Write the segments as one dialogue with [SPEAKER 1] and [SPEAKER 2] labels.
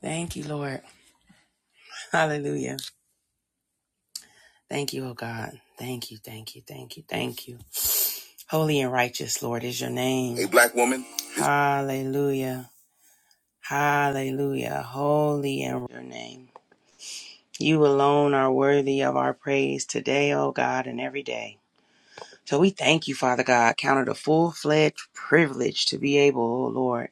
[SPEAKER 1] Thank you, Lord. Hallelujah. Thank you, oh God. Thank you, thank you, thank you, thank you. Holy and righteous, Lord, is your name. A black woman. Hallelujah. Hallelujah. Holy and your name. You alone are worthy of our praise today, oh God, and every day. So we thank you, Father God. Count it a full fledged privilege to be able, oh Lord.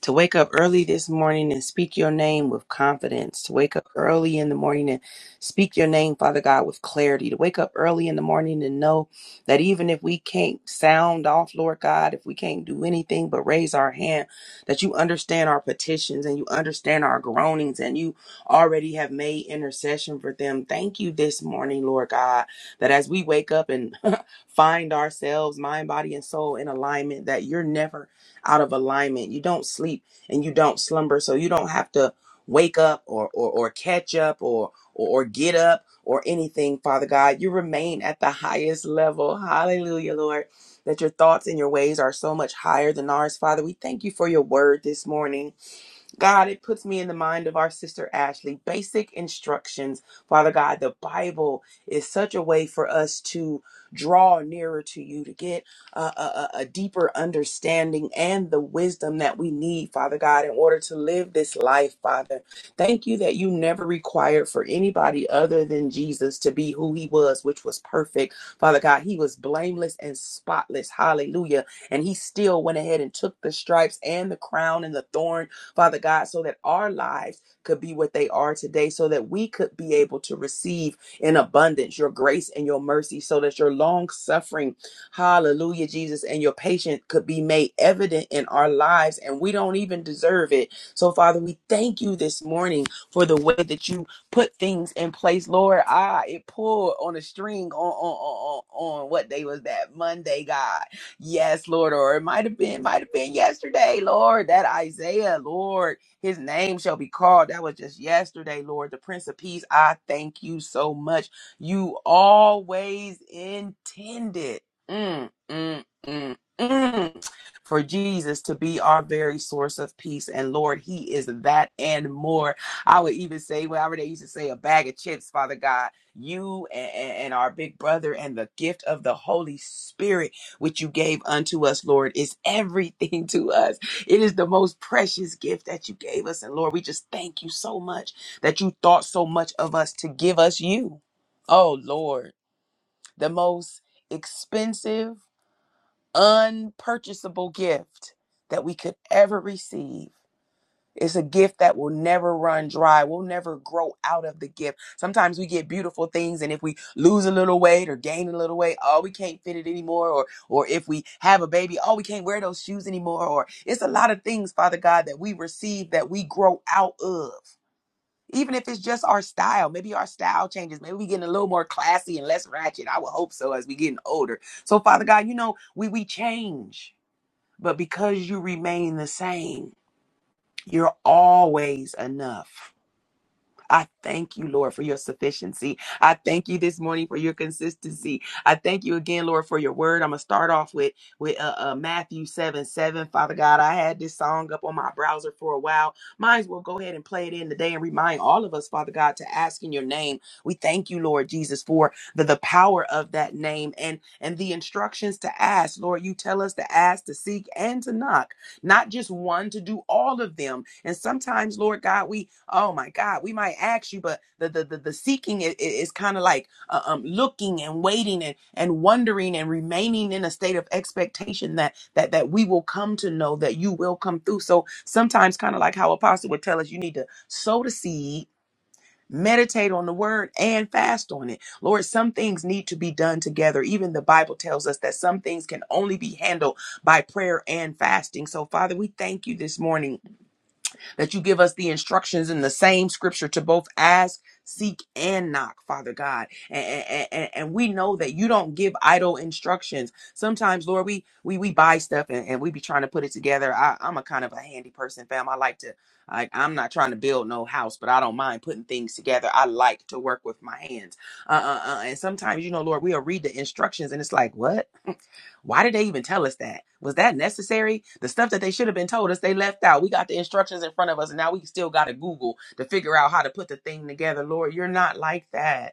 [SPEAKER 1] to wake up early this morning and speak your name with confidence, to wake up early in the morning and speak your name, Father God, with clarity, to wake up early in the morning and know that even if we can't sound off, Lord God, if we can't do anything but raise our hand, that you understand our petitions and you understand our groanings and you already have made intercession for them. Thank you this morning, Lord God, that as we wake up and find ourselves, mind, body, and soul in alignment, that you're never out of alignment. You don't sleep and you don't slumber, so you don't have to wake up or or, or catch up or, or or get up or anything, Father God. You remain at the highest level. Hallelujah, Lord. That your thoughts and your ways are so much higher than ours, Father. We thank you for your word this morning. God, it puts me in the mind of our sister Ashley. Basic instructions. Father God, the Bible is such a way for us to draw nearer to you, to get uh, a, a, a deeper understanding and the wisdom that we need, Father God, in order to live this life, Father. Thank you that you never required for anybody other than Jesus to be who he was, which was perfect. Father God, he was blameless and spotless. Hallelujah. And he still went ahead and took the stripes and the crown and the thorn Father God, so that our lives could be what they are today, so that we could be able to receive in abundance your grace and your mercy, so that your long suffering, hallelujah, Jesus, and your patience could be made evident in our lives, and we don't even deserve it. So, Father, we thank you this morning for the way that you put things in place, Lord. Ah, it pulled on a string on on on, on on what day was that? Monday, God yes, Lord, or it might have been, might have been yesterday, Lord, that Isaiah, Lord, his name shall be called. That was just yesterday, Lord, the Prince of Peace. I thank you so much. You always intended. Mm, mm, mm, mm. For Jesus to be our very source of peace. And Lord, He is that and more. I would even say, whatever they used to say, a bag of chips, Father God, you and, and our big brother and the gift of the Holy Spirit which you gave unto us, Lord, is everything to us. It is the most precious gift that you gave us. And Lord, we just thank you so much that you thought so much of us to give us you. Oh, Lord, the most expensive, unpurchasable gift that we could ever receive. It's a gift that will never run dry. We'll never grow out of the gift. Sometimes we get beautiful things, and if we lose a little weight or gain a little weight, oh, we can't fit it anymore. Or, or if we have a baby, oh, we can't wear those shoes anymore. Or it's a lot of things, Father God, that we receive that we grow out of. Even if it's just our style, maybe our style changes. Maybe we getting a little more classy and less ratchet. I would hope so as we getting older. So, Father God, you know we we change, but because you remain the same. You're always enough. I thank you, Lord, for your sufficiency. I thank you this morning for your consistency. I thank you again, Lord, for your word. I'm gonna start off with with uh, uh, Matthew seven seven. Father God, I had this song up on my browser for a while. Might as well go ahead and play it in today and remind all of us, Father God, to ask in your name. We thank you, Lord Jesus, for the the power of that name and and the instructions to ask. Lord, you tell us to ask, to seek, and to knock not just one, to do all of them. And sometimes, Lord God, we, oh my God, we might ask you, but the the the, the seeking is, is kind of like uh, um, looking and waiting and and wondering and remaining in a state of expectation that that that we will come to know that you will come through. So sometimes, kind of like how Apostle would tell us, you need to sow the seed meditate on the word and fast on it. Lord, some things need to be done together. Even the Bible tells us that some things can only be handled by prayer and fasting. So, Father, we thank you this morning that you give us the instructions in the same scripture to both ask, seek, and knock, Father God. And, and, and and we know that you don't give idle instructions. Sometimes, Lord, we we we buy stuff and, and we be trying to put it together. I, I'm a kind of a handy person, fam. I like to I, I'm not trying to build no house, but I don't mind putting things together. I like to work with my hands. Uh, uh, uh, and sometimes, you know, Lord, we'll read the instructions and it's like, what? Why did they even tell us that? Was that necessary? The stuff that they should have been told us, they left out. We got the instructions in front of us, and now we still got to Google to figure out how to put the thing together. Lord, you're not like that.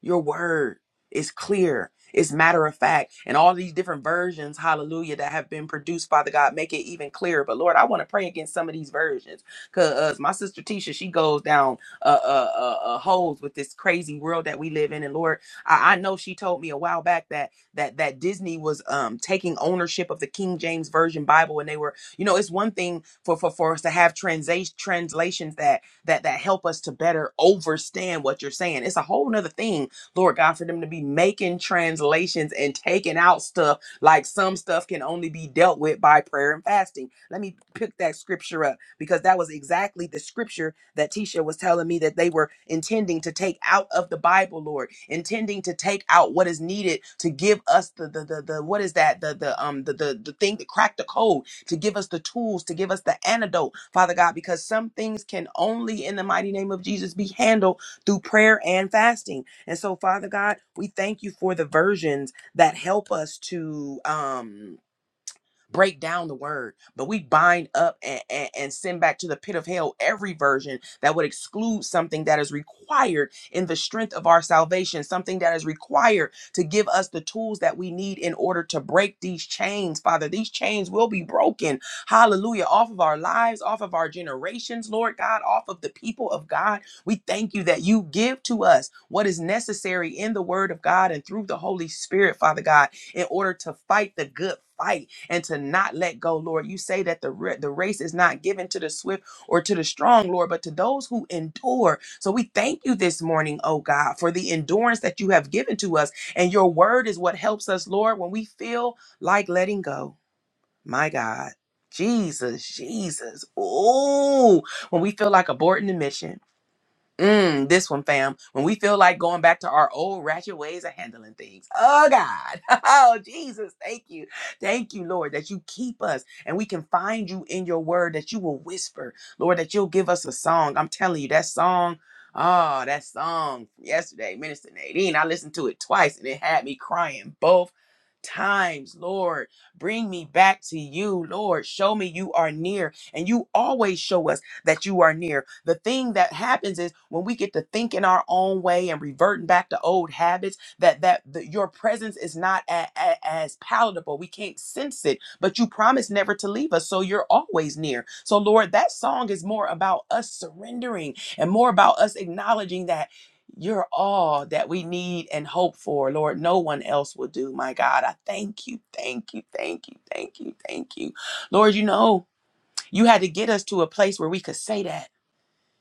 [SPEAKER 1] Your word is clear, it's matter of fact. And all these different versions, hallelujah, that have been produced, Father God, make it even clearer. But Lord, I want to pray against some of these versions because my sister Tisha, she goes down uh, uh, uh, uh, holes with this crazy world that we live in. And Lord, I, I know she told me a while back that that that Disney was um, taking ownership of the King James Version Bible, and they were, you know, it's one thing for for, for us to have translation translations that that that help us to better understand what you're saying. It's a whole nother thing Lord God, for them to be making translations and taking out stuff like some stuff can only be dealt with by prayer and fasting. Let me pick that scripture up because that was exactly the scripture that Tisha was telling me that they were intending to take out of the Bible, Lord, intending to take out what is needed to give us the the the, the what is that the the um the, the the thing that cracked the code to give us the tools to give us the antidote, Father God, because some things can only in the mighty name of Jesus be handled through prayer and fasting. And so, Father God, we thank you for the versions that help us to. Um, break down the word, but we bind up and, and, and send back to the pit of hell every version that would exclude something that is required in the strength of our salvation, something that is required to give us the tools that we need in order to break these chains, Father. These chains will be broken, hallelujah, off of our lives, off of our generations, Lord God, off of the people of God. We thank you that you give to us what is necessary in the word of God and through the Holy Spirit, Father God, in order to fight the good fight and to not let go, Lord. You say that the ra- the race is not given to the swift or to the strong, Lord, but to those who endure. So we thank you this morning, oh God, for the endurance that you have given to us, and your word is what helps us, Lord, when we feel like letting go. My God. Jesus, Jesus. Oh, when we feel like aborting the mission. Mm, this one, fam. When we feel like going back to our old ratchet ways of handling things. Oh, God. Oh, Jesus. Thank you. Thank you, Lord, that you keep us and we can find you in your word, that you will whisper, Lord, that you'll give us a song. I'm telling you, that song. Oh, that song from yesterday, Minister Nadine. I listened to it twice and it had me crying both times. Lord, bring me back to you. Lord, show me you are near and you always show us that you are near. The thing that happens is when we get to thinking our own way and reverting back to old habits, that that the, your presence is not a, a- as palatable. We can't sense it, but you promise never to leave us, so you're always near. So Lord, that song is more about us surrendering and more about us acknowledging that you're all that we need and hope for, Lord. No one else will do, my God. I thank you, thank you, thank you, thank you, thank you. Lord, you know. You had to get us to a place where we could say that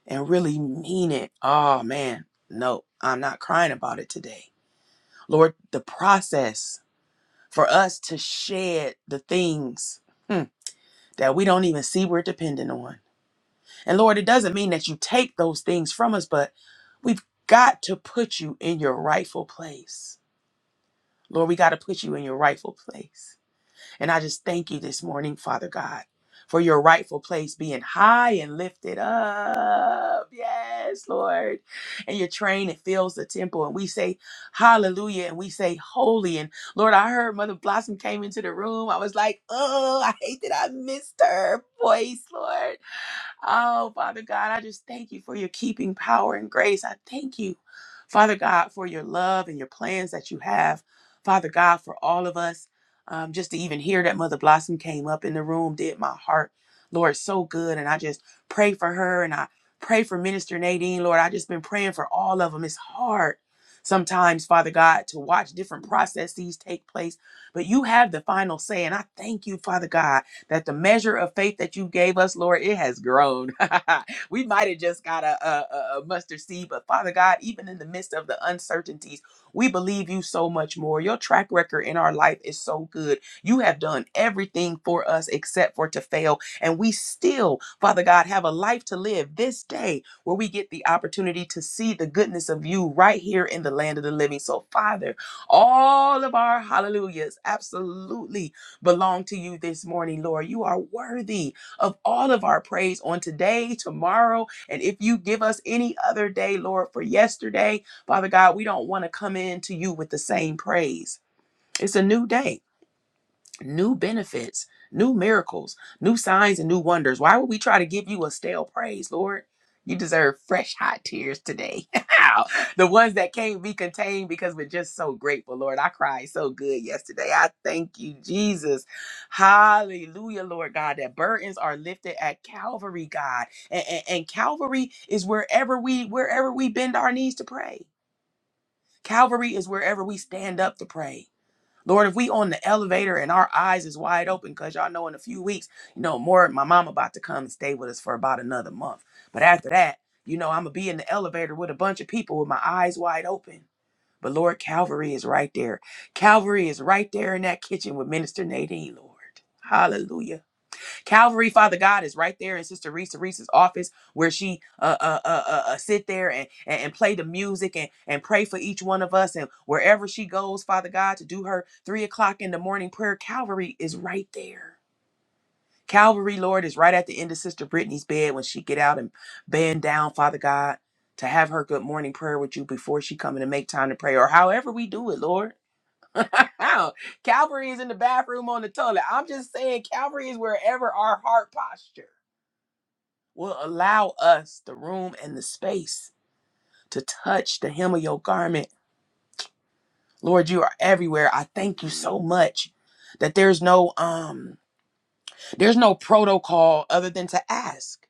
[SPEAKER 1] and really mean it. Oh man, no, I'm not crying about it today. Lord, the process for us to shed the things hmm, that we don't even see we're dependent on. And Lord, it doesn't mean that you take those things from us, but we've got to put you in your rightful place. Lord, we got to put you in your rightful place. And I just thank you this morning, Father God, for your rightful place being high and lifted up. Yes, Lord. And your train, it fills the temple. And we say, Hallelujah. And we say, Holy. And Lord, I heard Mother Blossom came into the room. I was like, Oh, I hate that I missed her voice, Lord. Oh, Father God, I just thank you for your keeping power and grace. I thank you, Father God, for your love and your plans that you have, Father God, for all of us. Um, just to even hear that Mother Blossom came up in the room did my heart, Lord, so good. And I just pray for her and I pray for Minister Nadine, Lord. I just been praying for all of them. It's hard sometimes, Father God, to watch different processes take place, but you have the final say. And I thank you, Father God that the measure of faith that you gave us, Lord, it has grown. we might have just got a, a, a mustard seed, but Father God, even in the midst of the uncertainties, we believe you so much more. Your track record in our life is so good. You have done everything for us except for to fail. And we still, Father God, have a life to live this day where we get the opportunity to see the goodness of you right here in the land of the living. So, Father, all of our hallelujahs absolutely belong to you this morning, Lord. You are worthy of all of our praise on today, tomorrow, and if you give us any other day, Lord, for yesterday, Father God, we don't want to come in to you with the same praise. It's a new day new benefits, new miracles, new signs, and new wonders. Why would we try to give you a stale praise, Lord? You deserve fresh, hot tears today. the ones that can't be contained because we're just so grateful, Lord. I cried so good yesterday. I thank you, Jesus. Hallelujah, Lord God, that burdens are lifted at Calvary, God. And, and, and Calvary is wherever we wherever we bend our knees to pray. Calvary is wherever we stand up to pray. Lord, if we on the elevator and our eyes is wide open, cause y'all know in a few weeks, you know, more my mom about to come and stay with us for about another month. But after that, you know, I'm gonna be in the elevator with a bunch of people with my eyes wide open. But Lord, Calvary is right there. Calvary is right there in that kitchen with Minister Nadine, Lord. Hallelujah. Calvary, Father God, is right there in Sister Reese Reese's office where she uh, uh, uh, uh, uh, sit there and, and, and play the music and, and pray for each one of us. And wherever she goes, Father God, to do her three o'clock in the morning prayer, Calvary is right there. Calvary, Lord, is right at the end of Sister Brittany's bed when she get out and bend down, Father God, to have her good morning prayer with you before she come in and make time to pray or however we do it, Lord. Calvary is in the bathroom on the toilet. I'm just saying Calvary is wherever our heart posture will allow us the room and the space to touch the hem of your garment. Lord, you are everywhere. I thank you so much that there's no um there's no protocol other than to ask.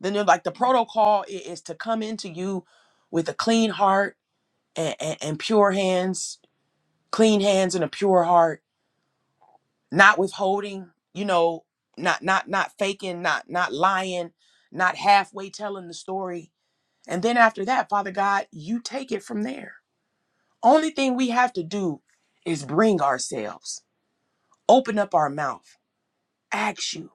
[SPEAKER 1] Then they're like the protocol i- is to come into you with a clean heart and, and, and pure hands, clean hands and a pure heart, not withholding, you know, not not not faking, not not lying, not halfway telling the story And then after that, Father God, you take it from there. Only thing we have to do is bring ourselves, open up our mouth, ask you,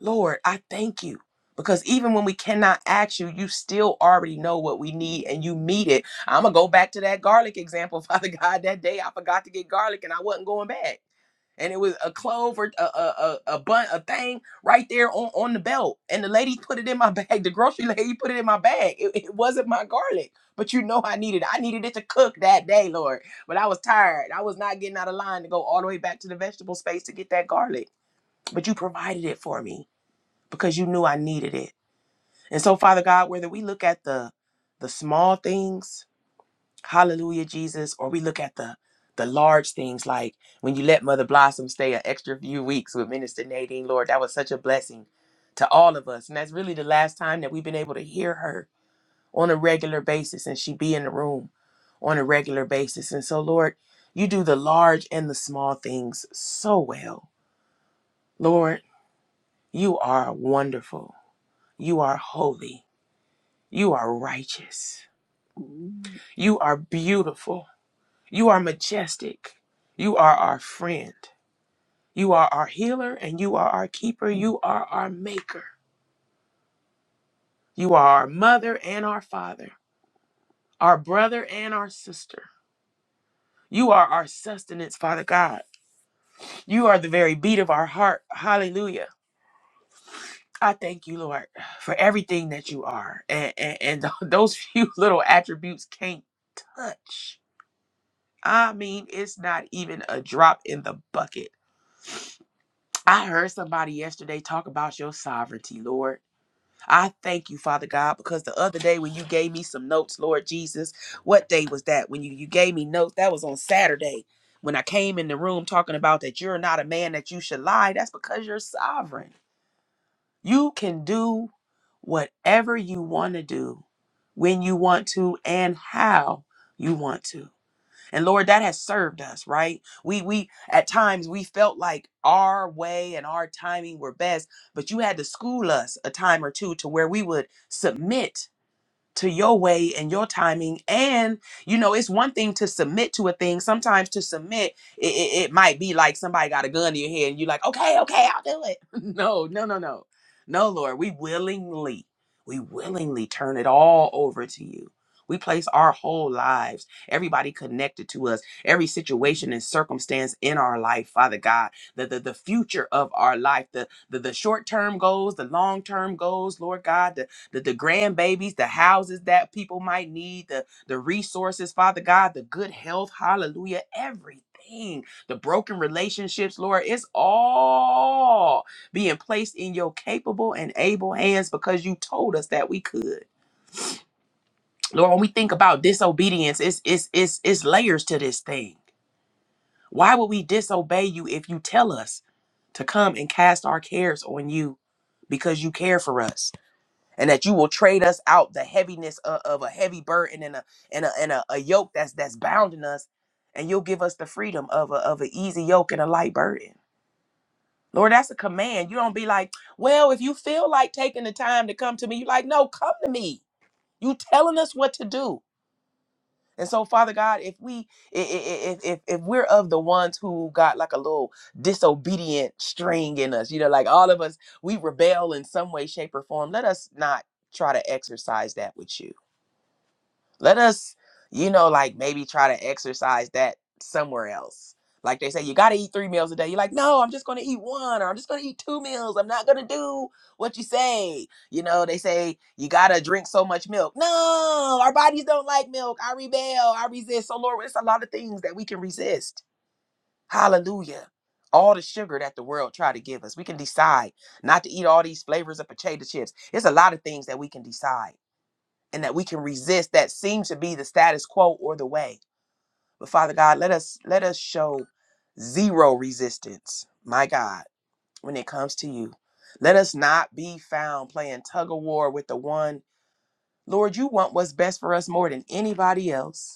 [SPEAKER 1] Lord, I thank you. Because even when we cannot ask you, you still already know what we need and you meet it. I'm going to go back to that garlic example, Father God. That day I forgot to get garlic and I wasn't going back. and it was a clove or a a a, a bun a thing right there on on the belt and the lady put it in my bag the grocery lady put it in my bag it, it wasn't my garlic but you know i needed i needed it to cook that day lord but i was tired i was not getting out of line to go all the way back to the vegetable space to get that garlic but you provided it for me because you knew i needed it and so father god whether we look at the the small things Hallelujah, Jesus. Or we look at the the large things like when you let Mother Blossom stay an extra few weeks with Minister Nadine, Lord, that was such a blessing to all of us. And that's really the last time that we've been able to hear her on a regular basis and she be in the room on a regular basis. And so, Lord, you do the large and the small things so well. Lord, you are wonderful. You are holy. You are righteous. You are beautiful. You are majestic. You are our friend. You are our healer and you are our keeper. You are our maker. You are our mother and our father, our brother and our sister. You are our sustenance, Father God. You are the very beat of our heart. Hallelujah. I thank you, Lord, for everything that you are. And, and, and th- those few little attributes can't touch. I mean, it's not even a drop in the bucket. I heard somebody yesterday talk about your sovereignty, Lord. I thank you, Father God, because the other day when you gave me some notes, Lord Jesus, what day was that? When you, you gave me notes, that was on Saturday. When I came in the room talking about that you're not a man that you should lie, that's because you're sovereign. You can do whatever you want to do, when you want to, and how you want to. And Lord, that has served us, right? We we at times we felt like our way and our timing were best, but you had to school us a time or two to where we would submit to your way and your timing and you know it's one thing to submit to a thing sometimes to submit it, it, it might be like somebody got a gun to your head and you're like okay okay i'll do it no no no no no lord we willingly we willingly turn it all over to you we place our whole lives everybody connected to us every situation and circumstance in our life father god the the, the future of our life the the, the short term goals the long term goals lord god the, the grandbabies, the houses that people might need, the, the resources, Father God, the good health, hallelujah, everything, the broken relationships, Lord, it's all being placed in your capable and able hands because you told us that we could. Lord, when we think about disobedience, it's it's it's it's layers to this thing. Why would we disobey you if you tell us to come and cast our cares on you because you care for us? and that you will trade us out the heaviness of, of a heavy burden and a and a and a, a yoke that's that's bounding us, and you'll give us the freedom of a of an easy yoke and a light burden. Lord, that's a command. You don't be like, well, if you feel like taking the time to come to me, you like, no, come to me. You telling us what to do. And so, Father God, if we i- i- i- if if if we're of the ones who got like a little disobedient string in us, you know, like all of us, we rebel in some way, shape, or form. Let us not try to exercise that with you let us you know like maybe try to exercise that somewhere else like they say you got to eat three meals a day you're like no i'm just going to eat one or i'm just going to eat two meals i'm not going to do what you say you know they say you got to drink so much milk no our bodies don't like milk i rebel i resist so lord it's a lot of things that we can resist hallelujah all the sugar that the world try to give us we can decide not to eat all these flavors of potato chips it's a lot of things that we can decide and that we can resist that seem to be the status quo or the way. But Father God, let us let us show zero resistance, my God, when it comes to you. Let us not be found playing tug of war with the one. Lord, you want what's best for us more than anybody else.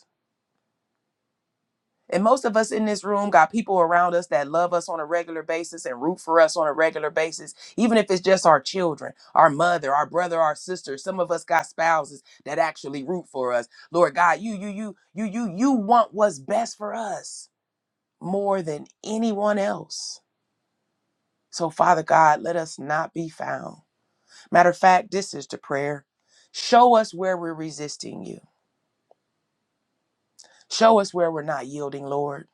[SPEAKER 1] And most of us in this room got people around us that love us on a regular basis and root for us on a regular basis, even if it's just our children, our mother, our brother, our sister. Some of us got spouses that actually root for us. Lord God, you, you, you, you, you, you want what's best for us more than anyone else. So, Father God, let us not be found. Matter of fact, this is the prayer. Show us where we're resisting you. Show us where we're not yielding, Lord.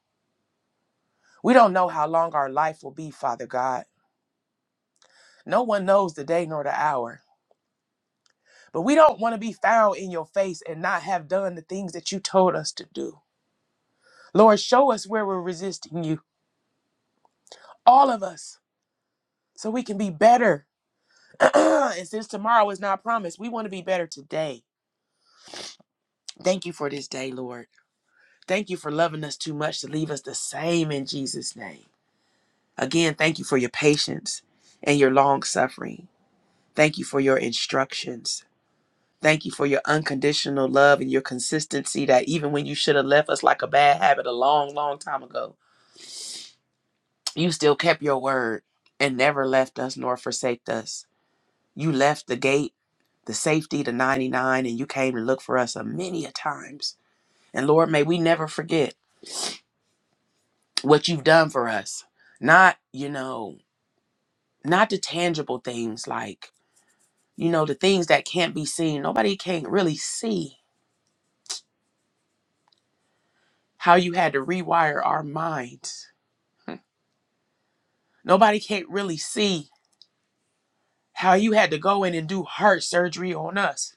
[SPEAKER 1] We don't know how long our life will be, Father God. No one knows the day nor the hour, but we don't want to be found in your face and not have done the things that you told us to do. Lord, show us where we're resisting you, all of us, so we can be better. and since tomorrow is not promised, we want to be better today. Thank you for this day, Lord. Thank you for loving us too much to leave us the same in Jesus' name. Again, thank you for your patience and your long suffering. Thank you for your instructions. Thank you for your unconditional love and your consistency that even when you should have left us like a bad habit a long, long time ago, you still kept your word and never left us nor forsaked us. You left the gate, the safety, the 99, and you came to look for us a many a times. And Lord, may we never forget what you've done for us. Not, you know, not the tangible things like, you know, the things that can't be seen. Nobody can really see how you had to rewire our minds Nobody can't really see how you had to go in and do heart surgery on us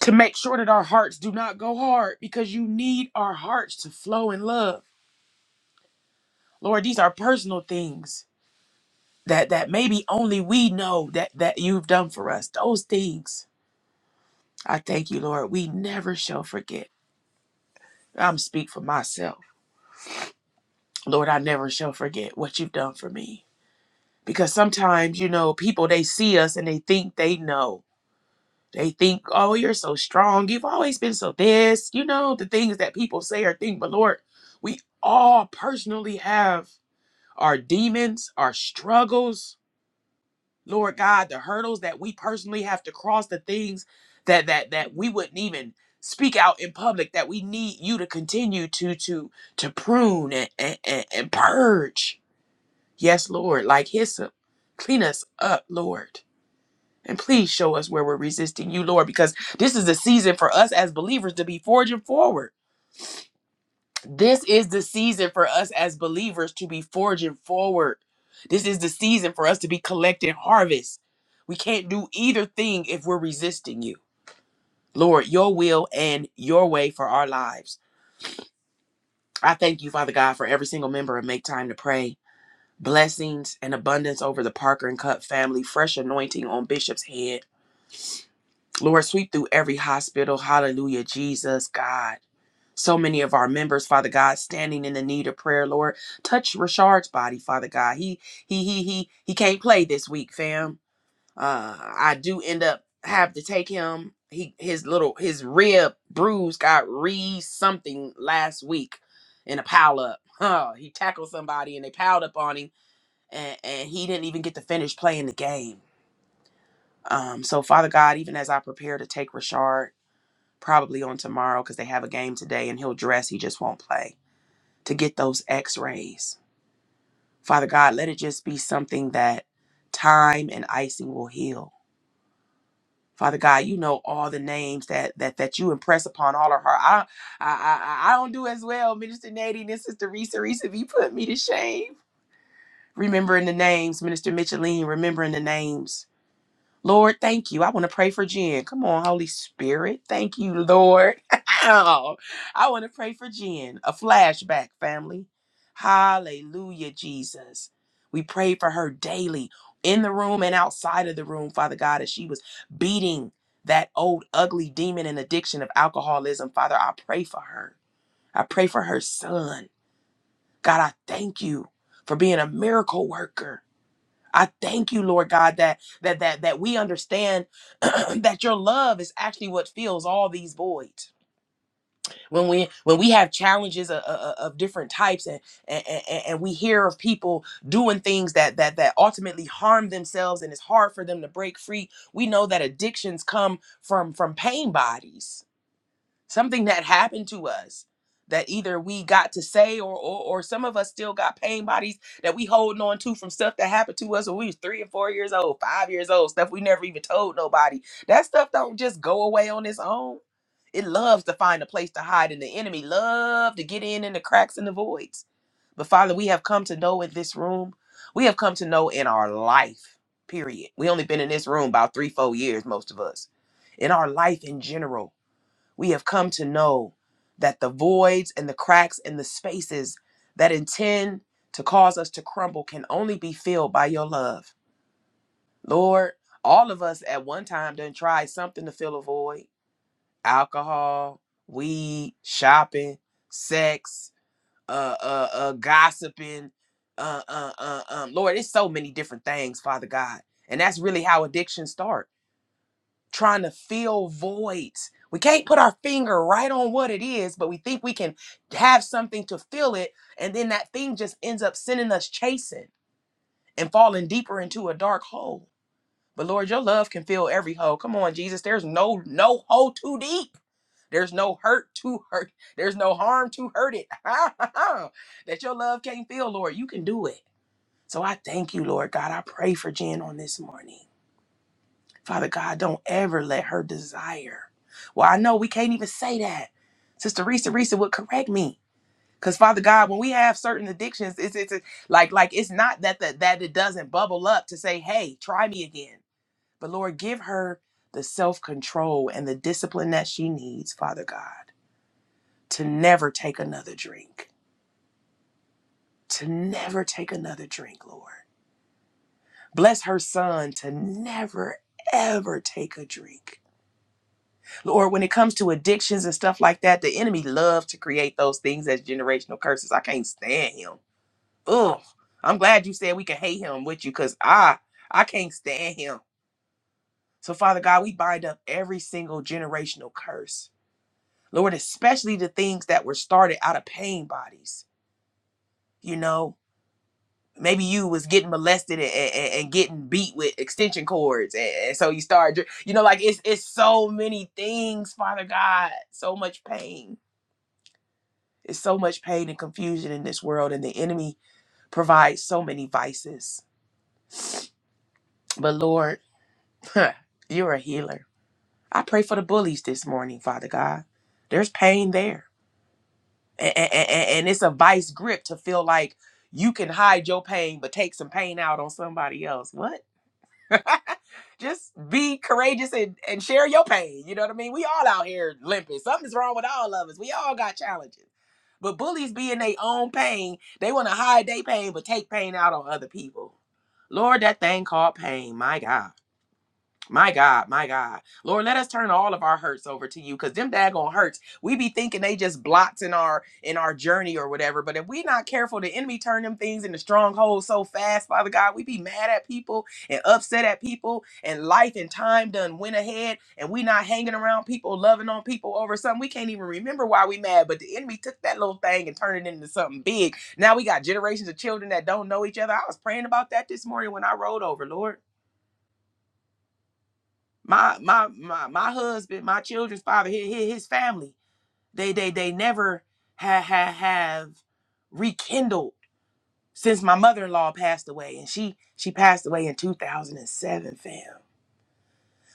[SPEAKER 1] to make sure that our hearts do not go hard because you need our hearts to flow in love. Lord, these are personal things that that maybe only we know that that you've done for us. Those things. I thank you, Lord. We never shall forget. I'm speak for myself. Lord, I never shall forget what you've done for me. Because sometimes, you know, people they see us and they think they know They think, oh, you're so strong. You've always been so this. You know, the things that people say or think. But Lord, we all personally have our demons, our struggles. Lord God, the hurdles that we personally have to cross, the things that that that we wouldn't even speak out in public that we need you to continue to to to prune and and, and and purge. Yes, Lord, like hyssop. Clean us up, Lord. And please show us where we're resisting you, Lord, because this is a season for us as believers to be forging forward. This is the season for us as believers to be forging forward. This is the season for us to be collecting harvest. We can't do either thing if we're resisting you. Lord, your will and your way for our lives. I thank you, Father God, for every single member of Make Time to Pray. Blessings and abundance over the Parker and Cup family. Fresh anointing on Bishop's head Lord, sweep through every hospital. Hallelujah, Jesus, God. So many of our members, Father God, standing in the need of prayer, Lord. Touch Rashard's body, Father God. He he he he he can't play this week, fam. Uh I do end up have to take him. He his little his rib bruise got re something last week in a pile up. Huh. He tackled somebody and they piled up on him and, and he didn't even get to finish playing the game. Um, so Father God, even as I prepare to take Rashard probably on tomorrow because they have a game today and he'll dress, he just won't play to get those x rays. Father God, let it just be something that time and icing will heal. Father God, you know all the names that that that you impress upon all of her. I I I, I don't do as well, Minister Nadine and Sister Risa. Risa, you put me to shame. Remembering the names, Minister Micheline, remembering the names Lord, thank you. I want to pray for Jen. Come on, Holy Spirit. Thank you, Lord. Ow. I want to pray for Jen. A flashback, family. Hallelujah, Jesus. We pray for her daily in the room and outside of the room, Father God, as she was beating that old ugly demon and addiction of alcoholism. Father, I pray for her. I pray for her son. God, I thank you for being a miracle worker. I thank you, Lord God, that that that that we understand that your love is actually what fills all these voids. When we when we have challenges of, of different types, and, and and and we hear of people doing things that that that ultimately harm themselves, and it's hard for them to break free. We know that addictions come from from pain bodies something that happened to us that either we got to say or, or or some of us still got pain bodies that we holding on to from stuff that happened to us when we was three and four years old, five years old, stuff we never even told nobody. That stuff don't just go away on its own. It loves to find a place to hide, and the enemy love to get in in the cracks and the voids. But Father, we have come to know in this room, we have come to know in our life, period. We only been in this room about three, four years, most of us. In our life in general we have come to know that the voids and the cracks and the spaces that intend to cause us to crumble can only be filled by your love. Lord, all of us at one time done tried something to fill a void. Alcohol, weed, shopping, sex, uh uh, uh gossiping, uh uh uh um Lord, it's so many different things, Father God. And that's really how addiction starts trying to fill voids. We can't put our finger right on what it is, but we think we can have something to fill it. And then that thing just ends up sending us chasing and falling deeper into a dark hole. But Lord, your love can fill every hole. Come on, Jesus. There's no no hole too deep. There's no hurt too hurt. There's no harm too hurt it. that your love can't fill, Lord. You can do it. So I thank you, Lord God. I pray for Jen on this morning. Father God, don't ever let her desire. Well, I know we can't even say that. Sister Risa Risa would correct me. Cause Father God, when we have certain addictions, it's it's it's- like like it's not that the, that it doesn't bubble up to say, hey, try me again. But Lord, give her the self-control and the discipline that she needs, Father God, to never take another drink. To never take another drink, Lord. Bless her son to never ever take a drink or when it comes to addictions and stuff like that, the enemy loves to create those things as generational curses. I can't stand him. Ugh. I'm glad you said we can hate him with you because I I can't stand him. So Father God, we bind up every single generational curse. Lord, especially the things that were started out of pain bodies. You know, maybe you was getting molested and, and, and- and getting beat with extension cords. And, and so you started, dr- you know, like it's it's so many things, Father God, so much pain It's so much pain and confusion in this world, and the enemy provides so many vices. But Lord, you're a healer. I pray for the bullies this morning, Father God. There's pain there. And, and it's a vice grip to feel like you can hide your pain, but take some pain out on somebody else. What? just be courageous and, and share your pain. You know what I mean? We all out here limping. Something's wrong with all of us. We all got challenges. But bullies be in their own pain. They want to hide their pain, but take pain out on other people. Lord, that thing called pain. My God. My God, my God. Lord, let us turn all of our hurts over to you because them daggone hurts. We be thinking they just blocks in our in our journey or whatever. But if we not careful, the enemy turn them things into strongholds so fast, Father God. We be mad at people and upset at people and life and time done went ahead and we not hanging around people, loving on people over something. We can't even remember why we mad, but the enemy took that little thing and turned it into something big. Now we got generations of children that don't know each other. I was praying about that this morning when I rolled over, Lord my my my my husband, my children's father, his, his family, they they they never ha, ha, have rekindled since my mother-in-law passed away, and she she passed away in 2007, fam.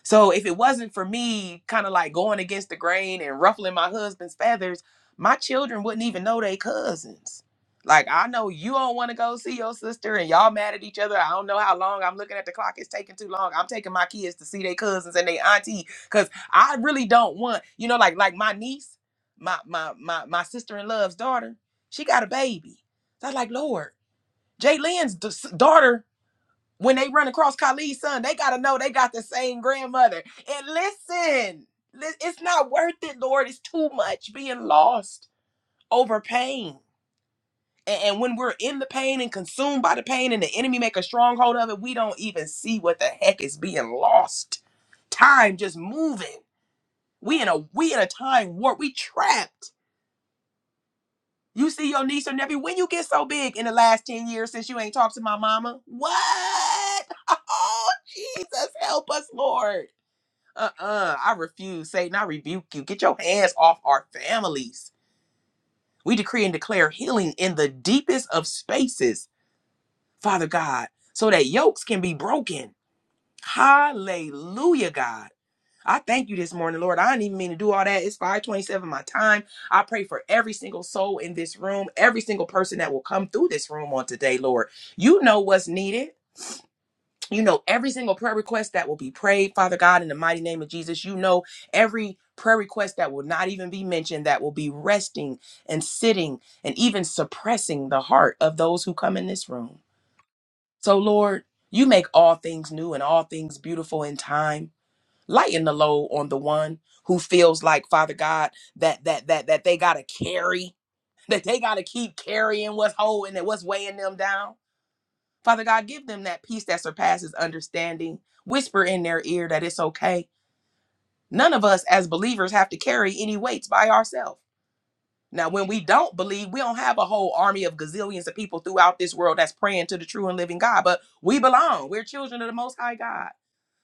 [SPEAKER 1] So if it wasn't for me kind of like going against the grain and ruffling my husband's feathers, my children wouldn't even know they cousins. Like I know you don't want to go see your sister and y'all mad at each other. I don't know how long I'm looking at the clock. It's taking too long. I'm taking my kids to see their cousins and their auntie because I really don't want, you know, like like my niece, my my my my sister in laws daughter, she got a baby. So I was like, Lord, Jay Lynn's daughter when they run across Khalid's son, they got to know they got the same grandmother. And listen, it's not worth it, Lord. It's too much being lost over pain. and when we're in the pain and consumed by the pain and the enemy make a stronghold of it, we don't even see what the heck is being lost. Time just moving. We in a we in a time warp. We trapped. You see your niece or nephew when you get so big in the last 10 years since you ain't talked to my mama. What? Oh, Jesus, help us, Lord. Uh-uh. I refuse, Satan. I rebuke you. Get your hands off our families. We decree and declare healing in the deepest of spaces, Father God, so that yokes can be broken. Hallelujah, God. I thank you this morning, Lord. I didn't even mean to do all that. It's 527 my time. I pray for every single soul in this room, every single person that will come through this room on today, Lord. You know what's needed. you know every single prayer request that will be prayed father god in the mighty name of jesus you know every prayer request that will not even be mentioned that will be resting and sitting and even suppressing the heart of those who come in this room so lord you make all things new and all things beautiful in time lighten the load on the one who feels like father god that that that that they gotta carry that they gotta keep carrying what's holding and what's weighing them down Father God, give them that peace that surpasses understanding. Whisper in their ear that it's okay. None of us as believers have to carry any weights by ourselves. Now, when we don't believe, we don't have a whole army of gazillions of people throughout this world that's praying to the true and living God, but we belong. We're children of the Most High God.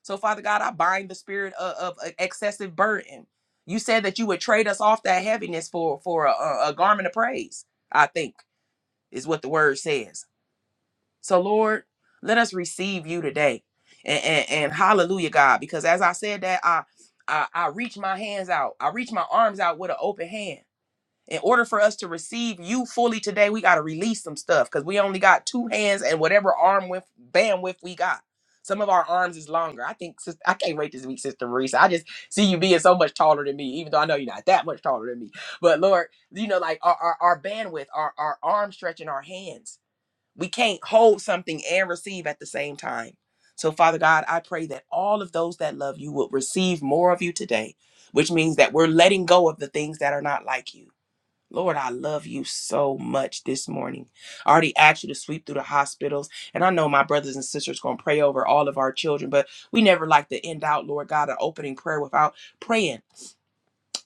[SPEAKER 1] So, Father God, I bind the spirit of, of uh, excessive burden. You said that you would trade us off that heaviness for, for a, a garment of praise, I think is what the word says. So, Lord, let us receive you today. And, and, and hallelujah, God, because as I said that, I, I I reach my hands out. I reach my arms out with an open hand. In order for us to receive you fully today, we got to release some stuff because we only got two hands and whatever arm width bandwidth we got. Some of our arms is longer. I think sis- I can't rate this week, Sister Marisa. I just see you being so much taller than me, even though I know you're not that much taller than me. But Lord, you know, like our, our, our bandwidth, our, our arm stretch, and our hands. We can't hold something and receive at the same time. So, Father God, I pray that all of those that love you will receive more of you today, which means that we're letting go of the things that are not like you. Lord, I love you so much this morning. I already asked you to sweep through the hospitals. And I know my brothers and sisters going to pray over all of our children, but we never like to end out, Lord God, an opening prayer without praying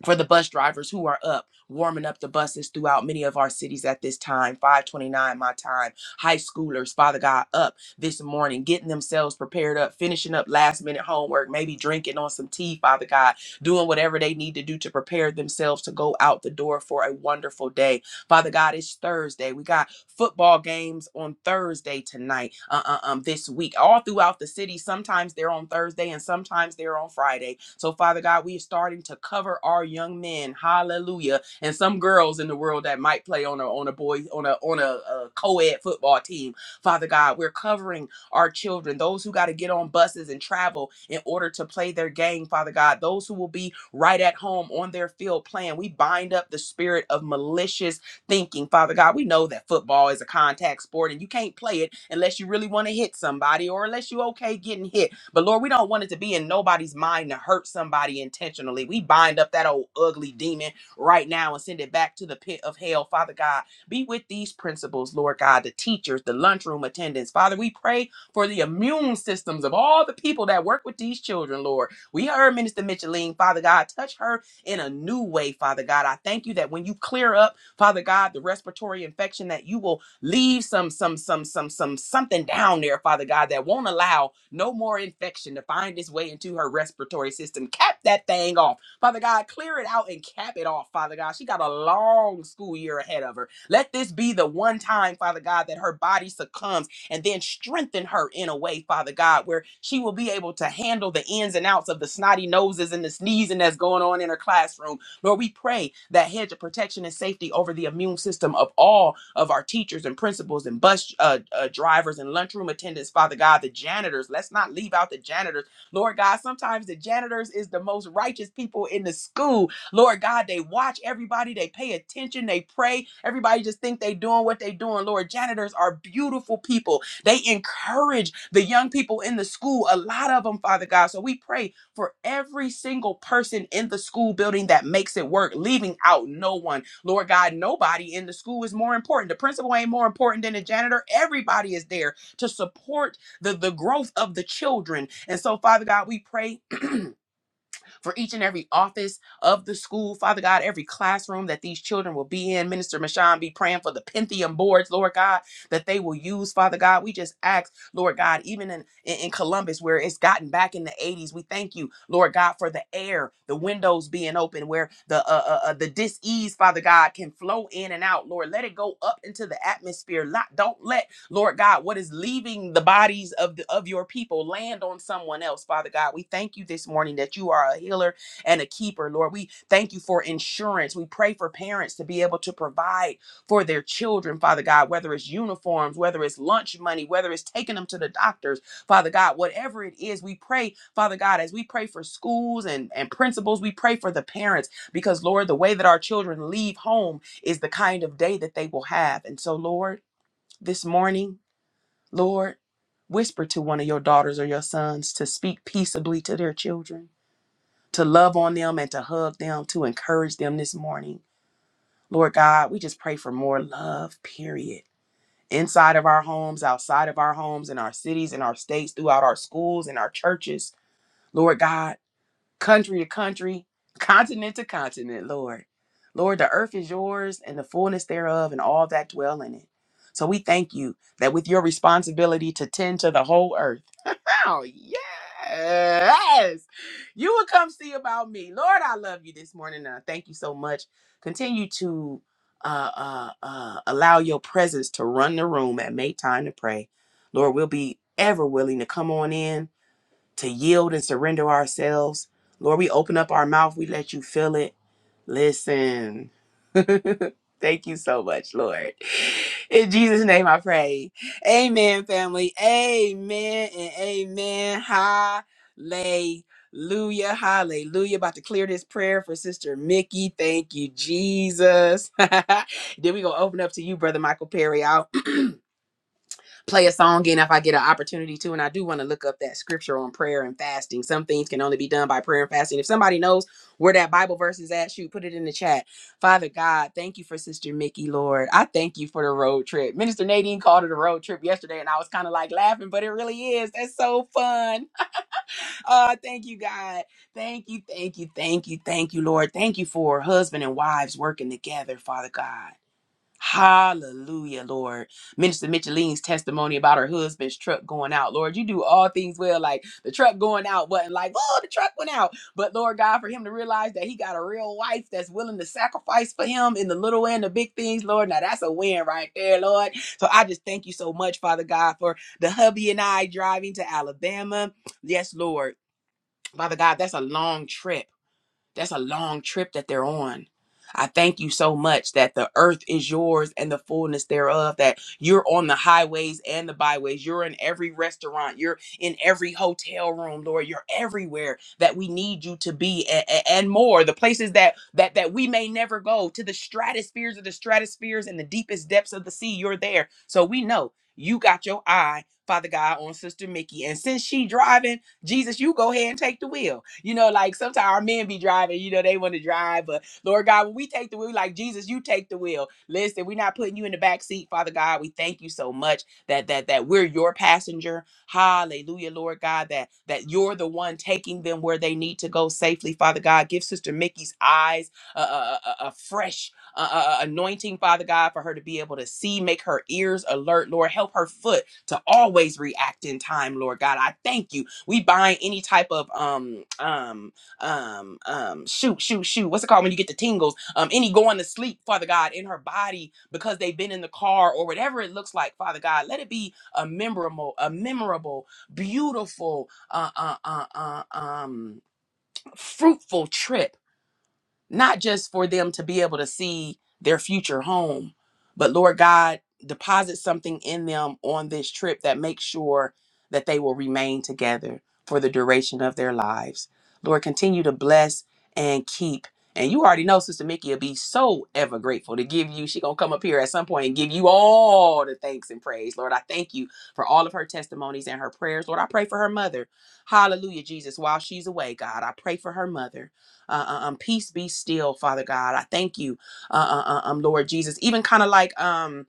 [SPEAKER 1] for the bus drivers who are up warming up the buses throughout many of our cities at this time 529 my time high schoolers father god up this morning getting themselves prepared up finishing up last minute homework maybe drinking on some tea father god doing whatever they need to do to prepare themselves to go out the door for a wonderful day Father God, it's Thursday. We got football games on Thursday tonight, uh, uh, um, this week, all throughout the city. Sometimes they're on Thursday and sometimes they're on Friday. So, Father God, we are starting to cover our young men, hallelujah, and some girls in the world that might play on a on a boy on a on a, uh co-ed football team. Father God, we're covering our children, those who got to get on buses and travel in order to play their game, Father God, those who will be right at home on their field playing. We bind up the spirit of malicious thinking, Father God. We know that football is a contact sport and you can't play it unless you really want to hit somebody or unless you okay getting hit. But Lord, we don't want it to be in nobody's mind to hurt somebody intentionally. We bind up that old ugly demon right now and send it back to the pit of hell, Father God. Be with these principals, Lord God, the teachers, the lunchroom attendants. Father, we pray for the immune systems of all the people that work with these children, Lord. We heard Minister Micheline, Father God, touch her in a new way, Father God. I thank you that when you clear up Father God, the respiratory infection that you will leave some some some some some something down there, Father God, that won't allow no more infection to find its way into her respiratory system. Cap that thing off. Father God, clear it out and cap it off, Father God. She got a long school year ahead of her. Let this be the one time, Father God, that her body succumbs and then strengthen her in a way, Father God, where she will be able to handle the ins and outs of the snotty noses and the sneezing that's going on in her classroom Lord, we pray that hedge of protection and safety over the immune system of all of our teachers and principals and bus uh, uh, drivers and lunchroom attendants, Father God, the janitors. Let's not leave out the janitors. Lord God, sometimes the janitors is the most righteous people in the school. Lord God, they watch everybody, they pay attention, they pray. Everybody just think they doing what they doing. Lord, janitors are beautiful people. They encourage the young people in the school, a lot of them, Father God. So we pray for every single person in the school building that makes it work, leaving out no one. Lord God, nobody in the school is more important. The principal ain't more important than the janitor. Everybody is there to support the, the growth of the children. And so, Father God, we pray for each and every office of the school, Father God, every classroom that these children will be in. Minister Mashan be praying for the Pentium boards, Lord God, that they will use, Father God. We just ask, Lord God, even in, in, in Columbus, where it's gotten back in the 80s, we thank you, Lord God, for the air, the windows being open, where the uh, uh, uh, the dis-ease, Father God, can flow in and out. Lord, let it go up into the atmosphere. Not, don't let Lord God, what is leaving the bodies of the, of your people land on someone else, Father God. We thank you this morning that you are a healer and a keeper, Lord. We thank you for insurance. We pray for parents to be able to provide for their children, Father God, whether it's uniforms, whether it's lunch money, whether it's taking them to the doctors, Father God, whatever it is, we pray, Father God, as we pray for schools and, and principals, we pray for the parents because, Lord, the way that our children leave home is the kind of day that they will have. And so, Lord, this morning, Lord, whisper to one of your daughters or your sons to speak peaceably to their children, to love on them and to hug them, to encourage them this morning. Lord God, we just pray for more love, period. Inside of our homes, outside of our homes, in our cities, in our states, throughout our schools, in our churches. Lord God, country to country, continent to continent, Lord. Lord, the earth is yours and the fullness thereof and all that dwell in it. So we thank you that with your responsibility to tend to the whole earth, around. Yes. You will come see about me. Lord, I love you this morning. And I thank you so much. Continue to uh, uh, uh, allow your presence to run the room and make time to pray. Lord, we'll be ever willing to come on in to yield and surrender ourselves. Lord, we open up our mouth, we let you fill it. Listen. Thank you so much, Lord. In Jesus' name I pray. Amen, family. Amen and amen. Hallelujah. Hallelujah. About to clear this prayer for Sister Mickey. Thank you, Jesus. then we're going to open up to you, Brother Michael Perry play a song and if I get an opportunity to. And I do want to look up that scripture on prayer and fasting. Some things can only be done by prayer and fasting. If somebody knows where that Bible verse is at, shoot, put it in the chat. Father God, thank you for Sister Mickey, Lord. I thank you for the road trip. Minister Nadine called it a road trip yesterday, and I was kind of like laughing, but it really is. That's so fun. Oh, thank you, God. Thank you, thank you, thank you, thank you, Lord. Thank you for husband and wives working together, Father God. Hallelujah, Lord. Minister Micheline's testimony about her husband's truck going out. Lord, you do all things well. Like the truck going out wasn't like, oh, the truck went out. But Lord God, for him to realize that he got a real wife that's willing to sacrifice for him in the little and the big things, Lord. Now that's a win right there, Lord. So I just thank you so much, Father God, for the hubby and I driving to Alabama. Yes, Lord. Father God, that's a long trip. That's a long trip that they're on. I thank you so much that the earth is yours and the fullness thereof, that you're on the highways and the byways. You're in every restaurant. You're in every hotel room, Lord. You're everywhere that we need you to be a- a- and more. The places that, that, that we may never go to the stratospheres of the stratospheres and the deepest depths of the sea, you're there. So we know you got your eye, Father God, on Sister Mickey. And since she driving, Jesus, you go ahead and take the wheel. You know, like sometimes our men be driving, you know, they want to drive, but Lord God, when we take the wheel, like Jesus, you take the wheel. Listen, we're not putting you in the back seat, Father God. We thank you so much that that that we're your passenger. Hallelujah, Lord God, that that you're the one taking them where they need to go safely, Father God. Give Sister Mickey's eyes a, a, a a fresh uh, uh, anointing, Father God, for her to be able to see, make her ears alert, Lord. Help her foot to always react in time, Lord God. I thank you we bind any type of um um um um shoot shoot shoot what's it called when you get the tingles um any going to sleep father god in her body because they've been in the car or whatever it looks like father god let it be a memorable a memorable beautiful uh, uh, uh, uh, um fruitful trip not just for them to be able to see their future home, but Lord God, deposit something in them on this trip that makes sure that they will remain together for the duration of their lives. Lord, continue to bless and keep. And you already know Sister Mickey will be so ever grateful to give you. She gonna come up here at some point and give you all the thanks and praise. Lord, I thank you for all of her testimonies and her prayers. Lord, I pray for her mother. Hallelujah, Jesus. While she's away, God, I pray for her mother. Uh, uh, um, peace be still, Father God. I thank you, uh, uh, uh, um, Lord Jesus. Even kind of like um,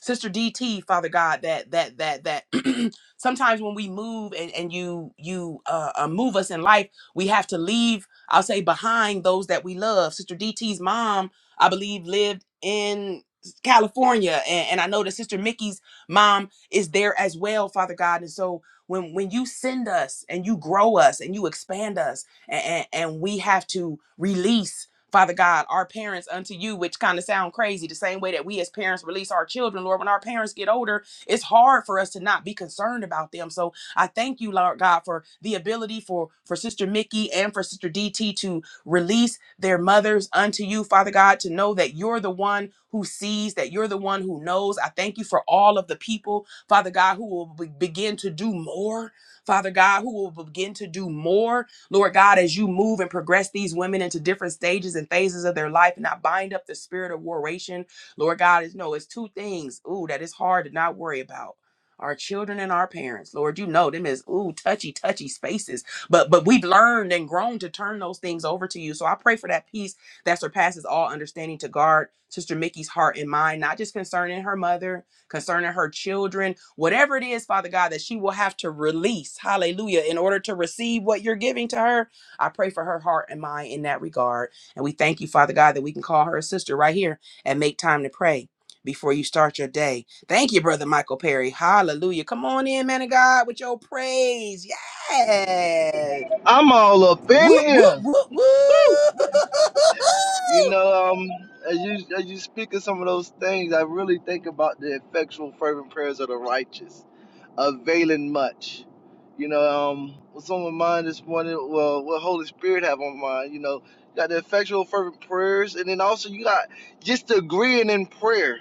[SPEAKER 1] Sister DT, Father God, that that that that sometimes when we move and and you you uh, uh, move us in life, we have to leave. I'll say behind those that we love. Sister D T's mom, I believe, lived in California, and, and I know that Sister Mickey's mom is there as well, Father God. And so when when you send us and you grow us and you expand us, and, and we have to release Father God, our parents unto you, which kind of sound crazy, the same way that we as parents release our children, Lord, when our parents get older, it's hard for us to not be concerned about them. So I thank you, Lord God, for the ability for, for Sister Mickey and for Sister DT to release their mothers unto you, Father God, to know that you're the one who sees, that you're the one who knows. I thank you for all of the people, Father God, who will be- begin to do more, Father God, who will begin to do more Lord God, as you move and progress these women into different stages and phases of their life, and I bind up the spirit of warration, Lord God, is no, it's two things, ooh, that is hard to not worry about. Our children and our parents, Lord, you know them as ooh touchy, touchy spaces. But but we've learned and grown to turn those things over to you. So I pray for that peace that surpasses all understanding to guard Sister Mickey's heart and mind, not just concerning her mother, concerning her children, whatever it is, Father God, that she will have to release, hallelujah, in order to receive what you're giving to her. I pray for her heart and mind in that regard. And we thank you, Father God, that we can call her a sister right here and make time to pray before you start your day. Thank you, Brother Michael Perry. Hallelujah. Come on in, man of God, with your praise. Yes.
[SPEAKER 2] I'm all up in
[SPEAKER 1] Whoop, whoop,
[SPEAKER 2] here.
[SPEAKER 1] whoop, whoop.
[SPEAKER 2] Woo! You know, um, as you as you speak of some of those things, I really think about the effectual fervent prayers of the righteous, availing much. You know, um, what's on my mind this morning? Well, what Holy Spirit have on mind? You know, you got the effectual fervent prayers, and then also you got just agreeing in prayer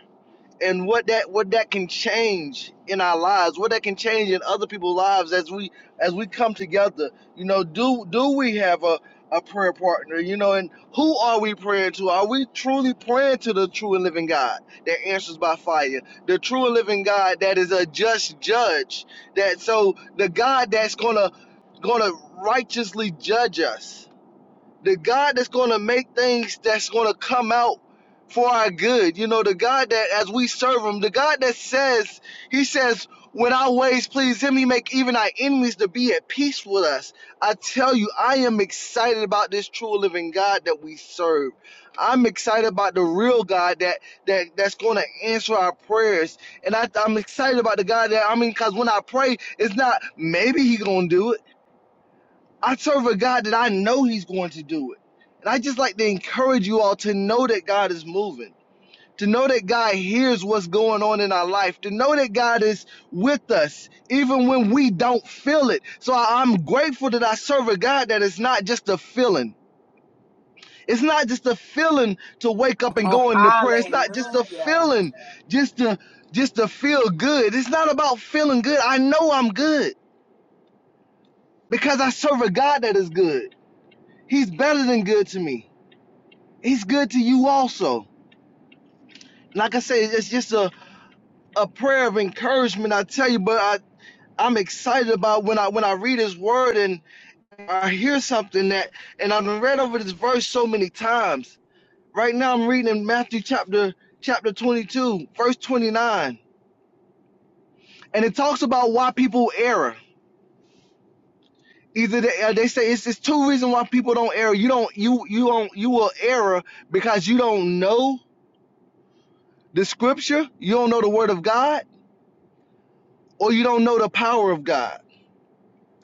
[SPEAKER 2] and what that what that can change in our lives, what that can change in other people's lives as we as we come together. You know, do do we have a a prayer partner? You know, and who are we praying to? Are we truly praying to the true and living God that answers by fire, the true and living God that is a just judge? That so the God that's gonna gonna righteously judge us the God that's going to make things that's going to come out for our good. You know, the God that as we serve him, the God that says, he says, when our ways please him, he make even our enemies to be at peace with us. I tell you, I am excited about this true living God that we serve. I'm excited about the real God that that that's going to answer our prayers, and I, I'm excited about the God that I mean, because when I pray, it's not maybe He gonna do it. I serve a God that I know He's going to do it. And I just like to encourage you all to know that God is moving, to know that God hears what's going on in our life, to know that God is with us even when we don't feel it. So I- am grateful that I serve a God that is not just a feeling. It's not just a feeling to wake up and
[SPEAKER 1] Oh,
[SPEAKER 2] go into prayer. It's not just a
[SPEAKER 1] hallelujah.
[SPEAKER 2] feeling just to just to feel good. It's not about feeling good. I know I'm good because I serve a God that is good. He's better than good to me. He's good to you also. Like I said, it's just a, a prayer of encouragement, I tell you, but I, I'm excited about when I when I read his word and I hear something that and I've read over this verse so many times. Right now I'm reading in Matthew chapter chapter 22, verse 29. And it talks about why people err. Either they, uh, they say it's, it's two reasons why people don't err. You don't you you don't you will err because you don't know the scripture, you don't know the word of God, or you don't know the power of God.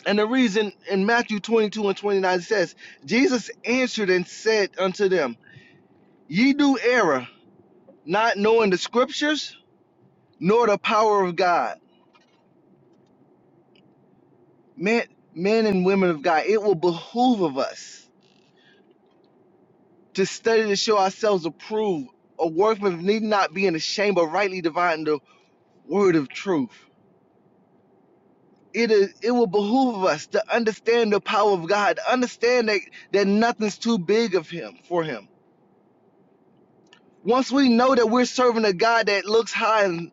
[SPEAKER 2] And the reason in Matthew 22 and 29 it says, Jesus answered and said unto them, Ye do error, not knowing the scriptures nor the power of God. Man, men and women of God, it will behoove of us to study to show ourselves approved, a workman need not be in the shame, but rightly dividing the word of truth. It is it will behoove of us to understand the power of God, to understand that, that nothing's too big of him for him Once we know that we're serving a God that looks high and,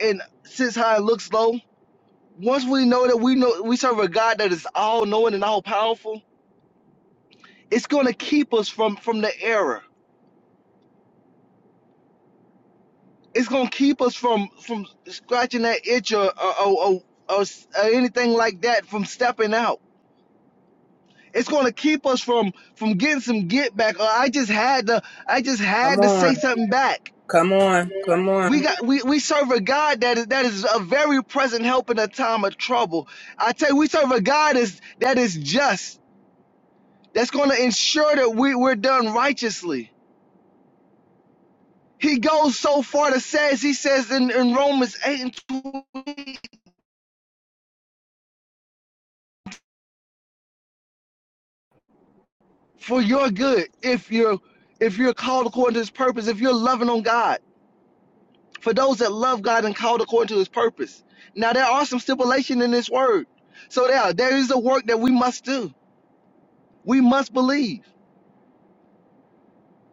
[SPEAKER 2] and sits high and looks low, once we know that we know we serve a God that is all knowing and all powerful, it's gonna keep us from from the error. It's gonna keep us from from scratching that itch or or, or, or, or s- or anything like that from stepping out. It's gonna keep us from from getting some get back. Or I just had to I just
[SPEAKER 1] Come
[SPEAKER 2] had to say
[SPEAKER 1] on.
[SPEAKER 2] something back
[SPEAKER 1] Come on. Come on.
[SPEAKER 2] We got we, we serve a God that is that is a very present help in a time of trouble. I tell you, we serve a God is that is just, that's gonna ensure that we, we're done righteously. He goes so far to says he says in, in Romans 8 and 20, for your good, if you're if you're called according to his purpose, if you're loving on God, for those that love God and called according to his purpose. Now there are some stipulation in this word. So there, there is a work that we must do. We must believe.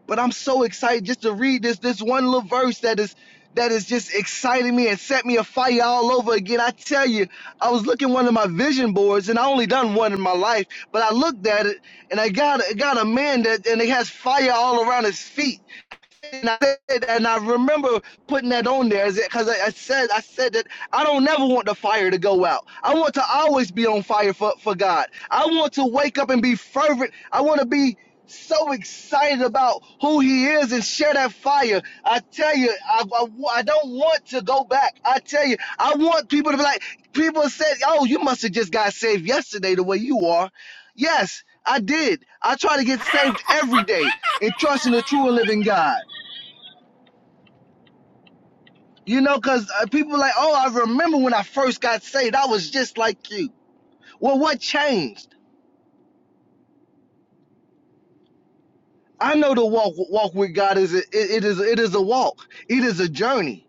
[SPEAKER 2] But I'm so excited just to read this this one little verse that is that is just exciting me and set me afire all over again. I tell you, I was looking at one of my vision boards, and I only done one in my life, but I looked at it and I got got a man that and he has fire all around his feet and I said, and I remember putting that on there is because I, I said I said that I don't never want the fire to go out. I want to always be on fire for, for God. I want to wake up and be fervent. I want to be so excited about who he is and share that fire. I tell you, I, I, I don't want to go back. I tell you, I want people to be like, people said, oh, you must have just got saved yesterday the way you are. Yes, I did. I try to get saved every day and trust in the true and living
[SPEAKER 1] Hallelujah.
[SPEAKER 2] God. You know, because uh, people like, oh, I remember when I first got saved, I was just like you. Well, what changed? I know the walk walk with God is a, it, it is it is a walk. It is a journey.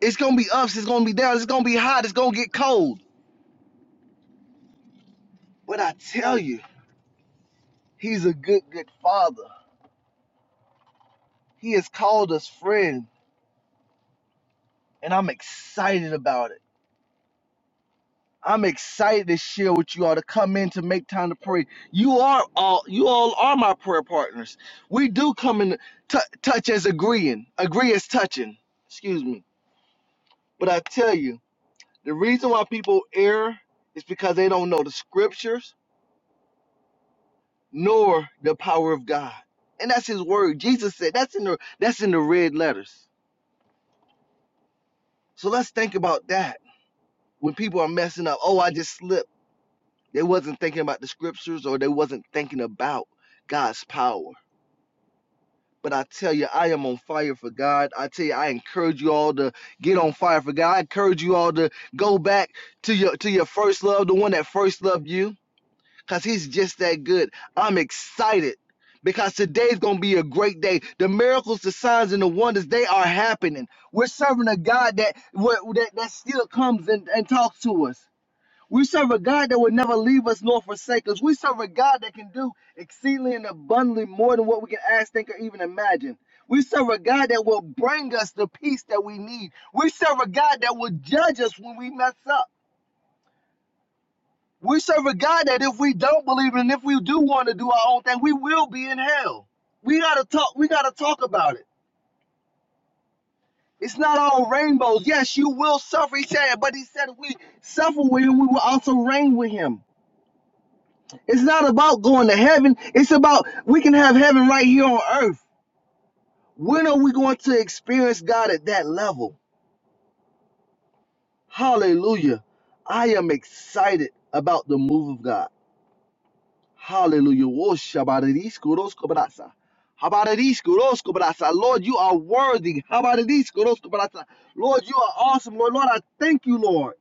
[SPEAKER 2] It's gonna be ups. It's gonna be downs. It's gonna be hot. It's gonna get cold. But I tell you, He's a good good Father. He has called us friend, and I'm excited about it. I'm excited to share with you all to come in to make time to pray. You are all you all are my prayer partners. We do come in t- touch as agreeing, agree as touching. Excuse me. But I tell you, the reason why people err is because they don't know the scriptures nor the power of God. And that's his word. Jesus said that's in the that's in the red letters. So let's think about that. When people are messing up, oh, I just slipped. They wasn't thinking about the scriptures or they wasn't thinking about God's power. But I tell you, I am on fire for God. I tell you, I encourage you all to get on fire for God. I encourage you all to go back to your to your first love, the one that first loved you, because he's just that good. I'm excited because today's gonna be a great day. The miracles, the signs, and the wonders, they are happening. We're serving a God that, that, that still comes and, and talks to us. We serve a God that will never leave us nor forsake us. We serve a God that can do exceedingly and abundantly more than what we can ask, think, or even imagine. We serve a God that will bring us the peace that we need. We serve a God that will judge us when we mess up. We serve a God that if we don't believe and if we do want to do our own thing, we will be in hell. We gotta talk, we gotta talk about it. It's not all rainbows. Yes, you will suffer, he said, but he said if we suffer with him, we will also reign with him. It's not about going to heaven. It's about we can have heaven right here on earth. When are we going to experience God at that level? Hallelujah. I am excited about the move of God. Hallelujah. Wo shabaradish kuros kobrasa. Habaradish kuros kobrasa. Lord, you are worthy. Habaradish kuros kobrasa. Lord, you are awesome. Lord, Lord, I thank you, Lord.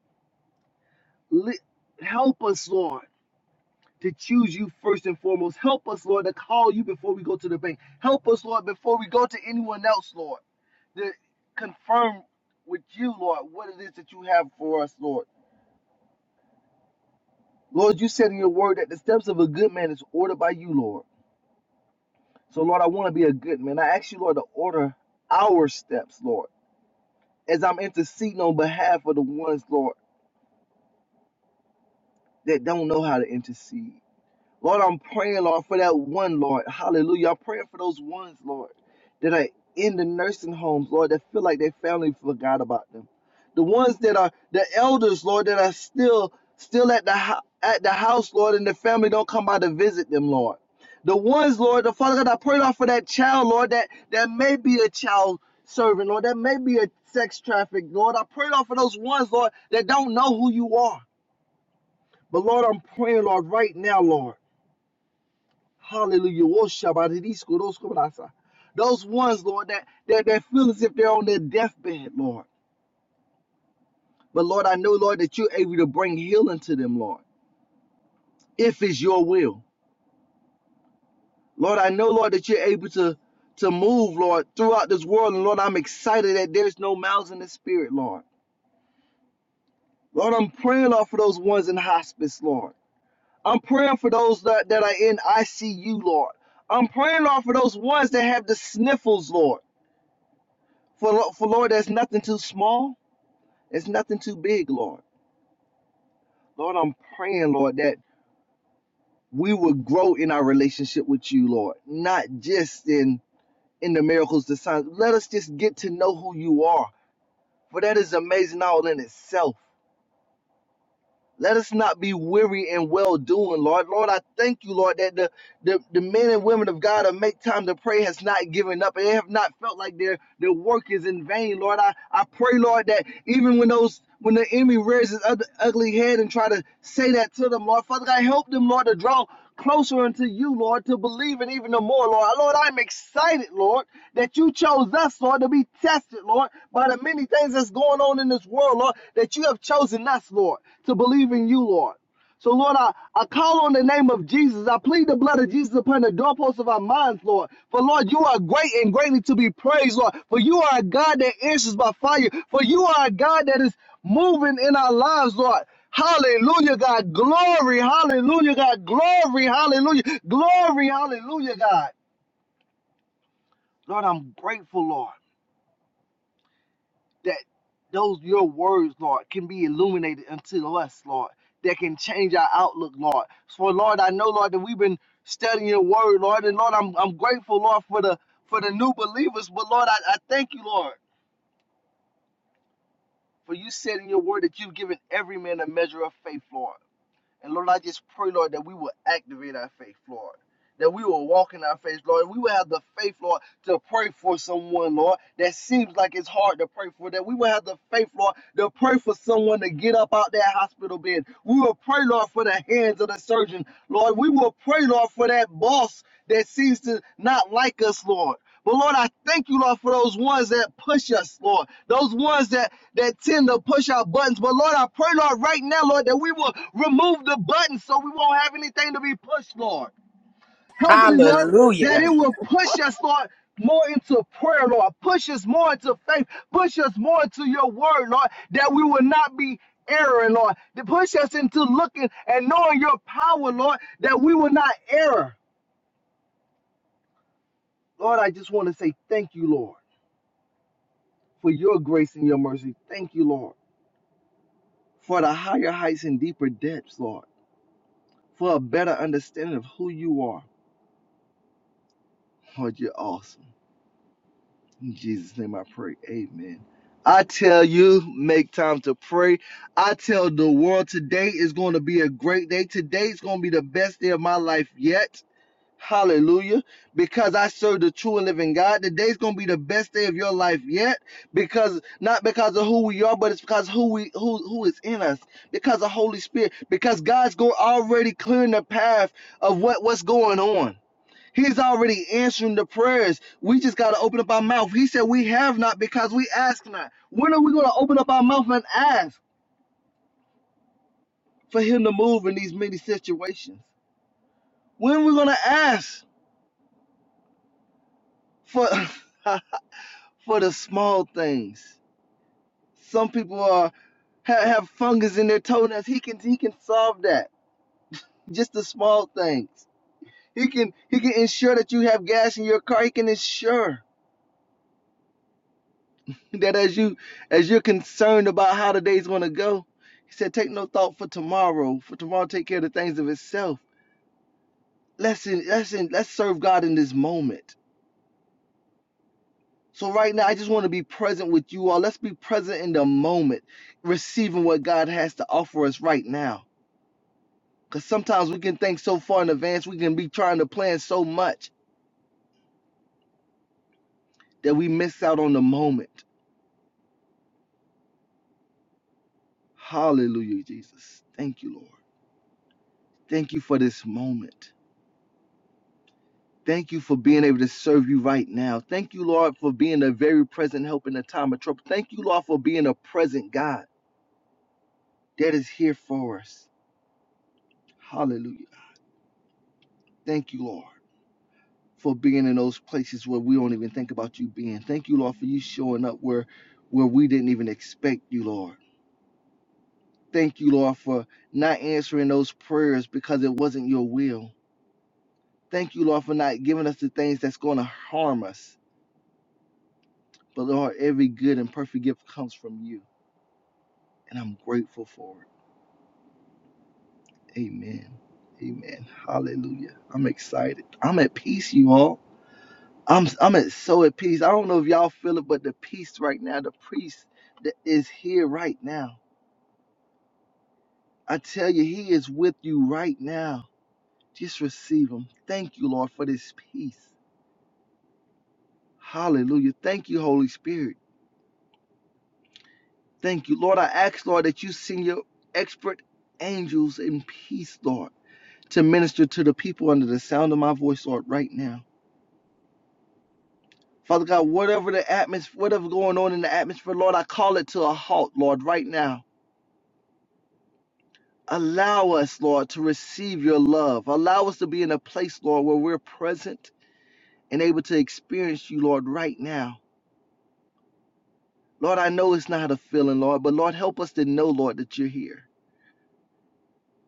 [SPEAKER 2] Help us, Lord. to choose you first and foremost. Help us, Lord, to call you before we go to the bank. Help us, Lord, before we go to anyone else, Lord, to confirm with you, Lord, what it is that you have for us, Lord. Lord, you said in your word that the steps of a good man is ordered by you, Lord. So, Lord, I want to be a good man. I ask you, Lord, to order our steps, Lord, as I'm interceding on behalf of the ones, Lord, that don't know how to intercede. Lord, I'm praying, Lord, for that one, Lord. Hallelujah. I'm praying for those ones, Lord, that are in the nursing homes, Lord, that feel like their family forgot about them. The ones that are the elders, Lord, that are still still at the hou- at the house, Lord, and the family don't come by to visit them, Lord. The ones, Lord, the Father God, I pray, Lord, for that child, Lord, that that may be a child servant, Lord, that may be a sex trafficked, Lord. I pray, Lord, for those ones, Lord, that don't know who you are. But Lord, I'm praying, Lord, right now, Lord. Hallelujah. Woshabaridiskodoskodasa. Those ones, Lord, that, that, that feel as if they're on their deathbed, Lord. But Lord, I know, Lord, that you're able to bring healing to them, Lord, if it's your will. Lord, I know, Lord, that you're able to, to move, Lord, throughout this world. And Lord, I'm excited that there's no mouths in the spirit, Lord. Lord, I'm praying, Lord, for those ones in hospice, Lord. I'm praying for those that, that are in ICU, Lord. I'm praying, Lord, for those ones that have the sniffles, Lord. For, for Lord, there's nothing too small It's nothing too big, Lord. Lord, I'm praying, Lord, that we would grow in our relationship with you, Lord, not just in in the miracles, the signs. Let us just get to know who you are, for that is amazing all in itself. Let us not be weary and well doing, Lord. Lord, I thank you, Lord, that the The, the men and women of God who make time to pray has not given up. They have not felt like their, their work is in vain, Lord. I, I pray, Lord, that even when those when the enemy raises his ugly head and try to say that to them, Lord, Father God, help them, Lord, to draw closer unto you, Lord, to believe it even the more, Lord. Lord, I'm excited, Lord, that you chose us, Lord, to be tested, Lord, by the many things that's going on in this world, Lord, that you have chosen us, Lord, to believe in you, Lord. So, Lord, I, I call on the name of Jesus. I plead the blood of Jesus upon the doorposts of our minds, Lord. For, Lord, you are great and greatly to be praised, Lord. For you are a God that answers by fire. For you are a God that is moving in our lives, Lord. Hallelujah, God. Glory. Hallelujah, God. Glory. Hallelujah. Glory. Hallelujah, God. Lord, I'm grateful, Lord. that those your words, Lord, can be illuminated unto us, Lord, that can change our outlook, Lord. For Lord, I know, Lord, that we've been studying your word, Lord, and Lord, I'm I'm grateful, Lord, for the for the new believers. But Lord, I, I thank you, Lord, for you said in your word that you've given every man a measure of faith, Lord. And Lord, I just pray, Lord, that we will activate our faith, Lord. That we will walk in our faith, Lord. We will have the faith, Lord, to pray for someone, Lord, that seems like it's hard to pray for. That we will have the faith, Lord, to pray for someone to get up out that hospital bed. We will pray, Lord, for the hands of the surgeon, Lord. We will pray, Lord, for that boss that seems to not like us, Lord. But Lord, I thank you, Lord, for those ones that push us, Lord. Those ones that that tend to push our buttons. But Lord, I pray, Lord, right now, Lord, that we will remove the buttons so we won't have anything to be pushed, Lord. Hopefully, Lord, that it will push us, Lord. More into prayer, Lord. Push us more into faith. Push us more into your word, Lord, that we will not be erring, Lord. To push us into looking and knowing your power, Lord, that we will not err. Lord, I just want to say thank you, Lord. for your grace and your mercy. Thank you, Lord, for the higher heights and deeper depths, Lord, for a better understanding of who you are. Lord, you're awesome. In Jesus' name I pray. Amen. I tell you, make time to pray. I tell the world today is going to be a great day. Today is going to be the best day of my life yet. Hallelujah. Because I serve the true and living God. Today's gonna be the best day of your life yet. Because not because of who we are, but it's because who we who who is in us. Because of Holy Spirit. Because God's going already clearing the path of what, what's going on. He's already answering the prayers. We just gotta open up our mouth. He said we have not because we ask not. When are we gonna open up our mouth and ask for him to move in these many situations? When are we gonna ask for for the small things. Some people are have, have fungus in their toenails. He can he can solve that. Just the small things. He can he can ensure that you have gas in your car. He can ensure that as you as you're concerned about how the days gonna go, he said, take no thought for tomorrow. For tomorrow, take care of the things of itself. Let's in, let's in, let's serve God in this moment. So right now, I just want to be present with you all. Let's be present in the moment, receiving what God has to offer us right now Because sometimes we can think so far in advance, we can be trying to plan so much that we miss out on the moment. Hallelujah, Jesus. Thank you, Lord. Thank you for this moment. Thank you for being able to serve you right now. Thank you, Lord, for being a very present help in a time of trouble. Thank you, Lord, for being a present God that is here for us. Hallelujah. Thank you, Lord, for being in those places where we don't even think about you being. Thank you, Lord, for you showing up where where we didn't even expect you, Lord. Thank you, Lord, for not answering those prayers because it wasn't your will. Thank you, Lord, for not giving us the things that's going to harm us. But Lord, every good and perfect gift comes from you, and I'm grateful for it. Amen. Amen. Hallelujah. I'm excited. I'm at peace, you all. I'm I'm at so at peace. I don't know if y'all feel it, but the peace right now, the peace that is here right now. I tell you, He is with you right now. Just receive Him. Thank you, Lord, for this peace. Hallelujah. Thank you, Holy Spirit. Thank you. Lord, I ask, Lord, that you send your expert angels in peace, Lord, to minister to the people under the sound of my voice, Lord, right now. Father God, whatever the atmosphere, whatever going on in the atmosphere, Lord, I call it to a halt, Lord, right now. Allow us, Lord, to receive your love. Allow us to be in a place, Lord, where we're present and able to experience you, Lord, right now. Lord, I know it's not a feeling, Lord, but Lord, help us to know, Lord, that you're here.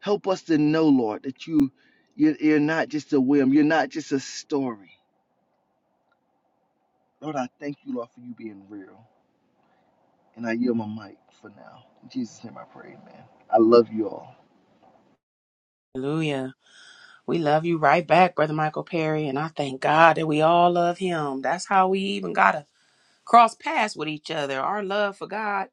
[SPEAKER 2] Help us to know, Lord, that you, you you're not just a whim. You're not just a story. Lord, I thank you, Lord, for you being real. And I yield my mic for now. In Jesus' name I pray, Amen. I love you all.
[SPEAKER 1] Hallelujah. We love you right back, Brother Michael Perry. And I thank God that we all love him. That's how we even got to cross paths with each other. Our love for God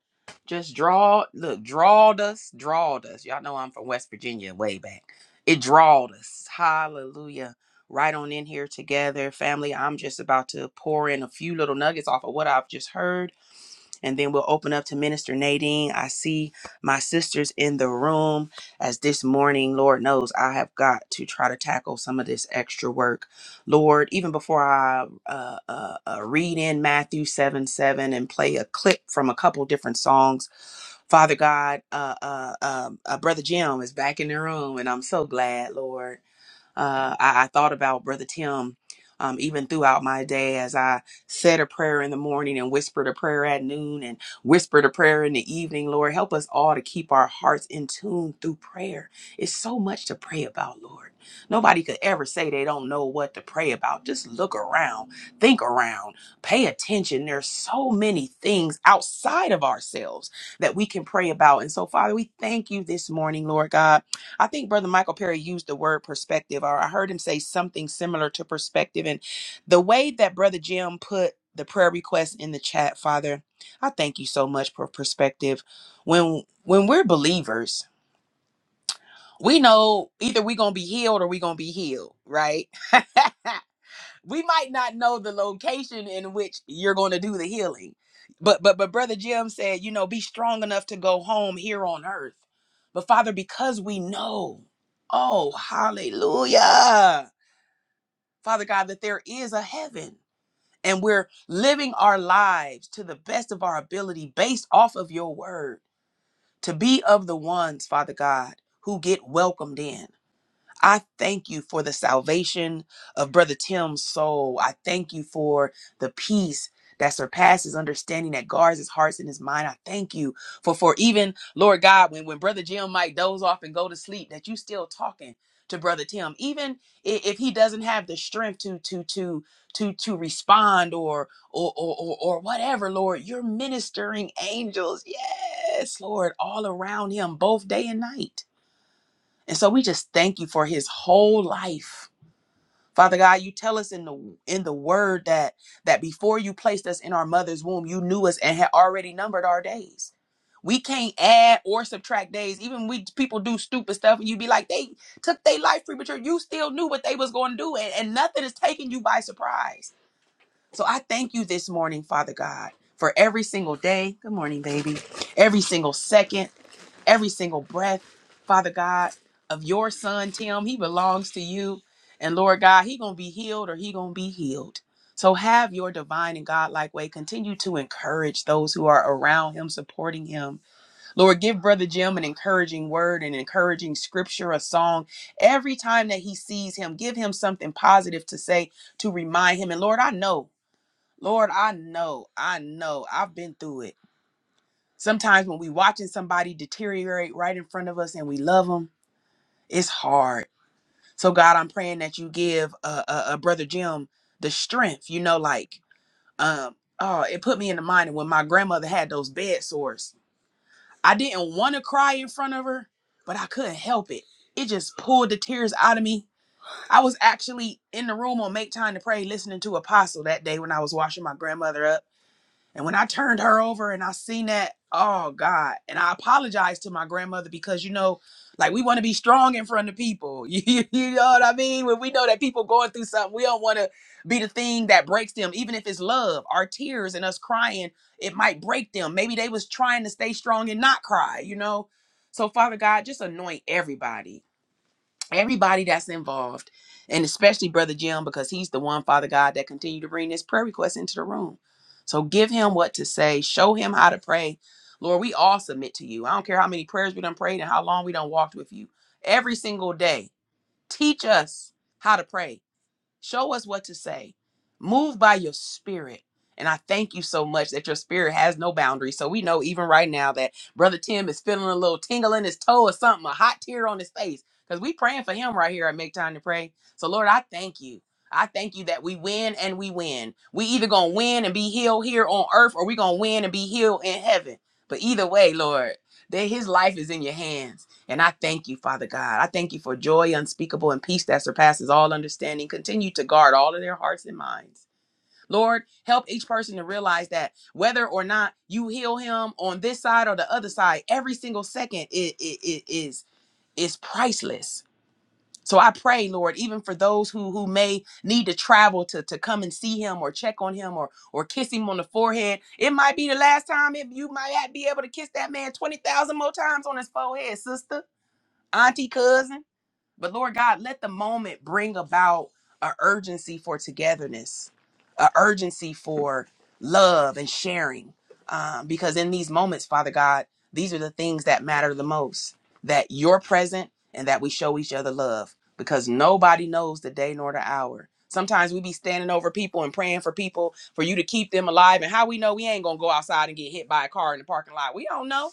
[SPEAKER 1] just draw, look, drawed us, drawed us. Y'all know I'm from West Virginia way back. It drawed us. Hallelujah. Right on in here together. Family, I'm just about to pour in a few little nuggets off of what I've just heard and then we'll open up to Minister Nadine. I see my sisters in the room as this morning, Lord knows, I have got to try to tackle some of this extra work. Lord, even before I uh, uh, uh, read in Matthew 7 7 and play a clip from a couple different songs, Father God, uh, uh, um, uh, Brother Jim is back in the room, and I'm so glad, Lord. Uh, I, I thought about Brother Tim um, even throughout my day as I said a prayer in the morning and whispered a prayer at noon and whispered a prayer in the evening. Lord, help us all to keep our hearts in tune through prayer. It's so much to pray about, Lord. Nobody could ever say they don't know what to pray about. Just look around, think around, pay attention. There's so many things outside of ourselves that we can pray about. And so, Father, we thank you this morning, Lord God I think Brother Michael Perry used the word perspective, or I heard him say something similar to perspective. And the way that Brother Jim put the prayer request in the chat, Father, I thank you so much for perspective. When when we're believers, we know either we're gonna be healed or we're gonna be healed, right? we might not know the location in which you're going to do the healing but but but brother jim said you know be strong enough to go home here on earth but father because we know oh hallelujah father god that there is a heaven and we're living our lives to the best of our ability based off of your word to be of the ones father god who get welcomed in I thank you for the salvation of Brother Tim's soul. I thank you for the peace that surpasses understanding that guards his hearts and his mind. I thank you for for even Lord God, when, when Brother Jim might doze off and go to sleep, that you still talking to Brother Tim, even i- if he doesn't have the strength to to to to to respond or or or or, or whatever, Lord, you're ministering angels, yes, Lord, all around him, both day and night. And so we just thank you for his whole life. Father God, you tell us in the in the word that that before you placed us in our mother's womb, you knew us and had already numbered our days. We can't add or subtract days. Even we people do stupid stuff and you be like, they took their life free, but you're- you still knew what they was going to do and, and nothing is taking you by surprise. So I thank you this morning, Father God, for every single day. Good morning, baby. Every single second every single breath, Father God, of your son Tim. He belongs to you. And Lord God, he going to be healed or he going to be healed. So have your divine and godlike way. Continue to encourage those who are around him, supporting him. Lord, give Brother Jim an encouraging word, an encouraging scripture, a song. Every time that he sees him, give him something positive to say to remind him. And Lord, I know, Lord, I know, I know, I've been through it. Sometimes when we watching somebody deteriorate right in front of us and we love them, it's hard. So God, I'm praying that you give uh, uh, uh brother Jim the strength. You know, like um, oh, it put me in the mind of when my grandmother had those bed sores. I didn't want to cry in front of her, but I couldn't help it. It just pulled the tears out of me. I was actually in the room on Make Time to Pray listening to Apostle that day when I was washing my grandmother up and when I turned her over and I seen that, oh God. And I apologized to my grandmother because you know, like we want to be strong in front of people. You, you know what I mean? When we know that people going through something, we don't want to be the thing that breaks them, even if it's love, our tears and us crying, it might break them. Maybe they was trying to stay strong and not cry, you know? So Father God, just anoint everybody everybody that's involved, and especially Brother Jim, because he's the one, Father God, that continue to bring this prayer request into the room. So give him what to say, show him how to pray. Lord, we all submit to you. I don't care how many prayers we done prayed and how long we done walked with you. Every single day, teach us how to pray Show us what to say. Move by your spirit. And I thank you so much that your spirit has no boundaries. So we know even right now that Brother Tim is feeling a little tingle in his toe or something, a hot tear on his face. Because we praying for him right here at Make Time to Pray. So Lord, I thank you. I thank you that we win and we win. We either gonna win and be healed here on earth or we gonna win and be healed in heaven. But either way, Lord, that his life is in your hands. And I thank you, Father God. I thank you for joy unspeakable and peace that surpasses all understanding. Continue to guard all of their hearts and minds. Lord, help each person to realize that whether or not you heal him on this side or the other side, every single second it, it, it is is priceless. So I pray, Lord, even for those who who may need to travel to to come and see him or check on him or or kiss him on the forehead, it might be the last time if you might be able to kiss that man twenty thousand more times on his forehead, sister auntie cousin but lord god let the moment bring about a urgency for togetherness a urgency for love and sharing um, because in these moments father god these are the things that matter the most that you're present and that we show each other love because nobody knows the day nor the hour sometimes we be standing over people and praying for people for you to keep them alive and how we know we ain't gonna go outside and get hit by a car in the parking lot we don't know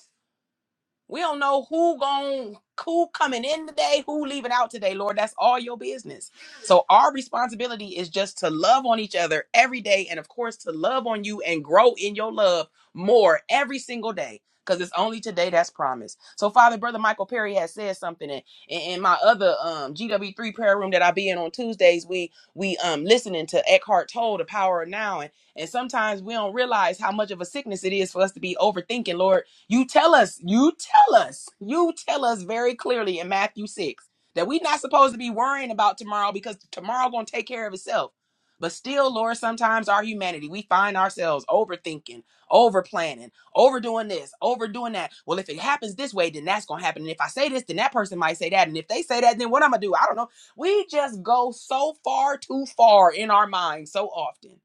[SPEAKER 1] we don't know who gon' who coming in today, who leaving out today, Lord. That's all your business. So our responsibility is just to love on each other every day, and of course to love on you and grow in your love more every single day. Because it's only today that's promised. So, Father, Brother Michael Perry has said something in, in, in my other um, GW3 prayer room that I be in on Tuesdays. We we um listening to Eckhart Tolle, The Power of Now. And, and sometimes we don't realize how much of a sickness it is for us to be overthinking, Lord you tell us, you tell us, you tell us very clearly in Matthew 6 that we're not supposed to be worrying about tomorrow because tomorrow gonna take care of itself. But still, Lord, sometimes our humanity, we find ourselves overthinking, over planning, overdoing this, overdoing that. Well, if it happens this way, then that's gonna happen. And if I say this, then that person might say that. And if they say that, then what I'm gonna do? I don't know. We just go so far too far in our minds so often.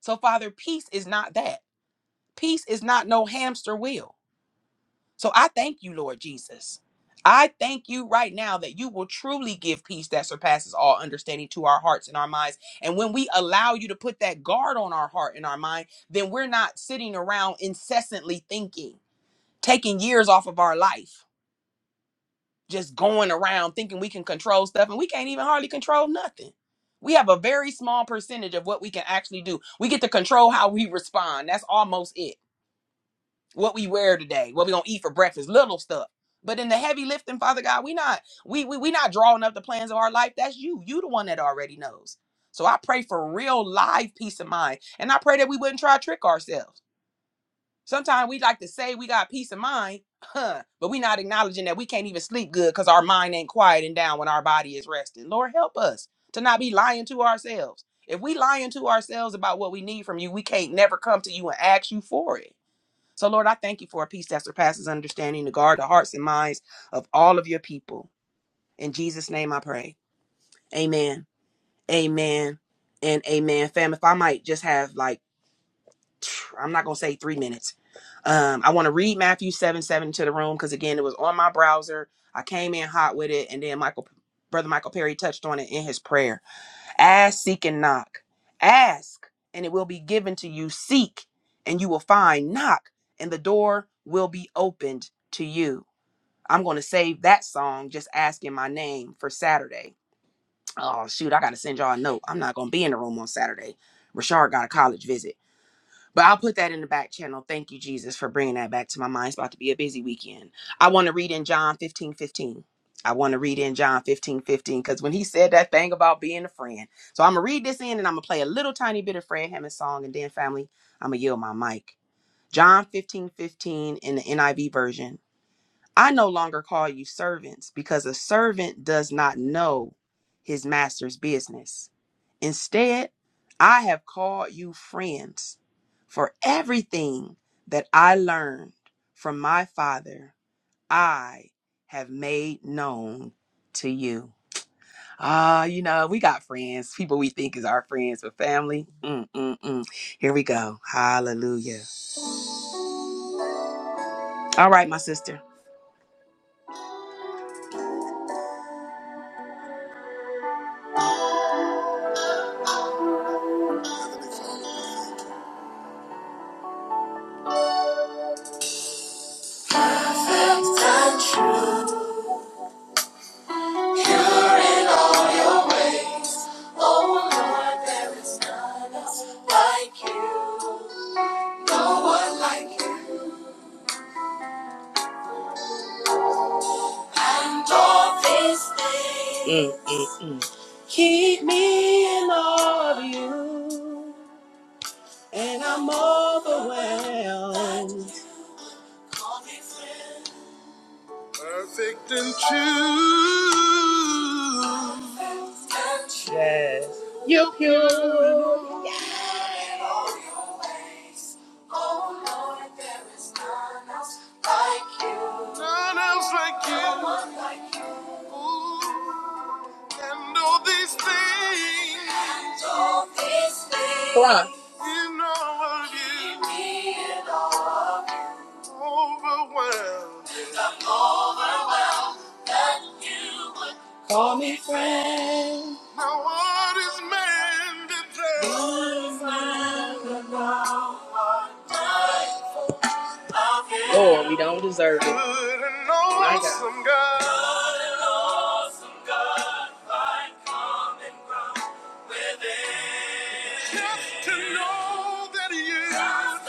[SPEAKER 1] So, Father, peace is not that. Peace is not no hamster wheel so I thank you, Lord Jesus. I thank you right now that you will truly give peace that surpasses all understanding to our hearts and our minds. And when we allow you to put that guard on our heart and our mind, then we're not sitting around incessantly thinking, taking years off of our life, just going around thinking we can control stuff and we can't even hardly control nothing. We have a very small percentage of what we can actually do. We get to control how we respond. That's almost it what we wear today, what we gonna eat for breakfast, little stuff. But in the heavy lifting, Father God, we not we we we not drawing up the plans of our life. That's you. You the one that already knows. So I pray for real live peace of mind, and I pray that we wouldn't try to trick ourselves. Sometimes we like to say we got peace of mind, huh, but we not acknowledging that we can't even sleep good because our mind ain't quieting down when our body is resting. Lord, help us to not be lying to ourselves. If we lying to ourselves about what we need from you, we can't never come to you and ask you for it. So, Lord, I thank you for a peace that surpasses understanding to guard the hearts and minds of all of your people. In Jesus' name I pray. Amen. Amen. And amen. Fam, if I might just have like, I'm not going to say three minutes. Um, I want to read Matthew 7 7 to the room because, again, it was on my browser. I came in hot with it. And then Michael, Brother Michael Perry touched on it in his prayer. Ask, seek, and knock. Ask, and it will be given to you. Seek, and you will find. Knock, and the door will be opened to you. I'm going to save that song, Just Asking My Name, for Saturday. Oh, shoot, I got to send y'all a note. I'm not going to be in the room on Saturday. Rashard got a college visit. But I'll put that in the back channel. Thank you, Jesus, for bringing that back to my mind. It's about to be a busy weekend. I want to read in John 15 15. I want to read in John 15 15 because when he said that thing about being a friend. So I'm going to read this in and I'm going to play a little tiny bit of Fred Hammond's song and then, family, I'm going to yield my mic. John 15 15 in the NIV version. I no longer call you servants because a servant does not know his master's business. Instead, I have called you friends, for everything that I learned from my father, I have made known to you. Ah, uh, you know, we got friends, people we think is our friends, but family. Mm, mm, mm. Here we go. Hallelujah. All right, my sister. Pure in all your ways, oh Lord, there is none else like you, no one like you. And all these things Mm, mm, mm. keep me in awe of you, and I'm overwhelmed. Perfect and true. Yes. You pure. Yes. Oh Lord, there is None else like you. None else like you. No one like you. Ooh. And all these things. Cry. In all of you. In all of you. Overwhelmed. I'm overwhelmed that you would Call me friend. Now what is man to tell? Lord, Good and awesome God. Good and awesome God. Find common ground within. Just to know that you. Just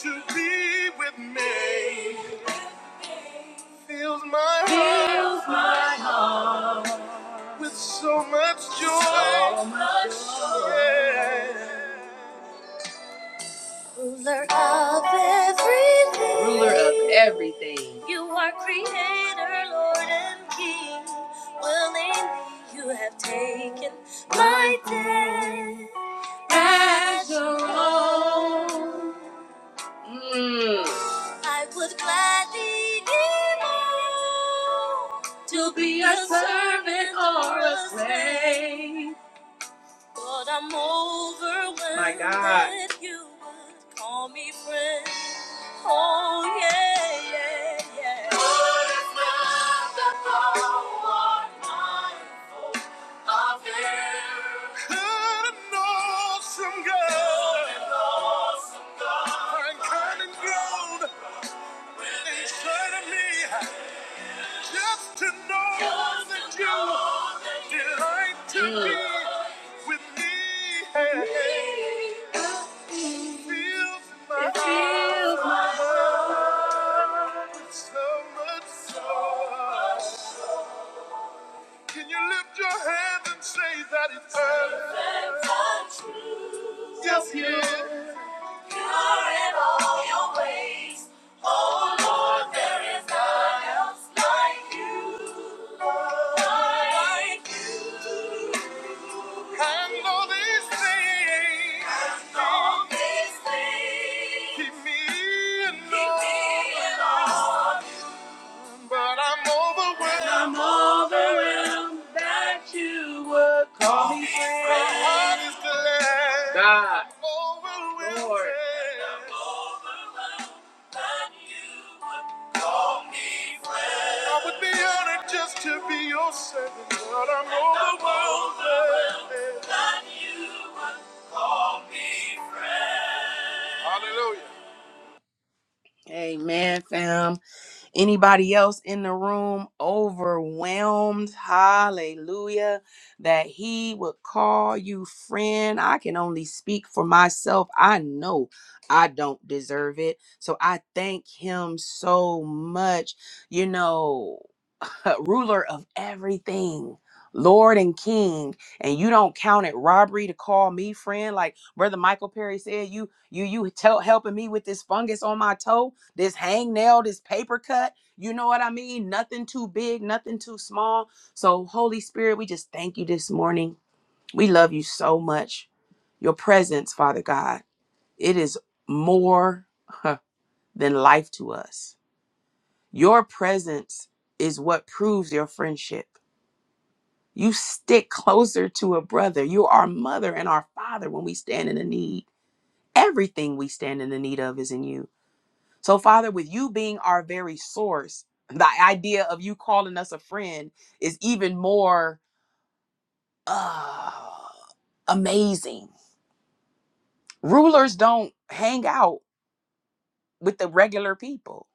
[SPEAKER 1] to know that you- To be with me. Fills my heart with so much joy. So much joy. Yeah. Ruler of everything. Ruler of You are creator, Lord and King. Willingly you have taken my death as your own. Mm. I would gladly give all to be a servant or a slave. But I'm overwhelmed My God. that you would call me friend. Oh yeah, yeah, yeah. What An awesome God, I'm coming grown inside of me just to know that you delight to be with me. It fills my heart so much joy. Can you lift your hands and say that it's perfect? Yes, yes. Call me friend. God. Lord. I would be honored just to be your servant, but I'm overwhelmed. That you would call me friend. Hallelujah. Amen, fam. Anybody else in the room overwhelmed? Hallelujah. That he would call you friend. I can only speak for myself. I know I don't deserve it. So I thank him so much. You know, ruler of everything. Lord and King, and you don't count it robbery to call me friend, like Brother Michael Perry said. You, you, you tell helping me with this fungus on my toe this hangnail, this paper cut. You know what I mean? Nothing too big, nothing too small. So, Holy Spirit, we just thank you this morning. We love you so much. Your presence, Father God, it is more huh, than life to us. Your presence is what proves your friendship. You stick closer to a brother. You are our mother and our father when we stand in the need. Everything we stand in the need of is in you. So, Father, with you being our very source, the idea of you calling us a friend is even more uh, amazing. Rulers don't hang out with the regular people.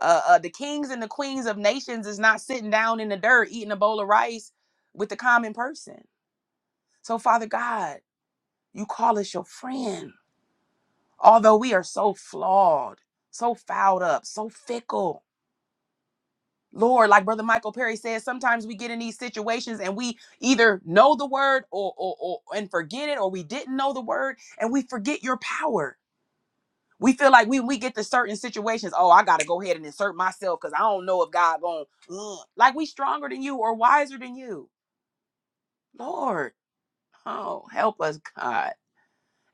[SPEAKER 1] Uh, uh, the kings and the queens of nations is not sitting down in the dirt eating a bowl of rice with the common person. So, Father God, you call us your friend, although we are so flawed, so fouled up, so fickle. Lord, like Brother Michael Perry says, sometimes we get in these situations and we either know the word or, or, or and forget it, or we didn't know the word and we forget your power. We feel like when we get to certain situations, oh, I gotta go ahead and insert myself because I don't know if God going to, like we stronger than you or wiser than you. Lord, oh, help us, God.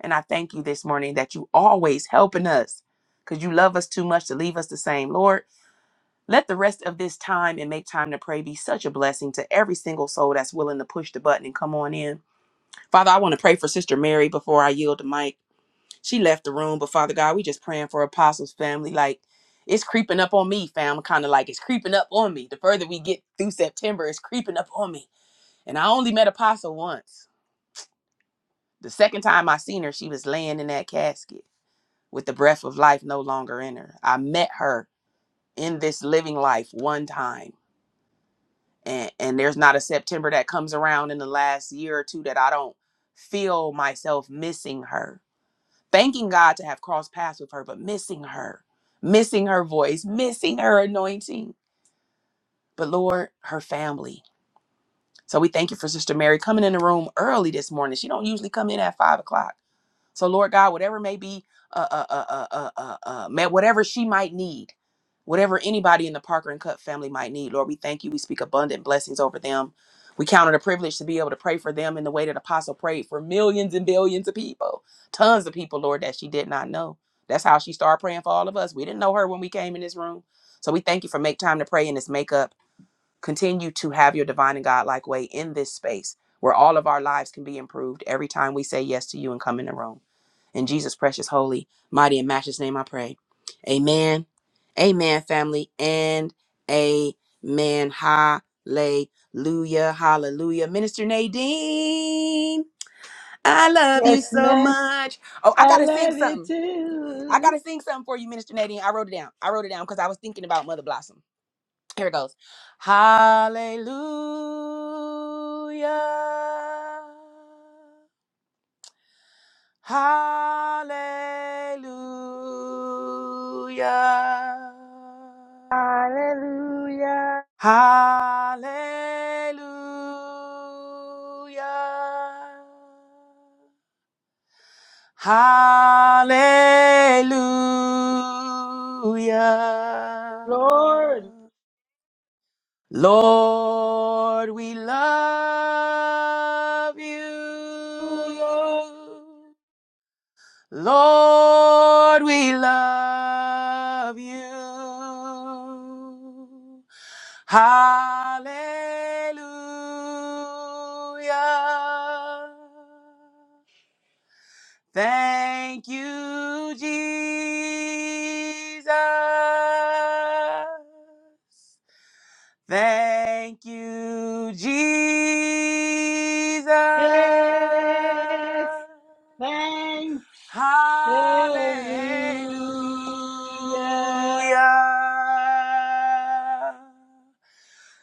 [SPEAKER 1] And I thank you this morning that you always helping us because you love us too much to leave us the same. Lord, Let the rest of this time and make time to pray be such a blessing to every single soul that's willing to push the button and come on in. Father, I want to pray for Sister Mary before I yield the mic. She left the room, but Father God, we just praying for Apostles family. Like it's creeping up on me, fam. Kind of like it's creeping up on me. The further we get through September, it's creeping up on me. And I only met Apostle once. The second time I seen her, she was laying in that casket with the breath of life no longer in her. I met her in this living life one time and and there's not a September that comes around in the last year or two that I don't feel myself missing her. Thanking God to have crossed paths with her, but missing her, missing her voice, missing her anointing. But Lord, her family. So we thank you for Sister Mary coming in the room early this morning. She don't usually come in at five o'clock so, Lord God, whatever may be, uh, uh, uh, uh, uh, uh, uh, whatever she might need, whatever anybody in the Parker and Cup family might need, Lord, we thank you. We speak abundant blessings over them. We count it a privilege to be able to pray for them in the way that Apostle prayed for millions and billions of people, tons of people, Lord, that she did not know. That's how she started praying for all of us. We didn't know her when we came in this room. So we thank you for make time to pray in this makeup continue to have your divine and godlike way in this space where all of our lives can be improved every time we say yes to you and come in the room. In Jesus' precious, holy, mighty, and matchless name, I pray. Amen. Amen, family. And amen. Hallelujah. Hallelujah. Minister Nadine, I love you
[SPEAKER 3] Yes,
[SPEAKER 1] so
[SPEAKER 3] man.
[SPEAKER 1] much. Oh, I
[SPEAKER 3] I
[SPEAKER 1] got to sing
[SPEAKER 3] love you
[SPEAKER 1] something. I got
[SPEAKER 3] too.
[SPEAKER 1] to sing something for you, Minister Nadine. I wrote it down. I wrote it down because I was thinking about Mother Blossom. Here it goes. Hallelujah. Hallelujah.
[SPEAKER 3] Hallelujah.
[SPEAKER 1] Hallelujah. Hallelujah.
[SPEAKER 3] Lord,
[SPEAKER 1] Lord, we love you.
[SPEAKER 3] oh Lord.
[SPEAKER 1] Lord, we love you. Hallelujah. Thank you. Jesus. Thank you, Jesus.
[SPEAKER 3] Yes. Thank Hallelujah.
[SPEAKER 1] Hallelujah.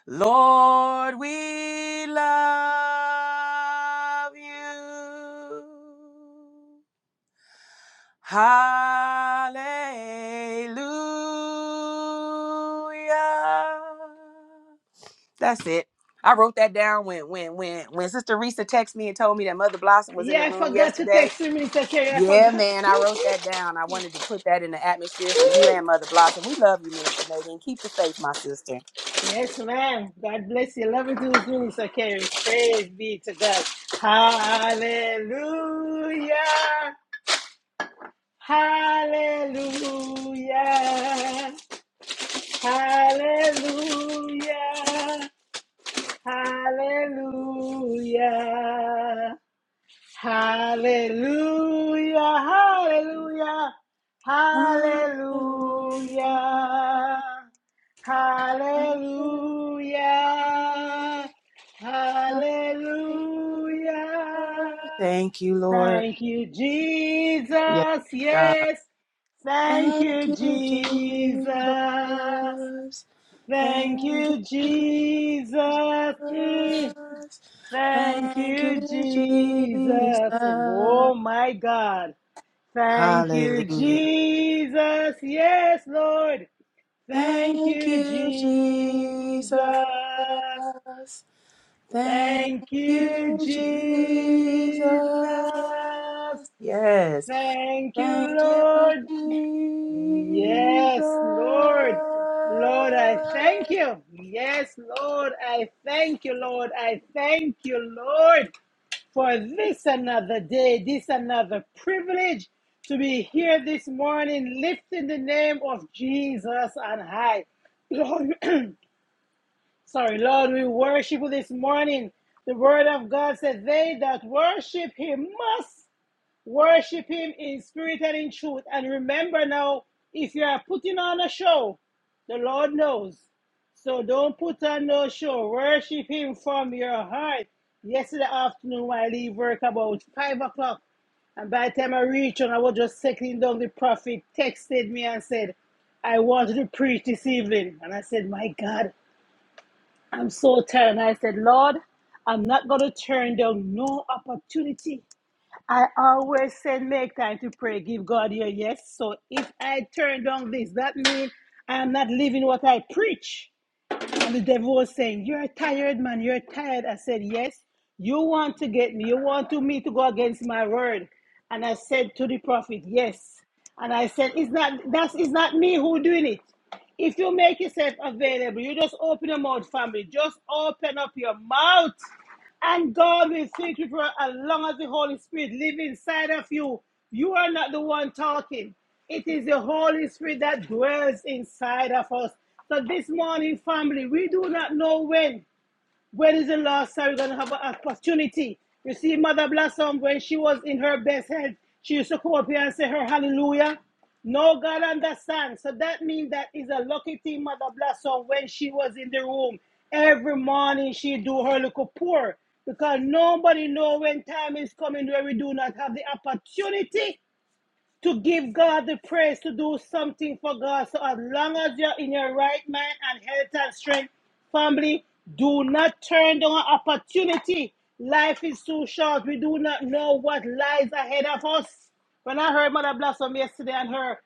[SPEAKER 1] Lord, we love you. Hallelujah. That's it. I wrote that down when when when when Sister Risa texted me and told me that Mother Blossom was in
[SPEAKER 3] Yeah,
[SPEAKER 1] the
[SPEAKER 3] I
[SPEAKER 1] room
[SPEAKER 3] forgot to
[SPEAKER 1] yesterday.
[SPEAKER 3] text you, Mr. Kerry. I
[SPEAKER 1] Yeah,
[SPEAKER 3] forgot.
[SPEAKER 1] man, I wrote that down. I wanted to put that in the atmosphere for you and Mother Blossom. We love you, Minister Nadine. Keep the faith, my sister.
[SPEAKER 3] yes, ma'am. God bless you. Love you too, Mister Kerry. Praise be to God. Hallelujah. Hallelujah. Hallelujah. Hallelujah. Hallelujah, hallelujah, hallelujah, hallelujah, hallelujah.
[SPEAKER 1] Thank you, Lord.
[SPEAKER 3] Thank you,
[SPEAKER 1] Yes,
[SPEAKER 3] Jesus.
[SPEAKER 1] God.
[SPEAKER 3] Yes, thank
[SPEAKER 1] Thank
[SPEAKER 3] you,
[SPEAKER 1] you,
[SPEAKER 3] Jesus.
[SPEAKER 1] Jesus.
[SPEAKER 3] Thank
[SPEAKER 1] Thank you,
[SPEAKER 3] you,
[SPEAKER 1] Jesus.
[SPEAKER 3] Jesus. Mm. Thank
[SPEAKER 1] Thank
[SPEAKER 3] you,
[SPEAKER 1] you,
[SPEAKER 3] Jesus.
[SPEAKER 1] Jesus.
[SPEAKER 3] Oh my God. Thank you,
[SPEAKER 1] Hallelujah.
[SPEAKER 3] Jesus. Yes, Lord. Thank
[SPEAKER 1] Thank
[SPEAKER 3] you,
[SPEAKER 1] you,
[SPEAKER 3] Jesus.
[SPEAKER 1] Jesus. Thank
[SPEAKER 3] Thank you,
[SPEAKER 1] you, Jesus.
[SPEAKER 3] Jesus.
[SPEAKER 1] Yes.
[SPEAKER 3] Thank you,
[SPEAKER 1] Thank you,
[SPEAKER 3] Lord. Yes, Lord. Lord, I
[SPEAKER 1] Jesus.
[SPEAKER 3] thank you. Yes, Lord, I thank you, Lord. I thank you, Lord. for this another day, this another privilege to be here this morning, lifting the name of Jesus on high. Lord, sorry, Lord, we worship you this morning. The word of God says, They that worship him must Worship Him in spirit and in truth. And remember now, if you are putting on a show, the Lord knows. So don't put on no show. Worship Him from your heart. Yesterday afternoon, I leave work about 5 o'clock, and by the time I reached and I was just settling down, the prophet texted me and said, I wanted to preach this evening. And I said, My God, I'm so tired. And I said, Lord, I'm not going to turn down no opportunity. I always said make time to pray, give God your yes. So if I turn down this, that means I am not living what I preach. And the devil was saying, You're tired, man, you're tired. I said, Yes, you want to get me, you want to me to go against my word. And I said to the prophet, Yes. And I said, It's not that's it's not me who doing it. If you make yourself available, you just open your mouth, family. Just open up your mouth. And God will speak to you for as long as the Holy Spirit lives inside of you. You are not the one talking. It is the Holy Spirit that dwells inside of us. So this morning, family, we do not know when. When is the last time you're going to have an opportunity? You see, Mother Blossom, when she was in her best health, she used to come up here and say her hallelujah. No God understands. So that means that is a lucky thing, Mother Blossom, when she was in the room. Every morning she do her little pour because nobody know when time is coming where we do not have the opportunity to give God the praise, to do something for God. So as long as you're in your right mind and health and strength, family, do not turn down an opportunity. Life is too short. We do not know what lies ahead of us. When I heard Mother Blossom yesterday and her,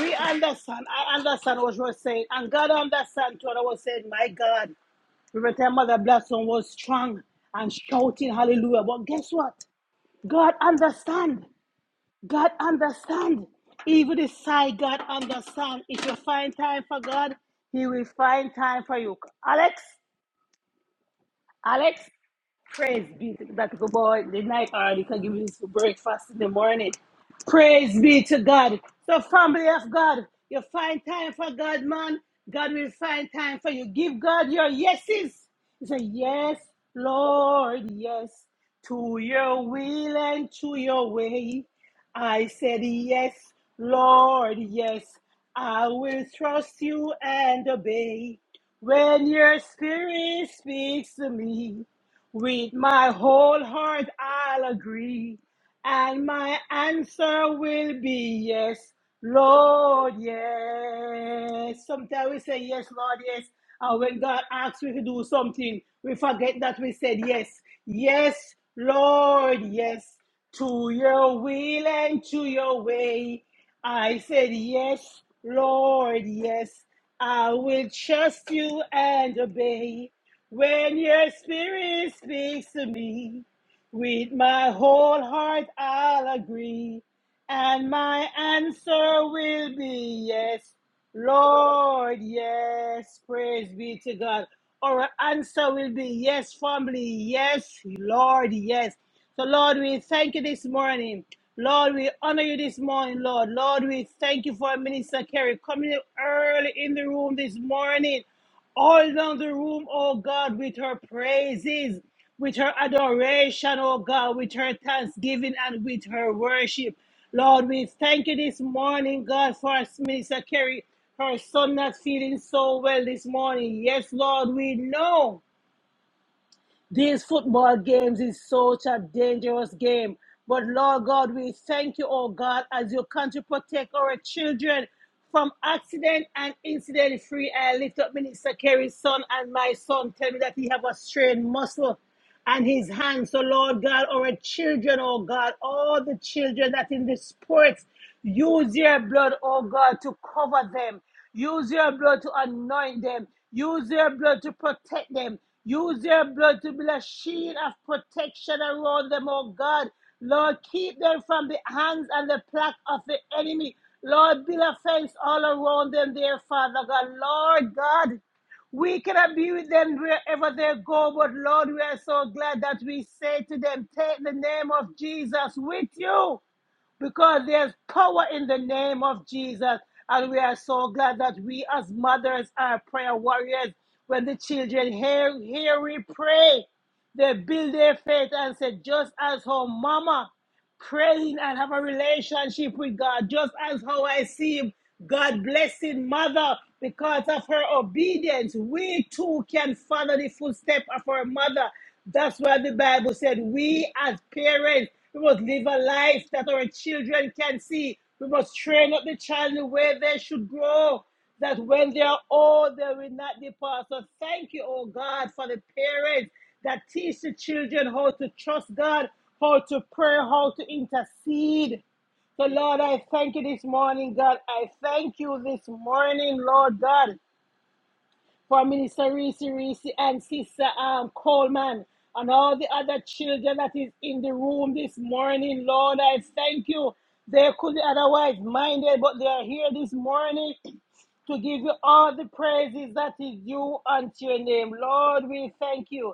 [SPEAKER 3] we understand. I understand what she was saying. And God understands what I was saying. My God, remember that Mother Blossom was strong and shouting hallelujah. But guess what? God understands. God understand. Even the side God understand. If you find time for God, He will find time for you. Alex, Alex, Praise be to God. Good boy. The night already can give you this for breakfast in the morning. Praise be to God. So, family of God, you find time for God, man. God will find time for you. Give God your yeses. You say, Yes, Lord, yes, to your will and to your way. I said, Yes, Lord, yes, I will trust you and obey. When your spirit speaks to me, with my whole heart I'll agree, and my answer will be yes, Lord, yes. Sometimes we say yes, Lord, yes. And when God asks we to do something, we forget that we said yes. Yes, Lord, yes. To your will and to your way. I said, Yes, Lord, yes. I will trust you and obey. When your spirit speaks to me, with my whole heart I'll agree, and my answer will be yes, Lord, yes, praise be to God. Our answer will be yes, family, yes, Lord, yes. So, Lord, we thank you this morning. Lord, we honor you this morning, Lord. Lord, we thank you for Minister Kerry coming early in the room this morning all down the room, oh God, with her praises, with her adoration, oh God, with her thanksgiving and with her worship. Lord, we thank you this morning, God, for us, Minister Kerry, her son not feeling so well this morning. Yes, Lord, we know. These football games is such a dangerous game. But Lord God, we thank you, oh God, as you come to protect our children from accident and incident free. I lift up Minister Kerry's son and my son. Tell me that he have a strained muscle and his hands. So, Lord God, our children, oh God, all the children that in the sports, use your blood, oh God, to cover them. Use your blood to anoint them. Use your blood to protect them. Use your blood to be a shield of protection around them, oh God. Lord, keep them from the hands and the plague of the enemy. Lord, build a fence all around them, dear Father God. Lord God, we can abuse them wherever they go, but Lord, we are so glad that we say to them, Take the name of Jesus with you, because there's power in the name of Jesus. And we are so glad that we, as mothers, are prayer warriors. When the children hear, hear we pray, they build their faith and say, Just as her mama. Praying and have a relationship with God, just as how I see him. God blessing mother because of her obedience. We too can follow the footsteps of our mother. That's why the Bible said we as parents we must live a life that our children can see. We must train up the child in the way they should grow that when they are old, they will not depart. So thank you, oh God, for the parents that teach the children how to trust God, how to pray, how to intercede. So, Lord, I thank you this morning, God. I thank you this morning, Lord God for Minister Reese Reese and Sister um, Coleman and all the other children that is in the room this morning. Lord, I thank you. They could be otherwise minded, but they are here this morning to give you all the praises that is due unto your name. Lord, we thank you.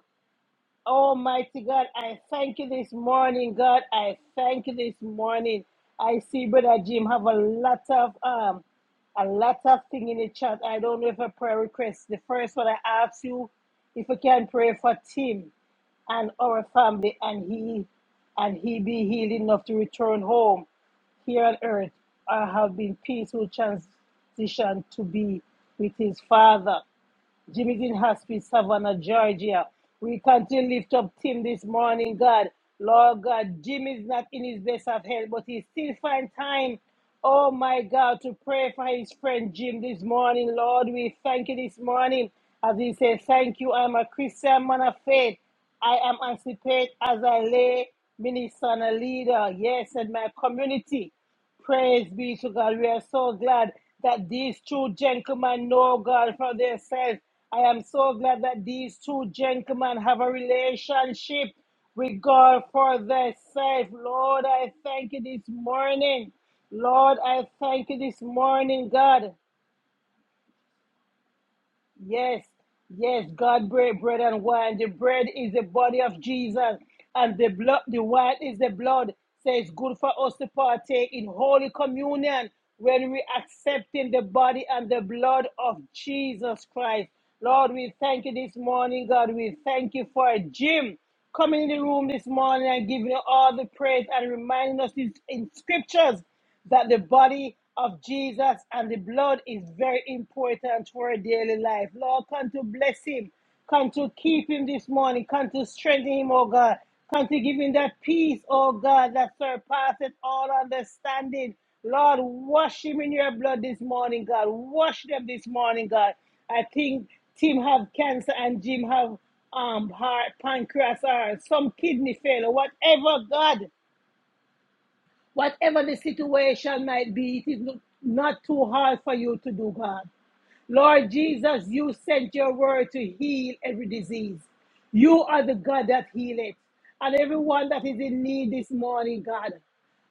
[SPEAKER 3] Almighty God, I thank you this morning, God. I thank you this morning. I see Brother Jim have a lot of um a lot of thing in the chat. I don't know if a prayer request. The first one I asked you if you can pray for Tim and our family and he and he be healed enough to return home here on earth or have been peaceful transition to be with his father. Jimmy's in hospice, Savannah, Georgia. We continue to lift up Tim this morning, God. Lord God, Jimmy's not in his best of health, but he still find time, oh my God, to pray for his friend Jim this morning. Lord, we thank you this morning. As he says, thank you. I'm a Christian man of faith. I am emancipate as a lay minister and a leader, yes, in my community. Praise be to God. We are so glad that these two gentlemen know God for themselves. I am so glad that these two gentlemen have a relationship with God for themselves. Lord, I thank you this morning. Lord, I thank you this morning, God. Yes, yes, God break bread and wine. The bread is the body of Jesus, and the blood, the wine is the blood. So it's good for us to partake in holy communion when we accepting the body and the blood of Jesus Christ. Lord, we thank you this morning, God. We thank you for Jim coming in the room this morning and giving you all the praise and reminding us in in scriptures that the body of Jesus and the blood is very important to our daily life. Lord, come to bless him. Come to keep him this morning. Come to strengthen him, oh God. Come to give him that peace, oh God, that surpasses all understanding. Lord, wash him in your blood this morning, God. Wash them this morning, God. I think Tim have cancer and Jim have um heart, pancreas, or some kidney failure, whatever, God. Whatever the situation might be, it is no- not too hard for you to do, God. Lord Jesus, you sent your word to heal every disease. You are the God that healeth. And everyone that is in need this morning, God,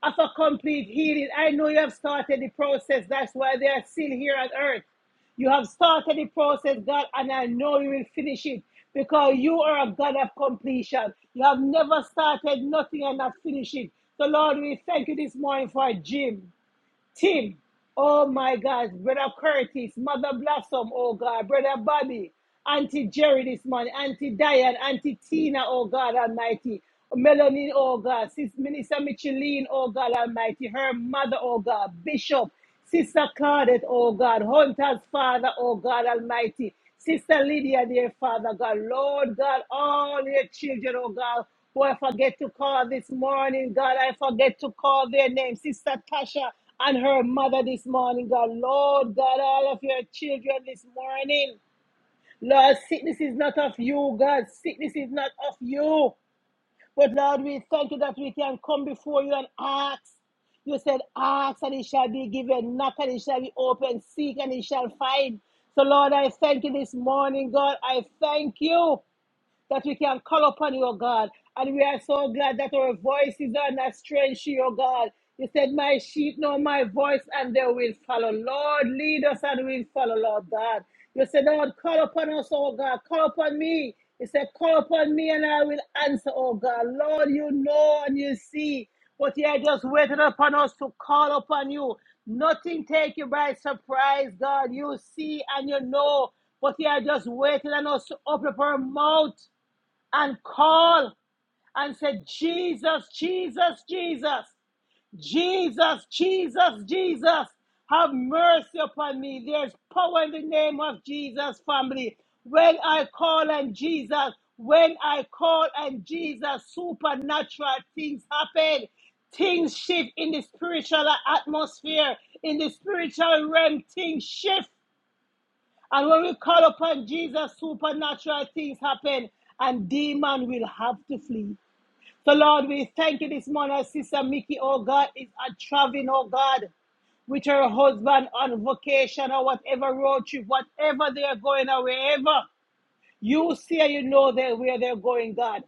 [SPEAKER 3] of a complete healing, I know you have started the process. That's why they are still here on earth. You have started the process, God, and I know you will finish it because you are a God of completion. You have never started nothing and not finished it. So, Lord, we thank you this morning for Jim, Tim, oh my God, Brother Curtis, Mother Blossom, oh God, Brother Bobby, Auntie Jerry this morning, Auntie Diane, Auntie Tina, oh God Almighty, Melanie, oh God, Sister Minister Micheline, oh God Almighty, her mother, oh God, Bishop. Sister Claudette, oh God, Hunter's Father, oh God Almighty. Sister Lydia, dear Father God, Lord God, all your children, oh God, who I forget to call this morning, God, I forget to call their name. Sister Tasha and her mother this morning, God, Lord God, all of your children this morning. Lord, sickness is not of you, God. Sickness is not of you. But Lord, we thank you that we can come before you and ask. You said, Ask and it shall be given, knock and it shall be opened; seek and it shall find. So, Lord, I thank you this morning, God. I thank you that we can call upon you, O God. And we are so glad that our voices are not strange to you, O God. You said, My sheep know my voice and they will follow. Lord, lead us and we'll follow, Lord God. You said, Lord, call upon us, O God. Call upon me. You said, Call upon me and I will answer, O God. Lord, you know and you see. But you are just waiting upon us to call upon you. Nothing take you by surprise, God. You see and you know. But you are just waiting on us to open up our mouth and call and say, Jesus, Jesus, Jesus, Jesus, Jesus, Jesus, have mercy upon me. There's power in the name of Jesus, family. When I call and Jesus, when I call and Jesus, supernatural things happen. Things shift in the spiritual atmosphere, in the spiritual realm, things shift. And when we call upon Jesus, supernatural things happen and demon will have to flee. So Lord, we thank you this morning, as Sister Mickey, oh God, is traveling, oh God, with her husband on vacation or whatever road trip, whatever they are going or wherever. You see and you know they where they're going, God.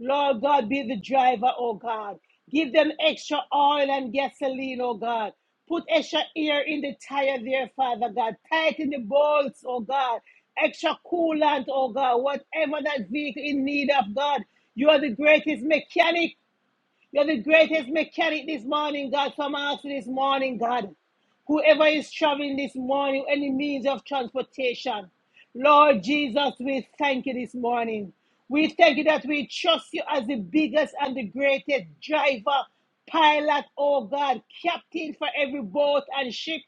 [SPEAKER 3] Lord God, be the driver, oh God. Give them extra oil and gasoline, oh God. Put extra air in the tire there, Father God. Tighten the bolts, oh God. Extra coolant, oh God. Whatever that vehicle in need of, God. You are the greatest mechanic. You're the greatest mechanic this morning, God. So I'm asking this morning, God, whoever is traveling this morning, any means of transportation, Lord Jesus, we thank you this morning. We thank you that we trust you as the biggest and the greatest driver, pilot, oh God, captain for every boat and ship.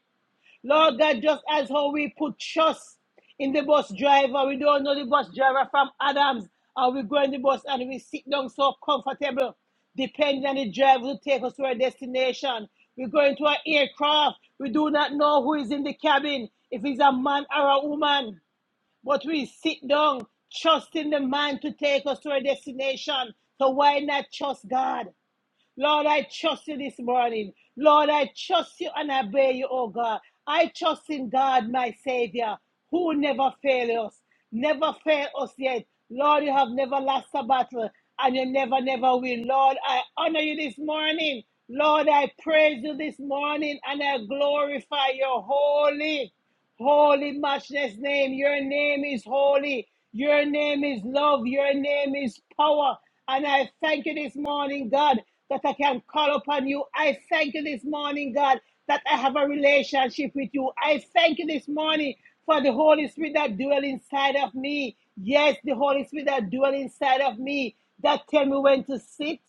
[SPEAKER 3] Lord God, just as how we put trust in the bus driver, we don't know the bus driver from Adams, and we go in the bus and we sit down so comfortable, depending on the driver to take us to our destination. We go into an aircraft, we do not know who is in the cabin, if it's a man or a woman, but we sit down, trusting the man to take us to our destination. So why not trust God? Lord, I trust you this morning. Lord, I trust you and obey you, oh God. I trust in God, my Savior, who never fail us, never failed us yet. Lord, you have never lost a battle and you never, never will. Lord, I honor you this morning. Lord, I praise you this morning and I glorify your holy. Holy matchless name. Your name is holy. Your name is love. Your name is power. And I thank you this morning, God, that I can call upon you. I thank you this morning, God, that I have a relationship with you. I thank you this morning for the Holy Spirit that dwells inside of me. Yes, the Holy Spirit that dwells inside of me that tell me when to sit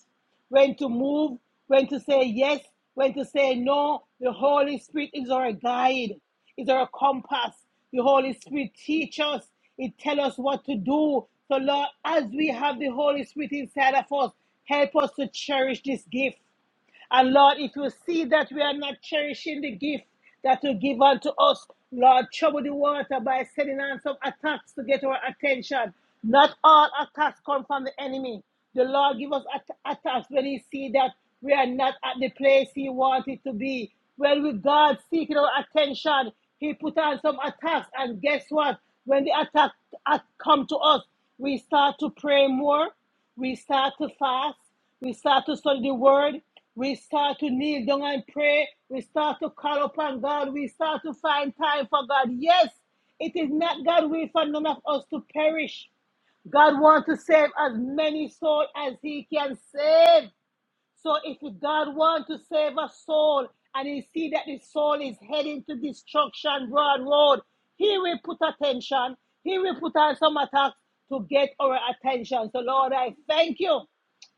[SPEAKER 3] when to move, when to say yes, when to say no. The Holy Spirit is our guide, is our compass. The Holy Spirit teaches us. It tell us what to do. So Lord, as we have the Holy Spirit inside of us, help us to cherish this gift. And Lord, if you see that we are not cherishing the gift that you give unto us, Lord, trouble the water by sending on some attacks to get our attention. Not all attacks come from the enemy. The Lord give us at- attacks when He see that we are not at the place He wanted to be. When we God seeking our attention, He put on some attacks, and guess what? When the attack, attack come to us, we start to pray more. We start to fast. We start to study the word. We start to kneel down and pray. We start to call upon God. We start to find time for God. Yes, it is not God will for none of us to perish. God wants to save as many souls as He can save. So if God wants to save a soul and he see that the soul is heading to destruction, broad road, he will put attention. He will put on some attacks to get our attention. So Lord, I thank you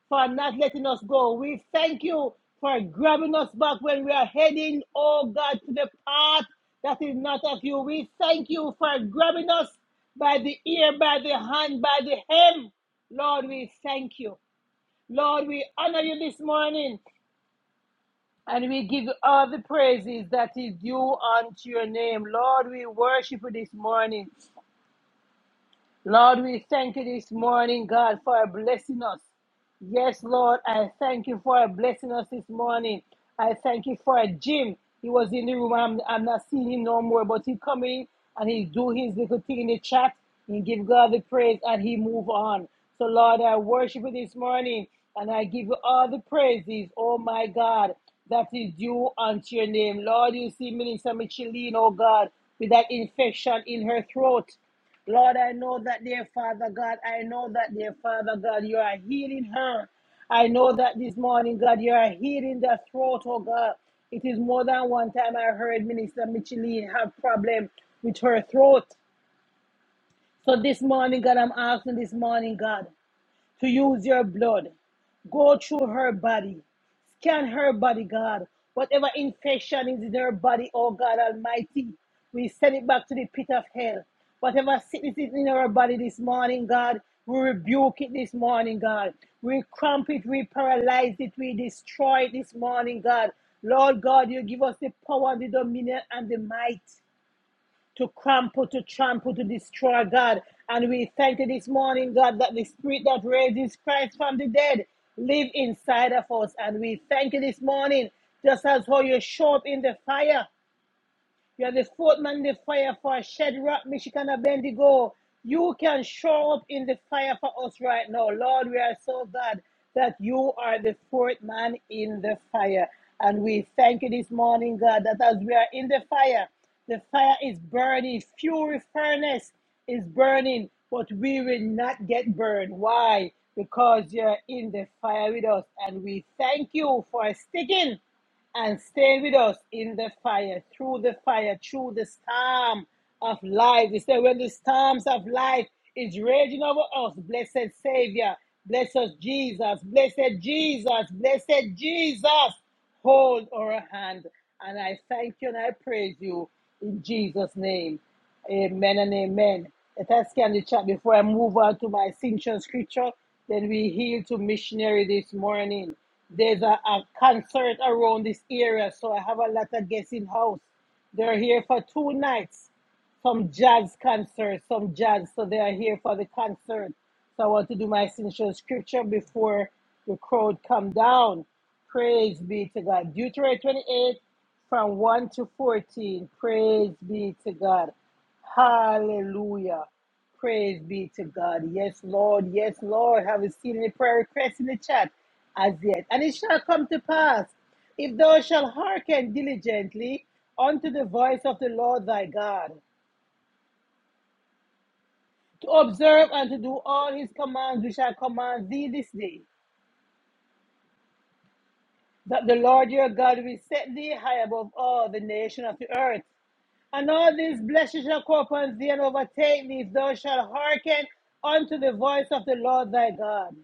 [SPEAKER 3] for not letting us go. We thank you for grabbing us back when we are heading, oh God, to the path that is not of you. We thank you for grabbing us by the ear, by the hand, by the hem. Lord, we thank you. Lord, we honor you this morning and we give you all the praises that is due unto your name. Lord, we worship you this morning. Lord, we thank you this morning, God, for blessing us. Yes, Lord, I thank you for blessing us this morning. I thank you for Jim. He was in the room. I'm, I'm not seeing him no more, but he come in and he do his little thing in the chat. He give God the praise and he move on. So, Lord, I worship you this morning and I give you all the praises, oh my God, that is due unto your name. Lord, you see Minister Micheline, oh God, with that infection in her throat. Lord, I know that, dear Father God, I know that, dear Father God, you are healing her. I know that this morning, God, you are healing the throat, oh God. It is more than one time I heard Minister Micheline have problem with her throat. So this morning, God, I'm asking this morning, God to use your blood. Go through her body. Scan her body, God. Whatever infection is in her body, oh God Almighty, we send it back to the pit of hell. Whatever sickness is in her body this morning, God, we rebuke it this morning, God. We cramp it, we paralyze it, we destroy it this morning, God. Lord God, you give us the power and the dominion and the might to crumple, to trample, to destroy, God. And we thank you this morning, God, that the spirit that raises Christ from the dead live inside of us. And we thank you this morning, just as how you showed up in the fire you are the fourth man in the fire for Shadrach, Michigan, and Bendigo. You can show up in the fire for us right now. Lord, we are so glad that you are the fourth man in the fire. And we thank you this morning, God, that as we are in the fire, the fire is burning, fury furnace is burning, but we will not get burned. Why? Because you're in the fire with us. And we thank you for sticking and stay with us in the fire, through the fire, through the storm of life. He said, when the storms of life is raging over us, blessed Savior, blessed Jesus, blessed Jesus, blessed Jesus, hold our hand. And I thank you and I praise you in Jesus' name. Amen and amen. Let us scan the chat before I move on to my signature scripture. Then we heal to missionary this morning. There's a, a concert around this area, so I have a lot of guests in house. They're here for two nights some jazz concert, some jazz. So they are here for the concert. So I want to do my signature scripture before the crowd come down. Praise be to God. Deuteronomy 28 from 1 to 14. Praise be to God. Hallelujah. Praise be to God. Yes, Lord. Yes, Lord. Have you seen any prayer requests in the chat? As yet. And it shall come to pass if thou shalt hearken diligently unto the voice of the Lord thy God to observe and to do all his commands which I command thee this day, that the Lord your God will set thee high above all the nation of the earth. And all these blessings shall come upon thee and overtake thee if thou shalt hearken unto the voice of the Lord thy God.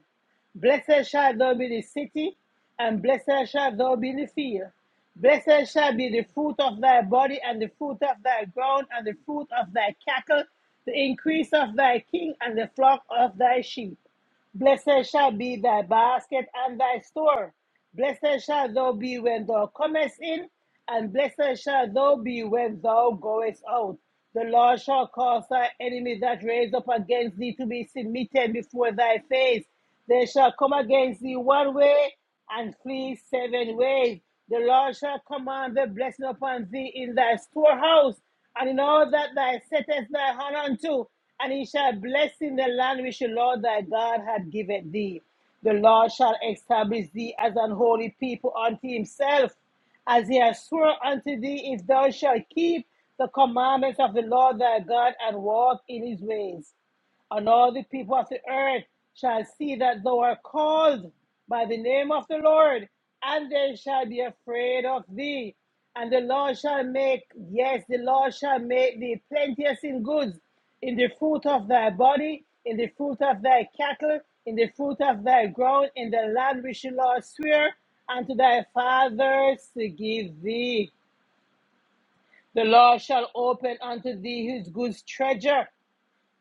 [SPEAKER 3] Blessed shall thou be the city, and blessed shall thou be the field. Blessed shall be the fruit of thy body, and the fruit of thy ground, and the fruit of thy cattle, the increase of thy king, and the flock of thy sheep. Blessed shall be thy basket and thy store. Blessed shall thou be when thou comest in, and blessed shall thou be when thou goest out. The Lord shall cause thy enemy that raise up against thee to be submitted before thy face. They shall come against thee one way and flee seven ways. The Lord shall command the blessing upon thee in thy storehouse and in all that thou settest thy hand unto, and he shall bless in the land which the Lord thy God hath given thee. The Lord shall establish thee as an holy people unto himself, as he has sworn unto thee, if thou shalt keep the commandments of the Lord thy God and walk in his ways and all the people of the earth shall see that thou art called by the name of the Lord, and they shall be afraid of thee. And the Lord shall make, yes, the Lord shall make thee plenteous in goods, in the fruit of thy body, in the fruit of thy cattle, in the fruit of thy ground, in the land which the Lord sware unto thy fathers to give thee. The Lord shall open unto thee his good treasure,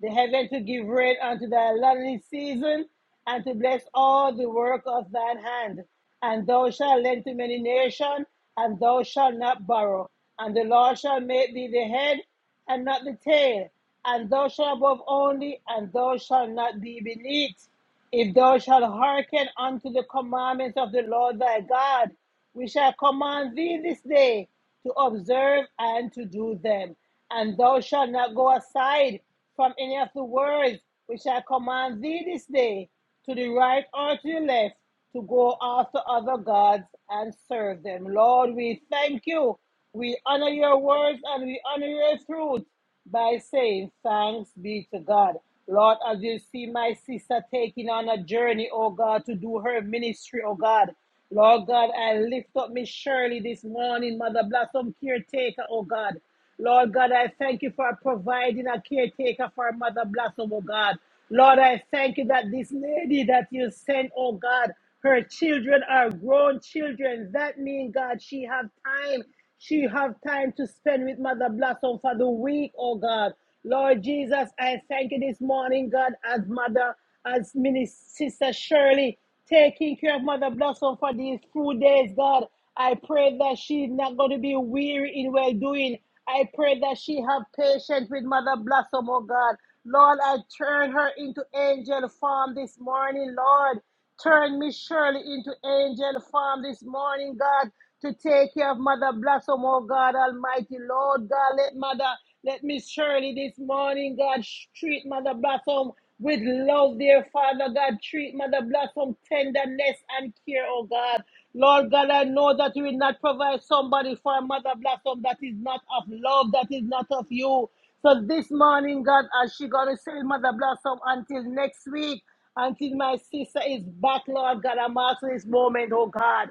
[SPEAKER 3] the heaven to give rain unto thy lonely season, and to bless all the work of thine hand. And thou shalt lend to many nations, and thou shalt not borrow. And the Lord shall make thee the head, and not the tail. And thou shalt above only, and thou shalt not be beneath. If thou shalt hearken unto the commandments of the Lord thy God, we shall command thee this day to observe and to do them. And thou shalt not go aside from any of the words which I command thee this day, to the right or to the left, to go after other gods and serve them. Lord, we thank you. We honor your words and we honor your truth by saying thanks be to God. Lord, as you see my sister taking on a journey, oh God, to do her ministry, oh God. Lord God, I lift up Miss Shirley this morning, Mother Blossom caretaker, oh God. Lord God, I thank you for providing a caretaker for Mother Blossom, oh God. Lord, I thank you that this lady that you sent, oh God, her children are grown children. That means, God, she have time. She have time to spend with Mother Blossom for the week, oh God. Lord Jesus, I thank you this morning, God, as Mother, as Minister Sister Shirley taking care of Mother Blossom for these few days, God. I pray that she's not going to be weary in well doing. I pray that she have patience with Mother Blossom, oh God. Lord, I turn her into angel form this morning, Lord. Turn Miss Shirley into angel form this morning, God, to take care of Mother Blossom, oh God Almighty. Lord God, let Mother let Miss Shirley this morning, God, treat Mother Blossom with love, dear Father God. Treat Mother Blossom tenderness and care, oh God. Lord God, I know that you will not provide somebody for Mother Blossom that is not of love, that is not of you. So this morning, God, as she gonna say Mother Blossom until next week, until my sister is back, Lord God, I'm asking this moment, oh God.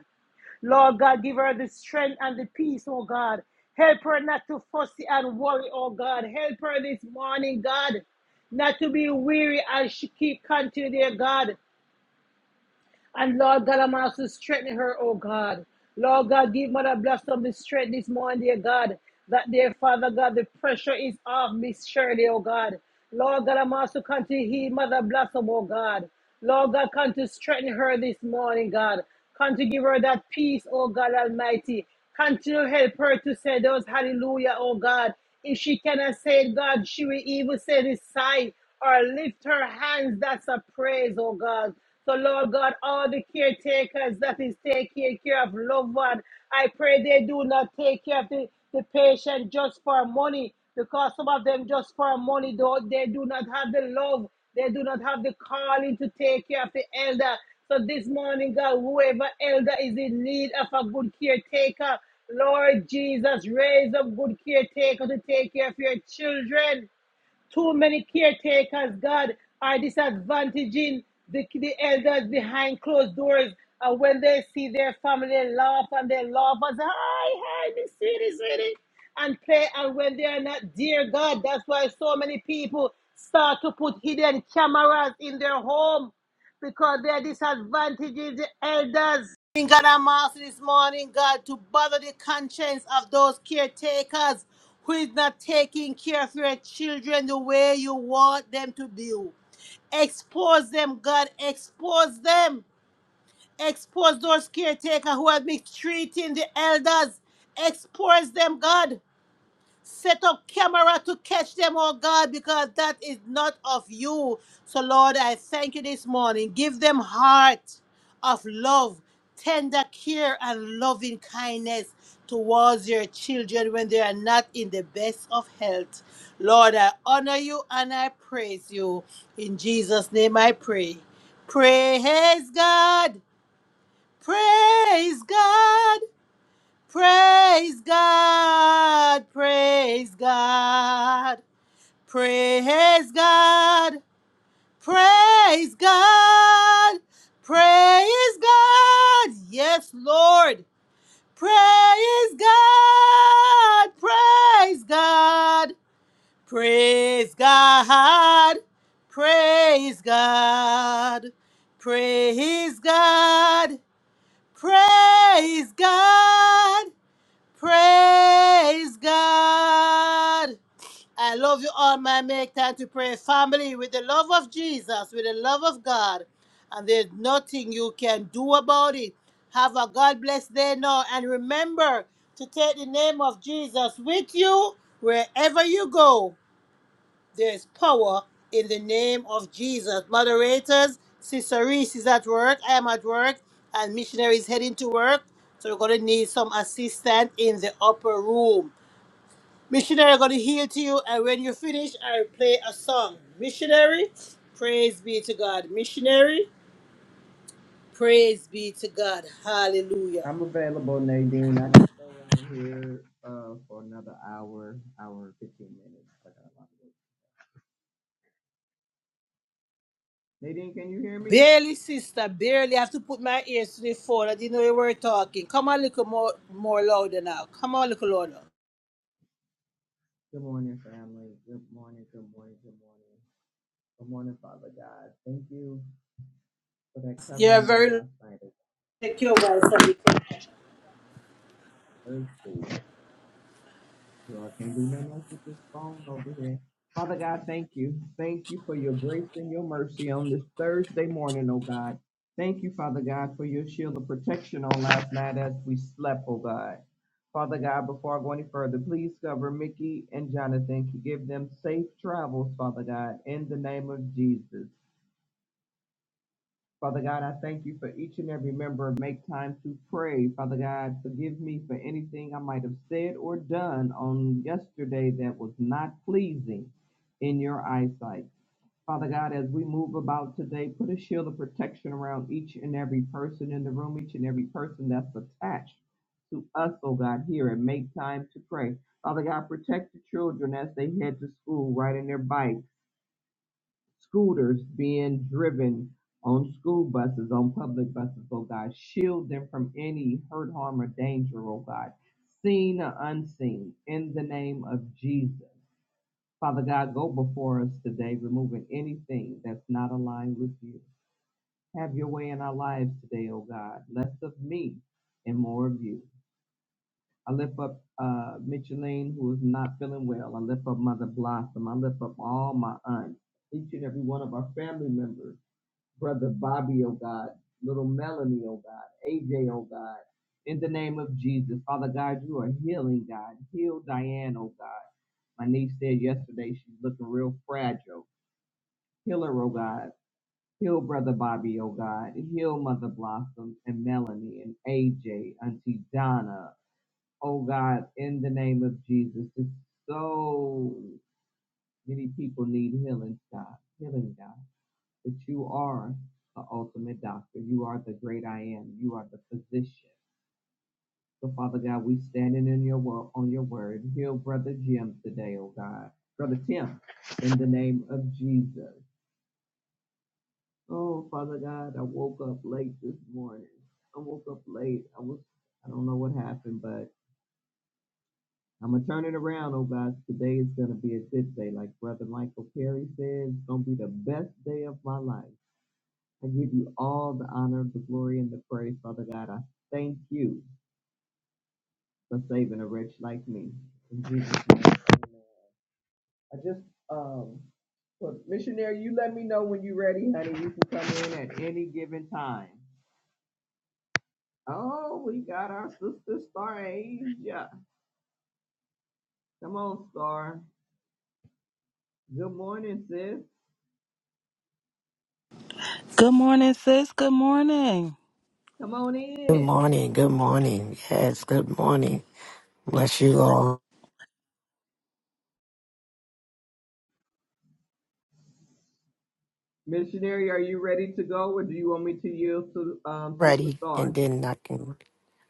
[SPEAKER 3] Lord God, give her the strength and the peace, oh God. Help her not to fussy and worry, oh God. Help her this morning, God, not to be weary as she keep continue, dear God. And Lord God, I'm also strengthening her, oh God. Lord God, give Mother Blossom the strength this morning, dear God. That dear Father God, the pressure is off Miss Shirley, oh God. Lord God, I'm also continue to heal Mother Blossom, oh God. Lord God, continue to strengthen her this morning, God. Continue to give her that peace, oh God Almighty. Continue to help her to say those hallelujah, oh God. If she cannot say it, God, she will even say this sigh or lift her hands. That's a praise, oh God. So, Lord God, all the caretakers that is taking care of loved one, I pray they do not take care of the, the patient just for money because some of them just for money, though, they do not have the love. They do not have the calling to take care of the elder. So this morning, God, whoever elder is in need of a good caretaker, Lord Jesus, raise up good caretaker to take care of your children. Too many caretakers, God, are disadvantaging the, the elders behind closed doors. And when they see their family, they laugh and they laugh and say, hi, hi, Miss Sweetie, Sweetie, and play. And when they are not, dear God, that's why so many people start to put hidden cameras in their home because they are disadvantaging the elders. Bring God, I'm asking this morning, God, to bother the conscience of those caretakers who is not taking care of your children the way you want them to do. Expose them, God, expose them. Expose those caretakers who are mistreating the elders. Expose them, God. Set up camera to catch them, oh God, because that is not of you. So, Lord, I thank you this morning. Give them heart of love, tender care, and loving kindness towards your children when they are not in the best of health. Lord, I honor you and I praise you. In Jesus' name I pray. Praise God. Praise God. Praise God, praise God, praise God, praise God, praise God, yes, Lord, praise God, praise God, praise God, praise God, praise God, praise God. Praise God. I love you all, my make time to pray family with the love of Jesus, with the love of God. And there's nothing you can do about it. Have a God bless day now. And remember to take the name of Jesus with you wherever you go. There is power in the name of Jesus. Moderators, Sister Reese is at work. I am at work, and missionary is heading to work. So we're gonna need some assistance in the upper room. Missionary, I'm gonna heal to you, and when you finish, I'll play a song. Missionary, praise be to God. Missionary, praise be to God. Hallelujah.
[SPEAKER 4] I'm available, Nadine. I can stay on here uh, for another hour, hour and 15 minutes. I got a lot to do. Nadine, can you hear me?
[SPEAKER 3] Barely, sister, barely. I have to put my ears to the phone. I didn't know you were talking. Come on, a little more, more louder now. Come on, a little louder.
[SPEAKER 4] Good morning, family. Good morning, good morning, good morning. Good morning, Father God. Thank you for that
[SPEAKER 3] You're
[SPEAKER 4] covering on
[SPEAKER 3] very.
[SPEAKER 4] last night.
[SPEAKER 3] Take your wife and become
[SPEAKER 4] So I can't do nothing else with this phone over here. Father God, thank you. Thank you for your grace and your mercy on this Thursday morning, oh God. Thank you, Father God, for your shield of protection on last night as we slept, oh God. Father God, before I go any further, please cover Mickey and Jonathan. Give them safe travels, Father God, in the name of Jesus. Father God, I thank you for each and every member of Make Time to Pray. Father God, forgive me for anything I might have said or done on yesterday that was not pleasing in your eyesight. Father God, as we move about today, put a shield of protection around each and every person in the room, each and every person that's attached to us, oh God, here and make time to pray. Father God, protect the children as they head to school, riding their bikes scooters being driven on school buses, on public buses, oh God. Shield them from any hurt, harm, or danger, oh God, seen or unseen, in the name of Jesus. Father God, go before us today, removing anything that's not aligned with you. Have your way in our lives today, oh God. Less of me and more of you. I lift up uh, Micheline, who is not feeling well. I lift up Mother Blossom. I lift up all my aunts, each and every one of our family members. Brother Bobby, oh God, little Melanie, oh God, AJ, oh God, in the name of Jesus. Father God, you are healing, God. Heal Diane, oh God. My niece said yesterday she's looking real fragile. Heal her, oh God. Heal Brother Bobby, oh God. Heal Mother Blossom and Melanie and AJ, Auntie Donna. Oh God, in the name of Jesus. It's so many people need healing, God. Healing, God that you are the ultimate doctor. You are the great I am. You are the physician. So, Father God, we standing in your word on your word. Heal Brother Jim today, oh God. Brother Tim, in the name of Jesus. Oh, Father God, I woke up late this morning. I woke up late. I was I don't know what happened, but I'm gonna turn it around, oh God. Today is gonna be a good day. Like Brother Michael Perry said, it's gonna be the best day of my life. I give you all the honor, the glory, and the praise, Father God. I thank you for saving a wretch like me. In Jesus' name, amen. I just, um, well, missionary, you let me know when you're ready, honey. You can come in at any given time. Oh, we got our sister Star Asia. Come on, Star. Good morning, sis.
[SPEAKER 5] Good morning, sis. Good morning.
[SPEAKER 4] Come on
[SPEAKER 6] Good
[SPEAKER 4] in.
[SPEAKER 6] morning. Good morning. Yes, good morning. Bless you all.
[SPEAKER 4] Missionary, are you ready to go, or do you want me to yield to um, Sister
[SPEAKER 6] Ready, and
[SPEAKER 4] Star?
[SPEAKER 6] then I can.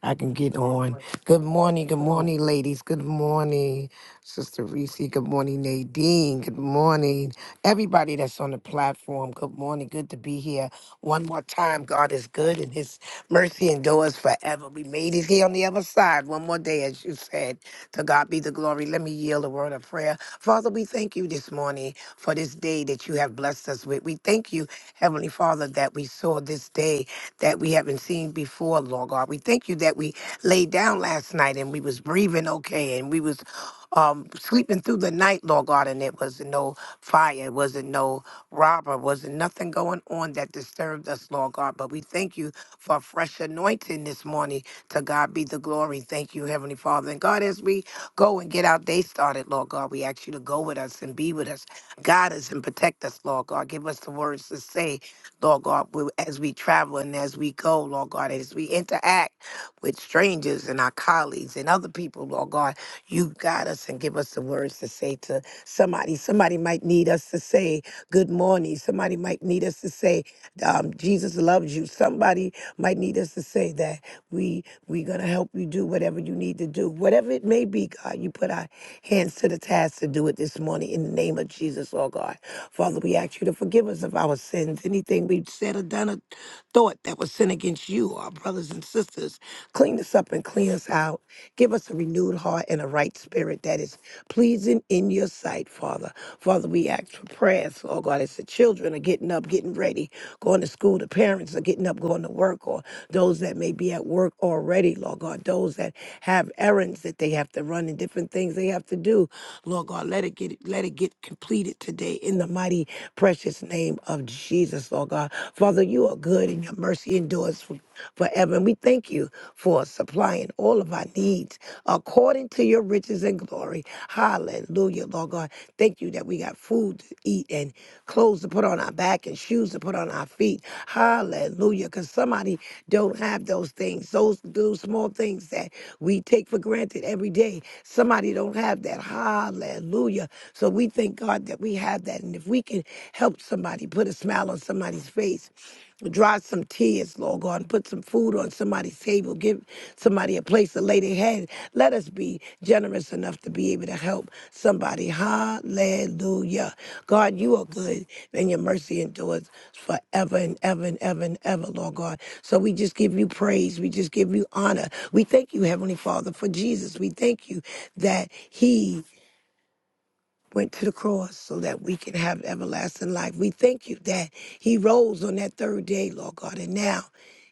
[SPEAKER 6] I can get
[SPEAKER 4] All
[SPEAKER 6] on.
[SPEAKER 4] right,
[SPEAKER 6] Good morning, good
[SPEAKER 4] come on.
[SPEAKER 6] morning, ladies. Good morning, Sister Reese. Good morning, Nadine. Good morning, everybody that's on the platform. Good morning. Good to be here. One more time, God is good and His mercy endures forever. We made it here on the other side. One more day, as you said. To God be the glory. Let me yield a word of prayer. Father, we thank you this morning for this day that you have blessed us with. We thank you, Heavenly Father, that we saw this day that we haven't seen before, Lord God. We thank you that we laid down last night and we was breathing okay and we was um, sleeping through the night, Lord God, and it wasn't no fire, it wasn't no robber, wasn't nothing going on that disturbed us, Lord God. But we thank you for a fresh anointing this morning. To God be the glory. Thank you, Heavenly Father. And God, as we go and get our day started, Lord God, we ask you to go with us and be with us, guide us and protect us, Lord God. Give us the words to say Lord God, we- as we travel and as we go, Lord God, as we interact with strangers and our colleagues and other people, Lord God, you guide us and give us the words to say to somebody. Somebody might need us to say good morning. Somebody might need us to say um, Jesus loves you. Somebody might need us to say that we we're gonna help you do whatever you need to do, whatever it may be. God, you put our hands to the task to do it this morning in the name of Jesus, Lord God. Father, we ask you to forgive us of our sins, anything we've said or done or thought that was sin against you, our brothers and sisters. Clean us up and clean us out. Give us a renewed heart and a right spirit that is pleasing in your sight, Father. Father, we ask for prayers, Lord God, as the children are getting up, getting ready, going to school, the parents are getting up, going to work, or those that may be at work already, Lord God, those that have errands that they have to run and different things they have to do. Lord God, let it get let it get completed today in the mighty precious name of Jesus, Lord God. Father, you are good and your mercy endures for forever. And we thank you for supplying all of our needs according to your riches and glory. Hallelujah, Lord God. Thank you that we got food to eat and clothes to put on our back and shoes to put on our feet. Hallelujah. Because somebody don't have those things, those, those small things that we take for granted every day. Somebody don't have that. Hallelujah. So we thank God that we have that. And if we can help somebody, put a smile on somebody's face, Dry some tears, Lord God, and put some food on somebody's table. Give somebody a place to lay their head. Let us be generous enough to be able to help somebody. Hallelujah. God, you are good, and your mercy endures forever and ever and ever and ever, Lord God. So we just give you praise. We just give you honor. We thank you, Heavenly Father, for Jesus. We thank you that He went to the cross so that we can have everlasting life. We thank you that he rose on that third day, Lord God, and now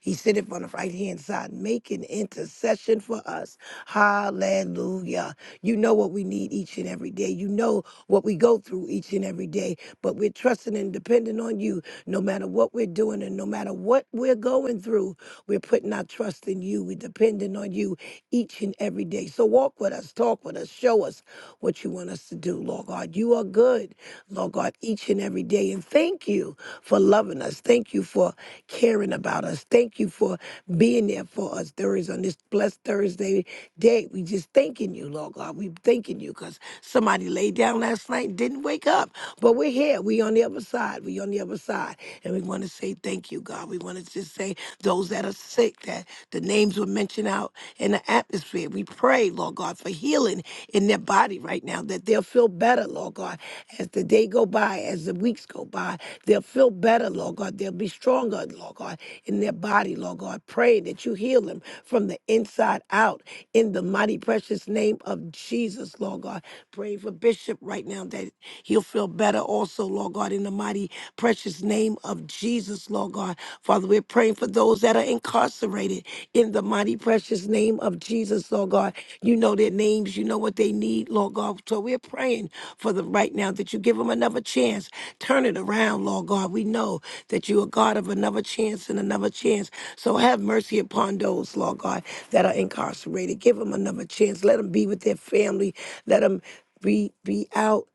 [SPEAKER 6] he sitteth on the right hand side, making intercession for us. Hallelujah. You know what we need each and every day. You know what we go through each and every day, but we're trusting and depending on you no matter what we're doing and no matter what we're going through you. We're putting our trust in you. We're depending on you each and every day. So walk with us, talk with us, show us what you want us to do, Lord God. You are good, Lord God, each and every day. And thank you for loving us. Thank you for caring about us. Thank you for being there for us. There is on this blessed Thursday day. We just thanking you, Lord God. We thanking you because somebody laid down last night and didn't wake up. But we're here. We on the other side. We on the other side. And we want to say thank you, God. We want to just say those that are sick, that the names were mentioned out in the atmosphere. We pray, Lord God, for healing in their body right now, that they'll feel better, Lord God, as the day go by, as the weeks go by, they'll feel better, Lord God. They'll be stronger, Lord God, in their body, Lord God. Pray that you heal them from the inside out in the mighty precious name of Jesus, Lord God. Pray for Bishop right now that He'll feel better also, Lord God, in the mighty, precious name of Jesus, Lord God. Father, we're praying for those that are incarcerated in the mighty, precious name of Jesus, Lord God. You know their names, you know what they need, Lord God. So we're praying for them right now that you give them another chance. Turn it around, Lord God. We know that you are God of another chance and another chance. So have mercy upon those, Lord God, that are incarcerated. Give them another chance. Let them be with their family. Let them be be out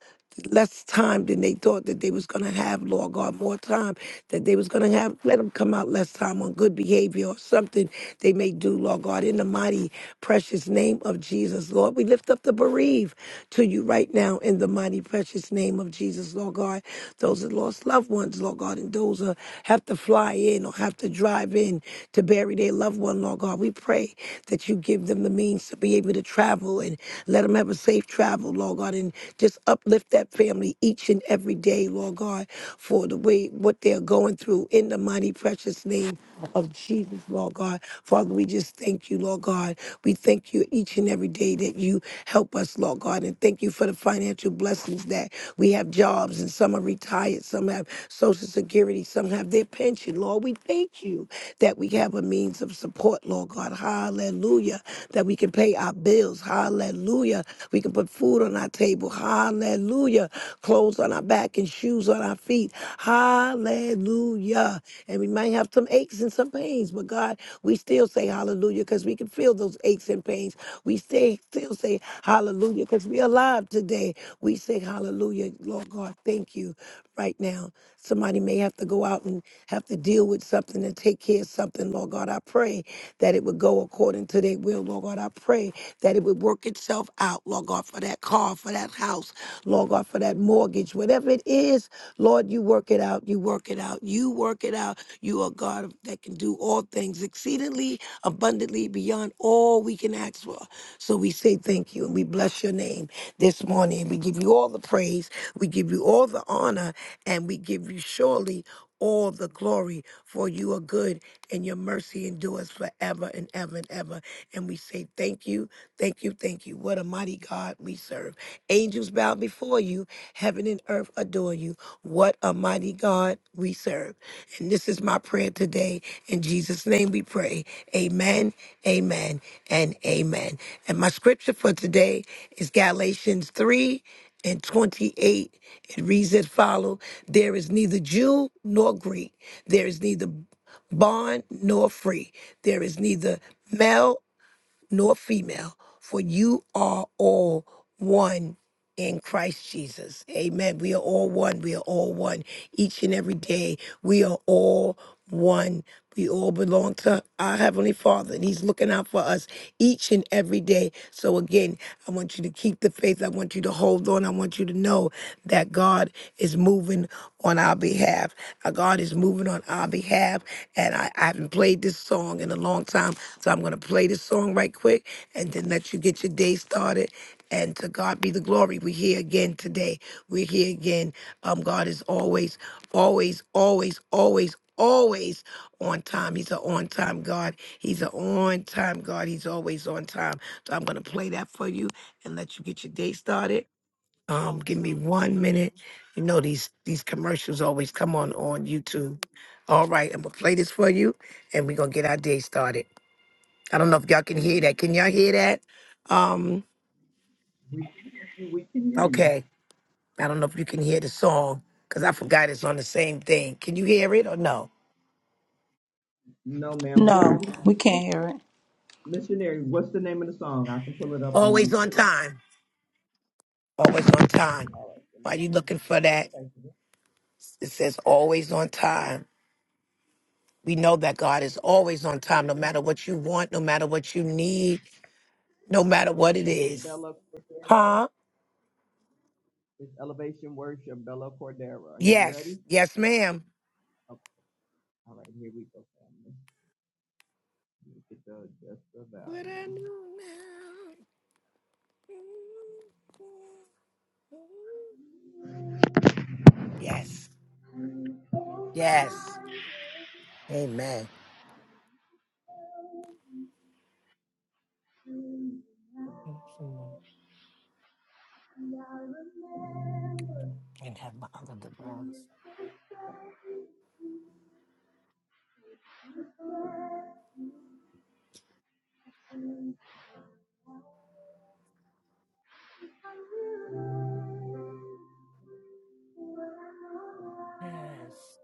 [SPEAKER 6] less time than they thought that they was going to have, Lord God, more time that they was going to have. Let them come out less time on good behavior or something they may do, Lord God, in the mighty, precious name of Jesus, Lord. We lift up the bereaved to you right now in the mighty, precious name of Jesus, Lord God. Those that lost loved ones, Lord God, and those that have to fly in or have to drive in to bury their loved one, Lord God we pray that you give them the means to be able to travel and let them have a safe travel, Lord God, and just uplift that family each and every day, Lord God, for the way what they're going through in the mighty precious name of Jesus, Lord God. Father, we just thank you, Lord God. We thank you each and every day that you help us, Lord God, and thank you for the financial blessings that we have jobs and some are retired retired, some have Social Security, some have their pension. Lord, we thank you that we have a means of support, Lord God. Hallelujah. That we can pay our bills. Hallelujah. We can put food on our table. Hallelujah. Clothes on our back and shoes on our feet. Hallelujah. And we might have some aches and some pains, but God, we still say hallelujah because we can feel those aches and pains. We stay, still say hallelujah because we're alive today. We say hallelujah, Lord God. Thank you right now. Somebody may have to go out and have to deal with something and take care of something. Lord God, I pray that it would go according to their will. Lord God, I pray that it would work itself out. Lord God, for that car, for that house, Lord God, for that mortgage, whatever it is, Lord, you work it out. You work it out. You work it out. You are God that can do all things exceedingly abundantly beyond all we can ask for. So we say thank you and we bless your name this morning. We give you all the praise. We give you all the honor and we give you surely all the glory, for you are good and your mercy endures forever and ever and ever. And we say thank you, thank you, thank you. What a mighty God we serve. Angels bow before you, heaven and earth adore you. What a mighty God we serve. And this is my prayer today. In Jesus' name we pray. Amen, amen, and amen. And my scripture for today is Galatians 3 and 28. It reads as follow There is neither Jew nor Greek, there is neither bond nor free, there is neither male nor female, for you are all one in Christ Jesus. Amen. We are all one. We are all one. Each and every day, we are all one. We all belong to our Heavenly Father, and He's looking out for us each and every day. So, again, I want you to keep the faith. I want you to hold on. I want you to know that God is moving on our behalf. Our God is moving on our behalf. And I, I haven't played this song in a long time, so I'm going to play this song right quick and then let you get your day started. And to God be the glory. We're here again today. We're here again. Um, God is always, always, always, always, always on time. He's an on time God. He's an on time God. He's always on time. So I'm gonna play that for you and let you get your day started. Um, give me one minute. You know these these commercials always come on on YouTube. All right, I'm gonna play this for you, and we're gonna get our day started. I don't know if y'all can hear that. Can y'all hear that? Um,
[SPEAKER 4] We can hear you. We can hear you.
[SPEAKER 6] okay. I don't know if you can hear the song because I forgot it's on the same thing. Can you hear it or no?
[SPEAKER 4] No, ma'am. What's
[SPEAKER 5] No,
[SPEAKER 4] the name?
[SPEAKER 5] we can't
[SPEAKER 4] what-
[SPEAKER 5] hear it.
[SPEAKER 4] Missionary, what's the name of the song? I can pull it up on
[SPEAKER 6] Always on
[SPEAKER 4] YouTube.
[SPEAKER 6] time. Always on time.
[SPEAKER 4] All right. then
[SPEAKER 6] Why
[SPEAKER 4] there's-
[SPEAKER 6] you looking for that?
[SPEAKER 4] Okay. so this
[SPEAKER 6] It says always on time. We know that God is always on time, no matter what you want, no matter what you need, no matter what it
[SPEAKER 4] Is it
[SPEAKER 6] is.
[SPEAKER 4] Bella Cordera?
[SPEAKER 6] Huh?
[SPEAKER 4] It's Elevation Worship, Bella Cordera. You
[SPEAKER 6] Yes.
[SPEAKER 4] ready?
[SPEAKER 6] Yes, ma'am.
[SPEAKER 4] Okay. All right, here we go, family. Let me Get the Just the
[SPEAKER 6] What I
[SPEAKER 4] volume.
[SPEAKER 6] know now. Yes. Yes. Amen. Mhm. And have my other device. Yes.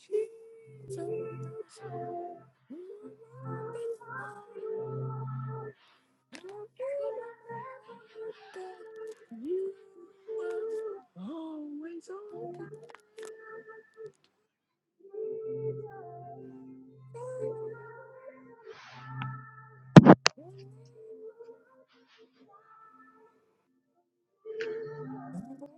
[SPEAKER 6] Jesus, you are the Lord of my life. You are always on time. Always on time.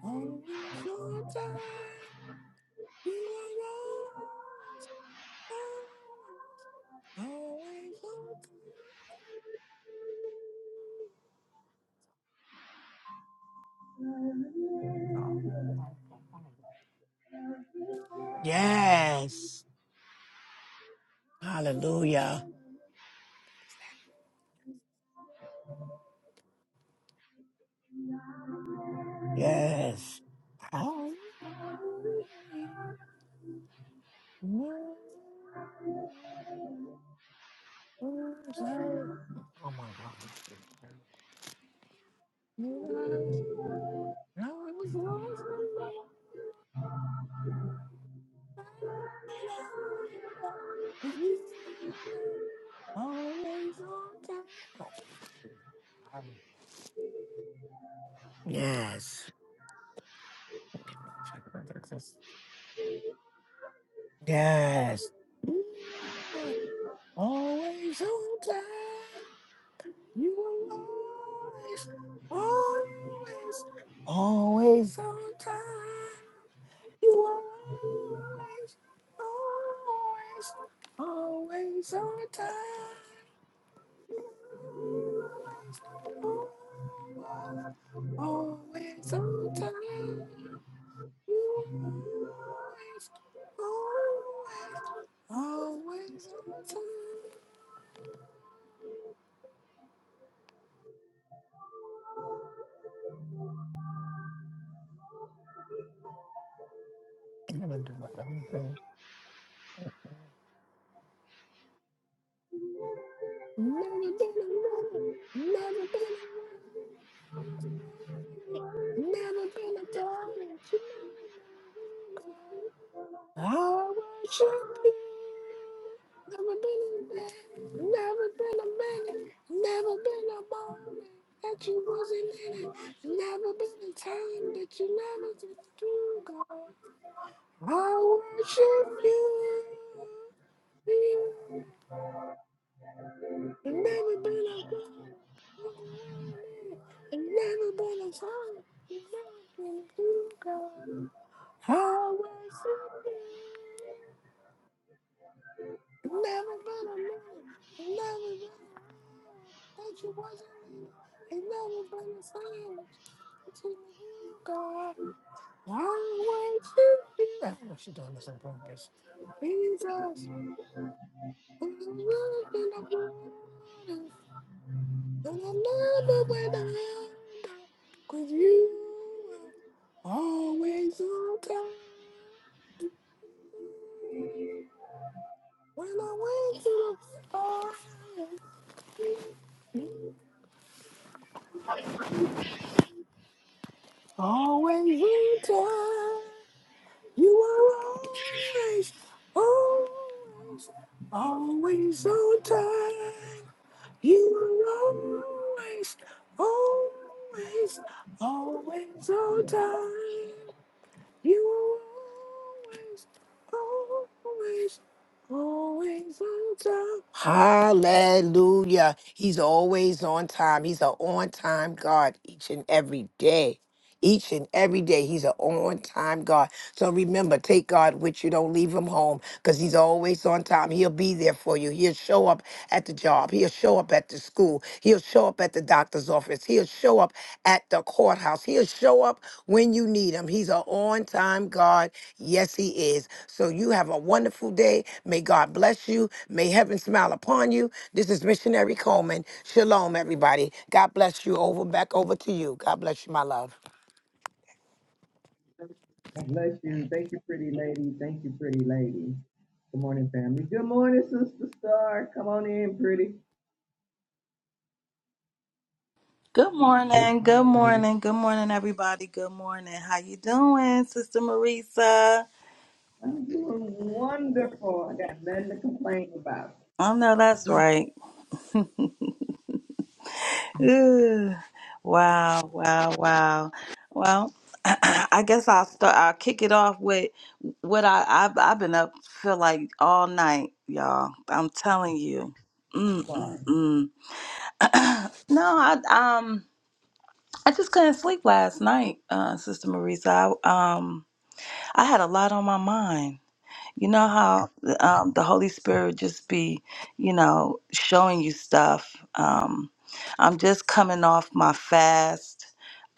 [SPEAKER 6] Always on time. You are always, always, always on time. Yes. Hallelujah. Yes. Oh my God. Yes. No, I was lost in my but you were always on time. Yes. Yes. You were Always on time. You were always, always, always on time. You were always, always, always on time. You were always, always, always on time. You were always, always, always on time. I'm gonna do my own thing. Never been a woman. Never been a woman. Never been a daughter. She never been a I worship you. Never been a man. Never been a minute. Never been a moment that you wasn't in it. Never been a time that you never did do, God. I worship you. I've never been a girl. You've been worrying. I've never been a song. You've never been a true girl. I worship you. I've never been a man. I've never been a man that you wasn't in. I've never been a song between you, God. I worship you. I don't know if she's doing this on purpose. Jesus, who's looking at you. And I love it when I am down, 'cause you are always on time. When I went to the fire, you always on time. You are always, always, always on time. You are always, always, always on time. You are always, always, always on time. Hallelujah. He's always on time. He's an on time God each and every day. Each and every day, He's an on time God. So remember, take God with you. Don't leave him home because he's always on time. He'll be there for you. He'll show up at the job. He'll show up at the school. He'll show up at the doctor's office. He'll show up at the courthouse. He'll show up when you need him. He's an on time God. Yes, he is. So you have a wonderful day. May God bless you. May heaven smile upon you. This is Missionary Coleman. Shalom, everybody. God bless you. Over back over to you. God bless you, my love.
[SPEAKER 4] God Bless you. Thank you, pretty lady. Thank you, pretty lady. Good morning, family. Good morning, Sister Star. Come on in, pretty.
[SPEAKER 5] Good morning.
[SPEAKER 4] Hi,
[SPEAKER 5] Good
[SPEAKER 4] lady.
[SPEAKER 5] morning. Good morning, everybody. Good morning. How you doing, Sister Marisa?
[SPEAKER 4] I'm doing wonderful. I got nothing to complain about.
[SPEAKER 5] I know that's right. Ooh, wow, wow, wow. Well, I guess I'll start. I'll kick it off with what I I've, I've been up feel like all night, y'all. I'm telling you. Mm, mm,
[SPEAKER 4] Why?
[SPEAKER 5] mm. no, I um. I just couldn't sleep last night, uh, Sister Marisa. I, um, I had a lot on my mind. You know how um, the Holy Spirit just be, you know, showing you stuff. Um, I'm just coming off my fast.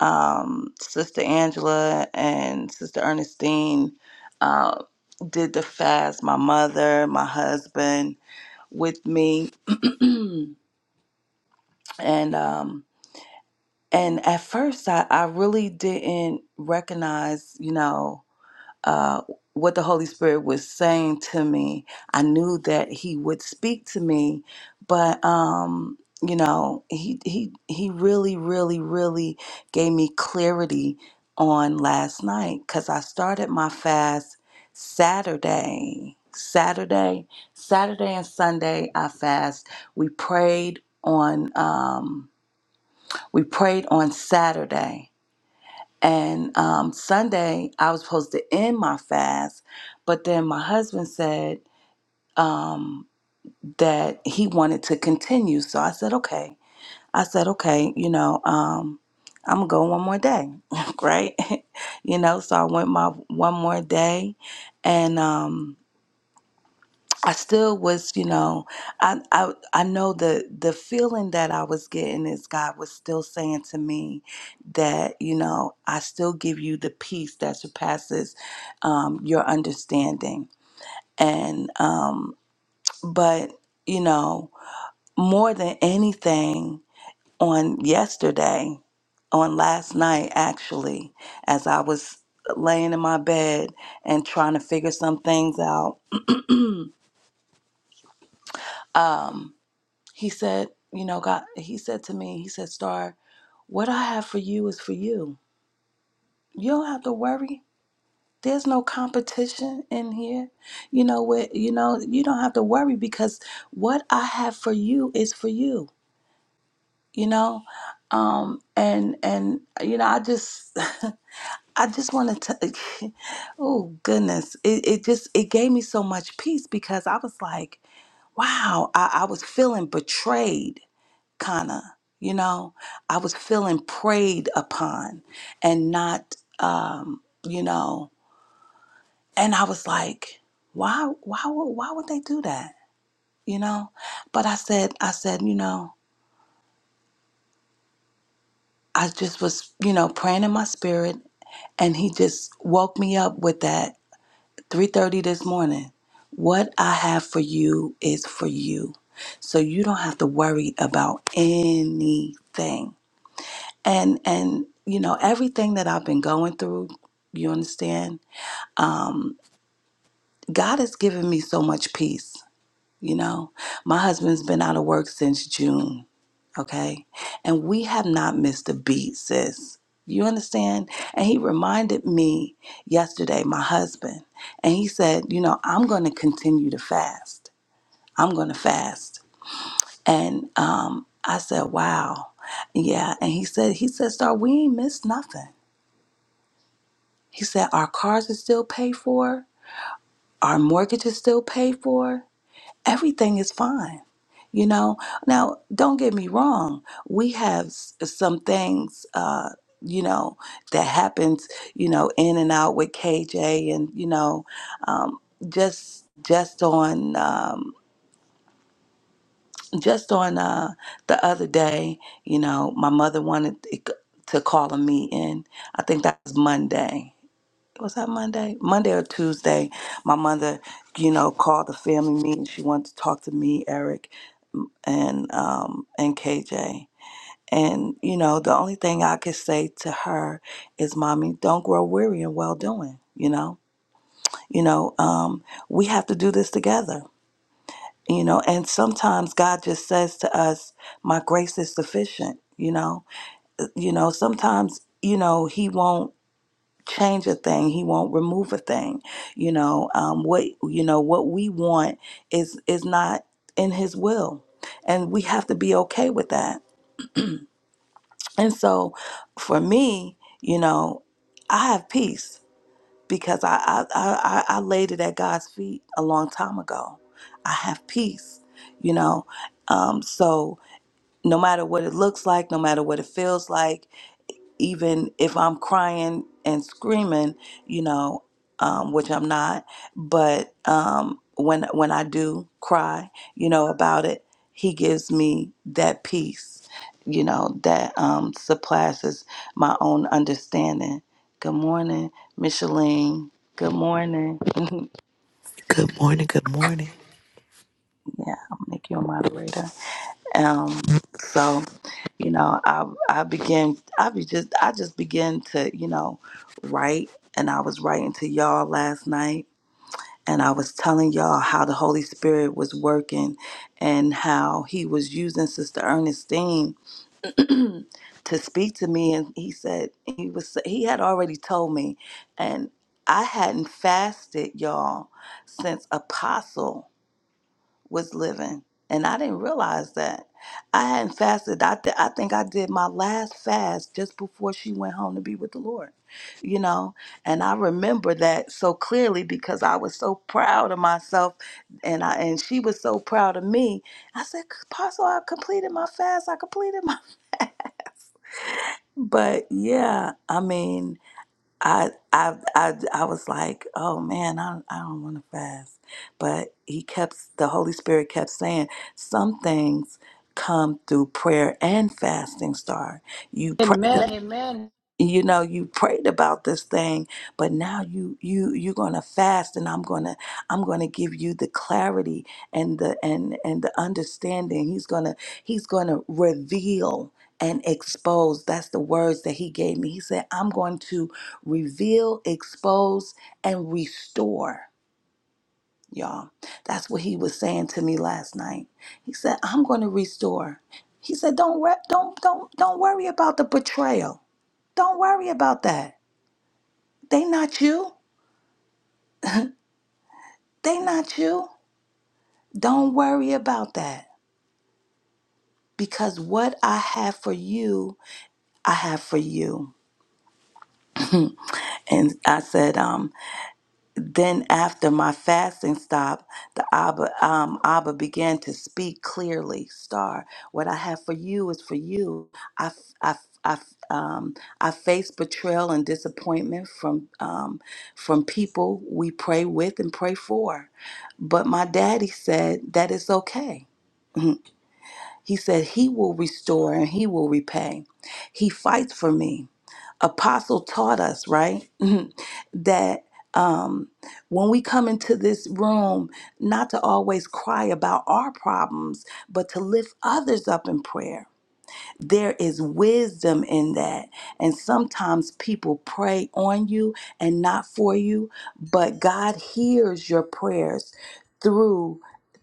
[SPEAKER 5] Um, Sister Angela and Sister Ernestine uh, did the fast. My mother, my husband, with me, and um, And at first, I, I really didn't recognize, you know, uh, what the Holy Spirit was saying to me. I knew that He would speak to me, but um, you know, He He He really, really, really gave me clarity on last night because I started my fast Saturday. Saturday, Saturday and Sunday, I fast. We prayed on. Um, we prayed on Saturday. And um, Sunday, I was supposed to end my fast, but then my husband said um, that he wanted to continue. So I said, okay. I said, okay, you know, um, I'm going to go one more day, right? you know, so I went my one more day. And, um, I still was, you know, I I I know the the feeling that I was getting is God was still saying to me that, you know, I still give you the peace that surpasses um, your understanding. And um, but you know, more than anything, on yesterday, on last night actually, as I was laying in my bed and trying to figure some things out. Um, He said, you know, God, he said to me, he said, Star, what I have for you is for you. You don't have to worry. There's no competition in here. You know what, you know, you don't have to worry because what I have for you is for you, you know? Um and and you know, I just I just wanted to oh goodness. It it just it gave me so much peace because I was like, wow, I, I was feeling betrayed kind of, you know, I was feeling preyed upon and not, um, you know, and I was like, why, why, would, why would they do that? You know, but I said, I said, you know, I just was, you know, praying in my spirit and he just woke me up with that 3.30 this morning. What I have for you is for you. So you don't have to worry about anything and and you know everything that i've been going through you understand um, god has given me so much peace you know my husband's been out of work since june okay and we have not missed a beat sis you understand and he reminded me yesterday my husband and he said you know i'm going to continue to fast i'm going to fast and um, i said wow yeah and he said he said star we ain't missed nothing He said, Our cars are still paid for, our mortgage is still paid for, everything is fine. You know, now don't get me wrong, we have s- some things, uh, you know, that happens, you know, in and out with KJ and, you know, um, just just on um, just on uh, the other day, you know, my mother wanted to c- to call a meeting. I think that was Monday was that Monday? Monday or Tuesday, my mother, you know, called the family meeting. She wanted to talk to me, Eric, and um and KJ. And you know, the only thing I could say to her is, "Mommy, don't grow weary in well doing." You know, you know, um, we have to do this together. You know, and sometimes God just says to us, "My grace is sufficient." You know, you know, sometimes you know He won't change a thing he won't remove a thing you know um, what you know what we want is is not in his will and we have to be okay with that and so for me you know i have peace because i i i, I I laid it at god's feet a long time ago i have peace you know um, so no matter what it looks like no matter what it feels like even if I'm crying and screaming, you know, um, which I'm not, but um, when when I do cry, you know, about it, He gives me that peace, you know, that um, surpasses my own understanding. Good morning, Micheline. Good morning.
[SPEAKER 7] Good morning, good morning.
[SPEAKER 5] Yeah, I'll make you a moderator. Um, so. you know, I I began I be just I just began to, you know, write and I was writing to y'all last night and I was telling y'all how the Holy Spirit was working and how he was using Sister Ernestine to speak to me and he said he was he had already told me and I hadn't fasted y'all since apostle was living. And I didn't realize that. I hadn't fasted. I, th- I think I did my last fast just before she went home to be with the Lord, you know? And I remember that so clearly because I was so proud of myself and I and she was so proud of me. I said, Apostle, I completed my fast. I completed my. But yeah, I mean, I I I I was like, oh man, I I don't want to fast, but he kept the Holy Spirit kept saying some things come through prayer and fasting. Star, you pray. the
[SPEAKER 3] Amen, amen.
[SPEAKER 5] you know you prayed about this thing but now you you you're gonna fast and i'm gonna i'm gonna give you the clarity and the and and the understanding he's gonna he's gonna reveal and expose that's the words that he gave me he said i'm going to reveal expose and restore y'all that's what he was saying to me last night he said i'm going to restore he said don't re- don't don't don't worry about the betrayal don't worry about that they not you. They not you. Don't worry about that because what I have for you, I have for you. And I said, um, then after my fasting stopped, the Abba, um, Abba began to speak clearly. Star, what I have for you is for you. I, f- I, f- I, f- um, I face betrayal and disappointment from, um, from people we pray with and pray for. But my daddy said that it's okay He said, He will restore and He will repay. He fights for me. Apostle taught us, right? that um, when we come into this room, not to always cry about our problems, but to lift others up in prayer there is wisdom in that. And sometimes people pray on you and not for you, but God hears your prayers through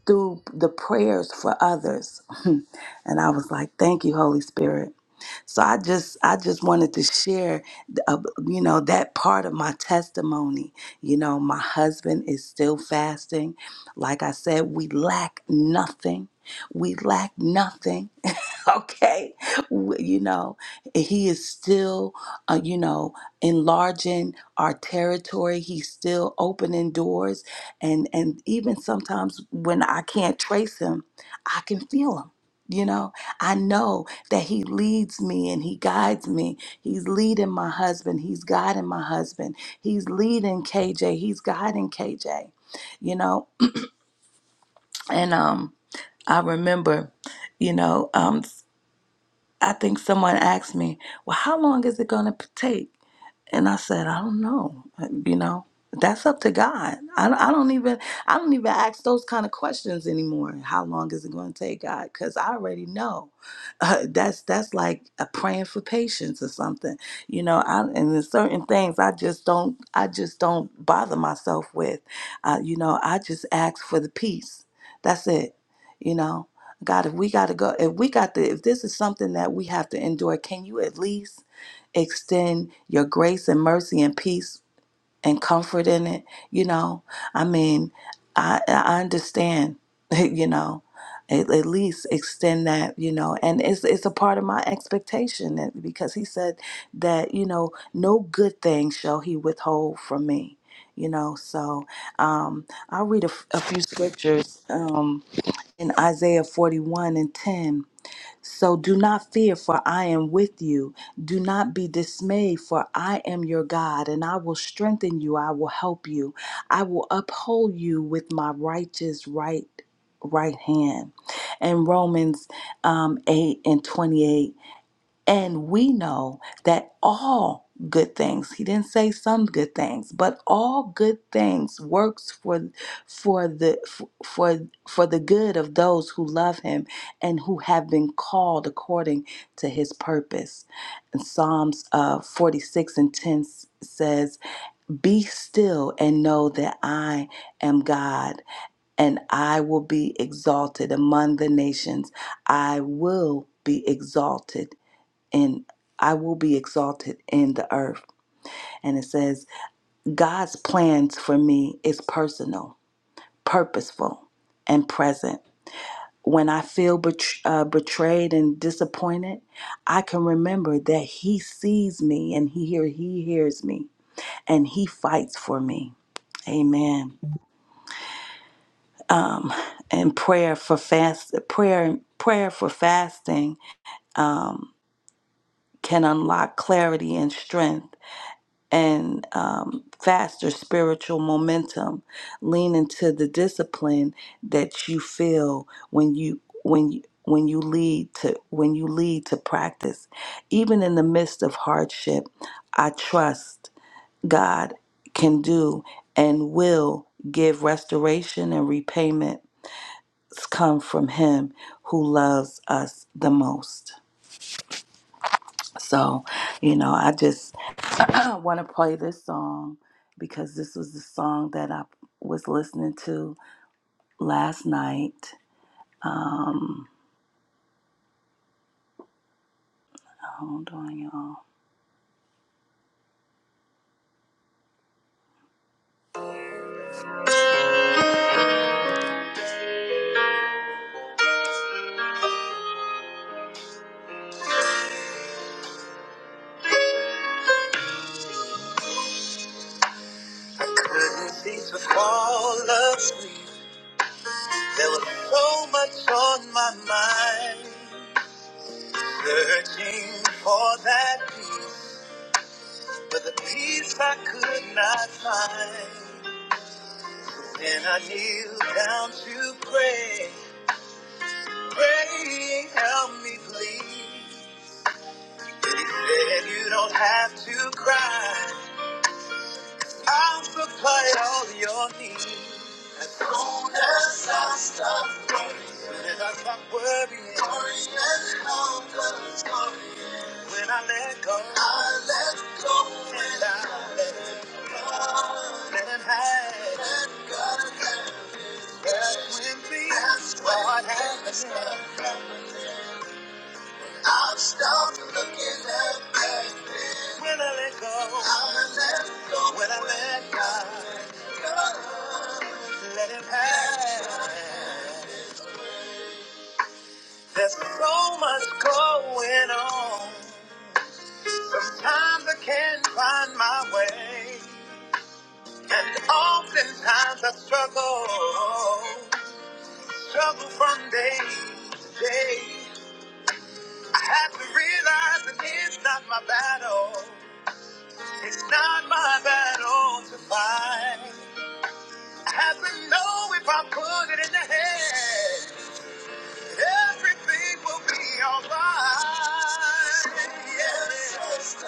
[SPEAKER 5] through the prayers for others. and I was like, "Thank you, Holy Spirit." So I just I just wanted to share uh, you know that part of my testimony. You know, my husband is still fasting. Like I said, we lack nothing. We lack nothing okay W- you know he is still uh, you know enlarging our territory he's still opening doors and and even sometimes when i can't trace him i can feel him you know i know that he leads me and he guides me he's leading my husband he's guiding my husband he's leading kj he's guiding kj you know and um i remember you know um I think someone asked me, well, how long is it going to take? And I said, I don't know. You know, that's up to God. I, I don't even I don't even ask those kind of questions anymore. How long is it going to take, God? Because I already know. Uh, that's that's like a praying for patience or something. You know, I, and there's certain things I just don't I just don't bother myself with. Uh, you know, I just ask for the peace. That's it. You know, God, if we got to go, if we got to, if this is something that we have to endure, can you at least? extend your grace and mercy and peace and comfort in it. You know, I mean, I, I understand, you know, at, at least extend that, you know, and it's, it's a part of my expectation that, because he said that, you know, no good thing shall he withhold from me. You know, so um, I'll read a, f- a few scriptures um, in Isaiah 41 and 10 so do not fear, for I am with you. Do not be dismayed, for I am your God, and I will strengthen you. I will help you. I will uphold you with my righteous right right hand. And Romans um, 8 and 28. And we know that all good things, he didn't say some good things, but all good things works for for the for for the good of those who love him and who have been called according to his purpose. And Psalms uh, 46 and 10 says, "Be still and know that I am God, and I will be exalted among the nations. I will be exalted and I will be exalted in the earth. And it says, God's plans for me is personal, purposeful, and present. When I feel bet- uh, betrayed and disappointed, I can remember that He sees me and He hear He hears me and He fights for me. Amen. Um, and prayer for fast prayer prayer for fasting um, can unlock clarity and strength and um, faster spiritual momentum. Lean into the discipline that you feel when you when you when you lead to when you lead to practice, even in the midst of hardship. I trust God can do and will give restoration and repayment come from him who loves us the most. So, you know, I just I want to play this song because this was the song that I was listening to last night. Um, hold on, y'all. Couldn't cease with all of There was so much on my mind. Searching for that peace, but the peace I could not find. Then I kneeled down to pray, praying, help me please. Then you don't have to cry. I'll supply all your needs. As soon as I stop worrying, when I stop worrying, worrying helpless, worrying. When I let go, I let go, and I let let it happen. That's when me, that's what happens. I'll stop looking at back then. When I let go, I let go, when I let go. Let it pass. There's so much going on. Sometimes I can't find my way. And oftentimes I struggle. Struggle from day to day. I have to realize that it's not my battle. It's not my battle to fight. I have to know if I put it in the head. Everything will be alright. Yes. As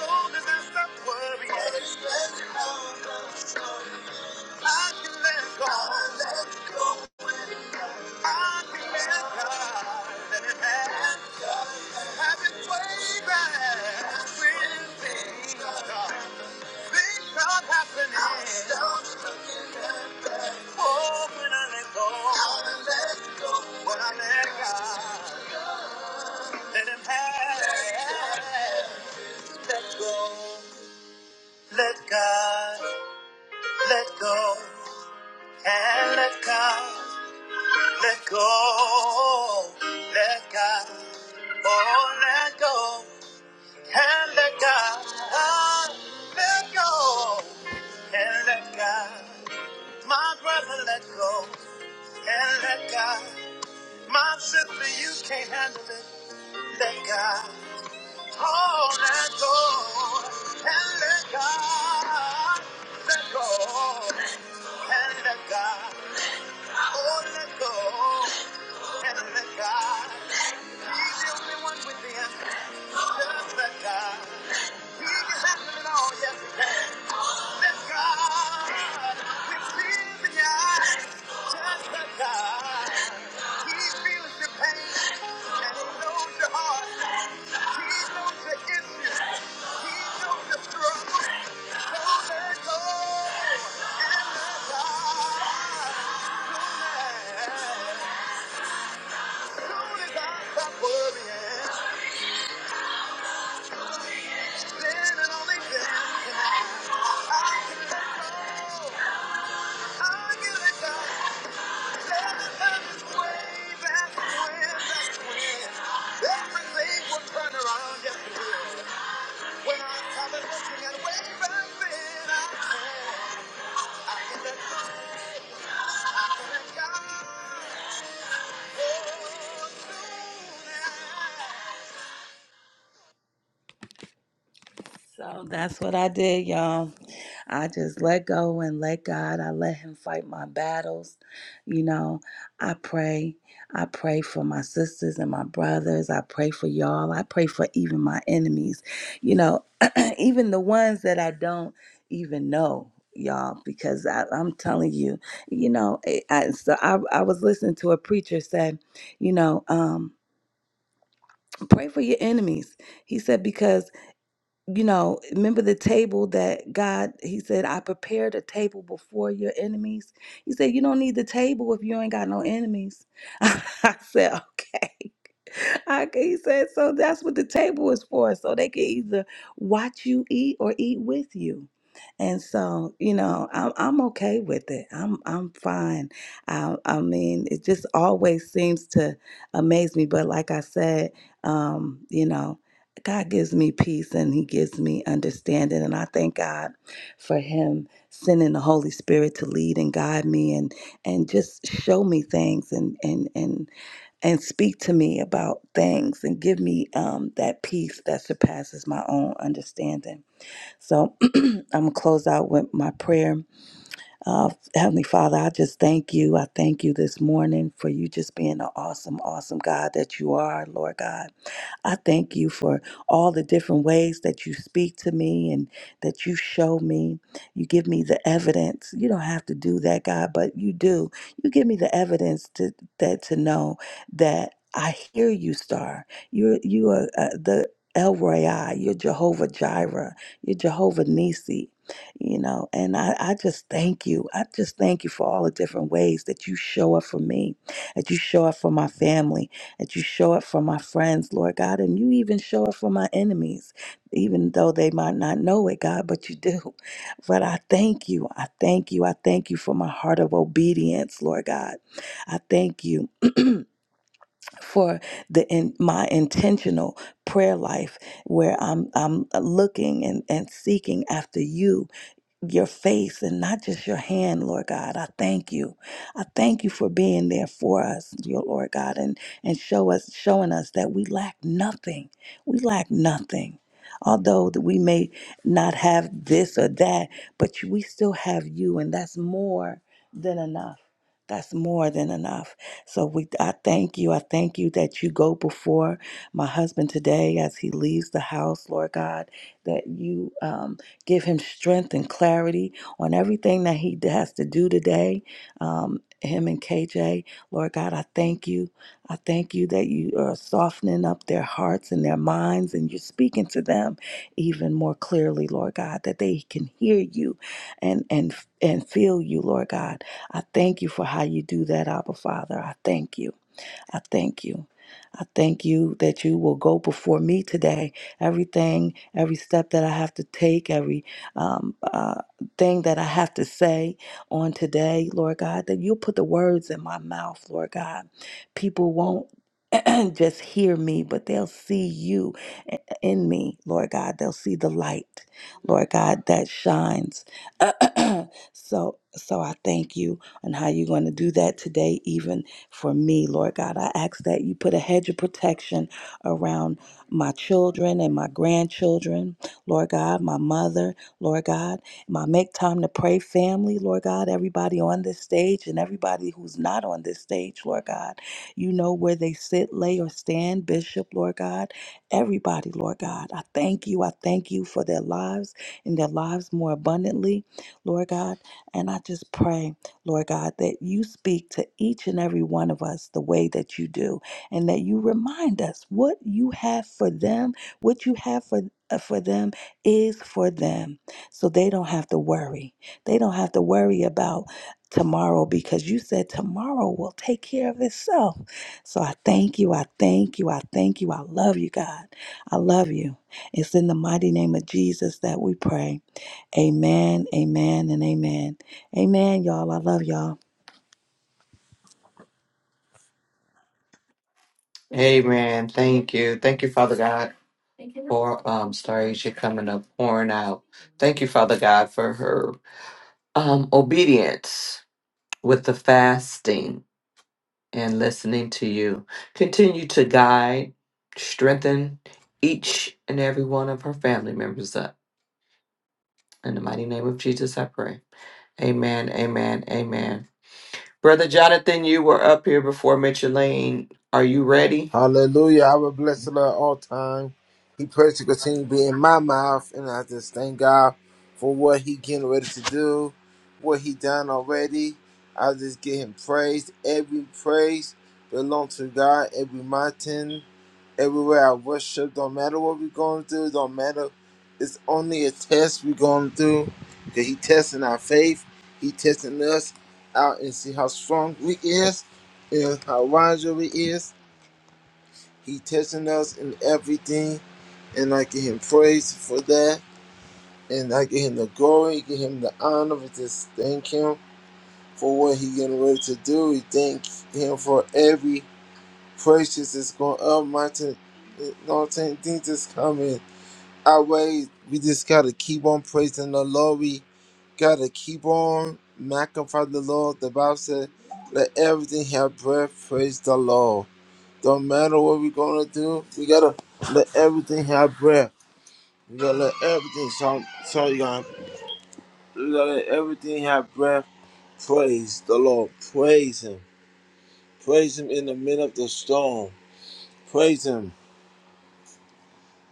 [SPEAKER 5] long as I stop worrying, I can let go. I can let God let it have His way back when things are things are happening. Oh, when I let go, when I let go, when I let God. Let him have. Let go. Let God. Let go. And let God. Let go. Let God. Oh, let go. And let God. Ah, Let go. And let God. My brother, let go. And let God. My sister, you can't handle it. Let God. Oh, let go and let God. Let go and let God. Oh, let go and let God. He's the only one with the answer. Just let God. He can handle it all. Yes, he can. Let God. We see in eyes. Just let God. He feels your pain and he knows your heart. Everything will turn around, yes it will. When I started looking at way back then, I said, Thank so that's what I did, y'all. I just let go and let God. I let Him fight my battles. You know, I pray. I pray for my sisters and my brothers. I pray for y'all. I pray for even my enemies. You know, even the ones that I don't even know. Y'all, because I, I'm telling you, you know, I, I, so I, I was listening to a preacher say, you know, um, pray for your enemies. He said because you know, remember the table that God, He said, I prepared a table before your enemies. He said, You don't need the table if you ain't got no enemies. I said, Okay. I, he said, So that's what the table is for. So they can either watch you eat or eat with you. And so, you know, I'm, I'm okay with it. I'm I'm fine. I, I mean, it just always seems to amaze me. But like I said, um, you know, God gives me peace and He gives me understanding. And I thank God for Him sending the Holy Spirit to lead and guide me and and just show me things and and and and speak to me about things and give me um, that peace that surpasses my own understanding. So I'm gonna close out with my prayer. Uh, Heavenly Father, I just thank you. I thank you this morning for you just being an awesome, awesome God that you are, Lord God. I thank you for all the different ways that you speak to me and that you show me. You give me the evidence. You don't have to do that, God, but you do. You give me the evidence to that to know that I hear you, Star. You you are uh, the El Royai. You're Jehovah Jireh. You're Jehovah Nisi. You know, and I, I just thank you. I just thank you for all the different ways that you show up for me, that you show up for my family, that you show up for my friends, Lord God, and you even show up for my enemies, even though they might not know it, God, but you do. But I thank you. I thank you. I thank you for my heart of obedience, Lord God. I thank you for the in, my intentional prayer life where I'm I'm looking and, and seeking after you your face and not just your hand, Lord God. I thank you. I thank you for being there for us, dear Lord God, and, and show us showing us that we lack nothing. We lack nothing. Although that we may not have this or that, but we still have you, and that's more than enough. That's more than enough. So we I thank you. I thank you that you go before my husband today as he leaves the house, Lord God, that you um Give him strength and clarity on everything that he has to do today. Um, him and KJ, Lord God, I thank you. I thank you that you are softening up their hearts and their minds, and you're speaking to them even more clearly, Lord God, that they can hear you and and and feel you, Lord God. I thank you for how you do that, Abba Father. I thank you. I thank you. I thank you that you will go before me today. Everything, every step that I have to take, every um, uh, thing that I have to say on today, Lord God, that you'll put the words in my mouth, Lord God. People won't just hear me, but they'll see you i- in me, Lord God. They'll see the light, Lord God, that shines. so, so I thank you and how you're going to do that today, even for me, Lord God. I ask that you put a hedge of protection around my children and my grandchildren, Lord God, my mother, Lord God, my Make Time to Pray family, Lord God, everybody on this stage and everybody who's not on this stage, Lord God. You know where they sit, lay, or stand, Bishop, Lord God. Everybody, Lord God. I thank you. I thank you for their lives and their lives more abundantly, Lord God. And I just pray. Lord God, that you speak to each and every one of us the way that you do, and that you remind us what you have for them, what you have for uh, for them is for them so they don't have to worry they don't have to worry about tomorrow because you said tomorrow will take care of itself so i thank you i thank you i thank you i love you god i love you it's in the mighty name of jesus that we pray Amen, amen, and amen. Amen, y'all. I love y'all.
[SPEAKER 8] Amen. Thank you. Thank you, Father God, for um Star Asia coming up, pouring out. Thank you, Father God, for her um obedience with the fasting and listening to you. Continue to guide, strengthen each and every one of her family members up. In the mighty name of Jesus, I pray. Amen. Amen. Amen. Brother Jonathan, you were up here before Mitchell Lane. Are you ready?
[SPEAKER 9] Hallelujah. I will bless the Lord all time. He prays to continue to be in my mouth. And I just thank God for what he getting ready to do, what he done already. I just give him praise. Every praise belongs to God. Every mountain, everywhere I worship, don't matter what we're going through, don't matter. It's only a test we're going through. Because he testing our faith. He testing us out and see how strong we is and how wiser we is. He testing us in everything, and I give him praise for that. And I give him the glory, give him the honor. We just thank him for what he getting ready to do. We thank him for every precious that's going up, mountain, you know what I'm saying? Things that's coming our way. We just gotta keep on praising the Lord. We gotta keep on magnifying the Lord. The Bible said, "Let everything have breath, praise the Lord." Don't matter what we're gonna do, we gotta let everything have breath. We gotta let everything sound sorry God. We gotta let everything have breath. Praise the Lord. Praise him. Praise him in the middle of the storm. Praise him.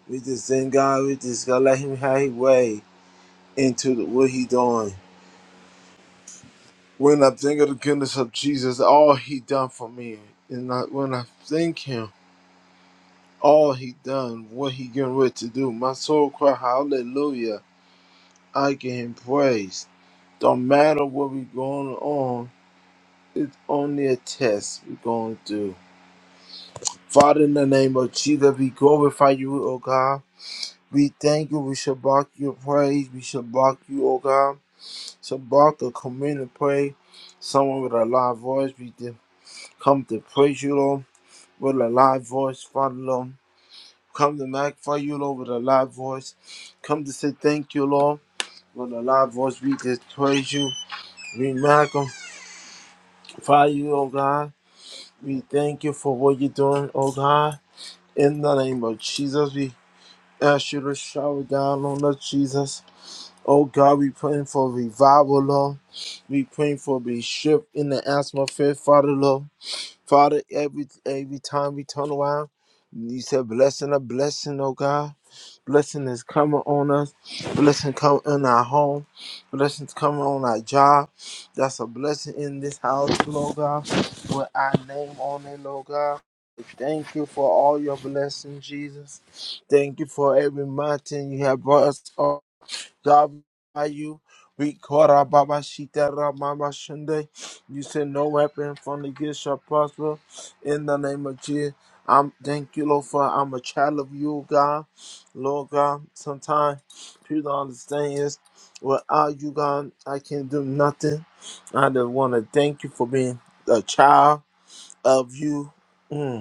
[SPEAKER 9] We just thank God, we just gotta let him have his way into the, what he doing. When I think of the goodness of Jesus, all he done for me, and I, when I thank him, all he done, what he getting ready to do, my soul cry hallelujah. I give him praise. Don't matter what we're going on, it's only a test we're going through. Father, in the name of Jesus, we glorify you, O God. We thank you, we shabak your praise, we shabak you, O God. Shabak or come in and pray. Someone with a loud voice, we did come to praise you, Lord, with a loud voice, Father, Lord. Come to magnify you, Lord, with a loud voice. Come to say thank you, Lord, with a loud voice, we just praise you. We magnify. Father, you, oh God, we thank you for what you're doing, oh God. In the name of Jesus, we ask you to shower down on us, Jesus. Oh God, we praying for revival, Lord. We praying for a shift in the atmosphere, Father, Lord. Father, every every time we turn around, you said blessing a blessing, oh God. Blessing is coming on us. Blessing come in our home. Blessings coming on our job. That's a blessing in this house, Lord God. With our name on it, Lord God. Thank you for all your blessings, Jesus. Thank you for every mountain you have brought us up you. We caught our Baba Shita Mama Shunde. You said no weapon from the gift shall prosper. In the name of Jesus. I'm thank you, Lord, for I'm a child of you, God. Lord God, sometimes people don't understand is without you, God, I can do nothing. I just want to thank you for being a child of you. Mm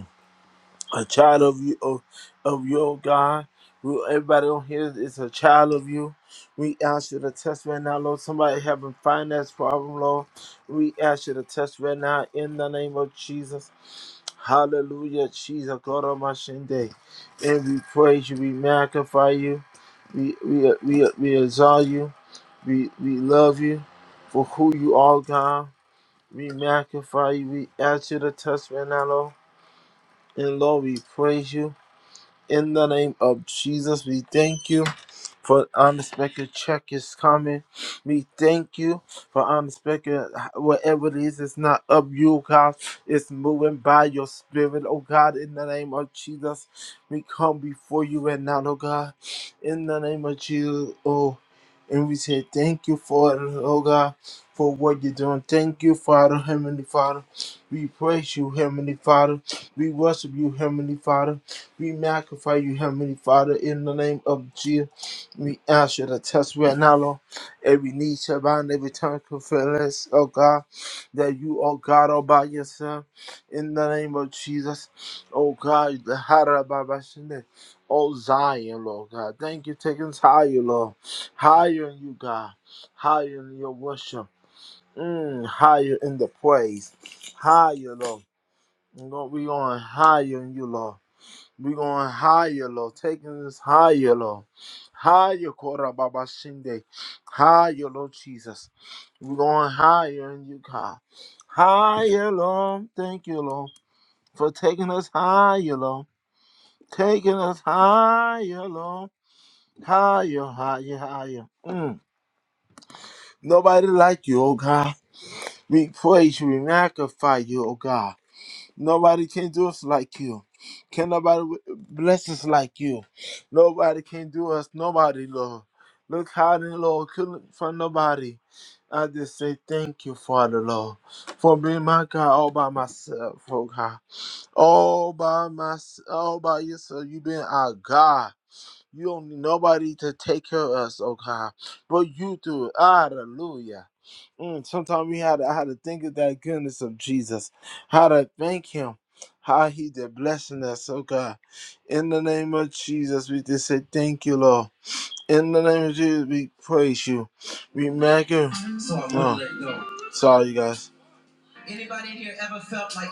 [SPEAKER 9] a child of you of, of your God. We, everybody on here is a child of you. We ask you to test right now, Lord. Somebody having finance problem, Lord. We ask you to test right now in the name of Jesus. Hallelujah, Jesus, God of my Shinde. And we praise you, we magnify you, we we we, we exalt you, we we love you for who you are, God. We magnify you. We ask you to test right now, Lord. And Lord, we praise you. In the name of Jesus, we thank you for unexpected check is coming. We thank you for unexpected, whatever it is, it's not of you, God. It's moving by your spirit, oh God. In the name of Jesus, we come before you right now, oh God. In the name of Jesus, oh. And we say thank you for it, oh God, for what you're doing. Thank you, Father, Heavenly Father. We praise you, Heavenly Father. We worship you, Heavenly Father. We magnify you, Heavenly Father, in the name of Jesus. We ask you to test right now, Lord. Every knee shall bow and every tongue confess, oh God, that you are God all by yourself. In the name of Jesus, oh God, the Harababashinde, oh Zion, Lord God. Thank you, taking us higher, Lord. Higher in you, God. Higher in your worship. Mm, higher in the praise. Higher, Lord. Lord, we going higher in you, Lord. We're going higher, Lord. Taking us higher, Lord. Higher, Kora Baba Shinde. Higher, Lord Jesus. We're going higher in you, God. Higher, Lord. Thank you, Lord, for taking us higher, Lord. Taking us higher, Lord. Higher, higher, higher. Mm. Nobody like you, oh God. We praise you. We magnify you, oh God. Nobody can do us like you. Can nobody w- bless us like you? Nobody can do us. Nobody, Lord. Look high and Lord. Couldn't find nobody. I just say thank you, Father, Lord, for being my God all by myself, oh God. All by myself, all by yourself. you been our God. You don't need nobody to take care of us, oh God. But you do it. Hallelujah. Mm, Sometimes we had to, I had to think of that goodness of Jesus. How to thank him. How he did blessing us, oh God. In the name of Jesus, we just say thank you, Lord. In the name of Jesus, we praise you. We magnify. So I wanna let go. Sorry, you guys. Anybody in here ever felt like?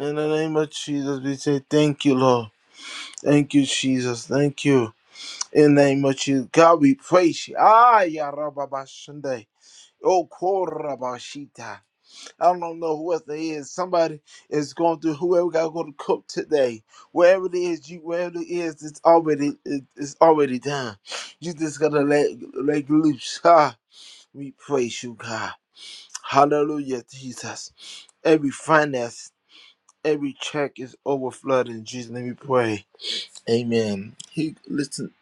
[SPEAKER 9] In the name of Jesus, we say thank you, Lord. Thank you, Jesus. Thank you. In the name of Jesus, God, we praise you. Ah, Yarabashande. Oh, Korabashita. I don't know who else it is. Somebody is going through whoever got to go to cook today. Wherever it is, you wherever it is, it's already it- it's already done. You just gotta let let loose. Ah, we praise you, God. Hallelujah, Jesus. Every finance, every check is overflowed in Jesus' name. We pray. Amen. He listen.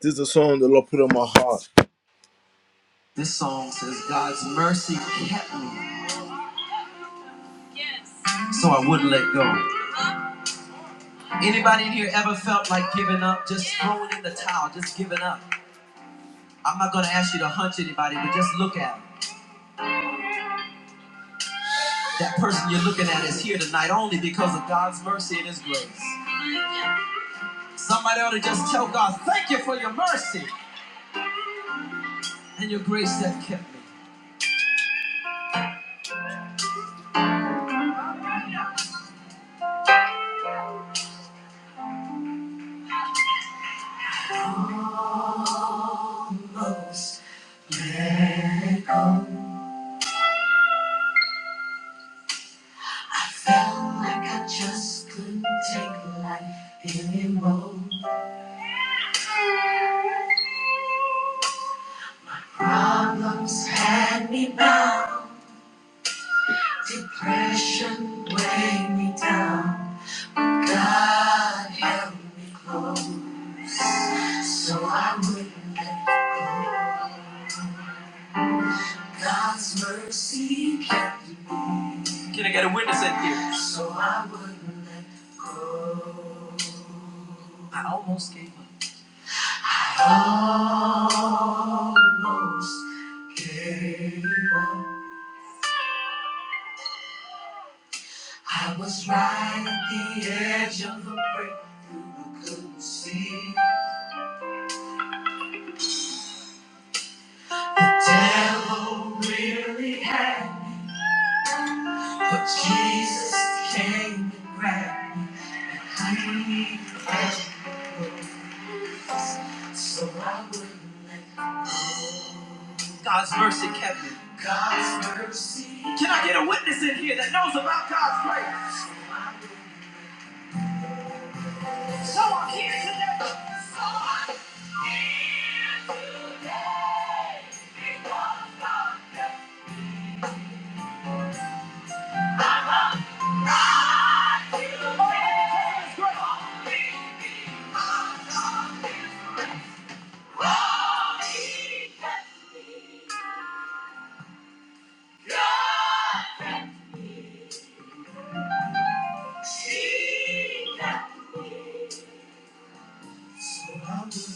[SPEAKER 9] This is a song the Lord put on my heart. This song says God's mercy kept me, so I wouldn't let go. Anybody in here ever felt like giving up, just throwing in the towel, just giving up? I'm not gonna ask you to hunch anybody, but just look at at 'em. That person you're looking at is here tonight only because of God's mercy and His grace. Somebody ought to just tell God, thank you for your mercy and your grace that kept me. Most miracle, I felt like I just couldn't take life anymore. Problems had me bound, depression weighed me down. God held me close. my God's mercy kept me. Can I get a witness in here? I almost gave up. I Almost gave up. I was right at the edge of a breakthrough. I couldn't see. The devil really had. me. But Jesus came and grabbed me. He grabbed me, so I wouldn't let go. God's mercy kept me. God's mercy. Can I get a witness in here that knows about God's grace? So I'm here today. So I'm here today. Because of the love of God. Only because of His grace. Only because of His grace.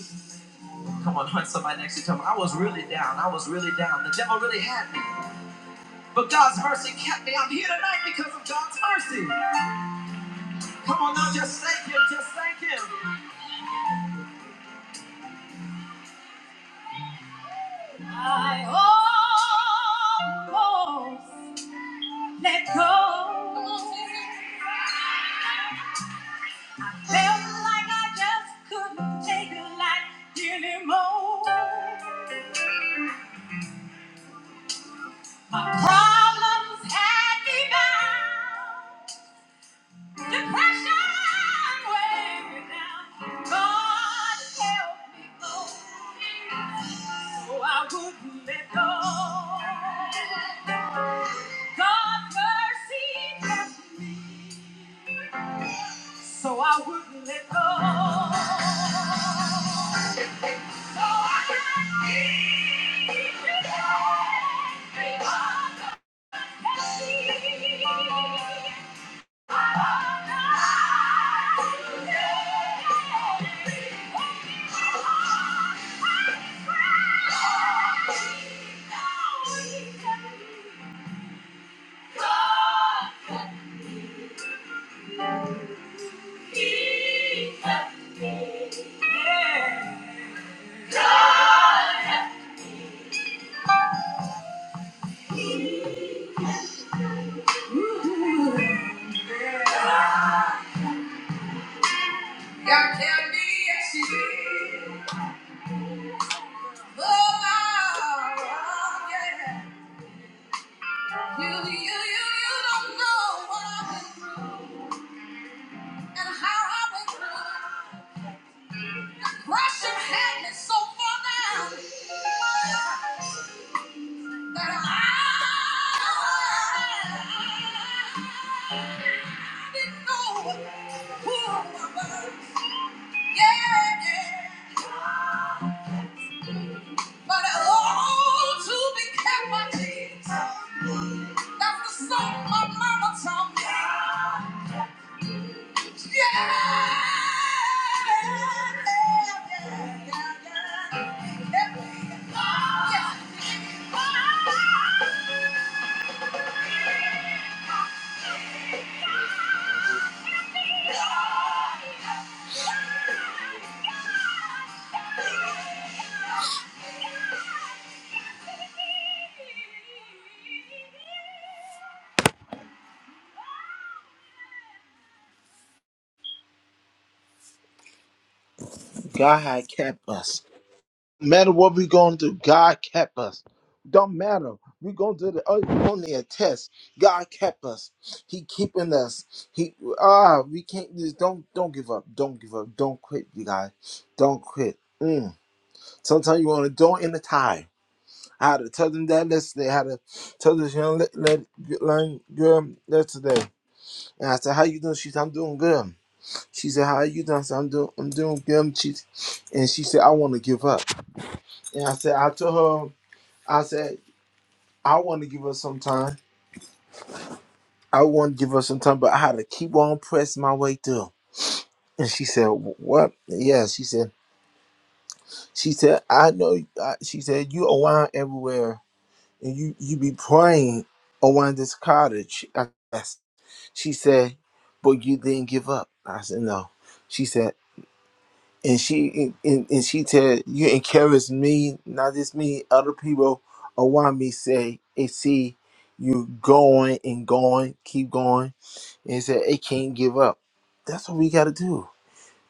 [SPEAKER 9] Come on, hunt somebody next to you. Tell them, I was really down. I was really down. The devil really had me. But God's mercy kept me. I'm here tonight because of God's mercy. Come on now, just thank Him. Just thank Him. I almost let go. Felt like I just couldn't take life anymore. My problems had me bound. So I wouldn't let go. So I could keep you. God can be exceeding. But oh, to be kept by Jesus. That's the song my mama taught me. God had kept us. No matter what we going to do, God kept us. Don't matter. we going through the oh, only a test. God kept us. He keeping us. He ah, we can't just don't don't give up. Don't give up. Don't quit, you guys. Don't quit. Mm. Sometimes you want to don't in the tide. how to tell them that yesterday, how to tell this young le- le- young girl yesterday. And I said, "How you doing?" She said, "I'm doing good." She said, "How are you doing?" I said, "I'm doing, I'm doing good." She, and she said, "I want to give up." And I said, "I told her, I said, I want to give her some time. I want to give her some time, but I had to keep on pressing my way through." And she said, "Wh- "What?" Yeah, she said, "She said, I know." I, she said, "You around everywhere, and you you be praying around this cottage." She said, but you didn't give up. I said, no. She said, and she and, and she said, you encourage me, not just me, other people around me say, and see you going and going, keep going. And said, it can't give up. That's what we got to do. You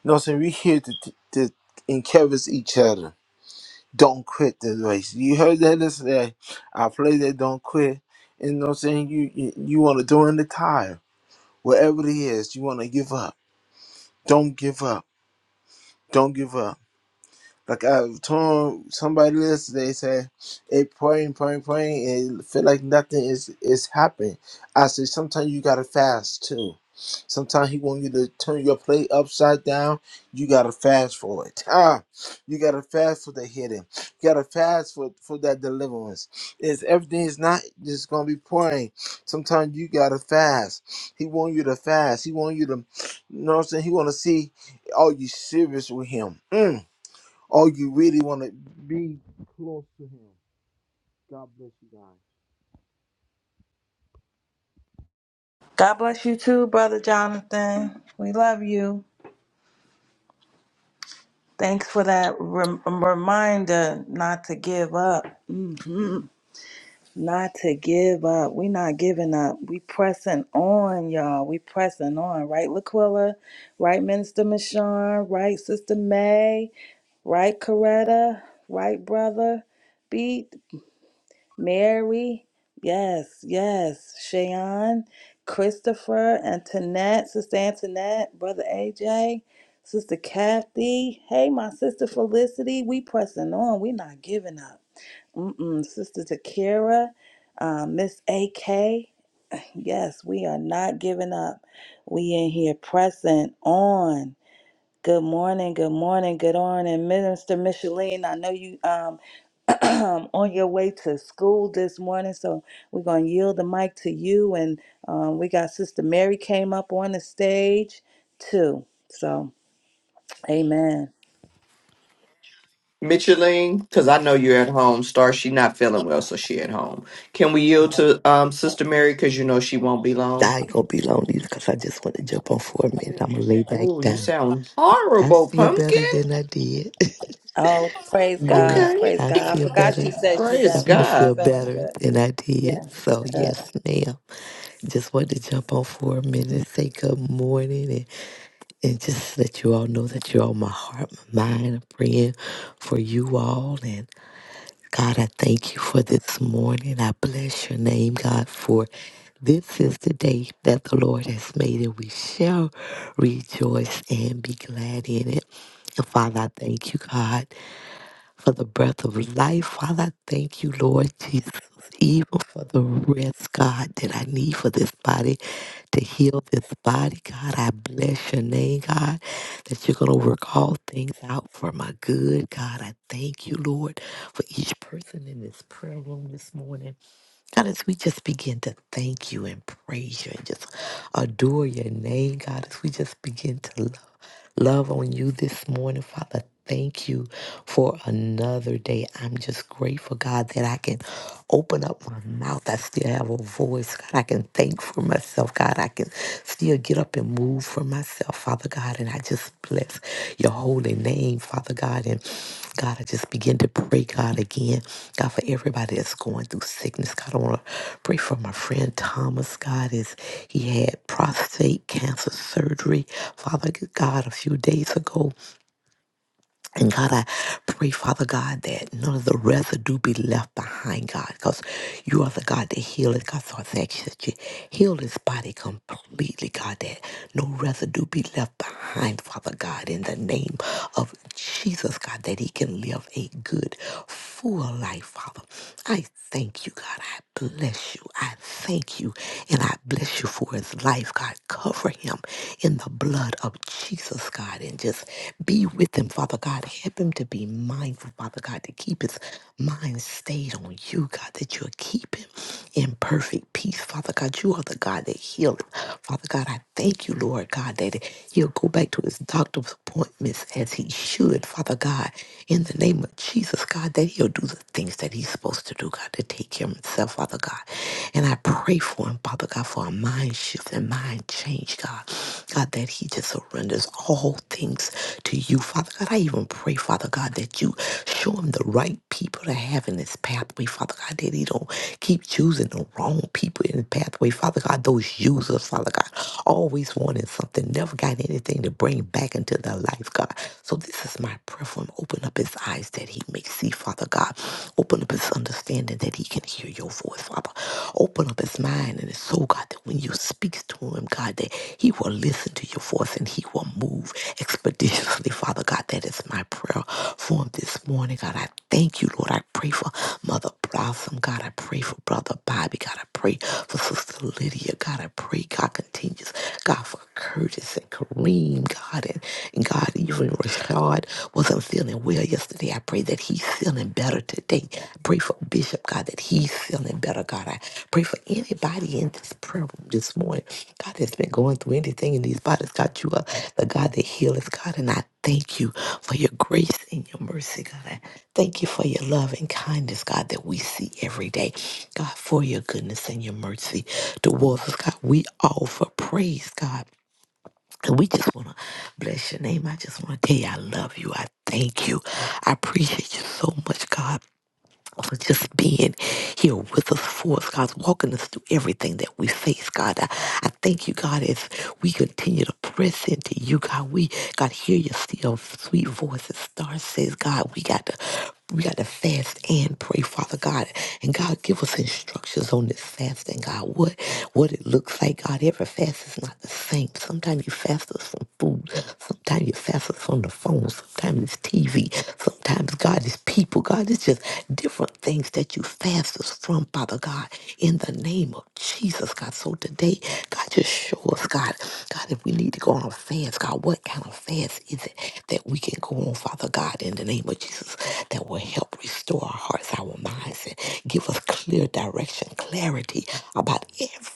[SPEAKER 9] know what I'm saying? We're here to, to, to encourage each other. Don't quit the race. You heard that yesterday. I play that don't quit. And you know what I'm saying? You, you, you want to throw in the tire. Whatever it is, you want to give up Don't give up. Don't give up. Like I was telling somebody else, they say, "Hey, praying, praying, praying, and it feel like nothing is is happening." I said, "Sometimes you gotta fast too. Sometimes he want you to turn your plate upside down. You gotta fast for it. Ah, you gotta fast for the healing. You gotta fast for for that deliverance. It's everything is not just gonna be pouring. Sometimes you gotta fast. He want you to fast. He want you to, you know what I'm saying? He want to see, are you serious with him? Mm. All you really want to be close to Him. God bless you guys.
[SPEAKER 5] God bless you too, Brother Jonathan. We love you. Thanks for that rem- um, reminder not to give up. hmm Not to give up. we not giving up. We pressing on, y'all. We pressing on, right, Laquilla? Right, Minister Michon? Right, Sister May? Right, Coretta? Right, Brother? Be Mary, yes, yes, Shayon, Christopher, Antoinette, Sister Antoinette, Brother AJ, Sister Kathy. Hey, my sister Felicity, we pressing on. We not giving up. Mm-mm. Sister Takira, um, Miss AK. Yes, we are not giving up. We in here pressing on. Good morning, good morning, good morning, Minister Micheline. I know you. Um, on your way to school this morning. So we're going to yield the mic to you. And um, we got Sister Mary came up on the stage too. So, amen.
[SPEAKER 8] Micheline, because I know you're at home. Star, she not feeling well, so she at home. Can we yield to um Sister Mary because you know she won't be long?
[SPEAKER 7] I ain't gonna be long either because I just want to jump on for a minute. I'm gonna lay back
[SPEAKER 8] Ooh, you
[SPEAKER 7] down.
[SPEAKER 8] sound
[SPEAKER 7] I
[SPEAKER 8] horrible,
[SPEAKER 7] feel
[SPEAKER 8] pumpkin.
[SPEAKER 7] better than I did.
[SPEAKER 5] Oh, praise
[SPEAKER 7] Yeah,
[SPEAKER 5] God.
[SPEAKER 8] Okay,
[SPEAKER 5] Praise
[SPEAKER 7] I
[SPEAKER 5] God. I
[SPEAKER 7] feel
[SPEAKER 5] forgot she
[SPEAKER 7] better.
[SPEAKER 5] said she
[SPEAKER 8] praise
[SPEAKER 5] done,
[SPEAKER 7] Starting to
[SPEAKER 5] wasn't
[SPEAKER 8] God.
[SPEAKER 7] feel
[SPEAKER 5] feeling
[SPEAKER 7] better
[SPEAKER 5] good.
[SPEAKER 7] than I
[SPEAKER 5] Yeah.
[SPEAKER 7] did. So,
[SPEAKER 5] Good.
[SPEAKER 7] yes, ma'am. Just wanted to jump on for a minute and say good morning and, and just let you all know that you're on my heart, my mind. I'm praying for you all. God, I thank you for this morning. I bless your name, God, for this is the day that the Lord has made, and we shall rejoice and be glad in it. And Father, I thank you, God for the breath of life. Father, I thank you, Lord Jesus, even for the rest, God, that I need for this body to heal this body. God, I bless your name, God, that you're going to work all things out for my good. God, I thank you, Lord, for each person in this prayer room this morning. God, as we just begin to thank you and praise you and just adore your name, God, as we just begin to love, love on you this morning, Father, thank you for another day. I'm just grateful, God, that I can open up my mouth. I still have a voice, God. I can thank for myself, God. I can still get up and move for myself, Father God. And I just bless bless your holy name, Father God. And God, I just begin to pray, God, again, God, for everybody that's going through sickness. God, I want to pray for my friend Thomas, God, as he had prostate cancer surgery, Father God, a few days ago. And God, I pray, Father God, that none of the residue be left behind, God, because you are the God that healeth, God. So I thank you that you healed his body completely, God, that no residue be left behind, Father God, in the name of Jesus, God, that he can live a good, full life, Father. I thank you, God. I bless you. I thank you, and I bless you for his life life, God. Cover him in the blood of Jesus, God, and just be with him, Father God. Help him to be mindful, Father God, to keep his mind stayed on you, God, that you'll keep him in perfect peace, Father God. You are the God that healed, Father God. I thank you, Lord God, that he'll go back to his doctor's appointments as he should, Father God, in the name of Jesus, God, that he'll do the things that he's he's supposed to do, God, to take care of himself, Father God. And I pray for him, Father God, for a mind shift and mind change, God. God, that he just surrenders all things to you, Father God. I even pray, Father God, that you show him the right people to have in his pathway, Father God, that he don't keep choosing the wrong people in the pathway, Father God. Those users, Father God, always wanting something, never got anything to bring back into into their life, God. So this is my prayer for him. Open up his eyes that he may see, Father God. Open up his understanding that he can hear your voice, Father. Open up his mind and his soul, God, that when you speak to him, God, that he will listen to your voice and he will move expeditiously, Father God. That is my prayer for him this morning, God. I thank you, Lord. I pray for Mother Blossom, God. I pray for Brother Bobby, God. I pray for Sister Lydia. God, I pray God continues. God for Curtis and Kareem, God, and, and God, even Rashad wasn't feeling well yesterday. I pray that he's feeling better today. I Pray for Bishop, God, that he's feeling better, God. I pray for anybody in this prayer room this morning. God that has been going through anything in these bodies. God, you are the God that heals, God, and I thank you for your grace and your mercy, God. Thank you for your love and kindness, God, that we see every day. God, for your goodness and your mercy towards us, God. We offer praise, God. And we just want to bless your name. I just want to tell you I love you. I thank you. I appreciate you so much, God for just being here with us for us, God, walking us through everything that we face, God. I, I thank you, God, as we continue to press into you, God. We, God, hear your still sweet voice. As Star says, God, we got to. We got to fast and pray, Father God. And God, give us instructions on this fasting, God. What what it looks like, God. Every fast is not the same. Sometimes you fast us from food. Sometimes you fast us from the phone. Sometimes it's TV. Sometimes, God, it's people. God, it's just different things that you fast us from, Father God, in the name of Jesus, God. So today, God, just show us, God, God, if we need to go on a fast, God, what kind of fast is it that we can go on, Father God, in the name of Jesus, that will help restore our hearts, our minds, and give us clear direction, clarity about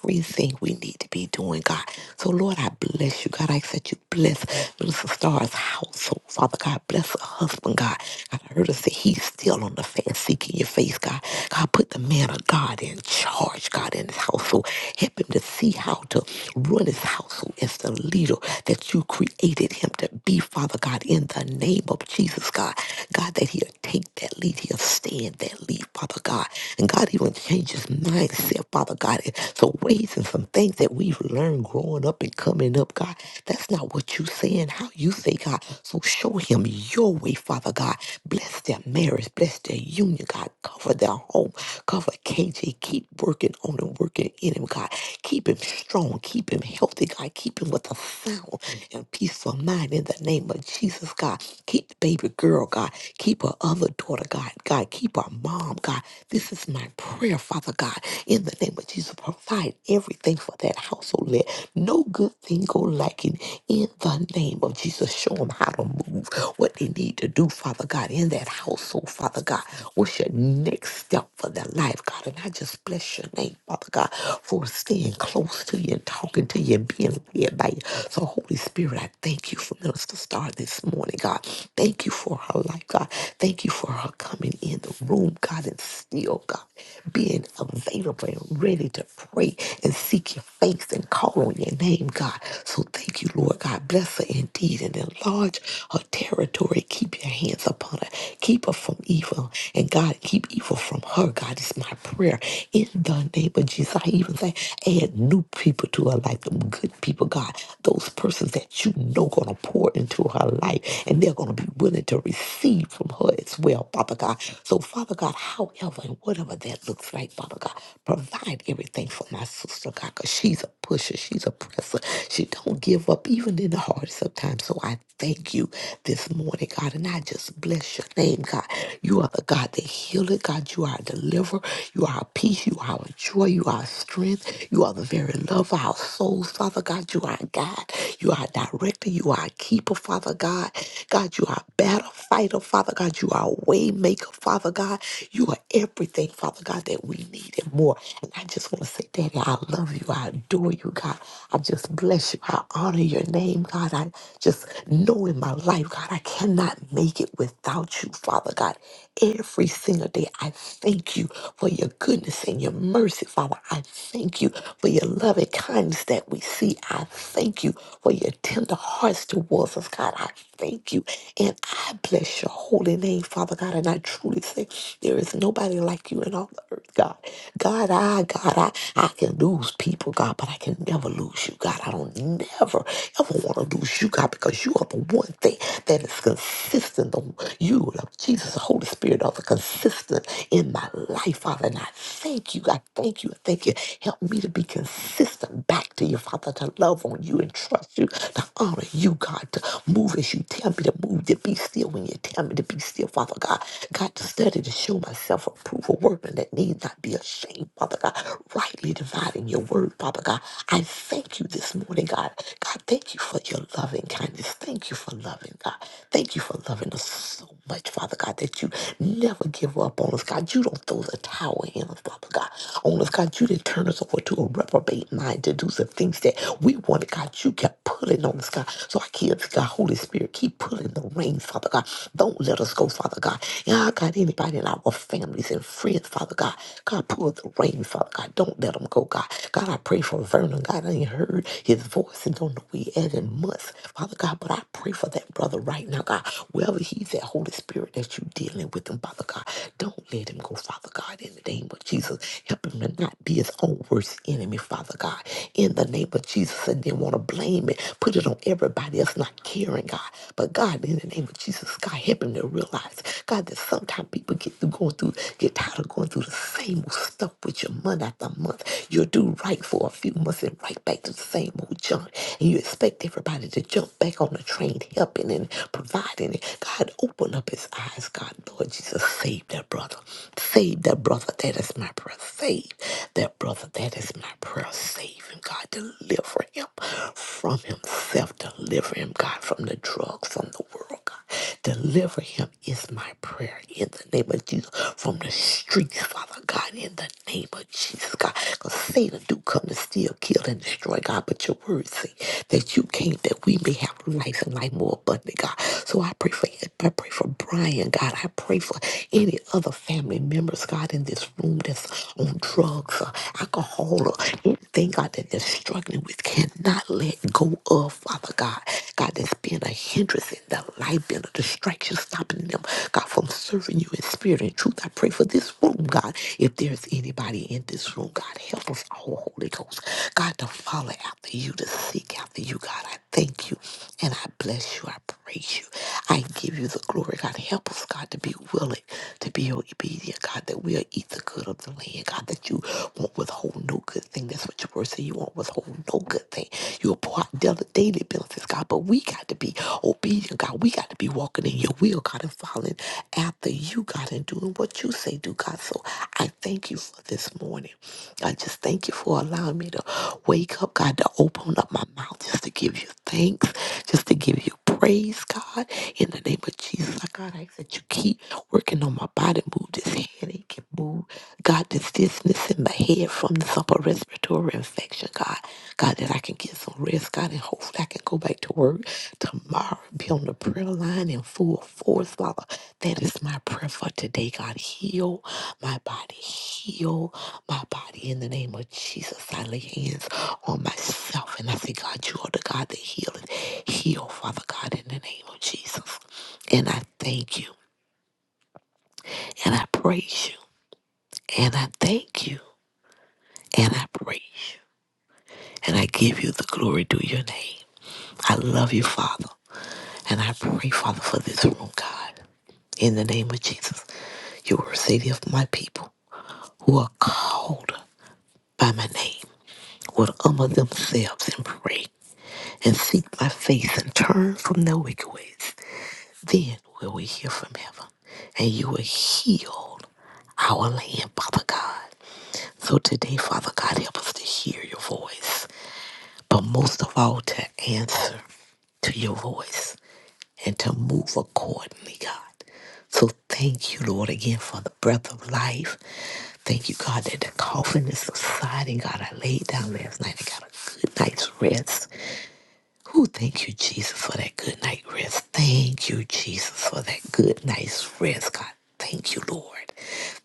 [SPEAKER 7] everything we need to be doing, God. So, Lord, I bless you, God. I ask that you bless Minister Star's household, Father God. Bless her husband, God. God, I heard her say he's still on the fast and seeking your face, God. God, put the man of God in charge, God, in his household. Help him to see how to run his household as the leader that you created him to be, Father God, in the name of Jesus, God. God, that he'll take that lead, he'll stand that lead, Father God. And God, even change his mindset, Father God. in Some ways and some things that we've learned growing up and coming up, God, that's not what you say and how you say, God. So show him your way, Father God. Bless their marriage, bless their the union, God. Cover their home. Cover KJ. Keep working on him, working in him, God. Keep him strong. Keep him healthy, God. Keep him with a sound and peaceful mind in the name of Jesus, God. Keep the baby girl, God. Keep her other daughter, God. God, keep her mom, God. This is my prayer, Father God. In the name of Jesus, provide everything for that household. Let no good thing go lacking in the name of Jesus. Show them how to move, what they need to do, Father God, in that household, Father God. Father God. What's your next step for their life, God? And I just bless your name, Father God, for staying close to you and talking to you and being led by you. So, Holy Spirit, I thank you for Minister Star this morning, God. Thank you for her life, God. Thank you for her coming in the room, God, and still, God, being available and ready to pray and seek your face and call on your name, God. So thank you, Lord God. Bless her indeed and enlarge her territory. Keep your hands upon her. Keep her from evil evil. And God, keep evil from her. God, it's my prayer. In the name of Jesus, I even say, add new people to her life, them good people, God. Those persons that you know going to pour into her life, and they're going to be willing to receive from her as well, Father God. So, Father God, however and whatever that looks like, Father God, provide everything for my sister, God, because she's a pusher, she's a presser. She don't give up, even in the hardest of times. So I thank you this morning, God, and I just bless your name, God. You are the God that healeth. God, you are a deliverer. You are our peace. You are our joy. You are our strength. You are the very love of our souls, Father God. You are our God. You are our director. You are our keeper, Father God. God, you are a battle fighter, Father God. You are a way maker, Father God. You are everything, Father God, that we need and more. And I just want to say, Daddy, I love you. I adore you, God. I just bless you. I honor your name, God. I just know in my life, God, I cannot make it without you, Father. Father God, every single day. I thank you for your goodness and your mercy, Father. I thank you for your loving kindness that we see. I thank you for your tender hearts towards us, God. I thank you. And I bless your holy name, Father God. And I truly say there is nobody like you in all the earth, God. God, I, God, I, I can lose people, God, but I can never lose you, God. I don't never, ever want to lose you, God, because you are the one thing that is consistent. The, you, Jesus, the Holy Spirit, are the consistent in my life, Father. And I thank you. I thank you. I thank you. Help me to be consistent back to you, Father, to love on you and trust you, to honor you, God, to move as you tell me to move, to be still when you tell me to be still, Father God. God, to study to show myself approved, a workman that need not be ashamed, Father God, rightly dividing your word, Father God. I thank you this morning, God. God, thank you for your loving kindness. Thank you for loving, God. Thank you for loving us so much, Father God, that you never give up on us, God. You don't throw the towel in us, Father God. On us, God, you didn't turn us over to a reprobate mind to do some things that we wanted, God. You kept pulling on us, God. So our kids, God, Holy Spirit, keep pulling the reins, Father God. Don't let us go, Father God. And I got anybody in our families and friends, Father God. God, pull the reins, Father God. Don't let them go, God. God, I pray for Vernon. God, I ain't heard his voice and don't know where he at in months, Father God. But I pray for that brother right now, God. Wherever he's at, the Holy Spirit that you're dealing with him, Father God. Don't let him go, Father God, in the name of Jesus. Help him to not be his own worst enemy, Father God, in the name of Jesus. And then want to blame it, put it on everybody else not caring, God. But God, in the name of Jesus, God, help him to realize, God, that sometimes people get through going through, get tired of going through the same old stuff with you month after month. You'll do right for a few months and right back to the same old junk. And you expect everybody to jump back on the train, helping and providing. it. God, Open up his eyes, God, Lord Jesus. Save that brother. Save that brother. That is my prayer. Save that brother. That is my prayer. Save him, God. Deliver him from himself. Deliver him, God, from the drugs, from the world, God. Deliver him is my prayer in the name of Jesus. From the streets, Father God, in the name of Jesus, God. Because Satan do come to steal, kill, and destroy, God. But your word say that you came that we may have life and life more abundant, God. So I pray for everybody I pray for Brian, God. I pray for any other family members, God, in this room that's on drugs or alcohol or anything, God, that they're struggling with, cannot let go of, Father God. God, that's been a hindrance in their life, been a distraction, stopping them, God, from serving you in spirit and truth. I pray for this room, God. If there's anybody in this room, God, help us all, Holy Ghost, God, to follow after you, to seek after you, God. I thank you and I bless you. I praise you. I give you the glory, God. Help us, God, to be willing, to be obedient, God, that we'll eat the good of the land, God, that you won't withhold no good thing. That's what your word says. You won't withhold no good thing. You'll pour out daily daily benefits, God. But we got to be obedient, God. We got to be walking in your will, God, and following after you, God. God and doing what you say do, God. So I thank you for this morning. I just thank you for allowing me to wake up, God, to open up my mouth just to give you thanks, just to give you praise, God. In the name of Jesus, I God, I ask that you keep working on my body, move this headache and move, God, this dizziness in my head from this upper respiratory infection. God. God, that I can get some rest, God, and hopefully I can go back to work tomorrow, be on the prayer line in full force, Father. That is my prayer for today, God. Heal my body, heal my body in the name of Jesus. I lay hands on myself and I say, God, you are the God that healeth. Heal, Father God, in the name of Jesus. And I thank you and I praise you and I thank you and I praise you and I give you the glory due your name. I love you, Father. And I pray, Father, for this room, God, in the name of Jesus. You were city of my people who are called by my name would humble themselves and pray and seek my face and turn from their wicked ways. Then will we hear from heaven and you will heal our land, Father God. So today, Father God, help us to hear your voice but most of all to answer to your voice and to move accordingly, God. So thank you, Lord, again for the breath of life. Thank you, God, that the coffin is subsiding. God, I laid down last night and got a good night's rest. Oh, thank you, Jesus, for that good night rest. Thank you, Jesus, for that good night's rest, God. Thank you, Lord.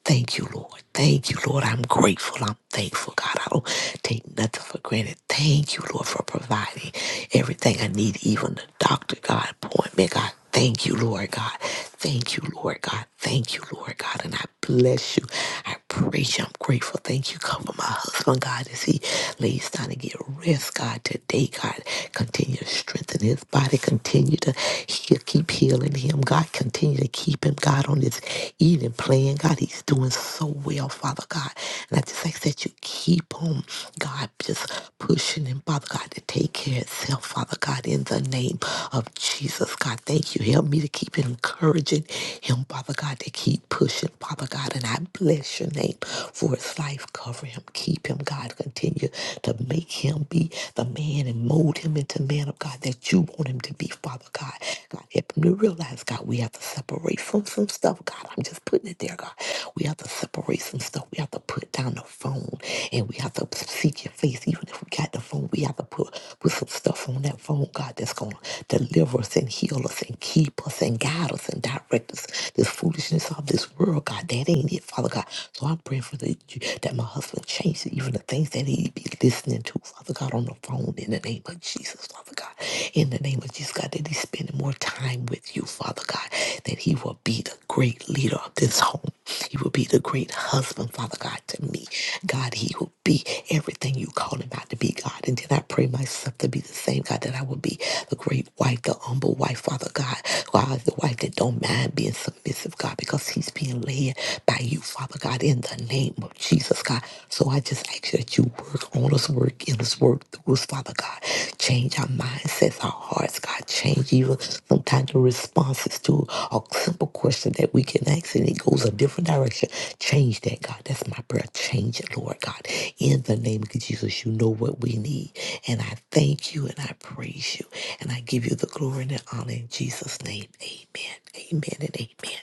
[SPEAKER 7] Thank you, Lord. Thank you, Lord. I'm grateful. I'm thankful, God. I don't take nothing for granted. Thank you, Lord, for providing everything I need, even the doctor, God, appointment, God. Thank you, Lord, God. Thank you, Lord God. Thank you, Lord God. And I bless you. I praise you. I'm grateful. Thank you. Cover my husband, God, as he lays down to get rest, God, today, God. Continue to strengthen his body. Continue to heal, keep healing him, God. Continue to keep him, God, on his eating plan, God. He's doing so well, Father God. And I just ask that you keep him, God, just pushing him, Father God. God, to take care of itself, Father God, in the name of Jesus. God, thank you. Help me to keep encouraging him, Father God, to keep pushing, Father God. And I bless your name for his life. Cover him, keep him, God. Continue to make him be the man and mold him into man of God that you want him to be, Father God. God, help him to realize, God, we have to separate from some stuff, God. I'm just putting it there, God. We have to separations stuff. We have to put down the phone and we have to seek your face. Even if we got the phone, we have to put, put some stuff on that phone, God, that's going to deliver us and heal us and keep us and guide us and direct us. This foolishness of this world, God, that ain't it, Father God. So I'm praying for the, that my husband changes even the things that he be listening to, Father God, on the phone in the name of Jesus, Father God. In the name of Jesus, God, that he spending more time with you, Father God, that he will be the great leader of this home. He will be the great husband, Father God, to me. God, he will be everything you call him out to be, God. And then I pray myself to be the same, God, that I will be the great wife, the humble wife, Father God. God, the wife that don't mind being submissive, God, because he's being led by you, Father God, in the name of Jesus, God. So I just ask you to you work on us, work in us, work through us, Father God. Change our mindsets, our hearts, God. Change even sometimes the responses to a simple question that we can ask and it goes a different direction. Change that, God. That's my prayer. Change it, Lord God. In the name of Jesus, you know what we need. And I thank you and I praise you. And I give you the glory and the honor in Jesus' name. Amen. Amen and amen.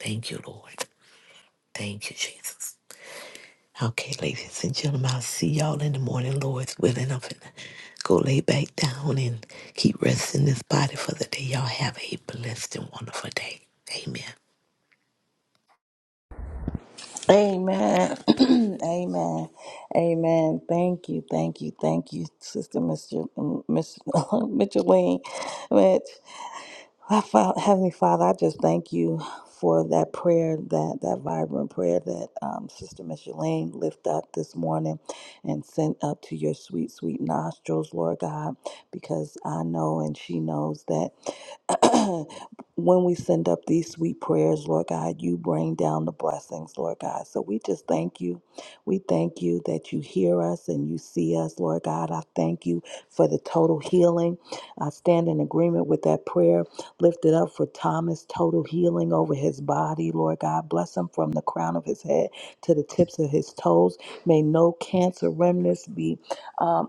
[SPEAKER 7] Thank you, Lord. Thank you, Jesus. Okay, ladies and gentlemen, I'll see y'all in the morning, Lord's willing. I'm finna go lay back down and keep resting this body for the day. Y'all have a blessed and wonderful day. Amen.
[SPEAKER 5] Amen. Amen. Amen. Thank you. Thank you. Thank you, Sister Mr. Miss Micheline. Mitch. I felt, Heavenly Father, I just thank you for that prayer, that that vibrant prayer that um, Sister Micheline lift up this morning and sent up to your sweet, sweet nostrils, Lord God, because I know and she knows that when we send up these sweet prayers, Lord God, you bring down the blessings, Lord God. So we just thank you. We thank you that you hear us and you see us, Lord God. I thank you for the total healing. I stand in agreement with that prayer Lift it up for Thomas, total healing over his body, Lord God. Bless him from the crown of his head to the tips of his toes. May no cancer remnants be. uh,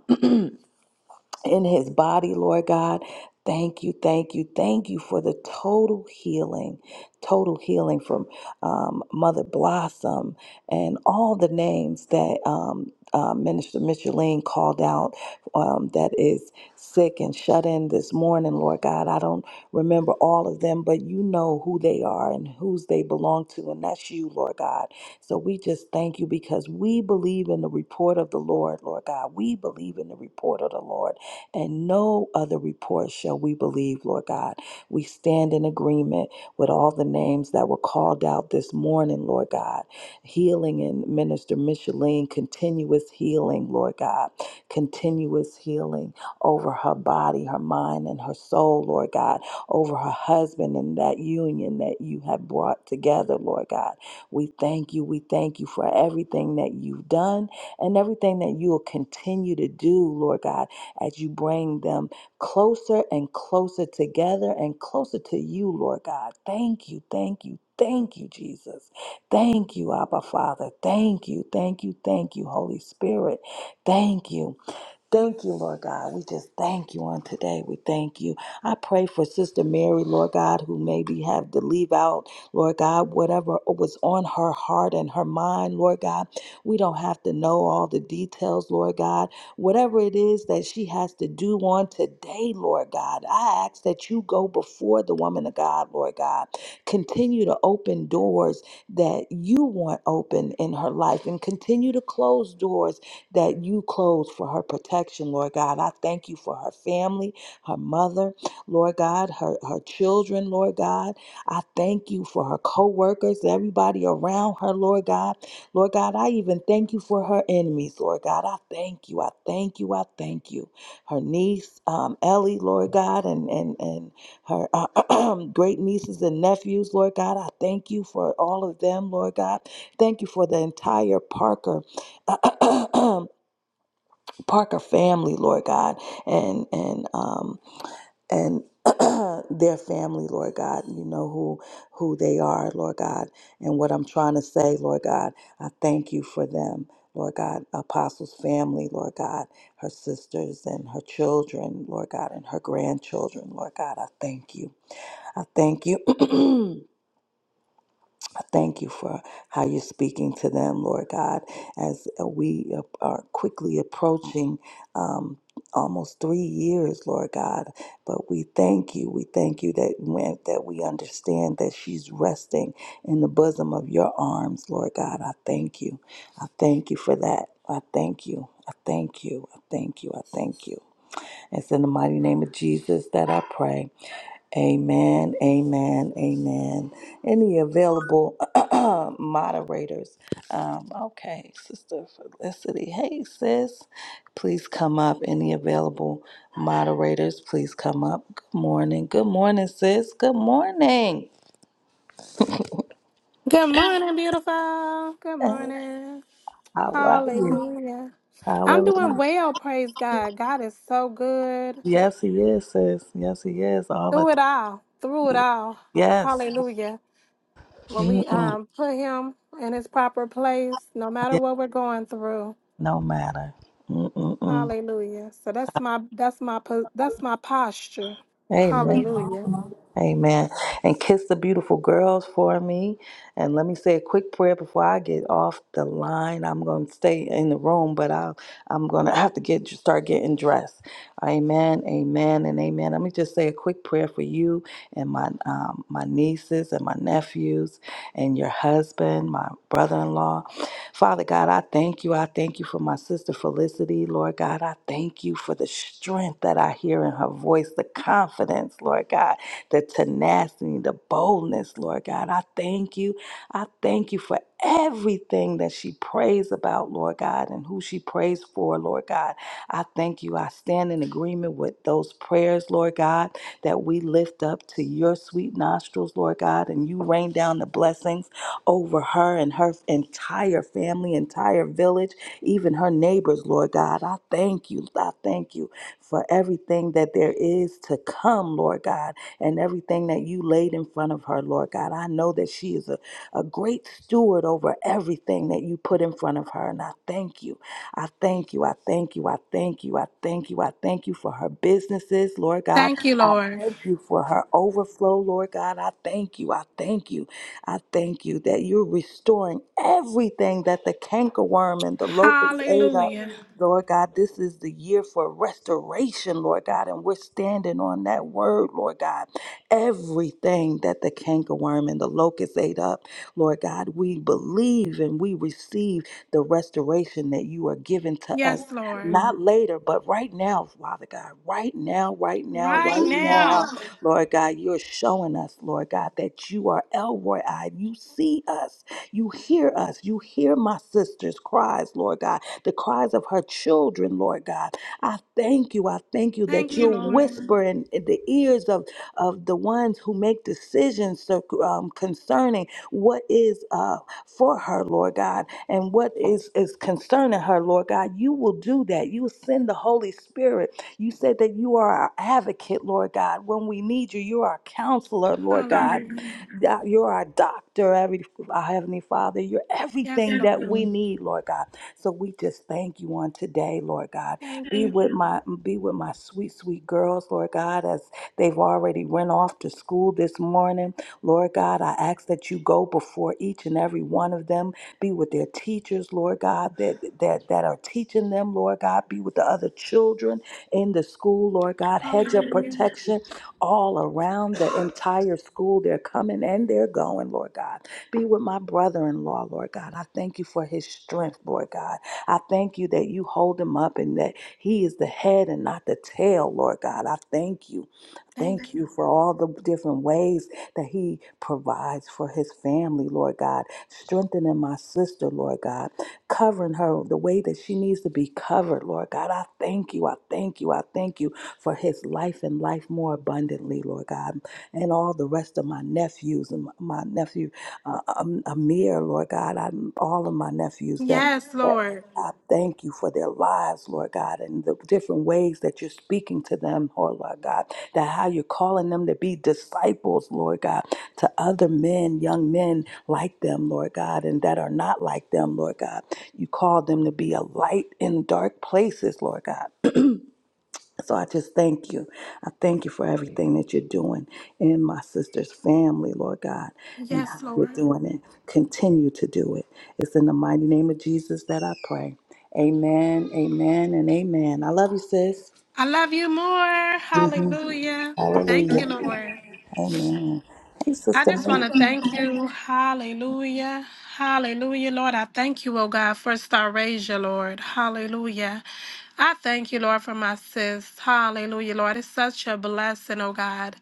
[SPEAKER 5] in his body, Lord God. Thank you, thank you, thank you for the total healing, total healing from um, Mother Blossom and all the names that um, uh, Minister Micheline called out um, that is sick and shut in this morning, Lord God. I don't remember all of them, but you know who they are and whose they belong to, and that's you, Lord God. So we just thank you because we believe in the report of the Lord, Lord God. We believe in the report of the Lord that no other report shall we believe, Lord God. We stand in agreement with all the names that were called out this morning, Lord God. Healing in Minister Micheline, continuous healing, Lord God. Continuous healing over her body, her mind, and her soul, Lord God. Over her husband and that union that you have brought together, Lord God. We thank you. We thank you for everything that you've done and everything that you will continue to do, Lord God as you bring them closer and closer together and closer to you, Lord God. Thank you, thank you, thank you, Jesus. Thank you, Abba Father. Thank you, thank you, thank you, Holy Spirit. Thank you. Thank you, Lord God. We just thank you on today. We thank you. I pray for Sister Mary, Lord God, who maybe have to leave out, Lord God, whatever was on her heart and her mind, Lord God. We don't have to know all the details, Lord God. Whatever it is that she has to do on today, Lord God, I ask that you go before the woman of God, Lord God. Continue to open doors that you want open in her life and continue to close doors that you clothe for her protection, Lord God. I thank you for her family, her mother, Lord God, her, her children, Lord God. I thank you for her co workers, everybody around her, Lord God. Lord God, I even thank you for her enemies, Lord God. I thank you. I thank you. I thank you. Her niece, um, Ellie, Lord God, and, and, and her uh, great nieces and nephews, Lord God. I thank you for all of them, Lord God. Thank you for the entire Parker Parker family, Lord God, and and um and their family, Lord God, you know who who they are, Lord God, and what I'm trying to say, Lord God, I thank you for them, Lord God, Apostle's family, Lord God, her sisters and her children, Lord God, and her grandchildren, Lord God, I thank you, I thank you. I Thank you for how you're speaking to them, Lord God, as uh, we uh, are quickly approaching um, almost three years, Lord God. But we thank you. We thank you that when, that we understand that she's resting in the bosom of your arms, Lord God. I thank you. I thank you for that. I thank you. I thank you. I thank you. I thank you. It's in the mighty name of Jesus that I pray. Amen, amen, amen. Any available moderators? Um, okay, Sister Felicity. Hey, sis, please come up. Any available moderators, please come up. Good morning. Good morning, sis. Good morning.
[SPEAKER 10] Good morning, beautiful. Good
[SPEAKER 5] How
[SPEAKER 10] morning.
[SPEAKER 5] are you?
[SPEAKER 10] Hallelujah. I'm doing
[SPEAKER 5] Hallelujah.
[SPEAKER 10] well, praise God. God is so good.
[SPEAKER 5] Yes, he is, sis. Yes, he is. All the
[SPEAKER 10] Through it all, through it
[SPEAKER 5] time.
[SPEAKER 10] all.
[SPEAKER 5] Yes.
[SPEAKER 10] Hallelujah. When we
[SPEAKER 5] Mm-mm.
[SPEAKER 10] um put him in his proper place, no matter
[SPEAKER 5] Yeah,
[SPEAKER 10] what we're going through.
[SPEAKER 5] No matter. Mm-mm-mm.
[SPEAKER 10] Hallelujah. So that's my that's my po- that's my posture.
[SPEAKER 5] Amen.
[SPEAKER 10] Hallelujah.
[SPEAKER 5] Amen. And kiss the beautiful girls for me. And let me say a quick prayer before I get off the line. I'm going to stay in the room, but I'll, I'm going to have to get start getting dressed. Amen. Amen. And amen. Let me just say a quick prayer for you and my um, my nieces and my nephews and your husband, my brother-in-law. Father God, I thank you. I thank you for my sister Felicity. Lord God, I thank you for the strength that I hear in her voice, the confidence, Lord God the tenacity, the boldness, Lord God. I thank you. I thank you for everything that she prays about, Lord God, and who she prays for, Lord God. I thank you. I stand in agreement with those prayers, Lord God, that we lift up to your sweet nostrils, Lord God, and you rain down the blessings over her and her entire family, entire village, even her neighbors, Lord God. I thank you. I thank you for everything that there is to come, Lord God and everything that you laid in front of her, Lord God. I know that she is a, a great steward over everything that you put in front of her. And I thank you. I thank you. I thank you. I thank you. I thank you. I thank you for her businesses, Lord God.
[SPEAKER 10] Thank you,
[SPEAKER 5] I
[SPEAKER 10] Lord.
[SPEAKER 5] thank you for her overflow, Lord God. I thank you. I thank you. I thank you that you're restoring everything that the cankerworm and the locust ate up.
[SPEAKER 10] Hallelujah.
[SPEAKER 5] Lord God, this is the year for restoration, Lord God, and we're standing on that word, Lord God. Everything that the cankerworm and the locust ate up, Lord God, we believe and we receive the restoration that you are giving to us,
[SPEAKER 10] Yes, Lord.
[SPEAKER 5] not later, but right now, Father God, right now, right now,
[SPEAKER 10] Right
[SPEAKER 5] right now,
[SPEAKER 10] now.
[SPEAKER 5] Lord God, you're showing us, Lord God, that you are Elroy eyed. You see us, you hear us, you hear my sister's cries, Lord God, the cries of her children, Lord God. I thank you, I thank you
[SPEAKER 10] Thank
[SPEAKER 5] that
[SPEAKER 10] you,
[SPEAKER 5] you're
[SPEAKER 10] Lord.
[SPEAKER 5] whispering in the ears of of the ones who make decisions so- um, concerning what is uh, for her, Lord God, and what is, is concerning her, Lord God. You will do that. You will send the Holy Spirit. You said that you are our advocate, Lord God. When we need you, you are our counselor, Lord God.
[SPEAKER 10] Hallelujah.
[SPEAKER 5] That- You're our doctor, every, our Heavenly Father. You're
[SPEAKER 10] Yes,
[SPEAKER 5] everything
[SPEAKER 10] Lord.
[SPEAKER 5] that we need, Lord God. So we just thank you on today, Lord God.
[SPEAKER 10] Thank
[SPEAKER 5] Be
[SPEAKER 10] you.
[SPEAKER 5] with my be with my sweet, sweet girls, Lord God, as They've already went off to school this morning. Lord God, I ask that you go before each and every one of them. Be with their teachers, Lord God, that that, that are teaching them, Lord God. Be with the other children in the school, Lord God. Hedge of
[SPEAKER 10] Hallelujah.
[SPEAKER 5] protection all around the entire school. They're coming and they're going, Lord God. Be with my brother in law, Lord God. I thank you for his strength, Lord God. I thank you that you hold him up and that he is the head and not the tail, Lord God. I thank you. Thank
[SPEAKER 10] Thank you.
[SPEAKER 5] you for all the different ways that He provides for His family, Lord God. Strengthening my sister, Lord God. Covering her the way that she needs to be covered, Lord God. I thank you. I thank you. I thank you for His life and life more abundantly, Lord God. And all the rest of my nephews and my nephew uh, um, Amir, Lord God, I, all of my nephews that,
[SPEAKER 10] Yes,
[SPEAKER 5] that
[SPEAKER 10] Lord.
[SPEAKER 5] I thank you for their lives, Lord God, and the different ways that you're speaking to them, oh Lord God, that how you're calling them to be disciples, Lord God, to other men, young men like them, Lord God, and that are not like them, Lord God. You call them to be a light in dark places, Lord God. So I just thank you. I thank you for everything that you're doing in my sister's family, Lord God, and how
[SPEAKER 10] Yes,
[SPEAKER 5] you're
[SPEAKER 10] Lord.
[SPEAKER 5] doing it. Continue to do it. It's in the mighty name of Jesus that I pray. Amen, amen, and amen. I love you, sis.
[SPEAKER 10] I love you more. Hallelujah. Thank
[SPEAKER 5] Hallelujah.
[SPEAKER 10] you, Lord.
[SPEAKER 5] Amen. Hey,
[SPEAKER 10] I
[SPEAKER 5] sister.
[SPEAKER 10] just
[SPEAKER 5] Mary.
[SPEAKER 10] want to thank you. Hallelujah. Hallelujah, Lord. I thank you, oh God, for Starasia, Lord. Hallelujah. I thank you, Lord, for my sis. Hallelujah, Lord. It's such a blessing, oh God,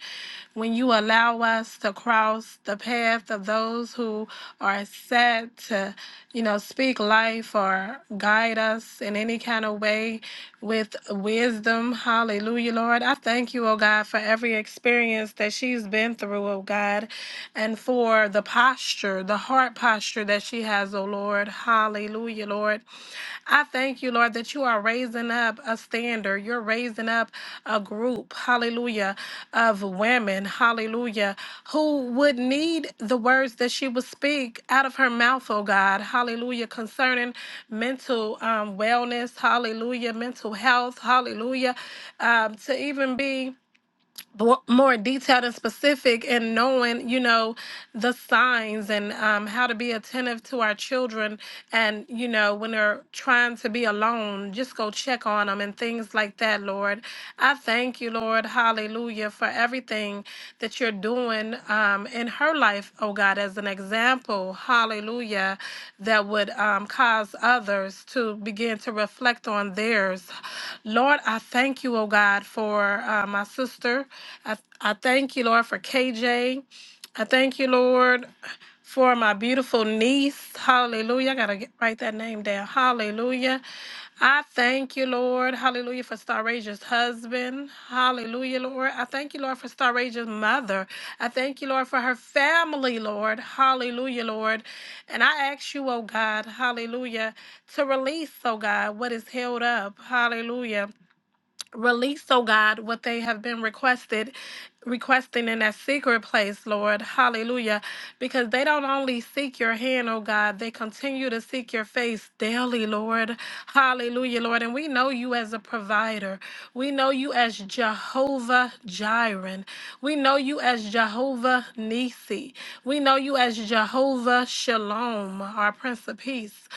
[SPEAKER 10] when you allow us to cross the path of those who are set to, you know, speak life or guide us in any kind of way with wisdom. Hallelujah, Lord. I thank you, oh God, for every experience that she's been through, oh God, and for the posture, the heart posture that she has, oh Lord. Hallelujah, Lord. I thank you, Lord, that you are raising up a standard. You're raising up a group, hallelujah, of women, hallelujah, who would need the words that she would speak out of her mouth, oh God, hallelujah, concerning mental um, wellness, hallelujah, mental health, hallelujah, um, to even be bo- more detailed and specific and knowing you know the signs and um, how to be attentive to our children and you know when they're trying to be alone just go check on them and things like that lord i thank you lord hallelujah for everything that you're doing um, in her life oh god as an example hallelujah that would um, cause others to begin to reflect on theirs lord i thank you oh god for for uh, my sister. I, I thank you, Lord, for KJ. I thank you, Lord, for my beautiful niece. Hallelujah. I got to get, write that name down. Hallelujah. I thank you, Lord. Hallelujah for Star Ranger's husband. Hallelujah, Lord. I thank you, Lord, for Star Ranger's mother. I thank you, Lord, for her family, Lord. Hallelujah, Lord. And I ask you, oh God, hallelujah, to release, oh God, what is held up. Hallelujah Release, oh God, what they have been requested, requesting in that secret place, Lord. Hallelujah. Because they don't only seek your hand, oh God, they continue to seek your face daily, Lord. Hallelujah, Lord. And we know you as a provider. We know you as Jehovah Jireh. We know you as Jehovah Nisi. We know you as is Jehovah Shalom, our Prince of Peace.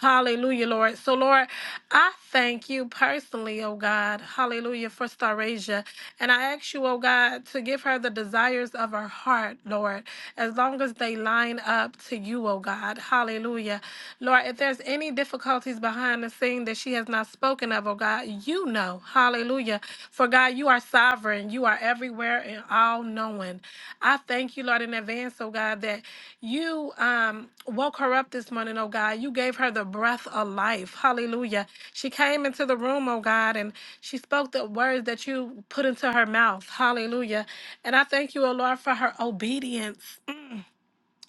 [SPEAKER 10] Hallelujah, Lord. So, Lord, I thank you personally, oh God. Hallelujah, for Starasia. And I ask you, oh God, to give her the desires of her heart, Lord, as long as they line up to you, oh God. Hallelujah. Lord, if there's any difficulties behind the scene that she has not spoken of, oh God, you know. Hallelujah. For God, you are sovereign. You are everywhere and all knowing. I thank you, Lord, in advance, oh God, that you um, woke her up this morning, oh God. You gave her the breath of life. Hallelujah. She came into the room, oh God, and she spoke the words that you put into her mouth. Hallelujah. And I thank you, oh Lord, for her obedience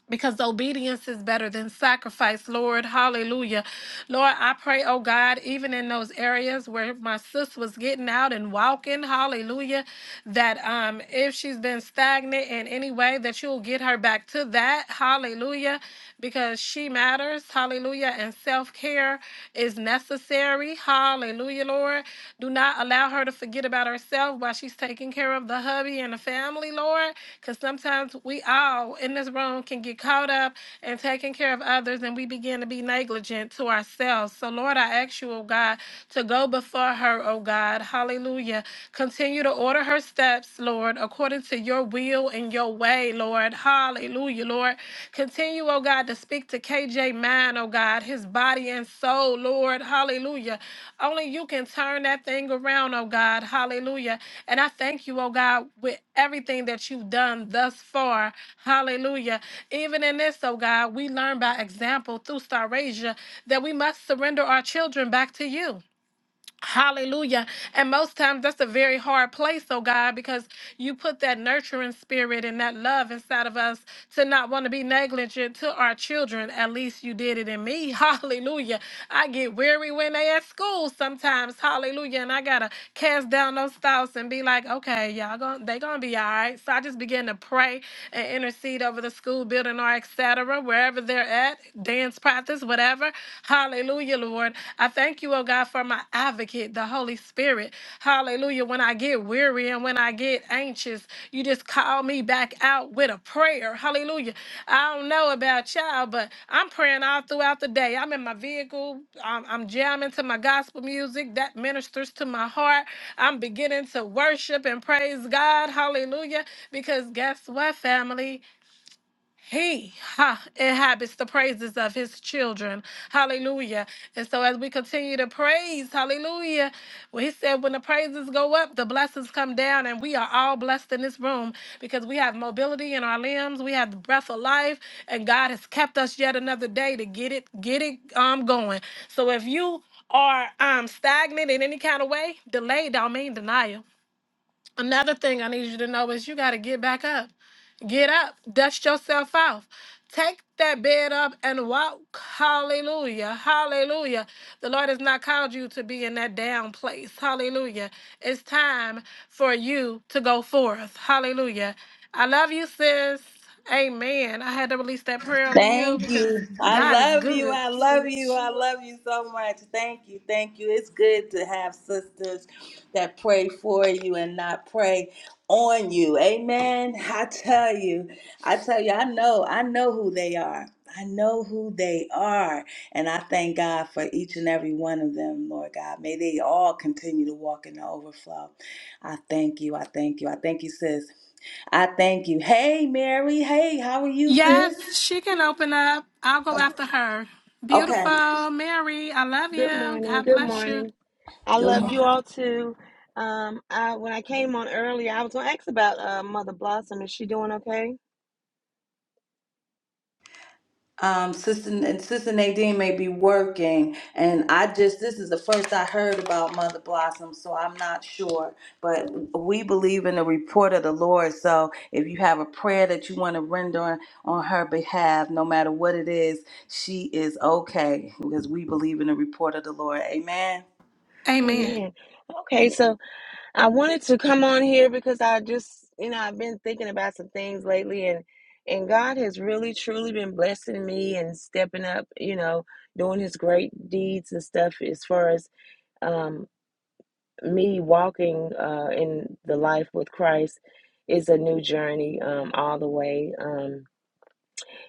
[SPEAKER 10] because obedience is better than sacrifice, Lord. Hallelujah. Lord, I pray, oh God, even in those areas where my sis was getting out and walking, hallelujah, that um if she's been stagnant in any way, that you'll get her back to that, hallelujah, because she matters, hallelujah, and self-care is necessary, hallelujah, Lord. Lord. Do not allow her to forget about herself while she's taking care of the hubby and the family, Lord. Because sometimes we all in this room can get caught up in taking care of others and we begin to be negligent to ourselves. So, Lord, I ask you, oh God, to go before her, oh God. Hallelujah. Continue to order her steps, Lord, according to your will and your way, Lord. Hallelujah, Lord. Continue, oh God, to speak to KJ mind, oh God, his body and soul, Lord. Hallelujah. Only you can turn that thing around, oh God. Hallelujah. And I thank you, oh God, with everything that you've done thus far. Hallelujah. Even in this, oh God, we learn by example through Starasia that we must surrender our children back to you. Hallelujah. And most times that's a very hard place, oh God, because you put that nurturing spirit and that love inside of us to not want to be negligent to our children. At least you did it in me. Hallelujah. I get weary when they at school sometimes. Hallelujah. And I gotta cast down those thoughts and be like, okay, y'all going they gonna be all right. So I just begin to pray and intercede over the school building or et cetera, wherever they're at, dance practice Panthers, whatever. Hallelujah, Lord. I thank you, oh God, for my advocate, the Holy Spirit. Hallelujah. When I get weary and when I get anxious, you just call me back out with a prayer. Hallelujah. I don't know about y'all, but I'm praying all throughout the day. I'm in my vehicle. I'm, I'm jamming to my gospel music that ministers to my heart. I'm beginning to worship and praise God. Hallelujah. Because guess what, family? He ha, inhabits the praises of his children. Hallelujah. And so as we continue to praise, hallelujah, well, he said when the praises go up, the blessings come down, and we are all blessed in this room because we have mobility in our limbs, we have the breath of life, and God has kept us yet another day to get it, get it um going. So if you are um stagnant in any kind of way, delay don't mean denial. Another thing I need you to know is you got to get back up. Get up, dust yourself off. Take that bed up and walk. Hallelujah. Hallelujah. The Lord has not called you to be in that down place. Hallelujah. It's time for you to go forth. Hallelujah. I love you, sis. Amen. I had to release that prayer over you
[SPEAKER 5] Thank
[SPEAKER 10] because
[SPEAKER 5] you. I
[SPEAKER 10] God is
[SPEAKER 5] love you.
[SPEAKER 10] good.
[SPEAKER 5] I love you. I love you so much. Thank you. Thank you. It's good to have sisters that pray for you and not pray on you. Amen. I tell you. I tell you, I know. I know who they are. I know who they are. And I thank God for each and every one of them, Lord God. May they all continue to walk in the overflow. I thank you. I thank you. I thank you, sis. I thank you. Hey, Mary. Hey, how are you,
[SPEAKER 10] Yes,
[SPEAKER 5] sis?
[SPEAKER 10] she can open up. I'll go after her.
[SPEAKER 5] Okay.
[SPEAKER 10] Beautiful Mary, I love
[SPEAKER 11] Good
[SPEAKER 10] you.
[SPEAKER 11] morning.
[SPEAKER 10] God
[SPEAKER 11] Good
[SPEAKER 10] bless you.
[SPEAKER 11] morning. I
[SPEAKER 5] Good
[SPEAKER 11] love you
[SPEAKER 5] morning.
[SPEAKER 11] all too. Um, I when I came on earlier, I was gonna ask about uh, Mother Blossom. Is she doing okay?
[SPEAKER 5] Um, Sister and Sister Nadine may be working, and I just this is the first I heard about Mother Blossom, so I'm not sure. But we believe in the report of the Lord. So if you have a prayer that you want to render on, on her behalf, no matter what it is, she is okay because we believe in the report of the Lord. Amen.
[SPEAKER 10] Amen.
[SPEAKER 11] Amen. Okay, so I wanted to come on here because I just, you know, I've been thinking about some things lately, and and God has really truly been blessing me and stepping up, you know, doing His great deeds and stuff as far as um, me walking uh, in the life with Christ is a new journey um, all the way. Um,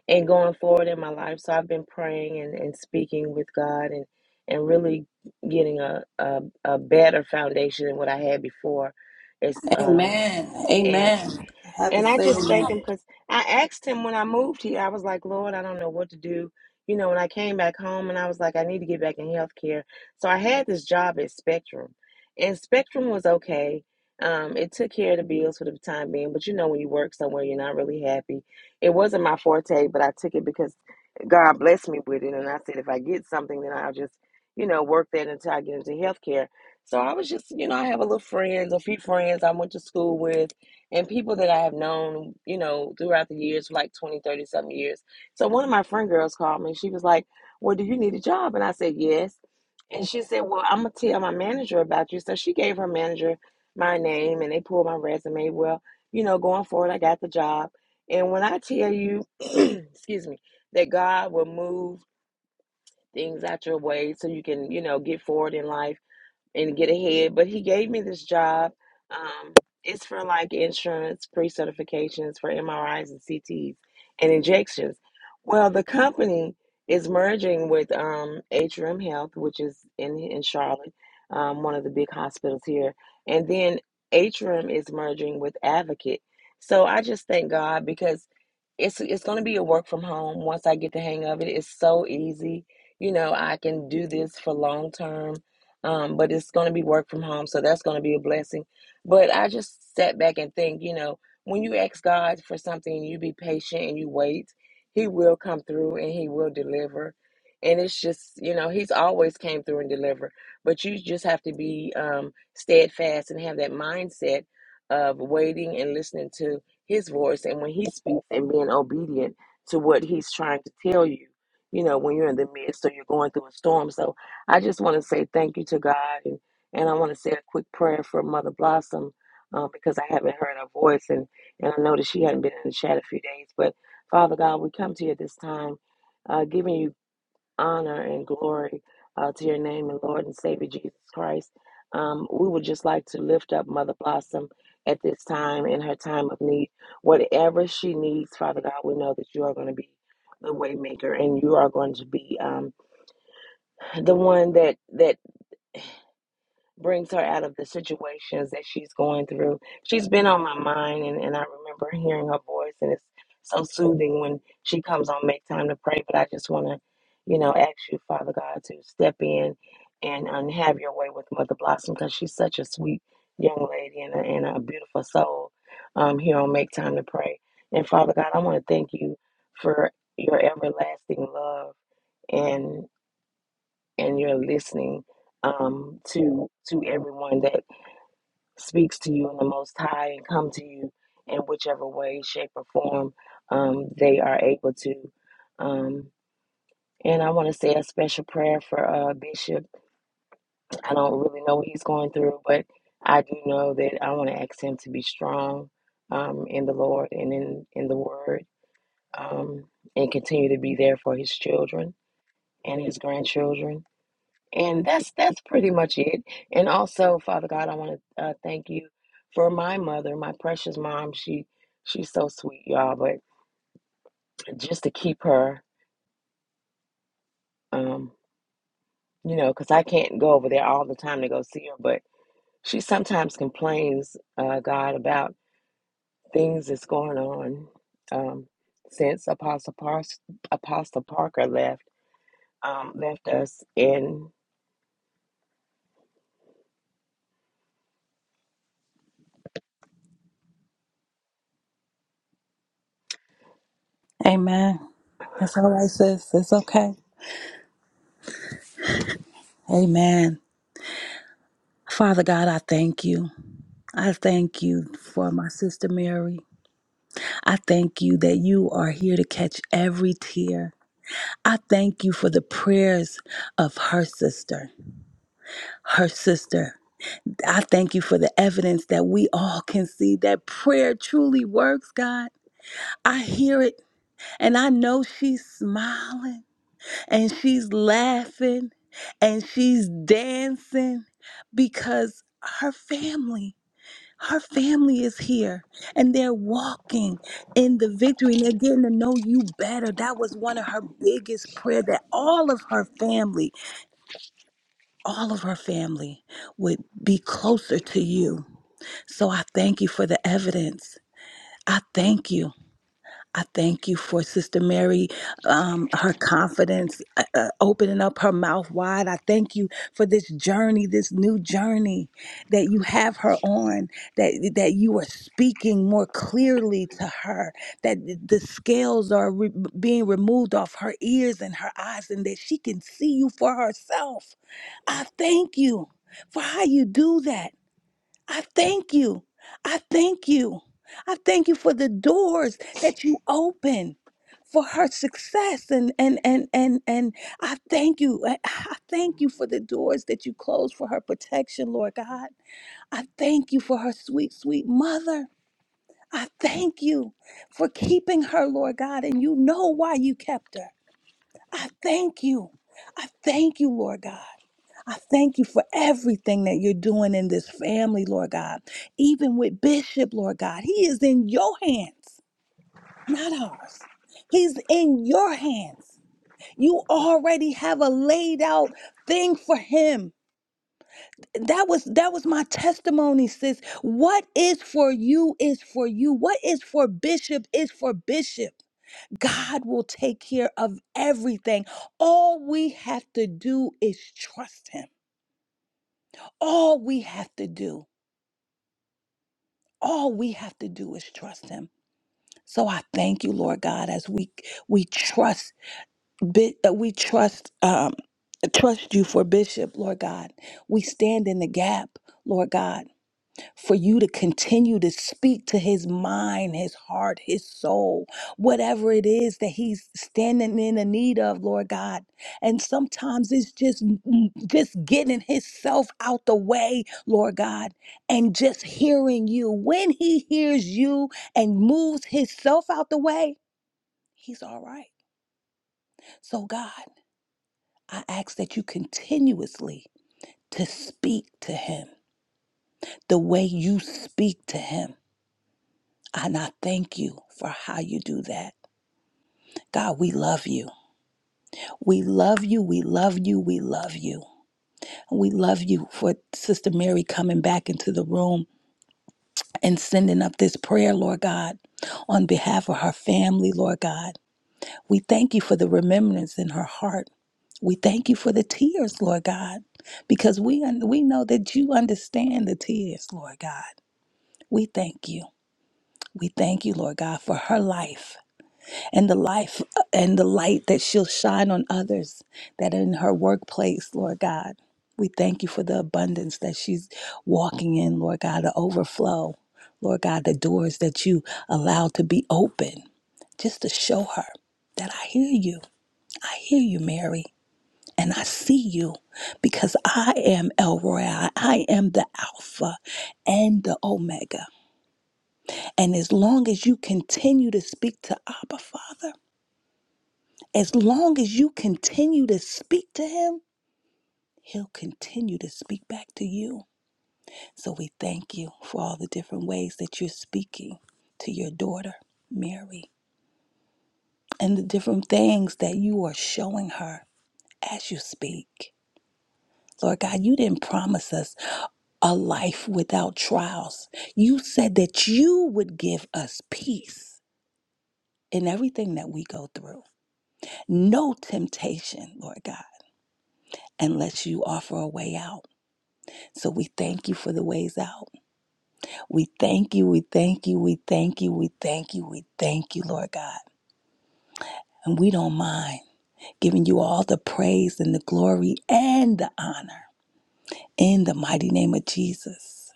[SPEAKER 11] and going forward in my life. So I've been praying and, and speaking with God and, and really getting a, a, a better foundation than what I had before. It's um
[SPEAKER 5] Amen. Amen. I have to
[SPEAKER 11] and I
[SPEAKER 5] say
[SPEAKER 11] just thank
[SPEAKER 5] amen.
[SPEAKER 11] him because I asked him when I moved here, I was like, Lord, I don't know what to do. You know, when I came back home and I was like, I need to get back in healthcare. So I had this job at Spectrum, and Spectrum was okay. Um, it took care of the bills for the time being, but you know, when you work somewhere, you're not really happy. It wasn't my forte, but I took it because God blessed me with it. And I said, if I get something, then I'll just, you know, work that until I get into healthcare. So I was just, you know, I have a little friends, a few friends I went to school with and people that I have known, you know, throughout the years, for like 20, 30, some years. So one of my friend girls called me. She was like, Well, do you need a job? And I said, Yes. And she said, Well, I'm going to tell my manager about you. So she gave her manager my name and they pulled my resume. Well, you know, going forward, I got the job. And when I tell you, excuse me, that God will move things out your way so you can, you know, get forward in life and get ahead. But he gave me this job. Um, it's for like insurance, pre certifications for MRIs and CTs and injections. Well, the company is merging with um, Atrium Health, which is in, in Charlotte, um, one of the big hospitals here. And then Atrium is merging with Advocate. So I just thank God because it's it's going to be a work from home once I get the hang of it. It's so easy. You know, I can do this for long term. Um, but it's going to be work from home, so that's going to be a blessing. But I just sat back and think, you know, when you ask God for something and you be patient and you wait, he will come through and he will deliver. And it's just, you know, he's always came through and deliver, but you just have to be um steadfast and have that mindset of waiting and listening to his voice and when he speaks and being obedient to what he's trying to tell you, you know, when you're in the midst or you're going through a storm. So I just want to say thank you to God and, and I want to say a quick prayer for Mother Blossom um, because I haven't heard her voice and, and I know that she hadn't been in the chat a few days. But Father God, we come to you at this time. Uh, giving you honor and glory uh, to your name and Lord and Savior Jesus Christ. Um, we would just like to lift up Mother Blossom at this time in her time of need. Whatever she needs, Father God, we know that you are going to be the waymaker and you are going to be um, the one that that brings her out of the situations that she's going through. She's been on my mind, and, and I remember hearing her voice, and it's so soothing when she comes on Make Time to Pray. But I just want to, you know, ask you, Father God, to step in and, and have your way with Mother Blossom because she's such a sweet young lady and a, and a beautiful soul um, here on Make Time to Pray. And Father God, I want to thank you for your everlasting love. and and you're listening um, to to everyone that speaks to you in the Most High and come to you in whichever way, shape, or form um, they are able to. Um, and I want to say a special prayer for uh, Bishop. I don't really know what he's going through, but I do know that I want to ask him to be strong um, in the Lord and in in the Word, um, and continue to be there for his children and his grandchildren And that's that's pretty much it. And also, Father God, I want to uh, thank you for my mother, my precious mom. She she's so sweet, y'all. But just to keep her, um, you know, because I can't go over there all the time to go see her. But she sometimes complains, uh, God, about things that's going on um, since Apostle Par- Apostle Parker left um, left us. And
[SPEAKER 5] Amen. It's all right, sis. It's okay. Amen. Father God, I thank you. I thank you for my sister Mary. I thank you that you are here to catch every tear. I thank you for the prayers of her sister, her sister. I thank you for the evidence that we all can see that prayer truly works, God. I hear it and I know she's smiling and she's laughing and she's dancing because her family. Her family is here and they're walking in the victory and they're getting to know you better. That was one of her biggest prayer that all of her family, all of her family would be closer to you. So I thank you for the evidence. I thank you. I thank you for Sister Mary, um, her confidence, uh, uh, opening up her mouth wide. I thank you for this journey, this new journey that you have her on, that, that you are speaking more clearly to her, that the scales are re- being removed off her ears and her eyes, and that she can see you for herself. I thank you for how you do that. I thank you. I thank you. I thank you for the doors that you open for her success and and and and and I thank you. I, I thank you for the doors that you close for her protection, Lord God. I thank you for her sweet sweet mother. I thank you for keeping her, Lord God, and you know why you kept her. I thank you. I thank you, Lord God. I thank you for everything that you're doing in this family, Lord God. Even with Bishop, Lord God, he is in your hands, not ours. He's in your hands. You already have a laid out thing for him. That was that was my testimony, sis. What is for you is for you. What is for Bishop is for Bishop. God will take care of everything. All we have to do is trust him. All we have to do. all we have to do is trust him so i thank you lord god as we we trust bit that we trust um trust you for bishop lord god we stand in the gap lord god for you to continue to speak to his mind, his heart, his soul, whatever it is that he's standing in the need of, Lord God. And sometimes it's just mm, mm, just getting himself out the way, Lord God, and just hearing you. When he hears you and moves himself out the way, he's all right. So God, I ask that you continuously to speak to him the way you speak to him And I thank you for how you do that. God, we love you. We love you. We love you. We love you. We love you for Sister Mary coming back into the room and sending up this prayer, Lord God, on behalf of her family, Lord God. We thank you for the remembrance in her heart. We thank you for the tears, Lord God, because we un- we know that you understand the tears, Lord God. We thank you. We thank you, Lord God, for her life. and the life and the light that she'll shine on others that are in her workplace, Lord God. We thank you for the abundance that she's walking in, Lord God, the overflow, Lord God, the doors that you allow to be open just to show her that I hear you. I hear you, Mary, and I see you because I am El Roy. I am the Alpha and the Omega. And as long as you continue to speak to Abba, Father, As long as you continue to speak to him, he'll continue to speak back to you. So we thank you for all the different ways that you're speaking to your daughter, Mary, and the different things that you are showing her as you speak. Lord God, you didn't promise us a life without trials. You said that you would give us peace in everything that we go through. No temptation, Lord God, unless you offer a way out. So we thank you for the ways out. We thank you, we thank you, we thank you, we thank you, we thank you, Lord God. And we don't mind giving you all the praise and the glory and the honor in the mighty name of Jesus.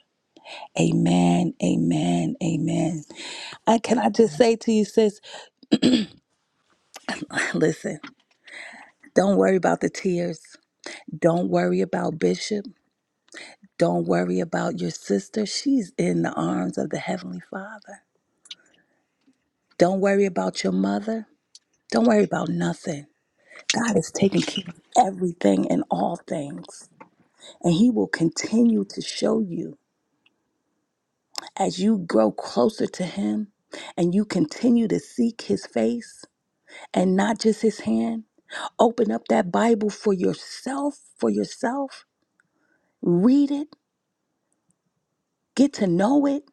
[SPEAKER 5] Amen, amen, amen. And can I just say to you, sis, listen, don't worry about the tears. Don't worry about Bishop. Don't worry about your sister. She's in the arms of the Heavenly Father. Don't worry about your mother. Don't worry about nothing. God is taking care of everything and all things. And He will continue to show you as you grow closer to Him and you continue to seek His face and not just His hand. Open up that Bible for yourself, for yourself. Read it, get to know it,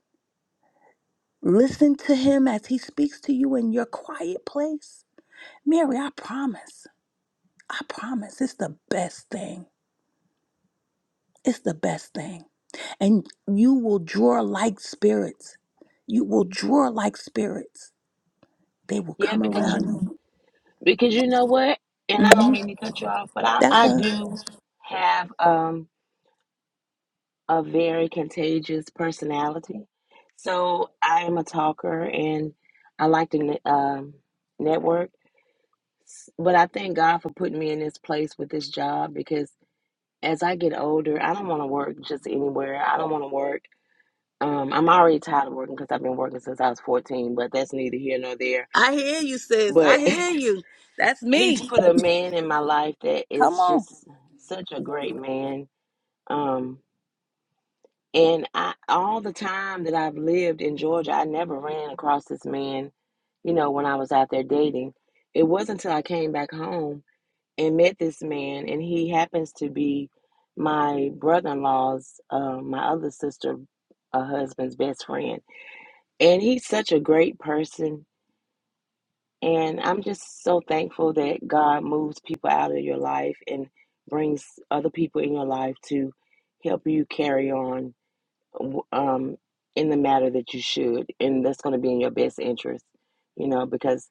[SPEAKER 5] listen to Him as He speaks to you in your quiet place. Mary, I promise, I promise, it's the best thing. It's the best thing. And you will draw like spirits. You will draw like spirits. They will
[SPEAKER 11] yeah,
[SPEAKER 5] come
[SPEAKER 11] because.
[SPEAKER 5] around you.
[SPEAKER 11] Because you know what? And I don't
[SPEAKER 5] Mm-hmm.
[SPEAKER 11] mean to cut you off, but I,
[SPEAKER 5] That's
[SPEAKER 11] I
[SPEAKER 5] her.
[SPEAKER 11] do have um a very contagious personality. So I am a talker and I like to ne- um network. S- But I thank God for putting me in this place with this job because as I get older, I don't want to work just anywhere. I don't want to work. Um, I'm already tired of working because I've been working since I was 14, but that's neither here nor there.
[SPEAKER 5] I hear you, sis. I
[SPEAKER 11] But
[SPEAKER 5] hear you. That's
[SPEAKER 11] He's
[SPEAKER 5] me.
[SPEAKER 11] put a man in my life that
[SPEAKER 5] Come
[SPEAKER 11] is
[SPEAKER 5] on.
[SPEAKER 11] just such a great man. Um, and I, all the time that I've lived in Georgia, I never ran across this man, you know, when I was out there dating. It wasn't until I came back home and met this man, and he happens to be my brother in law's, uh, my other sister, uh, husband's best friend. And he's such a great person. And I'm just so thankful that God moves people out of your life and brings other people in your life to help you carry on um, in the matter that you should. And that's going to be in your best interest, you know, because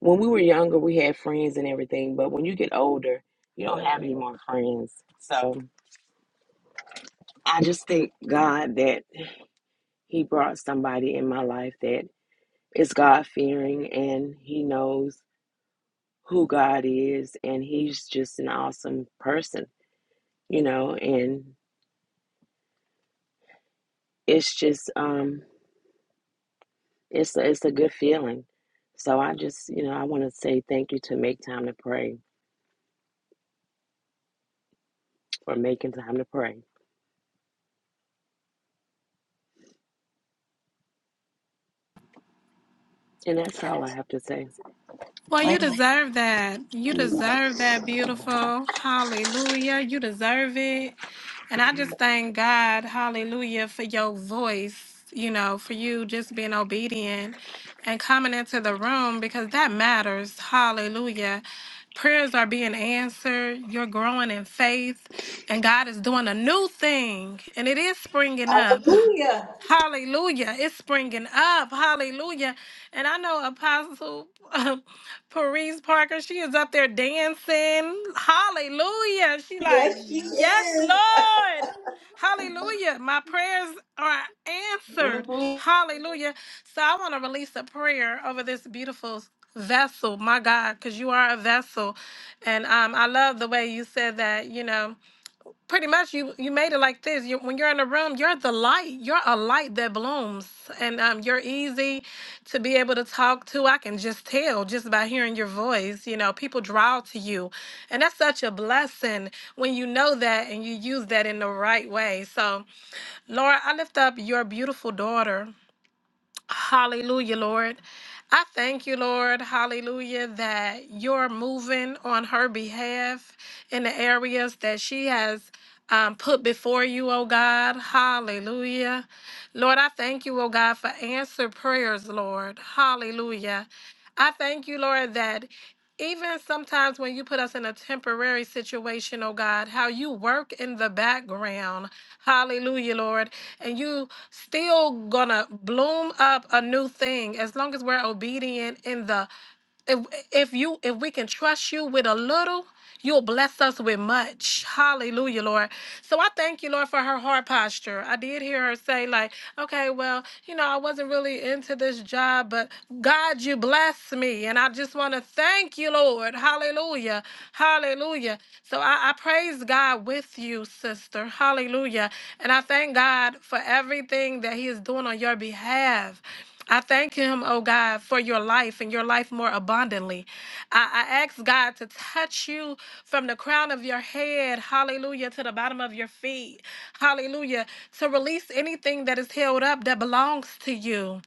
[SPEAKER 11] when we were younger, we had friends and everything. But when you get older, you don't have any more friends. So I just thank God that He brought somebody in my life that is God fearing and He knows who God is, and He's just an awesome person, you know. And it's just, um, it's a, it's a good feeling. So I just, you know, I want to say thank you to Make Time to Pray for making time to pray, and that's all I have to say.
[SPEAKER 10] Well,
[SPEAKER 5] I
[SPEAKER 10] you
[SPEAKER 5] ain't gonna
[SPEAKER 10] deserve that. You
[SPEAKER 5] do that.
[SPEAKER 10] deserve that, beautiful. Hallelujah. You deserve it. And I just thank God, hallelujah, for your voice, you know, for you just being obedient and coming into the room because that matters. Hallelujah. Prayers are being answered. You're growing in faith, and God is doing a new thing, and it is springing up.
[SPEAKER 5] Yeah.
[SPEAKER 10] Hallelujah. It's springing up. Hallelujah. And I know Apostle uh, Paris Parker, she is up there dancing. Hallelujah. She like,
[SPEAKER 5] Yes, she
[SPEAKER 10] yes,
[SPEAKER 5] is.
[SPEAKER 10] Lord. Hallelujah. My prayers are answered.
[SPEAKER 5] hmm
[SPEAKER 10] Hallelujah. So I want to release a prayer over this beautiful vessel, my God, because you are a vessel. And um, I love the way you said that, you know pretty much you you made it like this you, when you're in a room you're the light you're a light that blooms and um, you're easy to be able to talk to i can just tell just by hearing your voice you know people draw to you and that's such a blessing when you know that and you use that in the right way so lord i lift up your beautiful daughter hallelujah lord I thank you, Lord, hallelujah, that you're moving on her behalf in the areas that she has um, put before you, oh God. Hallelujah. Lord, I thank you, oh God, for answer prayers, Lord. Hallelujah. I thank you, Lord, that even sometimes when you put us in a temporary situation, oh God, how you work in the background. Hallelujah, Lord. And you still gonna bloom up a new thing as long as we're obedient in the if if you if we can trust you with a little you'll bless us with much hallelujah lord so i thank you lord for her heart posture i did hear her say like okay well you know i wasn't really into this job but god you blessed me and i just want to thank you lord hallelujah hallelujah so I, I praise god with you sister hallelujah and i thank god for everything that he is doing on your behalf I thank him, oh God, for your life and your life more abundantly. I, I ask God to touch you from the crown of your head, hallelujah, to the bottom of your feet, hallelujah, to release anything that is held up that belongs to you.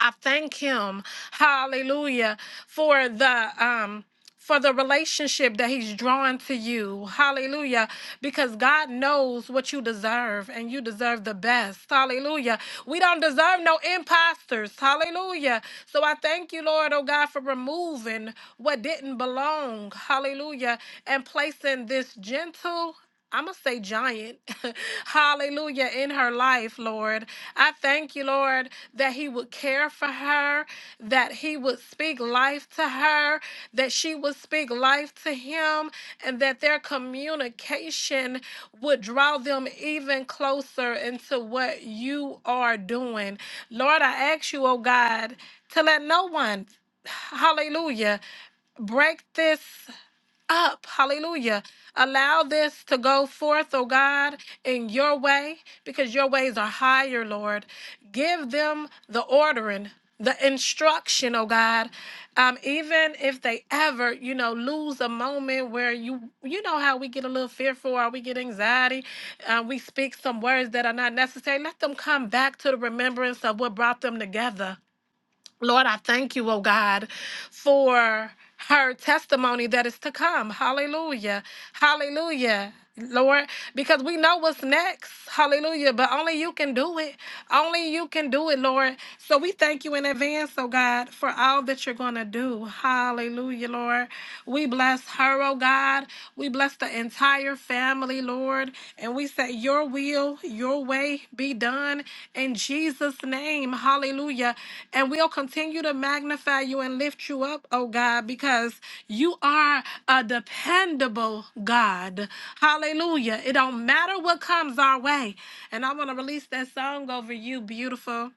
[SPEAKER 10] I thank him, hallelujah, for the um for the relationship that he's drawing to you. Hallelujah. Because God knows what you deserve and you deserve the best. Hallelujah. We don't deserve no imposters. Hallelujah. So I thank you, Lord, oh God, for removing what didn't belong. Hallelujah. And placing this gentle I'm going to say giant. Hallelujah. In her life, Lord. I thank you, Lord, that He would care for her, that He would speak life to her, that she would speak life to Him, and that their communication would draw them even closer into what you are doing. Lord, I ask you, oh God, to let no one, hallelujah, break this up. Hallelujah. Allow this to go forth, oh God, in your way, because your ways are higher, Lord. Give them the ordering. The instruction, oh God, um, even if they ever, you know, lose a moment where you, you know, how we get a little fearful or we get anxiety, uh, we speak some words that are not necessary. Let them come back to the remembrance of what brought them together. Lord, I thank you, oh God, for her testimony that is to come. Hallelujah. Hallelujah. Lord, because we know what's next. Hallelujah. But only you can do it. Only you can do it, Lord. So we thank you in advance, oh God, for all that you're going to do. Hallelujah, Lord. We bless her, oh God. We bless the entire family, Lord. And we say, Your will, your way be done in Jesus' name. Hallelujah. And we'll continue to magnify you and lift you up, oh God, because you are a dependable God. Hallelujah. It don't matter what comes our way. And I want to release that song over you, beautiful.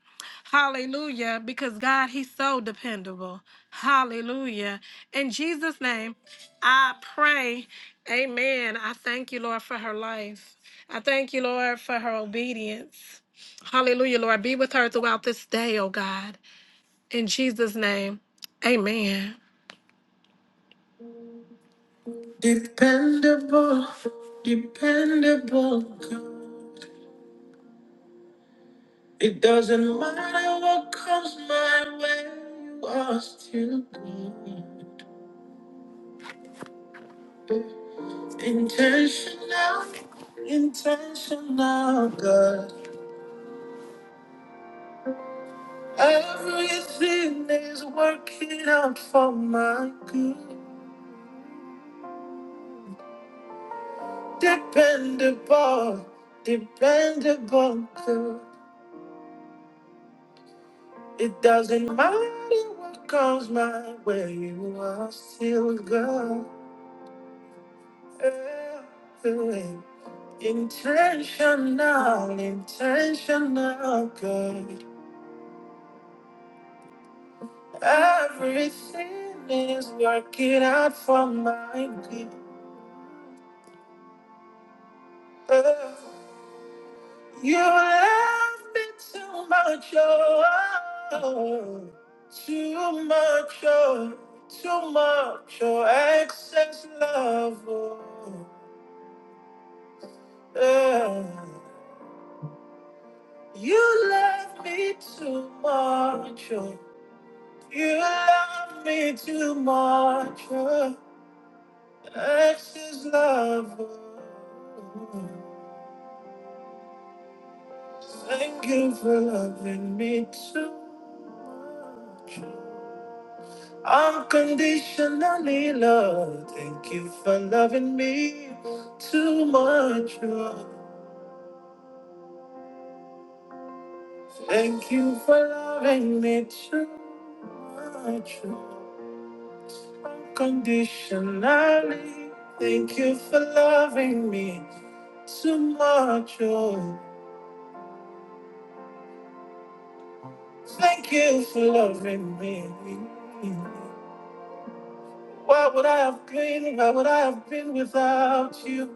[SPEAKER 10] Hallelujah. Because God, He's so dependable. Hallelujah. In Jesus' name. I pray, amen. I thank you, Lord, for her life. I thank you, Lord, for her obedience. Hallelujah, Lord. Be with her throughout this day, oh God. In Jesus' name, amen. Dependable, dependable God. It doesn't matter what comes my way, you are still good. Intentional, intentional God. Everything is working out for my good. Dependable, dependable good. It doesn't matter what comes my way, you are still God. Eh, eh. Intentional, intentional good. Everything is working out for my good. Eh, You love me too much, oh, too much, oh, too much, oh, excess love, oh, yeah. You love me too much, oh, you love me too much, oh, excess love, oh. Thank you for loving me too much. Unconditionally love. Thank you for loving me too much. Lord. Thank you for loving me too much. Lord. Unconditionally. Thank you for loving me too much. Lord. Thank you for loving me. Why would I have been? Why would I have been without you?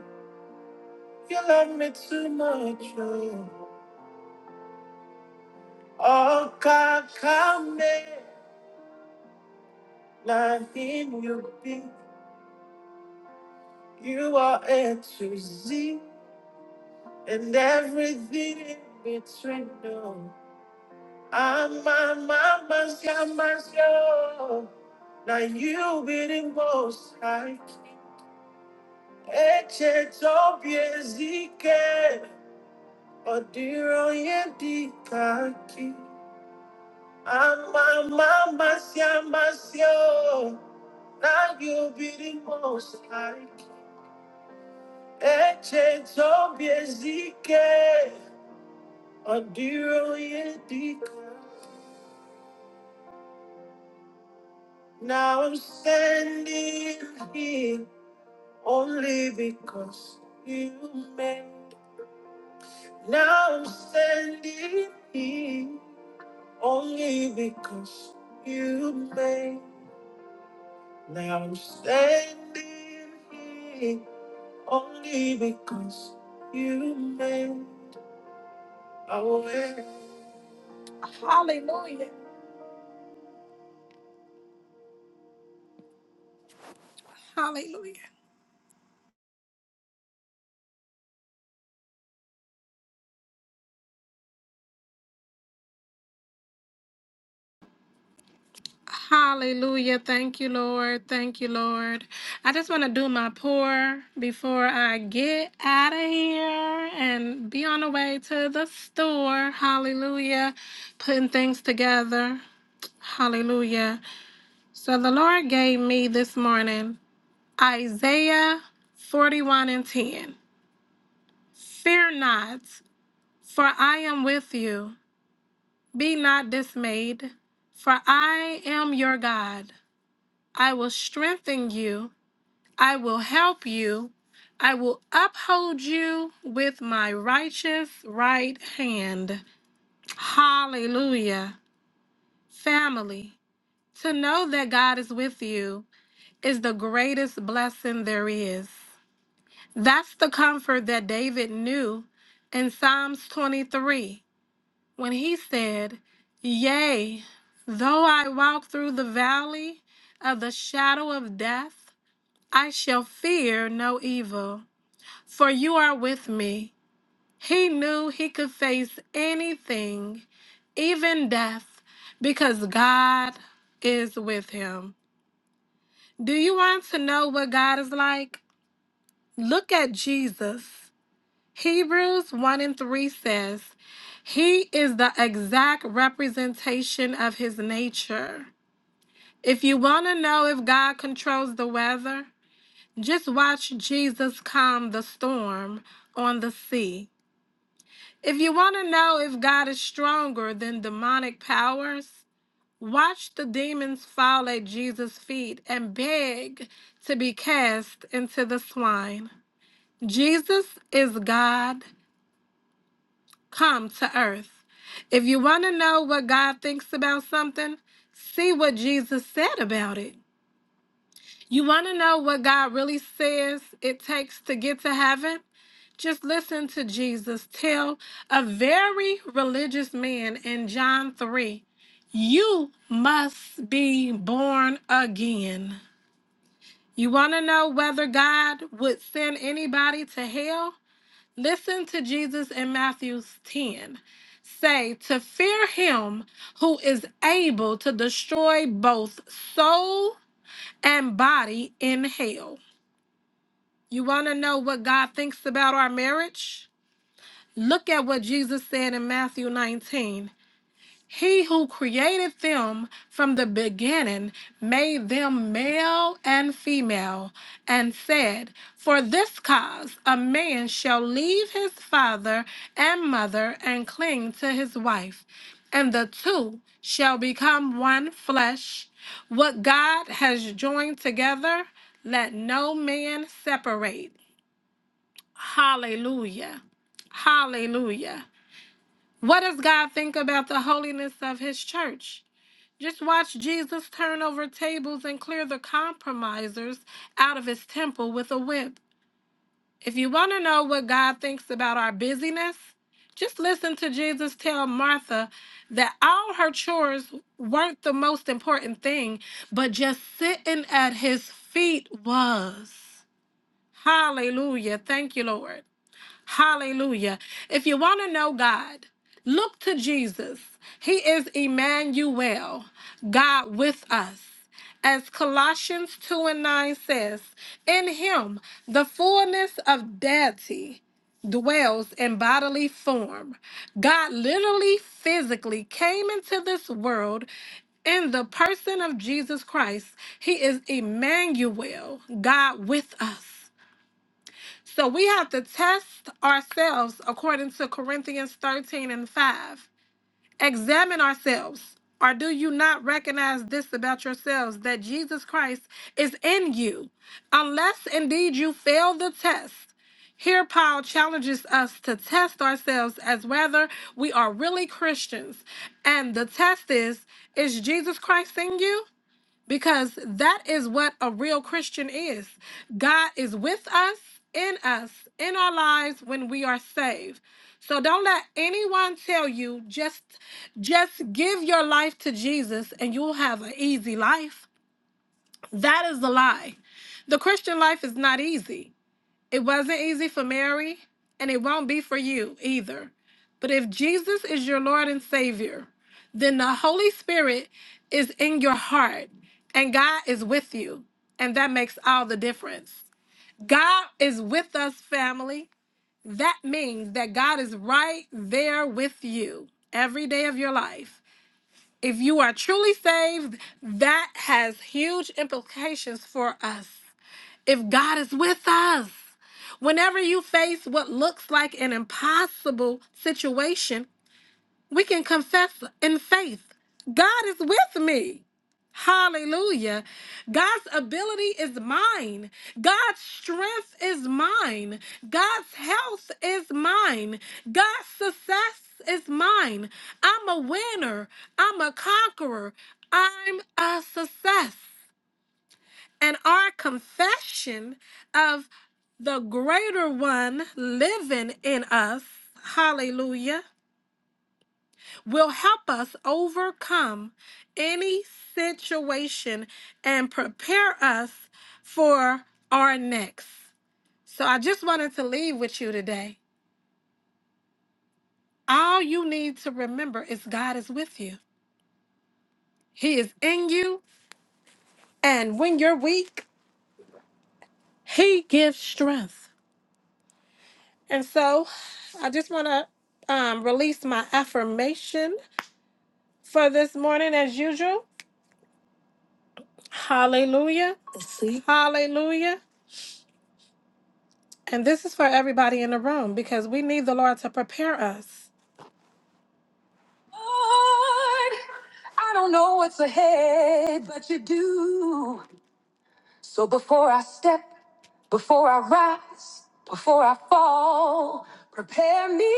[SPEAKER 10] You love me too much. Lord. Okakame, not him you be. You are A to Z and everything in between. No, I'm my mama's mama's yo. Now you be the most high. Eche tobie zike, odiro ye dikaki. I'm my mama's mama's yo. Now you be the most high. Eche tobie zike. Adiro yedika. Now I'm standing here only because you made. Now I'm standing here only because you made. Now I'm standing here only because you made a way. Hallelujah. Hallelujah. Hallelujah. Thank you, Lord. Thank you, Lord. I just want to do my pour before I get out of here and be on the way to the store. Hallelujah. Putting things together. Hallelujah. So the Lord gave me this morning Isaiah 41 and 10. Fear not, for I am with you. Be not dismayed, for I am your God. I will strengthen you. I will help you. I will uphold you with my righteous right hand. Hallelujah. Family, to know that God is with you is the greatest blessing there is. That's the comfort that David knew in Psalms 23 when he said, Yea, though I walk through the valley of the shadow of death, I shall fear no evil, for you are with me. He knew he could face anything, even death, because God is with him. Do you want to know what God is like? Look at Jesus. Hebrews 1 and 3 says, He is the exact representation of his nature. If you want to know if God controls the weather, Just watch Jesus calm the storm on the sea. If you want to know if God is stronger than demonic powers, watch the demons fall at Jesus' feet and beg to be cast into the swine. Jesus is God come to earth. If you want to know what God thinks about something, see what Jesus said about it. You want to know what God really says it takes to get to heaven? Just listen to Jesus tell a very religious man in John 3 You must be born again. You want to know whether God would send anybody to hell? Listen to Jesus in Matthew 10 say to fear him who is able to destroy both soul and body in hell. You want to know what God thinks about our marriage? Look at what Jesus said in Matthew 19. He who created them from the beginning made them male and female, and said, For this cause a man shall leave his father and mother and cling to his wife, and the two shall become one flesh. What God has joined together, let no man separate. Hallelujah. Hallelujah. What does God think about the holiness of his church? Just watch Jesus turn over tables and clear the compromisers out of his temple with a whip. If you want to know what God thinks about our busyness, just listen to Jesus tell Martha that all her chores weren't the most important thing, but just sitting at his feet was. Hallelujah. Thank you, Lord. Hallelujah. If you want to know God, look to Jesus. He is Emmanuel, God with us. As Colossians 2 and 9 says, in him the fullness of deity dwells in bodily form. God literally, physically came into this world in the person of Jesus Christ. He is Emmanuel, God with us. So we have to test ourselves according to Corinthians 13 and 5. Examine ourselves. Or do you not recognize this about yourselves that Jesus Christ is in you? Unless indeed you fail the test. Here, Paul challenges us to test ourselves as whether we are really Christians. And the test is is Jesus Christ in you? because that is what a real Christian is. God is with us, in us, in our lives when we are saved. So don't let anyone tell you just just give your life to Jesus and you'll have an easy life. That is a lie. The Christian life is not easy. It wasn't easy for Mary, and it won't be for you either. But if Jesus is your Lord and Savior, then the Holy Spirit is in your heart, and God is with you. And that makes all the difference. God is with us, family. That means that God is right there with you every day of your life. If you are truly saved, that has huge implications for us if God is with us. Whenever you face what looks like an impossible situation, we can confess in faith God is with me. Hallelujah. God's ability is mine. God's strength is mine. God's health is mine. God's success is mine. I'm a winner. I'm a conqueror. I'm a success and our confession of the greater one living in us, hallelujah, will help us overcome any situation and prepare us for our next. So I just wanted to leave with you today. All you need to remember is God is with you. He is in you, and when you're weak, he gives strength. And so I just want to um, release my affirmation for this morning as usual. Hallelujah. See? Hallelujah. And this is for everybody in the room because we need the Lord to prepare us. Lord, I don't know what's ahead, but you do. So before I step, before I rise, before I fall, prepare me,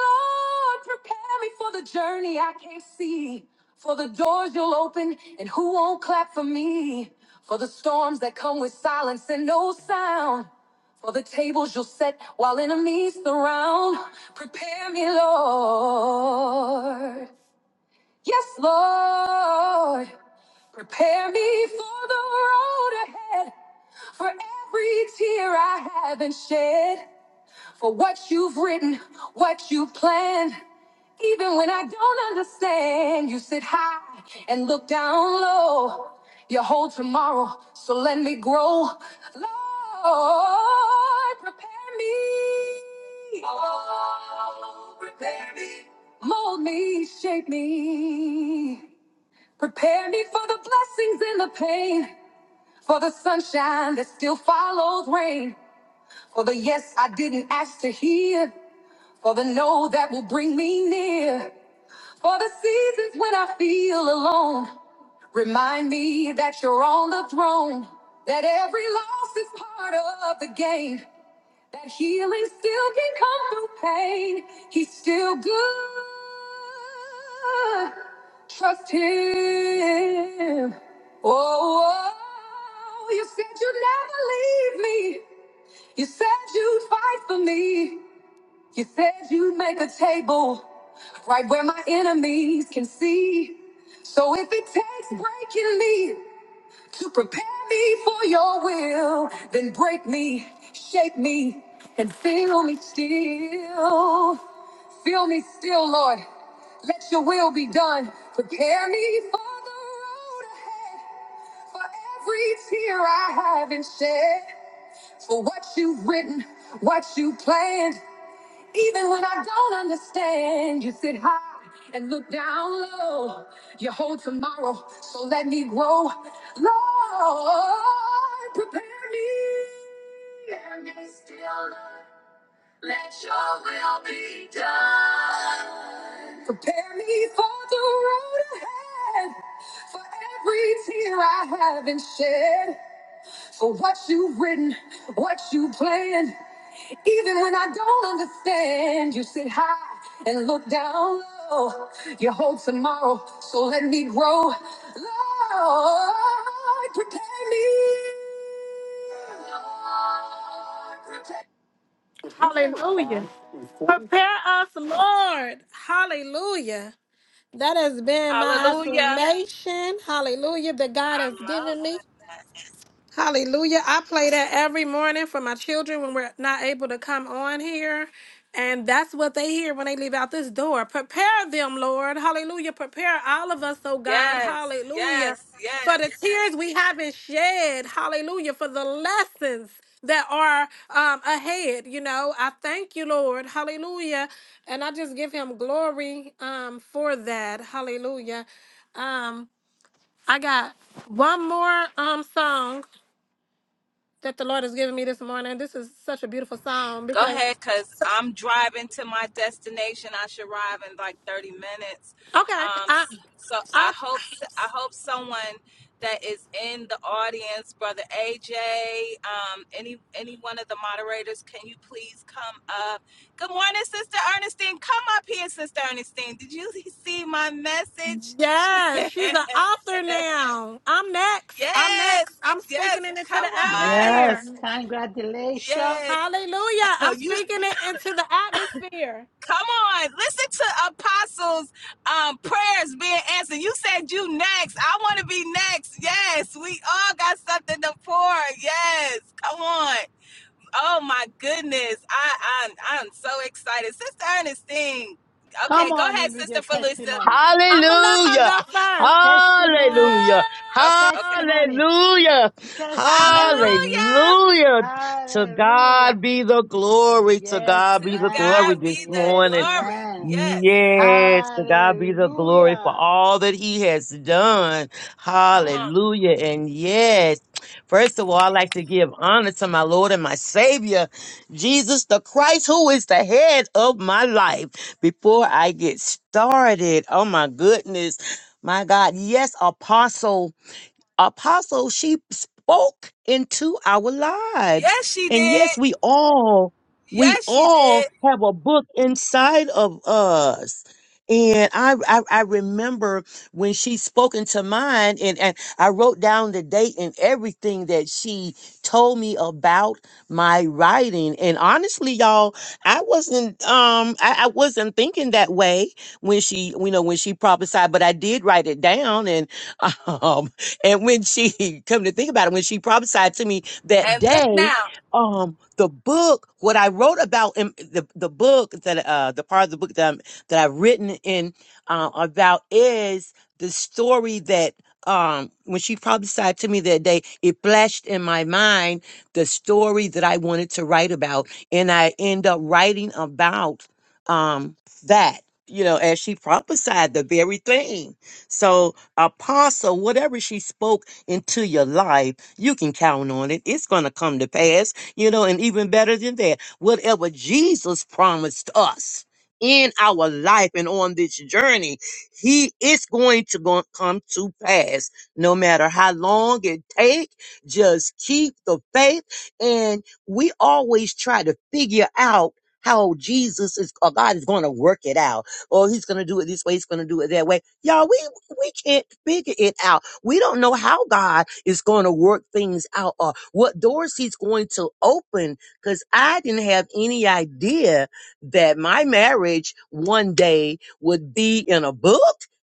[SPEAKER 10] Lord, prepare me for the journey I can't see, for the doors you'll open and who won't clap for me, for the storms that come with silence and no sound. For the tables you'll set while enemies surround. Prepare me, Lord. Yes, Lord. Prepare me for the road ahead, for every tear I haven't shed, for what you've written, what you planned. Even when I don't understand, you sit high and look down low. You hold tomorrow, so let me grow. Lord, prepare me. Oh, prepare me. Mold me, shape me. Prepare me for the blessings and the pain. For the sunshine that still follows rain. For the yes I didn't ask to hear. For the no that will bring me near. For the seasons when I feel alone. Remind me that you're on the throne. That every loss is part of the game. That healing still can come through pain. He's still good. Trust him. Oh, oh, you said you'd never leave me. You said you'd fight for me. You said you'd make a table right where my enemies can see. So if it takes breaking me, to prepare me for your will, then break me, shape me, and fill me still. Fill me still, Lord. Let your will be done. Prepare me for the road ahead, for every tear I haven't shed, for what you've written, what you planned. Even when I don't understand, you sit high and look down low. You hold tomorrow, so let me grow. Lord, prepare me. Prepare me still the will be done. Prepare me for the road ahead. For every tear I haven't shed. For what you've written, what you planned. Even when I don't understand, you sit high and look down low. You hold tomorrow, so let me grow. Lord, protect me. Hallelujah. Prepare us, Lord. Hallelujah. That has been my
[SPEAKER 5] Hallelujah.
[SPEAKER 10] affirmation. Hallelujah. That God
[SPEAKER 5] I
[SPEAKER 10] has
[SPEAKER 5] love.
[SPEAKER 10] given me. Hallelujah. I play that every morning for my children when we're not able to come on here. And that's what they hear when they leave out this door. Prepare them, Lord. Hallelujah. Prepare all of us, oh God.
[SPEAKER 5] Yes.
[SPEAKER 10] Hallelujah.
[SPEAKER 5] Yes. Yes.
[SPEAKER 10] For the tears we haven't shed. Hallelujah. For the lessons that are um, ahead. You know, I thank you, Lord. Hallelujah. And I just give him glory um, for that. Hallelujah. Um, I got one more um song that the Lord has given me this morning. This is such a beautiful song
[SPEAKER 5] Go
[SPEAKER 10] because
[SPEAKER 5] ahead, cause I'm driving to my destination. I should arrive in like 30 minutes.
[SPEAKER 10] okay,
[SPEAKER 5] Um,
[SPEAKER 10] I,
[SPEAKER 5] so
[SPEAKER 10] I
[SPEAKER 5] I hope I hope someone that is in the audience, brother AJ, um, any any one of the moderators, can you please come up? Good morning, sister Ernestine. Come up here, sister Ernestine. Did you see my message?
[SPEAKER 10] yes, she's the author now. I'm next. I'm
[SPEAKER 5] yes,
[SPEAKER 10] next. I'm
[SPEAKER 5] yes.
[SPEAKER 10] speaking it into the
[SPEAKER 5] Come on,
[SPEAKER 10] atmosphere.
[SPEAKER 3] Yes, congratulations.
[SPEAKER 5] yes.
[SPEAKER 10] Hallelujah! I'm
[SPEAKER 5] you.
[SPEAKER 10] speaking it into the atmosphere.
[SPEAKER 5] Come on, listen to Apostles' um, prayers being answered. You said you next. I want to be next. Yes, we all got something to pour. Yes, come on. Oh my goodness, I I'm I'm so excited, Sister Ernestine.
[SPEAKER 3] Come
[SPEAKER 5] Okay, go
[SPEAKER 3] on in
[SPEAKER 5] ahead,
[SPEAKER 3] with your
[SPEAKER 5] Sister Felicia.
[SPEAKER 3] testimony.
[SPEAKER 10] I'm gonna let her
[SPEAKER 12] Hallelujah.
[SPEAKER 10] go first.
[SPEAKER 3] Testimony,
[SPEAKER 12] Hallelujah.
[SPEAKER 5] Oh, okay,
[SPEAKER 3] testimony,
[SPEAKER 12] Hallelujah.
[SPEAKER 3] testimony.
[SPEAKER 5] Hallelujah.
[SPEAKER 12] Hallelujah. To
[SPEAKER 3] Hallelujah.
[SPEAKER 12] God be the glory. To
[SPEAKER 3] Yes,
[SPEAKER 12] God
[SPEAKER 5] To
[SPEAKER 12] be the glory
[SPEAKER 5] God
[SPEAKER 3] ma'am.
[SPEAKER 12] this
[SPEAKER 5] be the
[SPEAKER 3] Yes,
[SPEAKER 12] morning.
[SPEAKER 5] glory.
[SPEAKER 3] ma'am.
[SPEAKER 5] Yes,
[SPEAKER 12] Yes, to God be the glory for
[SPEAKER 3] Hallelujah.
[SPEAKER 12] all that he has done.
[SPEAKER 5] come on.
[SPEAKER 12] Hallelujah. And yes, first of all, i like to give honor to my Lord and my Savior, Jesus the Christ, who is the head of my life. Before I get started, oh my goodness, my God, yes, Apostle apostle, she spoke into our lives.
[SPEAKER 5] Yes, she
[SPEAKER 12] And
[SPEAKER 5] did.
[SPEAKER 12] yes, we all, we
[SPEAKER 5] Yes, she
[SPEAKER 12] all
[SPEAKER 5] did.
[SPEAKER 12] have a book inside of us. And I, I, I remember when she spoke into mine and, and I wrote down the date and everything that she told me about my writing. And honestly, y'all, I wasn't, um, I, I wasn't thinking that way when she, you know, when she prophesied, but I did write it down and And when she come to think about it, when she prophesied to me that
[SPEAKER 5] And look
[SPEAKER 12] day,
[SPEAKER 5] now.
[SPEAKER 12] um, the book, what I wrote about in the, the book that uh the part of the book that I'm that I've written in uh, about is the story that um when she prophesied to me that day, it flashed in my mind the story that I wanted to write about. And I end up writing about um that, you know, as she prophesied the very thing. So apostle, whatever she spoke into your life, you can count on it. It's going to come to pass, you know, and even better than that, whatever Jesus promised us in our life and on this journey, he is going to go- come to pass no matter how long it take. Just keep the faith. And we always try to figure out how Jesus is, or God is going to work it out. Or he's going to do it this way. He's going to do it that way. Y'all, we we can't figure it out. We don't know how God is going to work things out or what doors he's going to open because I didn't have any idea that my marriage one day would be in a book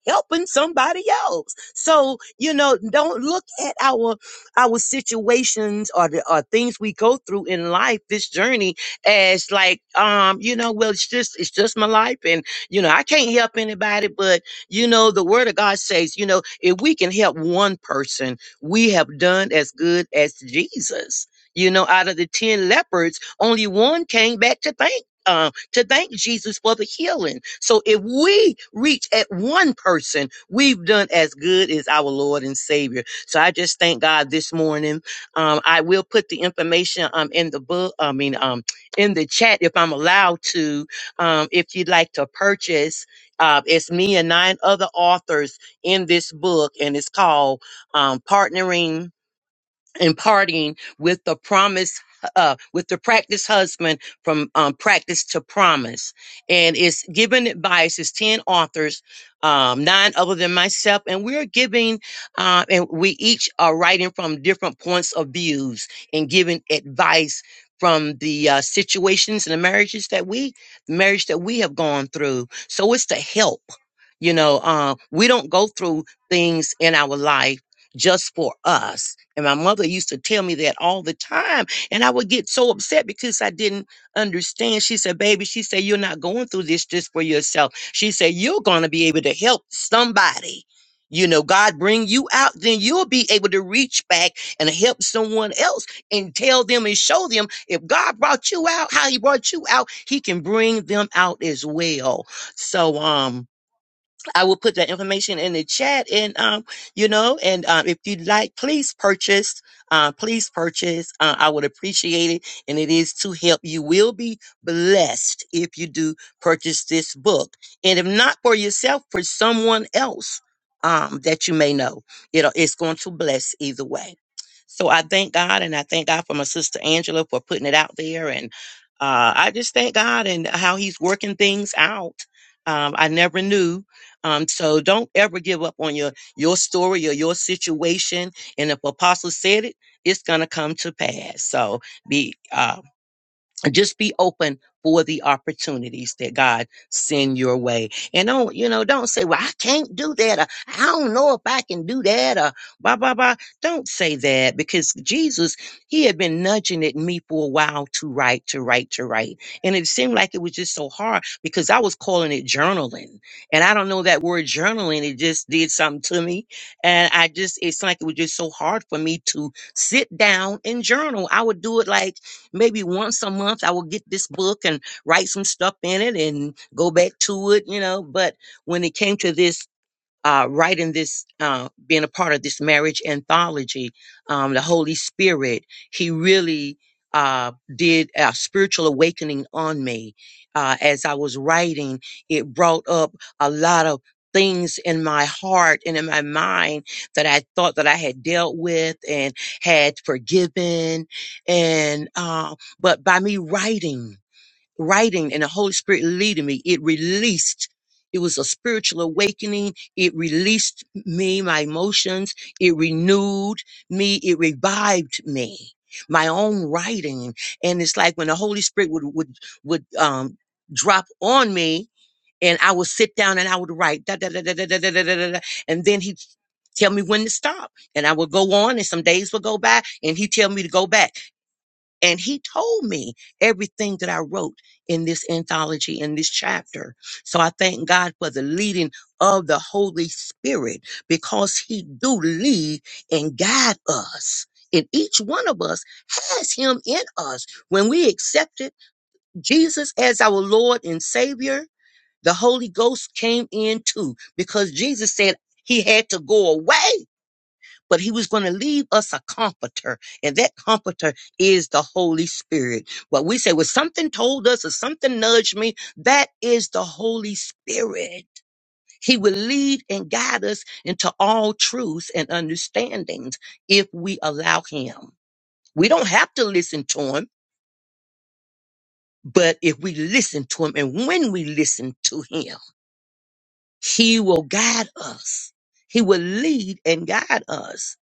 [SPEAKER 12] helping somebody else. So, you know, don't look at our our situations or the or things we go through in life, this journey as like um, you know, well it's just it's just my life and you know, I can't help anybody but you know, the word of God says, you know, if we can help one person, we have done as good as Jesus. You know, out of the 10 lepers, only one came back to thank um, to thank Jesus for the healing. So if we reach at one person, we've done as good as our Lord and Savior. So I just thank God this morning. Um, I will put the information um in the book. I mean um in the chat if I'm allowed to. Um, if you'd like to purchase. Uh, it's me and nine other authors in this book, and it's called um, Partnering and partying with the promise uh with the practice husband from um practice to promise and it's given advice it's 10 authors um nine other than myself and we're giving uh and we each are writing from different points of views and giving advice from the uh, situations and the marriages that we marriage that we have gone through so it's to help you know uh, we don't go through things in our life just for us. And my mother used to tell me that all the time. And I would get so upset because I didn't understand. She said, Baby, she said, You're not going through this just for yourself. She said, You're going to be able to help somebody. You know, God bring you out, then you'll be able to reach back and help someone else and tell them and show them if God brought you out, how he brought you out, he can bring them out as well. So, um, I will put that information in the chat, and um, you know, and um, if you'd like, please purchase. Uh, please purchase. Uh, I would appreciate it, and it is to help. You will be blessed if you do purchase this book, and if not for yourself, for someone else um, that you may know. It'll, it's going to bless either way. So I thank God, and I thank God for my sister Angela for putting it out there, and uh, I just thank God and how He's working things out. Um, I never knew um, so don't ever give up on your your story or your situation. And if Apostle said it, it's gonna come to pass. So be uh, just be open for the opportunities that God send your way. And don't, you know, don't say, well, I can't do that. Or, I don't know if I can do that or blah, blah, blah. Don't say that because Jesus, he had been nudging at me for a while to write, to write, to write. And it seemed like it was just so hard because I was calling it journaling. And I don't know that word journaling. It just did something to me. And I just, it's like it was just so hard for me to sit down and journal. I would do it like, Maybe once a month I will get this book and write some stuff in it and go back to it, you know. But when it came to this uh, writing this, uh, being a part of this marriage anthology, um, the Holy Spirit, He really uh, did a spiritual awakening on me. Uh, as I was writing, it brought up a lot of things in my heart and in my mind that I thought that I had dealt with and had forgiven. And, uh, but by me writing, writing and the Holy Spirit leading me. It released. It was a spiritual awakening. It released me, my emotions. It renewed me. It revived me, my own writing. And it's like when the Holy Spirit would, would, would, um, drop on me and I would sit down and I would write da, da, da, da, da, da, da, da, da, da, da. and then he'd tell me when to stop and I would go on and some days would go by and he'd tell me to go back and he told me everything that I wrote in this anthology, in this chapter. So I thank God for the leading of the Holy Spirit because he do lead and guide us. And each one of us has him in us. When we accepted Jesus as our Lord and Savior, the Holy Ghost came in too because Jesus said he had to go away but he was going to leave us a comforter. And that comforter is the Holy Spirit. What we say, well, something told us or something nudged me, that is the Holy Spirit. He will lead and guide us into all truths and understandings if we allow him. We don't have to listen to him, but if we listen to him and when we listen to him, he will guide us. He will lead and guide us.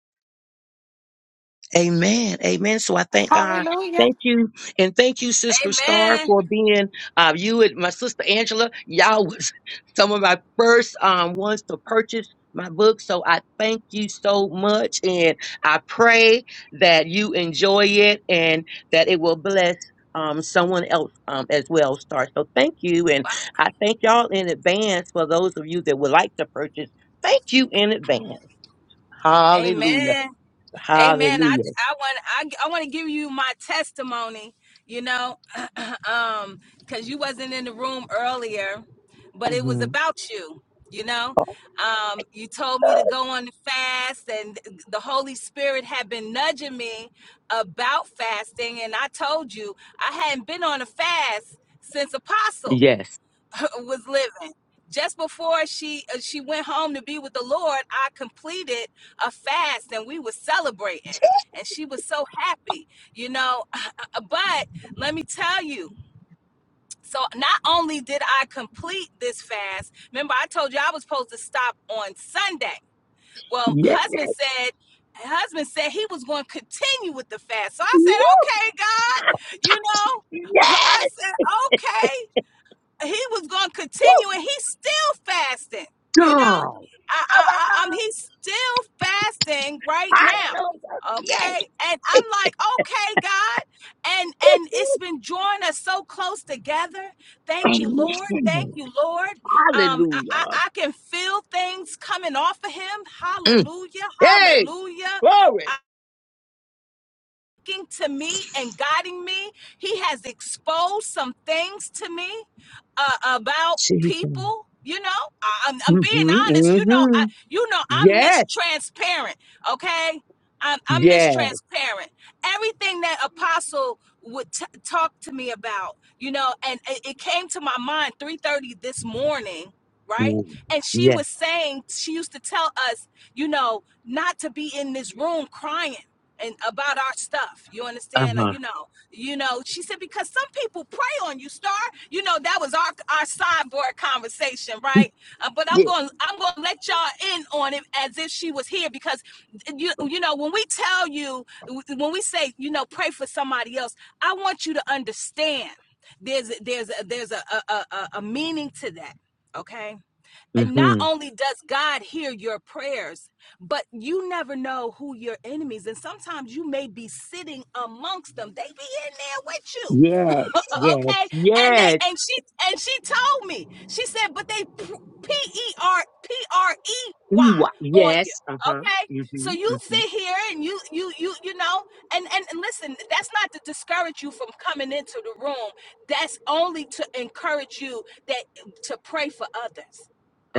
[SPEAKER 12] Amen. Amen. So I thank God. Thank you. And thank you, Sister Star,
[SPEAKER 5] Amen.
[SPEAKER 12] for being uh, you and my sister Angela. Y'all was some of my first um, ones to purchase my book. So I thank you so much. And I pray that you enjoy it and that it will bless um, someone else um, as well, Star. So thank you. And I thank y'all in advance for those of you that would like to purchase. Thank you in advance. Hallelujah.
[SPEAKER 5] Amen. Amen. I
[SPEAKER 12] Hallelujah.
[SPEAKER 5] I want I, I want to give you my testimony, you know, um cuz you wasn't in the room earlier, but it
[SPEAKER 12] Mhm.
[SPEAKER 5] was about you, you know. Um you told me to go on the fast and the Holy Spirit had been nudging me about fasting and I told you I hadn't been on a fast since apostle
[SPEAKER 12] Yes.
[SPEAKER 5] was living. Just before she uh, she went home to be with the Lord, I completed a fast and we were celebrating. And she was so happy, you know. But let me tell you, so not only did I complete this fast, remember I told you I was supposed to stop on Sunday. Well,
[SPEAKER 12] Yes.
[SPEAKER 5] husband said, husband said he was going to continue with the fast. So I said,
[SPEAKER 12] Yes.
[SPEAKER 5] okay, God, you know, I
[SPEAKER 12] Yes,
[SPEAKER 5] said, okay he was going to continue and he's still fasting you know
[SPEAKER 12] Girl.
[SPEAKER 5] I,
[SPEAKER 12] Oh my
[SPEAKER 5] I i am
[SPEAKER 12] God.
[SPEAKER 5] he's still fasting right now
[SPEAKER 12] Hallelujah. Yes.
[SPEAKER 5] okay and i'm like okay god and and it's been drawing us so close together thank you lord thank
[SPEAKER 12] Amen.
[SPEAKER 5] you lord um i i,
[SPEAKER 12] Hallelujah.
[SPEAKER 5] I can feel things coming off of him
[SPEAKER 12] Mm.
[SPEAKER 5] hallelujah
[SPEAKER 12] Hey,
[SPEAKER 5] hallelujah
[SPEAKER 12] glory.
[SPEAKER 5] I, speaking to me and guiding me. He has exposed some things to me uh, about
[SPEAKER 12] Jesus.
[SPEAKER 5] people. You know, I, I'm, I'm
[SPEAKER 12] Mm-hmm.
[SPEAKER 5] being honest. You know, I
[SPEAKER 12] Mm-hmm.
[SPEAKER 5] you know I'm
[SPEAKER 12] Yes.
[SPEAKER 5] mistransparent. Okay, I'm I'm
[SPEAKER 12] Yes.
[SPEAKER 5] mistransparent. Everything that Apostle would t- talk to me about, you know, and it, it came to my mind 3:30 this morning, right?
[SPEAKER 12] Mm.
[SPEAKER 5] And she
[SPEAKER 12] Yes.
[SPEAKER 5] was saying she used to tell us, you know, not to be in this room crying and about our stuff. You understand? Like,
[SPEAKER 12] Uh-huh.
[SPEAKER 5] You know, you know. She said because some people prey on you, Star. You know that was our our sideboard conversation, right? Uh, but
[SPEAKER 12] Yeah.
[SPEAKER 5] I'm going to I'm going to let y'all in on it as if she was here because you you know when we tell you when we say you know pray for somebody else, I want you to understand there's there's there's a a a a meaning to that. Okay and not
[SPEAKER 12] Mm-hmm.
[SPEAKER 5] only does God hear your prayers, but you never know who your enemies. And sometimes you may be sitting amongst them. They be in there with you.
[SPEAKER 12] Yes. Yes.
[SPEAKER 5] okay and
[SPEAKER 12] Yes.
[SPEAKER 5] they and she and she told me she said but they p-e-r-p-r-e-y
[SPEAKER 12] Mm,
[SPEAKER 5] on you
[SPEAKER 12] Yes. Uh-huh.
[SPEAKER 5] okay so
[SPEAKER 12] Mm-hmm.
[SPEAKER 5] you
[SPEAKER 12] Mm-hmm.
[SPEAKER 5] sit here and you you you you know and and and listen that's not to discourage you from coming into the room that's only to encourage you that to pray for others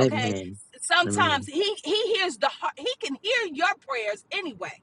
[SPEAKER 5] okay sometimes
[SPEAKER 12] Amen.
[SPEAKER 5] he he hears the heart he can hear your prayers anyway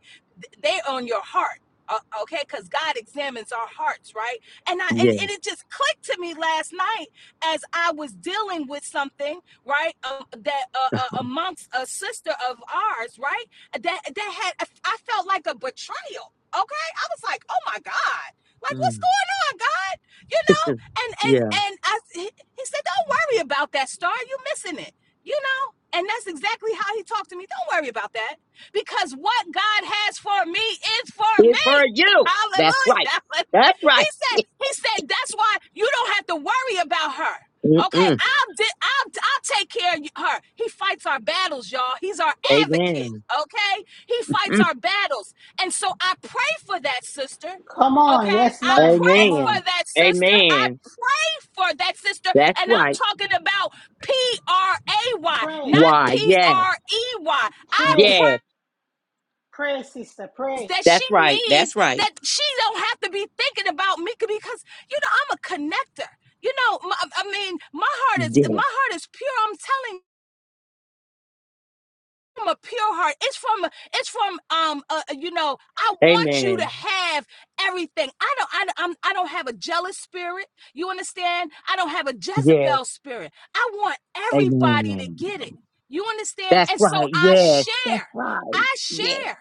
[SPEAKER 5] They're on your heart uh, okay because god examines our hearts right and I and,
[SPEAKER 12] Yeah.
[SPEAKER 5] and it just clicked to me last night as I was dealing with something, right? Um, that uh, uh, amongst a sister of ours, right? That that had I felt like a betrayal. Okay, I was like, oh my god, like what's
[SPEAKER 12] Mm.
[SPEAKER 5] going on, God? You know? And and
[SPEAKER 12] yeah.
[SPEAKER 5] and I he he said, don't worry about that star. You missing it, you know? And that's exactly how he talked to me. Don't worry about that because what God has for me is for
[SPEAKER 12] It's for
[SPEAKER 5] me.
[SPEAKER 12] you. That's right.
[SPEAKER 5] Hallelujah.
[SPEAKER 12] That's
[SPEAKER 5] He
[SPEAKER 12] right.
[SPEAKER 5] said, he said, that's why you don't have to worry about her. Okay,
[SPEAKER 12] Mm-mm.
[SPEAKER 5] I'll di- I'll I'll take care of her. He fights our battles, y'all. He's our advocate.
[SPEAKER 12] Amen.
[SPEAKER 5] Okay, he fights
[SPEAKER 12] Mm.
[SPEAKER 5] our battles, and so I pray for that sister.
[SPEAKER 3] Come
[SPEAKER 5] Okay,
[SPEAKER 3] on. Yes,
[SPEAKER 5] I
[SPEAKER 3] ma'am.
[SPEAKER 5] pray
[SPEAKER 3] Come
[SPEAKER 12] Amen.
[SPEAKER 5] for
[SPEAKER 3] on.
[SPEAKER 5] that sister. I
[SPEAKER 12] Amen.
[SPEAKER 5] pray for that sister,
[SPEAKER 12] That's
[SPEAKER 5] and I'm
[SPEAKER 12] right.
[SPEAKER 5] talking about P R A Y,
[SPEAKER 3] Pray,
[SPEAKER 5] not
[SPEAKER 12] Why?
[SPEAKER 5] P
[SPEAKER 12] Yes.
[SPEAKER 5] R E Y. I
[SPEAKER 3] pray,
[SPEAKER 5] pray
[SPEAKER 12] Yes.
[SPEAKER 3] pray, sister. Pray.
[SPEAKER 5] that she
[SPEAKER 12] That's right.
[SPEAKER 5] needs
[SPEAKER 12] That's right.
[SPEAKER 5] that she don't have to be thinking about me because you know I'm a connector. You know, my, I mean, my heart is
[SPEAKER 12] Yes.
[SPEAKER 5] my heart is pure. I'm telling from a pure heart. It's from it's from um uh, uh, you know I want you to
[SPEAKER 12] Amen.
[SPEAKER 5] have everything. I don't I don't- I'm, I don't have a jealous spirit. You understand? I don't have a
[SPEAKER 12] Yes.
[SPEAKER 5] Jezebel spirit. I want everybody to
[SPEAKER 12] Amen.
[SPEAKER 5] get it. You understand?
[SPEAKER 12] That's
[SPEAKER 5] And so
[SPEAKER 12] right.
[SPEAKER 5] I
[SPEAKER 12] Yes. That's
[SPEAKER 5] share.
[SPEAKER 12] right.
[SPEAKER 5] I
[SPEAKER 12] Yes.
[SPEAKER 5] share.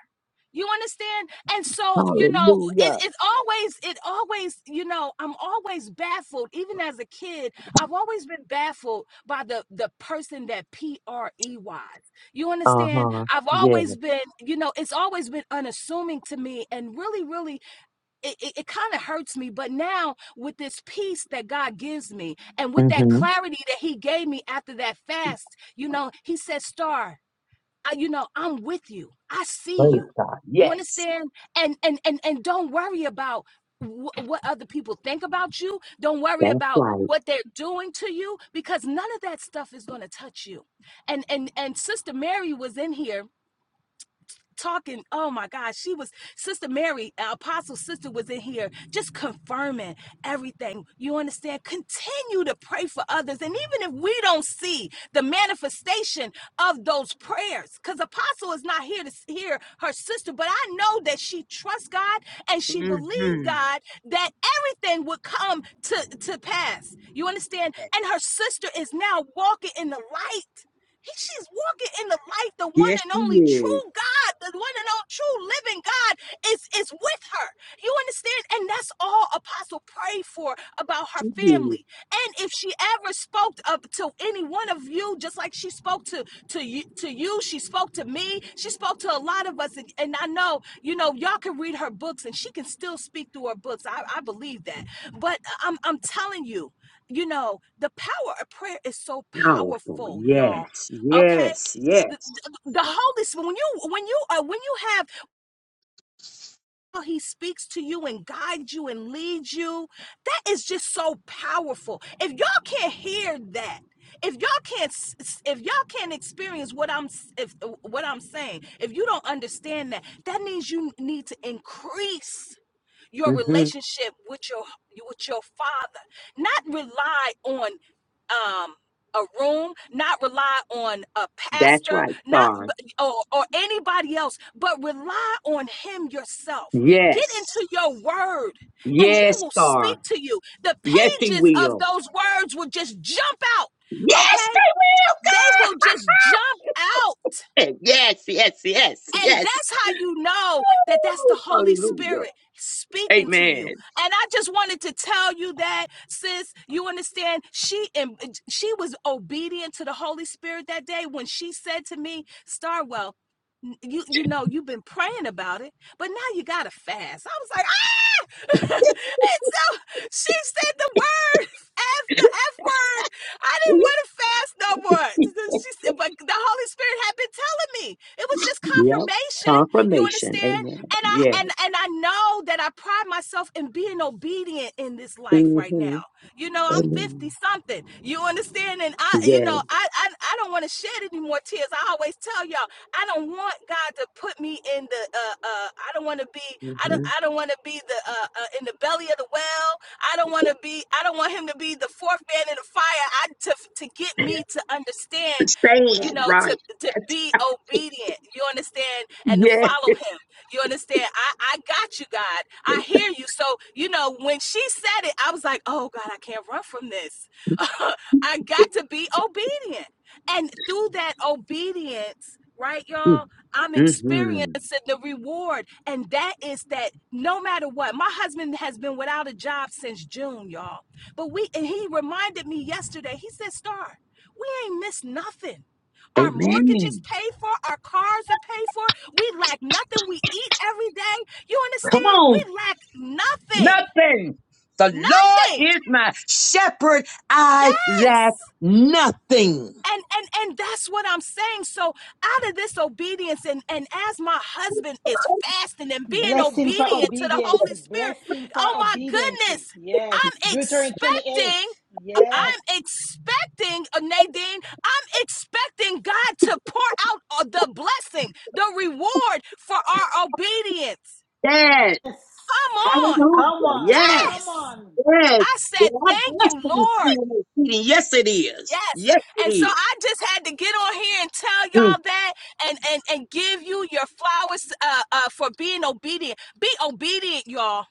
[SPEAKER 5] You understand? And so you know it,
[SPEAKER 12] Hallelujah.
[SPEAKER 5] it always it always you know I'm always baffled. Even as a kid, I've always been baffled by the the person that P R E Y. You
[SPEAKER 12] Uh
[SPEAKER 5] understand?
[SPEAKER 12] huh.
[SPEAKER 5] I've
[SPEAKER 12] Yes.
[SPEAKER 5] always been, you know, it's always been unassuming to me and really, really, it, it, it kind of hurts me. But now with this peace that God gives me and with that
[SPEAKER 12] Mm-hmm.
[SPEAKER 5] clarity that He gave me after that fast, you know, He said, Star, I, you know, I'm with you. I see
[SPEAKER 12] Praise
[SPEAKER 5] you.
[SPEAKER 12] God.
[SPEAKER 5] You
[SPEAKER 12] Yes.
[SPEAKER 5] understand? And and and and don't worry about wh- what other people think about you. Don't worry
[SPEAKER 12] That's
[SPEAKER 5] about
[SPEAKER 12] right.
[SPEAKER 5] what they're doing to you because none of that stuff is going to touch you. And and and Sister Mary was in here talking. Oh my God, she was Sister Mary, uh, Apostle Sister was in here just confirming everything. You understand? Continue to pray for others. And even if we don't see the manifestation of those prayers, because Apostle is not here to hear her sister, but I know that she trusts God and she believed
[SPEAKER 12] Mm-hmm.
[SPEAKER 5] God that everything would come to, to pass. You understand? And her sister is now walking in the light he, she's walking in the light. The one
[SPEAKER 12] Yes,
[SPEAKER 5] and
[SPEAKER 12] she
[SPEAKER 5] only
[SPEAKER 12] is.
[SPEAKER 5] true God, the one and only true living God is, is with her. You understand? And that's all Apostle prayed for about her
[SPEAKER 12] She is.
[SPEAKER 5] family. And if she ever spoke up to any one of you, just like she spoke to, to you, to you, she spoke to me, she spoke to a lot of us. And, and I know, you know, y'all can read her books and she can still speak through her books. I, I believe that. But I'm, I'm telling you, you know, the power of prayer is so
[SPEAKER 12] Powerful.
[SPEAKER 5] powerful, y'all
[SPEAKER 12] Yes.
[SPEAKER 5] Okay,
[SPEAKER 12] Yes.
[SPEAKER 5] the,
[SPEAKER 12] Yes.
[SPEAKER 5] the the Holy Spirit. When you when you uh, when you have how He speaks to you and guides you and leads you, that is just so powerful. If y'all can't hear that, if y'all can't s- s- if y'all can't experience what I'm s- if what I'm saying, if you don't understand that, that means you need to increase your
[SPEAKER 12] hmm
[SPEAKER 5] relationship with your with your father not rely on um a room not rely on a
[SPEAKER 12] That's
[SPEAKER 5] pastor
[SPEAKER 12] right,
[SPEAKER 5] not
[SPEAKER 12] Star.
[SPEAKER 5] or, or anybody else but rely on him yourself get
[SPEAKER 12] Yes.
[SPEAKER 5] into your word and he
[SPEAKER 12] Yes,
[SPEAKER 5] will
[SPEAKER 12] Star.
[SPEAKER 5] speak to you the
[SPEAKER 12] Yes, he
[SPEAKER 5] pages of
[SPEAKER 12] will.
[SPEAKER 5] those words will just jump out
[SPEAKER 12] Yes, they
[SPEAKER 5] okay
[SPEAKER 12] will,
[SPEAKER 5] they will just jump out
[SPEAKER 12] God. Yes, yes, yes,
[SPEAKER 5] and
[SPEAKER 12] yes.
[SPEAKER 5] that's how you know that that's the
[SPEAKER 12] Woo!
[SPEAKER 5] Holy
[SPEAKER 12] Hallelujah.
[SPEAKER 5] Spirit speaking to you.
[SPEAKER 12] Amen.
[SPEAKER 5] And I just wanted to tell you that, sis, you understand, she she was obedient to the Holy Spirit that day when she said to me, Starwell, you you know you've been praying about it, but now you gotta fast. I was like, ah! and so she said the word F the F word. I didn't want to fast no more. She said, but the Holy Spirit had been telling me. It was just
[SPEAKER 12] Yep.
[SPEAKER 5] confirmation. You
[SPEAKER 12] Confirmation.
[SPEAKER 5] understand?
[SPEAKER 12] Amen.
[SPEAKER 5] And I
[SPEAKER 12] Yeah.
[SPEAKER 5] and and I know that I pride myself in being obedient in this life right
[SPEAKER 12] Mm-hmm.
[SPEAKER 5] now. You know, I'm 50
[SPEAKER 12] Amen.
[SPEAKER 5] something. You understand? And I, you
[SPEAKER 12] Yeah.
[SPEAKER 5] know, I, I, I don't want to shed any more tears. I always tell y'all, I don't want God to put me in the, uh, uh, I don't want to be, I don't,
[SPEAKER 12] Mm-hmm.
[SPEAKER 5] I don't want to be the, uh, uh, in the belly of the well. I don't want to be, I don't want him to be the fourth man in the fire. I, to, to get me to understand, you
[SPEAKER 12] Stand
[SPEAKER 5] know, to,
[SPEAKER 12] right.
[SPEAKER 5] to
[SPEAKER 12] That's,
[SPEAKER 5] be obedient. You understand? And to
[SPEAKER 12] yes.
[SPEAKER 5] follow him. You understand? I, I got you, God. I hear you. So, you know, when she said it, I was like, oh, God, I can't run from this. I got to be obedient. And through that obedience, right, y'all, I'm
[SPEAKER 12] Mm-hmm.
[SPEAKER 5] experiencing the reward. And that is that no matter what, my husband has been without a job since June, y'all. But we, and he reminded me yesterday, he said, Star, we ain't missed nothing. Our
[SPEAKER 12] Amen.
[SPEAKER 5] mortgages paid for, our cars are paid for. We lack nothing. We eat every day. You
[SPEAKER 12] Come
[SPEAKER 5] understand?
[SPEAKER 12] on.
[SPEAKER 5] We lack nothing.
[SPEAKER 12] nothing. The Lord
[SPEAKER 5] Nothing.
[SPEAKER 12] is my shepherd. I lack nothing.
[SPEAKER 5] And and and that's what I'm saying. So out of this obedience and and as my husband is fasting and being
[SPEAKER 3] Blessing for
[SPEAKER 5] obedient to the
[SPEAKER 3] obedience.
[SPEAKER 5] Holy Spirit,
[SPEAKER 3] Blessing for
[SPEAKER 5] oh my
[SPEAKER 3] obedience.
[SPEAKER 5] goodness,
[SPEAKER 3] Yes.
[SPEAKER 5] I'm
[SPEAKER 3] Deuteronomy 28.
[SPEAKER 5] expecting
[SPEAKER 3] Yes.
[SPEAKER 5] I'm expecting, uh, Nadine, I'm expecting God to pour out uh, the blessing, the reward for our obedience.
[SPEAKER 12] Yes.
[SPEAKER 5] Come on.
[SPEAKER 12] Hallelujah.
[SPEAKER 3] Come on.
[SPEAKER 12] Yes.
[SPEAKER 3] Come
[SPEAKER 5] Yes.
[SPEAKER 3] on.
[SPEAKER 12] Yes.
[SPEAKER 5] I said,
[SPEAKER 12] Well, I
[SPEAKER 5] thank
[SPEAKER 12] bless
[SPEAKER 5] you,
[SPEAKER 12] you this
[SPEAKER 5] Lord.
[SPEAKER 12] evening, Keaton. Yes, it is.
[SPEAKER 5] Yes.
[SPEAKER 12] Yes,
[SPEAKER 5] And
[SPEAKER 12] it
[SPEAKER 5] so
[SPEAKER 12] is.
[SPEAKER 5] I just had to get on here and tell
[SPEAKER 12] Mm.
[SPEAKER 5] y'all that and and and give you your flowers uh, uh for being obedient. Be obedient, y'all.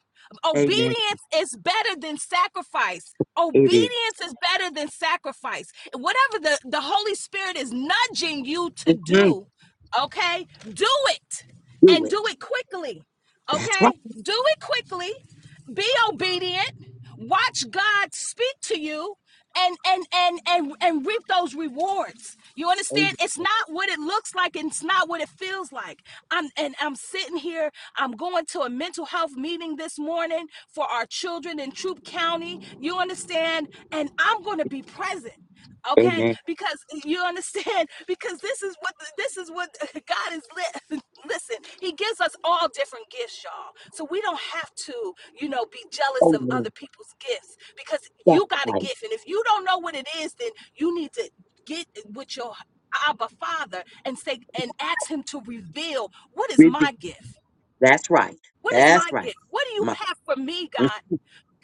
[SPEAKER 12] Amen.
[SPEAKER 5] Obedience is better than sacrifice.
[SPEAKER 12] It is.
[SPEAKER 5] Obedience is better than sacrifice. Whatever the, the Holy Spirit is nudging you to
[SPEAKER 12] Mhm.
[SPEAKER 5] do, okay? Do it
[SPEAKER 12] Do
[SPEAKER 5] and
[SPEAKER 12] it.
[SPEAKER 5] do it quickly.
[SPEAKER 12] That's right.
[SPEAKER 5] Okay? Do it quickly. Be obedient. Watch God speak to you and and and and and reap those rewards. You
[SPEAKER 12] Amen.
[SPEAKER 5] understand? It's not what it looks like, and it's not what it feels like. I'm and I'm sitting here. I'm going to a mental health meeting this morning for our children in Troup County. You understand? And I'm going to be present okay
[SPEAKER 12] Amen.
[SPEAKER 5] because you understand because this is what this is what god is li- listen he gives us all different gifts y'all so we don't have to you know be jealous of other
[SPEAKER 12] Amen.
[SPEAKER 5] people's gifts because
[SPEAKER 12] That's
[SPEAKER 5] you got a
[SPEAKER 12] right.
[SPEAKER 5] gift and if you don't know what it is then you need to get with your abba father and say and ask him to reveal what is my gift
[SPEAKER 12] That's right.
[SPEAKER 5] what is my
[SPEAKER 12] That's right.
[SPEAKER 5] gift? What do you
[SPEAKER 12] My,
[SPEAKER 5] have for me,
[SPEAKER 12] mm,
[SPEAKER 5] God?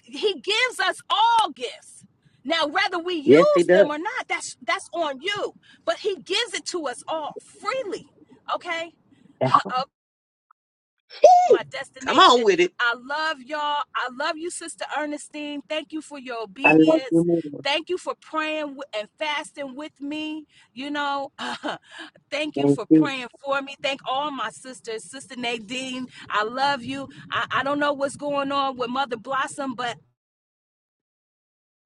[SPEAKER 5] he gives us all gifts. Now, whether we
[SPEAKER 12] yes, he
[SPEAKER 5] use
[SPEAKER 12] does.
[SPEAKER 5] them or not, that's that's on you. But he gives it to us all freely. Okay.
[SPEAKER 12] Hey,
[SPEAKER 5] Uh, my
[SPEAKER 12] Come on
[SPEAKER 5] destination.
[SPEAKER 12] with it.
[SPEAKER 5] I love y'all. I love you, Sister Ernestine. Thank you for your
[SPEAKER 12] I love you
[SPEAKER 5] obedience.
[SPEAKER 12] more.
[SPEAKER 5] Thank you for praying and fasting with me. You know, uh, thank you
[SPEAKER 12] Thank
[SPEAKER 5] for
[SPEAKER 12] you.
[SPEAKER 5] praying for me. Thank all my sisters. Sister Nadine, I love you. I, I don't know what's going on with Mother Blossom, but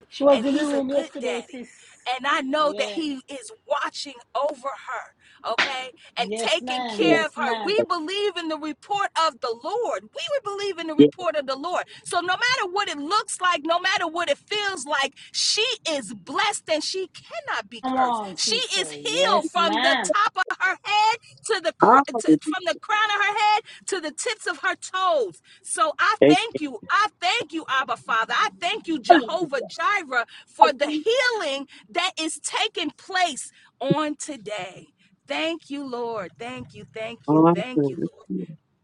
[SPEAKER 3] She was
[SPEAKER 5] and
[SPEAKER 3] in the
[SPEAKER 5] he's a
[SPEAKER 3] room
[SPEAKER 5] good
[SPEAKER 3] yesterday,
[SPEAKER 5] daddy.
[SPEAKER 3] sis.
[SPEAKER 5] And I know that
[SPEAKER 3] Yeah.
[SPEAKER 5] he is watching over her, okay, and
[SPEAKER 3] Yes,
[SPEAKER 5] taking
[SPEAKER 3] ma'am.
[SPEAKER 5] care
[SPEAKER 12] Yes.
[SPEAKER 5] of
[SPEAKER 3] Yes,
[SPEAKER 5] her.
[SPEAKER 3] ma'am.
[SPEAKER 5] We believe in the report of the Lord. We would believe in the
[SPEAKER 12] yes.
[SPEAKER 5] report of the Lord. So no matter what it looks like, no matter what it feels like, she is blessed and she cannot be
[SPEAKER 3] Come
[SPEAKER 5] cursed.
[SPEAKER 3] on,
[SPEAKER 5] She is
[SPEAKER 3] sister.
[SPEAKER 5] healed
[SPEAKER 3] Yes,
[SPEAKER 5] from the
[SPEAKER 3] ma'am.
[SPEAKER 5] top of her head to the
[SPEAKER 12] Ah,
[SPEAKER 5] to,
[SPEAKER 12] baby.
[SPEAKER 5] from the crown of her head to the tips of her toes. So I
[SPEAKER 12] Thank
[SPEAKER 5] thank you. I thank you, Abba Father. I thank you,
[SPEAKER 12] you.
[SPEAKER 5] Jehovah Jireh, for the healing that is taking place on today. Thank you, Lord. Thank you. Thank you.
[SPEAKER 12] Ah,
[SPEAKER 5] Thank you,
[SPEAKER 12] baby.
[SPEAKER 5] Lord.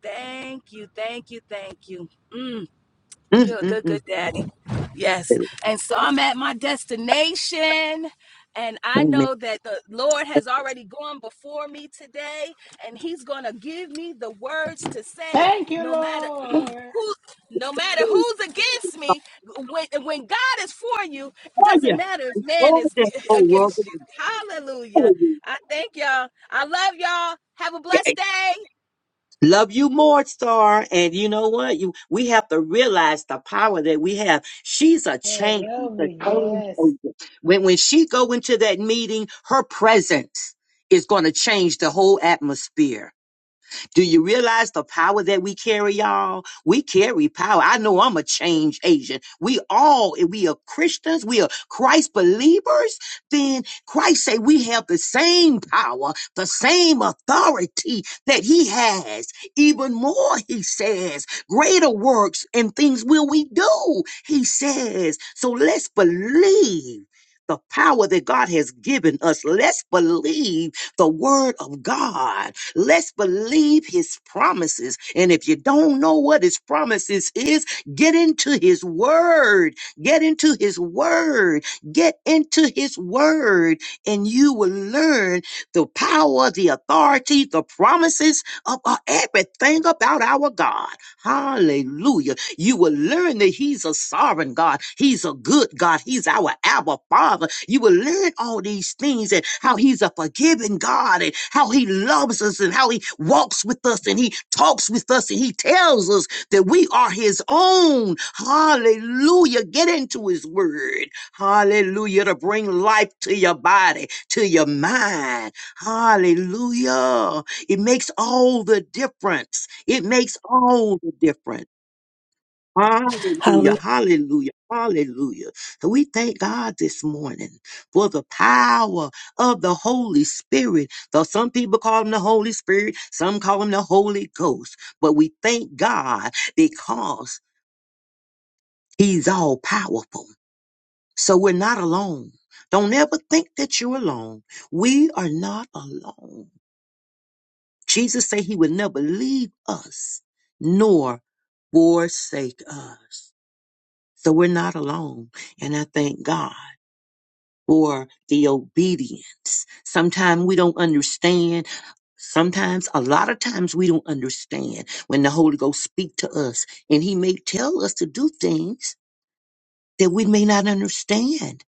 [SPEAKER 5] Thank you. Thank you. Thank you. Mm.
[SPEAKER 12] Mm,
[SPEAKER 5] You're a
[SPEAKER 12] mm,
[SPEAKER 5] good,
[SPEAKER 12] mm.
[SPEAKER 5] good daddy. Yes. And so I'm at my destination. And I
[SPEAKER 12] Amen.
[SPEAKER 5] know that the Lord has already gone before me today, and He's going to give me the words to say,
[SPEAKER 3] Thank you,
[SPEAKER 5] no matter who,
[SPEAKER 3] Lord.
[SPEAKER 5] no matter who's against me. When, when God is for you, it
[SPEAKER 12] Oh, yeah.
[SPEAKER 5] doesn't matter if man
[SPEAKER 12] Oh,
[SPEAKER 5] is
[SPEAKER 12] that
[SPEAKER 5] g-
[SPEAKER 12] whole world.
[SPEAKER 5] against you. Hallelujah! I thank y'all. I love y'all. Have a
[SPEAKER 12] Yeah.
[SPEAKER 5] blessed
[SPEAKER 12] Love you more, Star. And you know what? You we have to realize the power that we have. She's a
[SPEAKER 3] Yeah,
[SPEAKER 12] change. She's
[SPEAKER 3] love
[SPEAKER 12] a
[SPEAKER 3] you.
[SPEAKER 12] change
[SPEAKER 3] Yes.
[SPEAKER 12] agent. When when she go into that meeting, her presence is going to change the whole atmosphere. Do you realize the power that we carry, y'all? We carry power. I know I'm a change agent. We all, if we are Christians, we are Christ believers, then Christ say we have the same power, the same authority that he has. Even more, he says, greater works and things will we do, he says. So let's believe the power that God has given us. Let's believe the word of God. Let's believe his promises. And if you don't know what his promises is, get into his word. Get into his word. Get into his word and you will learn the power, the authority, the promises of uh, everything about our God. Hallelujah. You will learn that He's a sovereign God. He's a good God. He's our Abba Father. You will learn all these things and how He's a forgiving God and how He loves us and how He walks with us and He talks with us and He tells us that we are His own. Hallelujah. Get into His Word. Hallelujah. To bring life to your body, to your mind. Hallelujah. It makes all the difference. It makes all the difference.
[SPEAKER 5] day.
[SPEAKER 12] Hallelujah, hallelujah, hallelujah. So we thank God this morning for the power of the Holy Spirit. Though some people call him the Holy Spirit, some call him the Holy Ghost. But we thank God because he's all powerful. So we're not alone. Don't ever think that you're alone. We are not alone. Jesus said he would never leave us nor forsake us. So we're not alone. And I thank God for the obedience. Sometimes we don't understand. Sometimes, a lot of times we don't understand when the Holy Ghost speak to us and he may tell us to do things that we may not understand.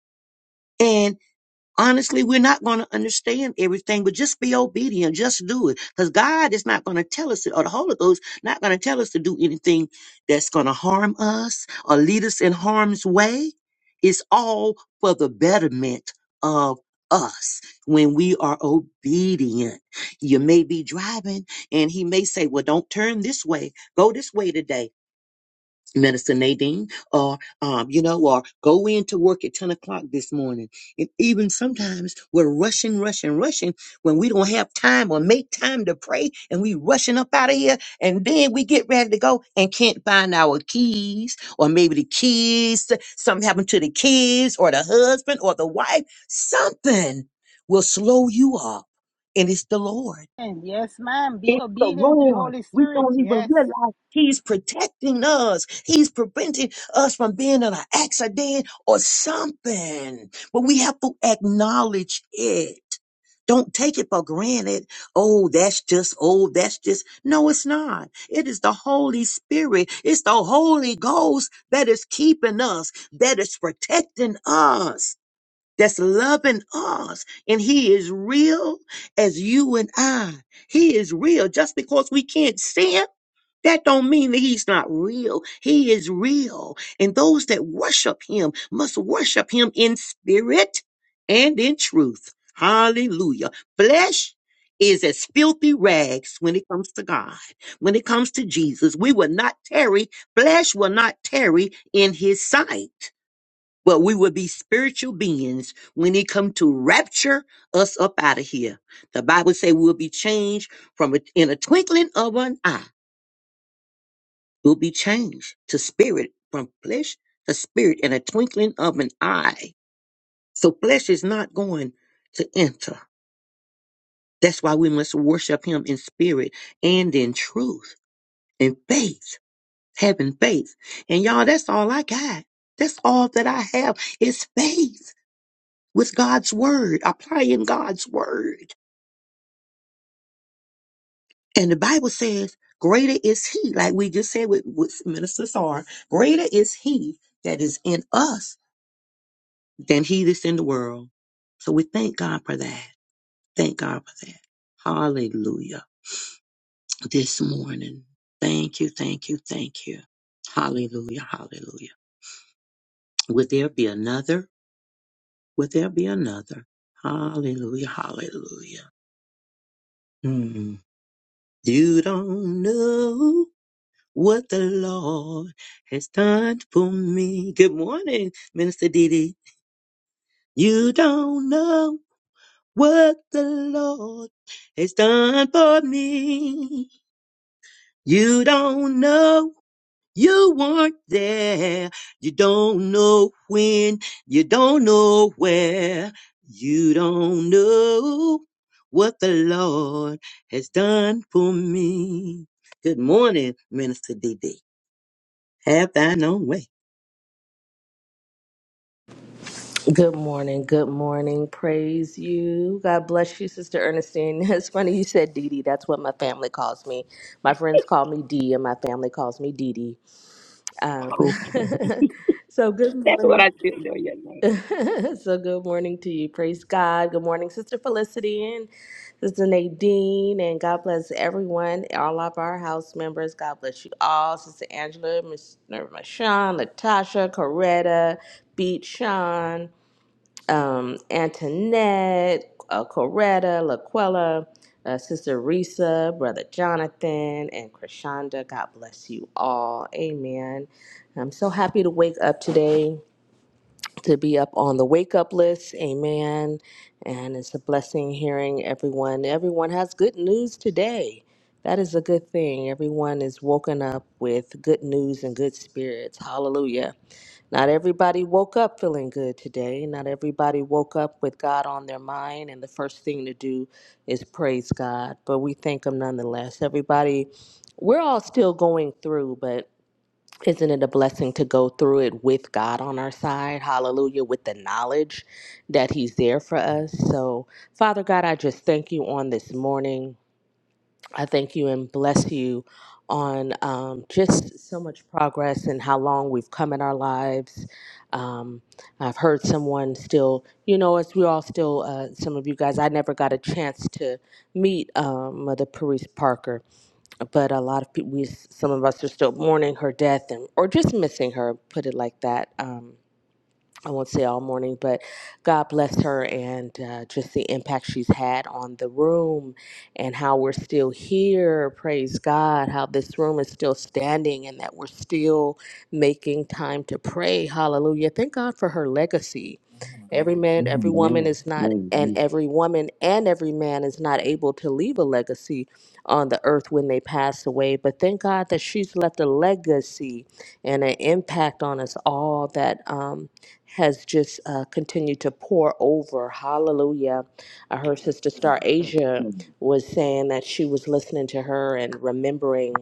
[SPEAKER 12] honestly, we're not going to understand everything, but just be obedient. Just do it. Because God is not going to tell us, or the Holy Ghost not going to tell us to do anything that's going to harm us or lead us in harm's way. It's all for the betterment of us when we are obedient. You may be driving and he may say, well, don't turn this way. Go this way today Minister Nadine, or um, you know, or go in to work at ten o'clock this morning. And even sometimes we're rushing, rushing, rushing when we don't have time or make time to pray, and we rushing up out of here, and then we get ready to go and can't find our keys, or maybe the kids, something happened to the kids, or the husband, or the wife. Something will slow you up, and it's the Lord.
[SPEAKER 3] And yes, ma'am. Be
[SPEAKER 12] It's the
[SPEAKER 3] obedient to the
[SPEAKER 12] Lord.
[SPEAKER 3] Holy
[SPEAKER 12] We
[SPEAKER 3] Spirit.
[SPEAKER 12] don't even
[SPEAKER 3] Yes.
[SPEAKER 12] realize He's protecting us. He's preventing us from being in an accident or something. But we have to acknowledge it. Don't take it for granted. Oh, that's just, oh, that's just. No, it's not. It is the Holy Spirit. It's the Holy Ghost that is keeping us, that is protecting us that's loving us and he is real as you and I. He is real. Just because we can't see him, that don't mean that he's not real. He is real. And those that worship him must worship him in spirit and in truth. Hallelujah. Flesh is as filthy rags when it comes to God. When it comes to Jesus, we will not tarry. Flesh will not tarry in his sight but we will be spiritual beings when he come to rapture us up out of here. The Bible say we'll be changed from a, in a twinkling of an eye. We'll be changed to spirit from flesh to spirit in a twinkling of an eye. So flesh is not going to enter. That's why we must worship him in spirit and in truth in faith, having faith. And y'all, that's all I got. That's all that I have is faith. with God's word, applying God's word. And the Bible says, greater is he, like we just said with, with Minister Sar, greater is he that is in us than he that's in the world. So we thank God for that. Thank God for that. Hallelujah. This morning. Thank you, thank you, thank you. Hallelujah, hallelujah. Would there be another? Would there be another? Hallelujah, hallelujah. Mm. You don't know what the Lord has done for me. Good morning, Minister Didi. You don't know what the Lord has done for me. You don't know. You weren't there. You don't know when. You don't know where. You don't know what the Lord has done for me. Good morning, Minister Didi. Have thine own way.
[SPEAKER 13] Good morning. Good morning. Praise you. God bless you, Sister Ernestine. It's funny you said Dee Dee. That's what my family calls me. My friends call me Dee, and my family calls me Dee Dee. Um, so good
[SPEAKER 12] what
[SPEAKER 13] morning.
[SPEAKER 12] I do know, you
[SPEAKER 13] so good morning to you. Praise God. Good morning, Sister Felicity and Sister Nadine. And God bless everyone, all of our house members. God bless you all. Sister Angela, Miss Miss Sean, Latasha, Coretta, Beat Sean um, Antoinette, uh, Coretta, Laquella, uh, Sister Risa, Brother Jonathan, and Krishanda. God bless you all. Amen. I'm so happy to wake up today, to be up on the wake up list. Amen. And it's a blessing hearing everyone. Everyone has good news today. That is a good thing. Everyone is woken up with good news and good spirits. Hallelujah. Not everybody woke up feeling good today. Not everybody woke up with God on their mind, and the first thing to do is praise God. But we thank Him nonetheless. Everybody, we're all still going through, but isn't it a blessing to go through it with God on our side? Hallelujah, with the knowledge that He's there for us. So, Father God, I just thank you on this morning. I thank you and bless you on um, just so much progress and how long we've come in our lives. Um, I've heard someone still, you know, as we all still, uh, some of you guys, I never got a chance to meet um, Mother Paris Parker, but a lot of people, we, some of us are still mourning her death and, or just missing her, put it like that. Um, I won't say all morning, but God bless her and uh, just the impact she's had on the room and how we're still here. Praise God, how this room is still standing and that we're still making time to pray. Hallelujah. Thank God for her legacy. Every man, every woman
[SPEAKER 12] Amen.
[SPEAKER 13] is not, and
[SPEAKER 12] Amen.
[SPEAKER 13] every woman and every man is not able to leave a legacy on the earth when they pass away. But thank God that she's left a legacy and an impact on us all that. Um, has just uh, continued to pour over. Hallelujah. I heard Sister Star
[SPEAKER 12] Mm.
[SPEAKER 13] Asia
[SPEAKER 12] Mm.
[SPEAKER 13] was saying that she was listening to her and remembering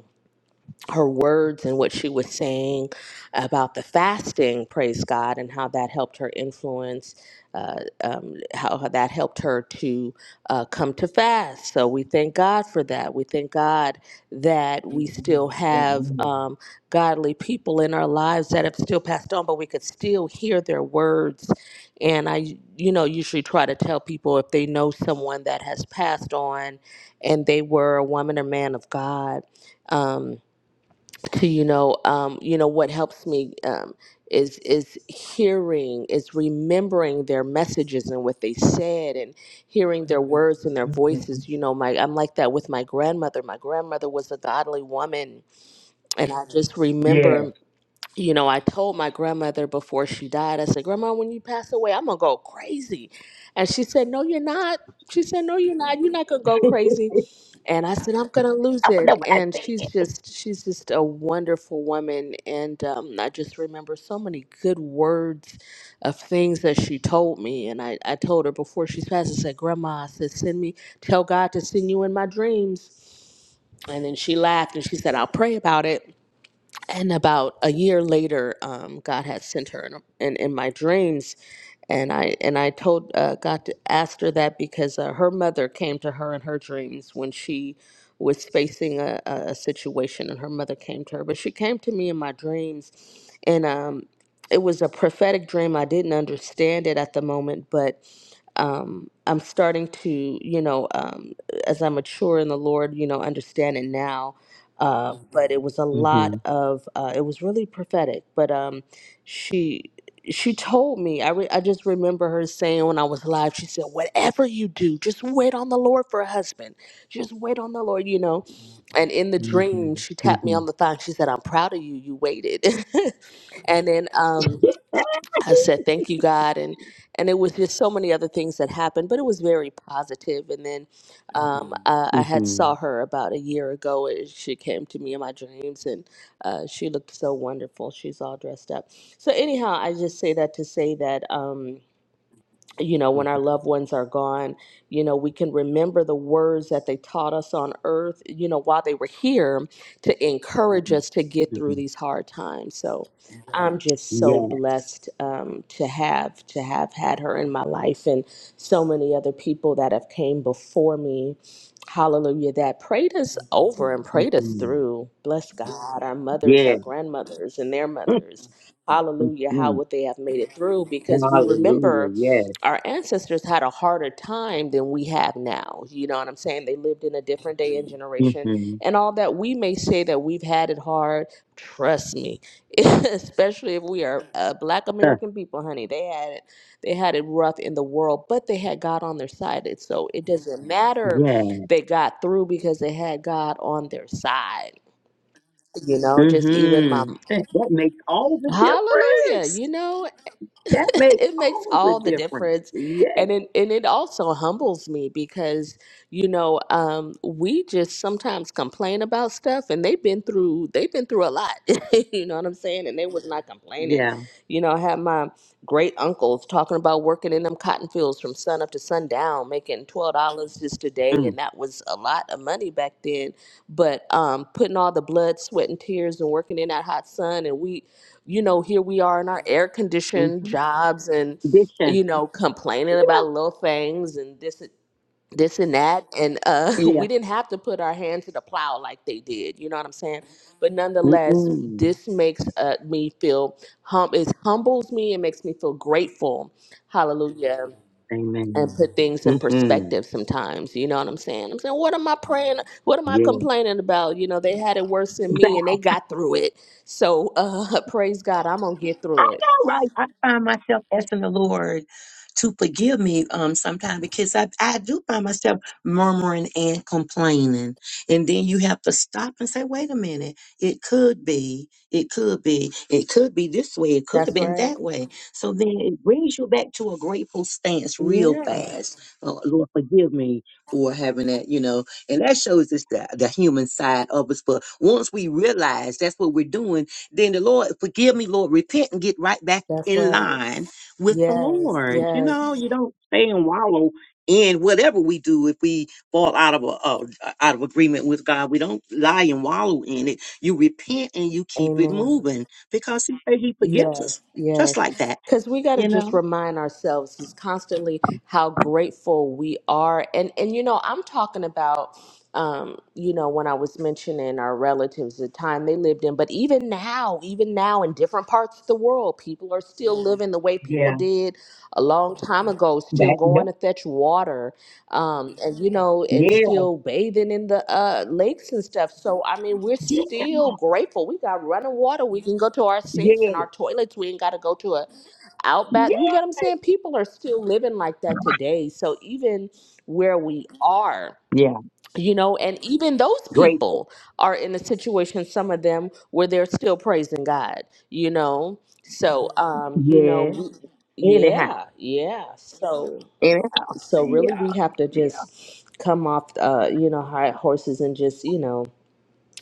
[SPEAKER 13] her words and what she was saying about the fasting, praise God, and how that helped her influence, uh, um, how that helped her to uh, come to fast. So we thank God for that. We thank God that we still have
[SPEAKER 12] Amen.
[SPEAKER 13] um, godly people in our lives that have still passed on, but we could still hear their words. And I, you know, usually try to tell people if they know someone that has passed on and they were a woman or man of God. Um, to you know um you know what helps me um is is hearing is remembering their messages and what they said and hearing their Mhm. words and their
[SPEAKER 12] Mhm.
[SPEAKER 13] voices you know my i'm like that with my grandmother my grandmother was a godly woman and i Mhm. just
[SPEAKER 12] Yes.
[SPEAKER 13] remember you know, I told my grandmother before she died, I said, Grandma, when you pass away, I'm going to go crazy. And she said, No, you're not. She said, No, you're not. You're not going to go crazy. And I said, I'm going to lose
[SPEAKER 12] I don't
[SPEAKER 13] it.
[SPEAKER 12] know what I
[SPEAKER 13] And
[SPEAKER 12] say.
[SPEAKER 13] she's just, she's just a wonderful woman. And um, I just remember so many good words of things that she told me. And I, I told her before she passed, I said, Grandma, I said, send me, tell God to send you in my dreams. And then she laughed and she said, I'll pray about it and about a year later um, god had sent her in, in, in my dreams and i and i told uh, god to ask her that because uh, her mother came to her in her dreams when she was facing a, a a situation and her mother came to her but she came to me in my dreams and um, it was a prophetic dream i didn't understand it at the moment but um, i'm starting to you know um, as i mature in the lord you know understand it now uh, but it was a lot
[SPEAKER 12] Mhm.
[SPEAKER 13] of uh, it was really prophetic but um she she told me I, re- I just remember her saying when i was alive she said whatever you do just wait on the lord for a husband just wait on the lord you know and in the dream
[SPEAKER 12] Mhm.
[SPEAKER 13] she tapped me on
[SPEAKER 12] Mhm.
[SPEAKER 13] the thigh and she said i'm proud of you you waited and then um I said thank you God and and it was just so many other things that happened but it was very positive positive. and then um, Mhm. uh, I had saw
[SPEAKER 12] Mhm.
[SPEAKER 13] her about a year ago and she came to me in my dreams and uh, she looked so wonderful she's all dressed up so anyhow I just say that to say that um, you know, when our loved ones are gone, you know, we can remember the words that they taught us on earth, you know, while they were here to encourage us to get through
[SPEAKER 12] Mhm.
[SPEAKER 13] these hard times. So I'm just so
[SPEAKER 12] Yeah.
[SPEAKER 13] blessed um, to have to have had her in my life and so many other people that have came before me. Hallelujah, that prayed us over and
[SPEAKER 12] Yes.
[SPEAKER 13] prayed us
[SPEAKER 12] Mhm.
[SPEAKER 13] through. Bless God, our mothers, our
[SPEAKER 12] Yes.
[SPEAKER 13] grandmothers, and their mothers. Hallelujah, how
[SPEAKER 12] Mhm.
[SPEAKER 13] would they have made it through? Because we remember
[SPEAKER 12] Hallelujah. Yes.
[SPEAKER 13] our ancestors had a harder time than we have now. You know what I'm saying? They lived in a different day and generation.
[SPEAKER 12] Mhm.
[SPEAKER 13] And all that we may say that we've had it hard, trust me, especially if we are uh, black
[SPEAKER 12] Huh.
[SPEAKER 13] American people, honey, they had it they had it rough in the world, but they had God on their side. It- So it doesn't matter
[SPEAKER 12] Yes.
[SPEAKER 13] they got through because they had God on their side. You know, just even my
[SPEAKER 12] Mhm. That that makes all the
[SPEAKER 13] hallelujah,
[SPEAKER 12] difference.
[SPEAKER 13] you know,
[SPEAKER 12] That makes
[SPEAKER 13] it makes
[SPEAKER 12] all the
[SPEAKER 13] all the
[SPEAKER 12] difference.
[SPEAKER 13] difference
[SPEAKER 12] Yes.
[SPEAKER 13] and it, and it also humbles me because you know um, we just sometimes complain about stuff and they've been through they've been through a lot you know what i'm saying and they was not complaining
[SPEAKER 12] Yeah.
[SPEAKER 13] you know i had my great uncles talking about working in them cotton fields from sun up to sundown making $12 just a day
[SPEAKER 12] Mm.
[SPEAKER 13] and that was a lot of money back then but um, putting all the blood, sweat, and tears and working in that hot sun. And we, you know, here we are in our air conditioned
[SPEAKER 12] Mhm.
[SPEAKER 13] jobs and,
[SPEAKER 12] Addition.
[SPEAKER 13] you know, complaining
[SPEAKER 12] Yeah.
[SPEAKER 13] about little things and this, this and that. And uh,
[SPEAKER 12] Yeah.
[SPEAKER 13] we didn't have to put our hand to the plow like they did. You know what I'm saying? But nonetheless,
[SPEAKER 12] Mm-mm.
[SPEAKER 13] this makes uh, me feel hum. It humbles me. It makes me feel grateful. Hallelujah and
[SPEAKER 12] Amen.
[SPEAKER 13] put things in
[SPEAKER 12] Mm-hmm.
[SPEAKER 13] perspective sometimes. You know what I'm saying? I'm saying, what am I praying? What am I
[SPEAKER 12] Yeah.
[SPEAKER 13] complaining about? You know, they had it worse than me and they got through it. So uh, praise God, I'm going to get
[SPEAKER 12] I
[SPEAKER 13] through it.
[SPEAKER 12] know, right? I find myself asking the Lord to forgive me um sometimes because I, I do find myself murmuring and complaining. And then you have to stop and say, wait a minute, it could be, it could be, it could be this way, it could have
[SPEAKER 13] That's
[SPEAKER 12] been
[SPEAKER 13] right.
[SPEAKER 12] that way. So then it brings you back to a grateful stance real
[SPEAKER 13] Yeah,
[SPEAKER 12] fast. Oh, Lord, forgive me for having that, you know. And that shows us the, the human side of us. But once we realize that's what we're doing, then the Lord, forgive me, Lord, repent and get right back
[SPEAKER 13] that's
[SPEAKER 12] in
[SPEAKER 13] right.
[SPEAKER 12] line with the
[SPEAKER 13] Yes,
[SPEAKER 12] Lord. You know,
[SPEAKER 13] yes.
[SPEAKER 12] you don't stay and wallow in whatever we do. If we fall out of a, a out of agreement with God, we don't lie and wallow in it. You repent and you keep it
[SPEAKER 13] Amen.
[SPEAKER 12] moving because He said He forgives
[SPEAKER 13] Yes,
[SPEAKER 12] us just
[SPEAKER 13] yes.
[SPEAKER 12] like that.
[SPEAKER 13] Because we got to
[SPEAKER 12] You
[SPEAKER 13] just
[SPEAKER 12] know.
[SPEAKER 13] remind ourselves is constantly how grateful we are. And, and you know, I'm talking about, um, you know, when I was mentioning our relatives, the time they lived in, but even now, even now in different parts of the world, people are still living the way people
[SPEAKER 12] Yeah.
[SPEAKER 13] did a long time ago, still
[SPEAKER 12] That, yep.
[SPEAKER 13] going to fetch water um and you know
[SPEAKER 12] Yeah.
[SPEAKER 13] and still bathing in the uh lakes and stuff so i mean we're
[SPEAKER 12] Yeah.
[SPEAKER 13] still grateful we got running water we can go to our
[SPEAKER 12] Yeah.
[SPEAKER 13] sinks and our toilets we ain't got to go to a outback
[SPEAKER 12] Yeah.
[SPEAKER 13] you get what i'm saying people are still living like that today so even where we are
[SPEAKER 12] Yeah.
[SPEAKER 13] you know and even those
[SPEAKER 12] Grateful.
[SPEAKER 13] people are in a situation some of them where they're still praising god you know so um you know
[SPEAKER 12] Yes.
[SPEAKER 13] we,
[SPEAKER 12] Anyhow.
[SPEAKER 13] yeah yeah so
[SPEAKER 12] Anyhow.
[SPEAKER 13] so really,
[SPEAKER 12] Yeah.
[SPEAKER 13] we have to
[SPEAKER 12] Yeah.
[SPEAKER 13] just come off, uh, you know, high horses and just, you know,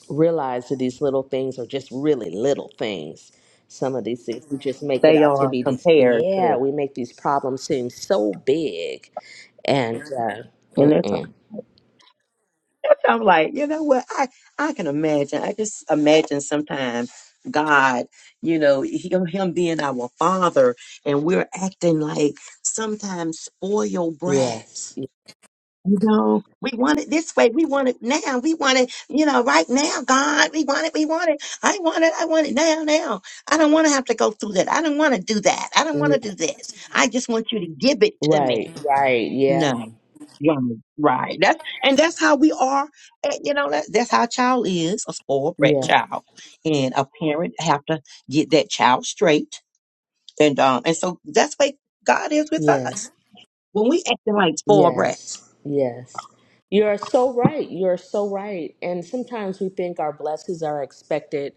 [SPEAKER 13] realize that these little things are just really little things. Some of these things we just make it
[SPEAKER 12] They
[SPEAKER 13] out to
[SPEAKER 12] are
[SPEAKER 13] be these.
[SPEAKER 12] compared
[SPEAKER 13] Yeah,
[SPEAKER 12] to,
[SPEAKER 13] we make these problems seem so big, and uh,
[SPEAKER 12] and that's
[SPEAKER 13] mm-mm.
[SPEAKER 12] I'm like, you know what? I I can imagine. I just imagine sometimes God, you know, him, him being our father, and we're acting like sometimes spoiled
[SPEAKER 13] yes,
[SPEAKER 12] brats. You know, we want it this way. We want it now. We want it, you know, right now, God. We want it. We want it. I want it. I want it now. Now. I don't want to have to go through that. I don't want to do that. I don't want
[SPEAKER 13] yeah,
[SPEAKER 12] to do this. I just want you to give it to me.
[SPEAKER 13] right, right, yeah,
[SPEAKER 12] No. Right. Right. That's and that's how we are. And, you know, that that's how a child is, a spoiled brat
[SPEAKER 13] yeah,
[SPEAKER 12] child. And a parent have to get that child straight. And um and so that's why God is with
[SPEAKER 13] yes.
[SPEAKER 12] us. When we acting like spoiled brats.
[SPEAKER 13] Yes, yes. You are so right. You are so right. And sometimes we think our blessings are expected.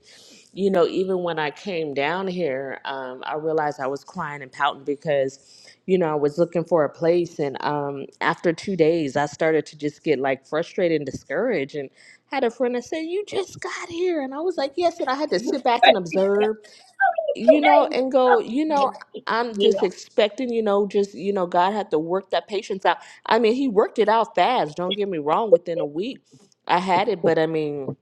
[SPEAKER 13] You know, even when I came down here, um, I realized I was crying and pouting because, you know, I was looking for a place. And um, after two days, I started to just get like frustrated and discouraged. And had a friend that said, You just got here. And I was like, Yes. And I had to sit back and
[SPEAKER 12] Today.
[SPEAKER 13] observe you know, and go, you know, I'm just
[SPEAKER 12] Yeah.
[SPEAKER 13] expecting, you know, just, you know, God had to work that patience out. I mean, he worked it out fast, don't get me wrong, within a week. I had it, but I mean,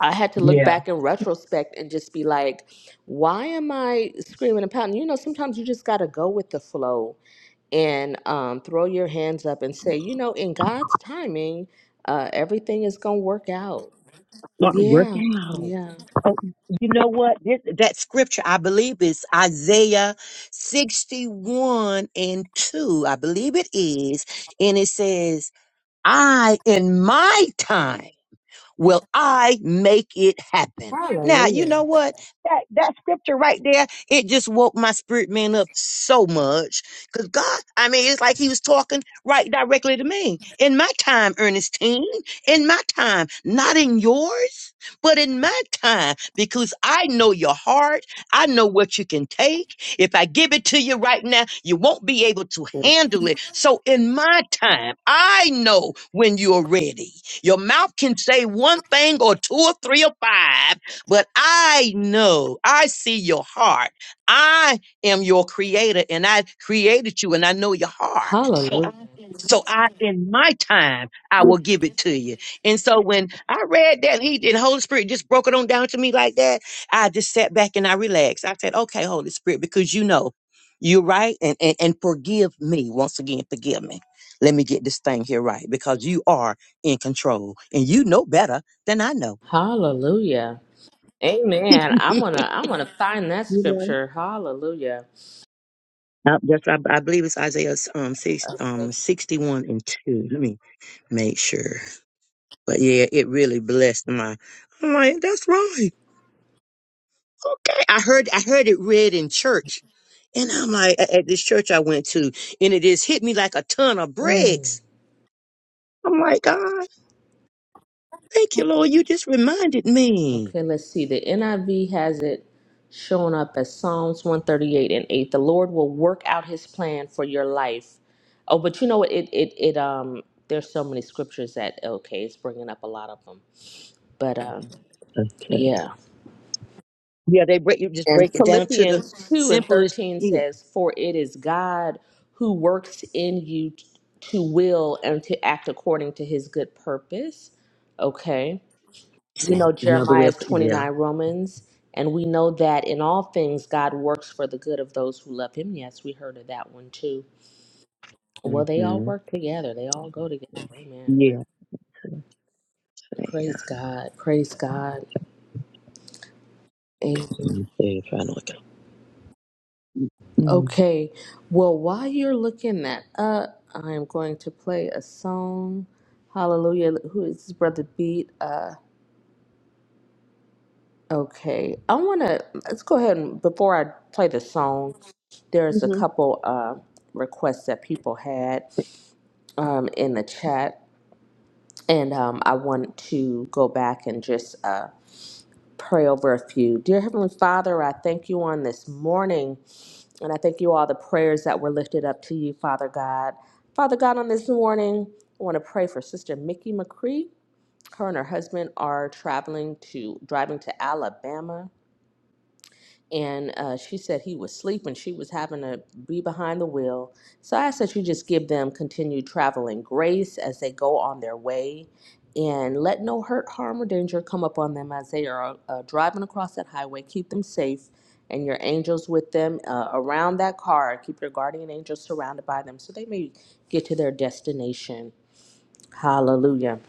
[SPEAKER 13] I had to look
[SPEAKER 12] Yeah.
[SPEAKER 13] back in retrospect and just be like, why am I screaming and pounding? You know, sometimes you just got to go with the flow and um, throw your hands up and say, you know, in God's timing, uh, everything is going to work out.
[SPEAKER 12] Not
[SPEAKER 13] Yeah,
[SPEAKER 12] working out.
[SPEAKER 13] yeah.
[SPEAKER 12] Oh, you know what? This, that scripture, I believe, is Isaiah 61 and 2. I believe it is. And it says, I, in my time, will I make it happen. Now, you
[SPEAKER 13] Hallelujah.
[SPEAKER 12] know what? That that scripture right there, it just woke my spirit man up so much. Cause God, I mean, it's like he was talking right directly to me. In my time, Ernestine, in my time, not in yours, but in my time, because I know your heart. I know what you can take. If I give it to you right now, you won't be able to handle it. So in my time, I know when you're ready. Your mouth can say one thing or two or three or five, but I know, I see your heart. I am your creator and I created you and I know your heart.
[SPEAKER 13] Hallelujah.
[SPEAKER 12] So I, in my time, I will give it to you. And so when I read that, he the Holy Spirit just broke it on down to me like that. I just sat back and I relaxed. I said, "Okay, Holy Spirit, because you know, you're right, and and, and forgive me once again. Forgive me. Let me get this thing here right because you are in control, and you know better than I know.
[SPEAKER 13] Hallelujah. Amen. I am
[SPEAKER 12] you
[SPEAKER 13] going to I am going to find that
[SPEAKER 12] know."
[SPEAKER 13] scripture. Hallelujah.
[SPEAKER 12] Uh, that's, I, I believe it's Isaiah um, six, um,
[SPEAKER 13] Okay.
[SPEAKER 12] 61 and 2. Let me make sure. But yeah, it really blessed my. I'm like, that's right. Okay, I heard I heard it read in church, and I'm like, at at this church I went to, and it just hit me like a ton of
[SPEAKER 13] Mm.
[SPEAKER 12] bricks. I'm like, God, thank you, Lord, you just reminded me.
[SPEAKER 13] Okay, let's see. The NIV has it showing up as Psalms 138 and 8. The Lord will work out his plan for your life. Oh, but you know what? It it it um there's so many scriptures that okay, it's bringing up a lot of them. But um
[SPEAKER 12] Okay.
[SPEAKER 13] yeah.
[SPEAKER 12] Yeah, they break you just
[SPEAKER 13] And
[SPEAKER 12] break it down to the
[SPEAKER 13] Philippians 2 and
[SPEAKER 12] simplest.
[SPEAKER 13] 13
[SPEAKER 12] Yeah.
[SPEAKER 13] says, For it is God who works in you t- to will and to act according to his good purpose. Okay.
[SPEAKER 12] See,
[SPEAKER 13] We know
[SPEAKER 12] another way
[SPEAKER 13] Jeremiah's
[SPEAKER 12] of put. Yeah.
[SPEAKER 13] 29 Romans, and we know that in all things God works for the good of those who love him. Yes, we heard of that one too. Well, they all
[SPEAKER 12] Mm-hmm.
[SPEAKER 13] work together, they all go together. Amen.
[SPEAKER 12] Yeah. Yeah.
[SPEAKER 13] Praise God. Praise God. Amen.
[SPEAKER 12] Mm-hmm. Trying to look it up. Mm.
[SPEAKER 13] Okay, well, while you're looking that up, I am going to play a song. Hallelujah. Who is this brother Beat? Uh, okay, I want to let's go ahead and before I play the song, there's a
[SPEAKER 12] Mm-hmm.
[SPEAKER 13] couple uh, requests that people had um, in the chat, and um, I want to go back and just uh, pray over a few. Dear Heavenly Father, I thank you on this morning. And I thank you all the prayers that were lifted up to you, Father God. Father God, on this morning, I want to pray for Sister Mickey McCree. Her and her husband are traveling to driving to Alabama and uh, she said he was sleeping. She was having to be behind the wheel. So I asked that you just give them continued traveling grace as they go on their way and let no hurt, harm, or danger come upon them as they are uh, driving across that highway. Keep them safe and your angels with them uh, around that car. Keep your guardian angels surrounded by them so they may get to their destination. Hallelujah.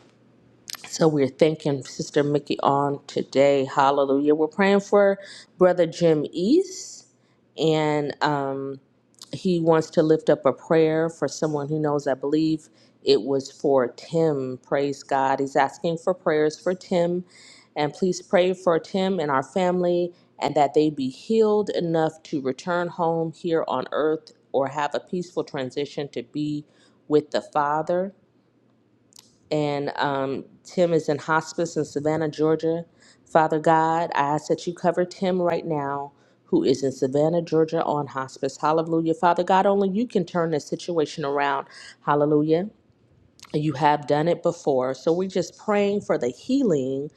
[SPEAKER 13] So we're thanking Sister Mickey on today. Hallelujah. We're praying for Brother Jim East, and um, he wants to lift up a prayer for someone who knows. I believe it was for Tim. Praise God. He's asking for prayers for Tim, and please pray for Tim and our family, and that they be healed enough to return home here on earth or have a peaceful transition to be with the Father and um, Tim is in hospice in Savannah, Georgia. Father God, I ask that you cover Tim right now, who is in Savannah, Georgia, on hospice. Hallelujah. Father God, only you can turn this situation around. Hallelujah. You have done it before. So we're just praying for the healing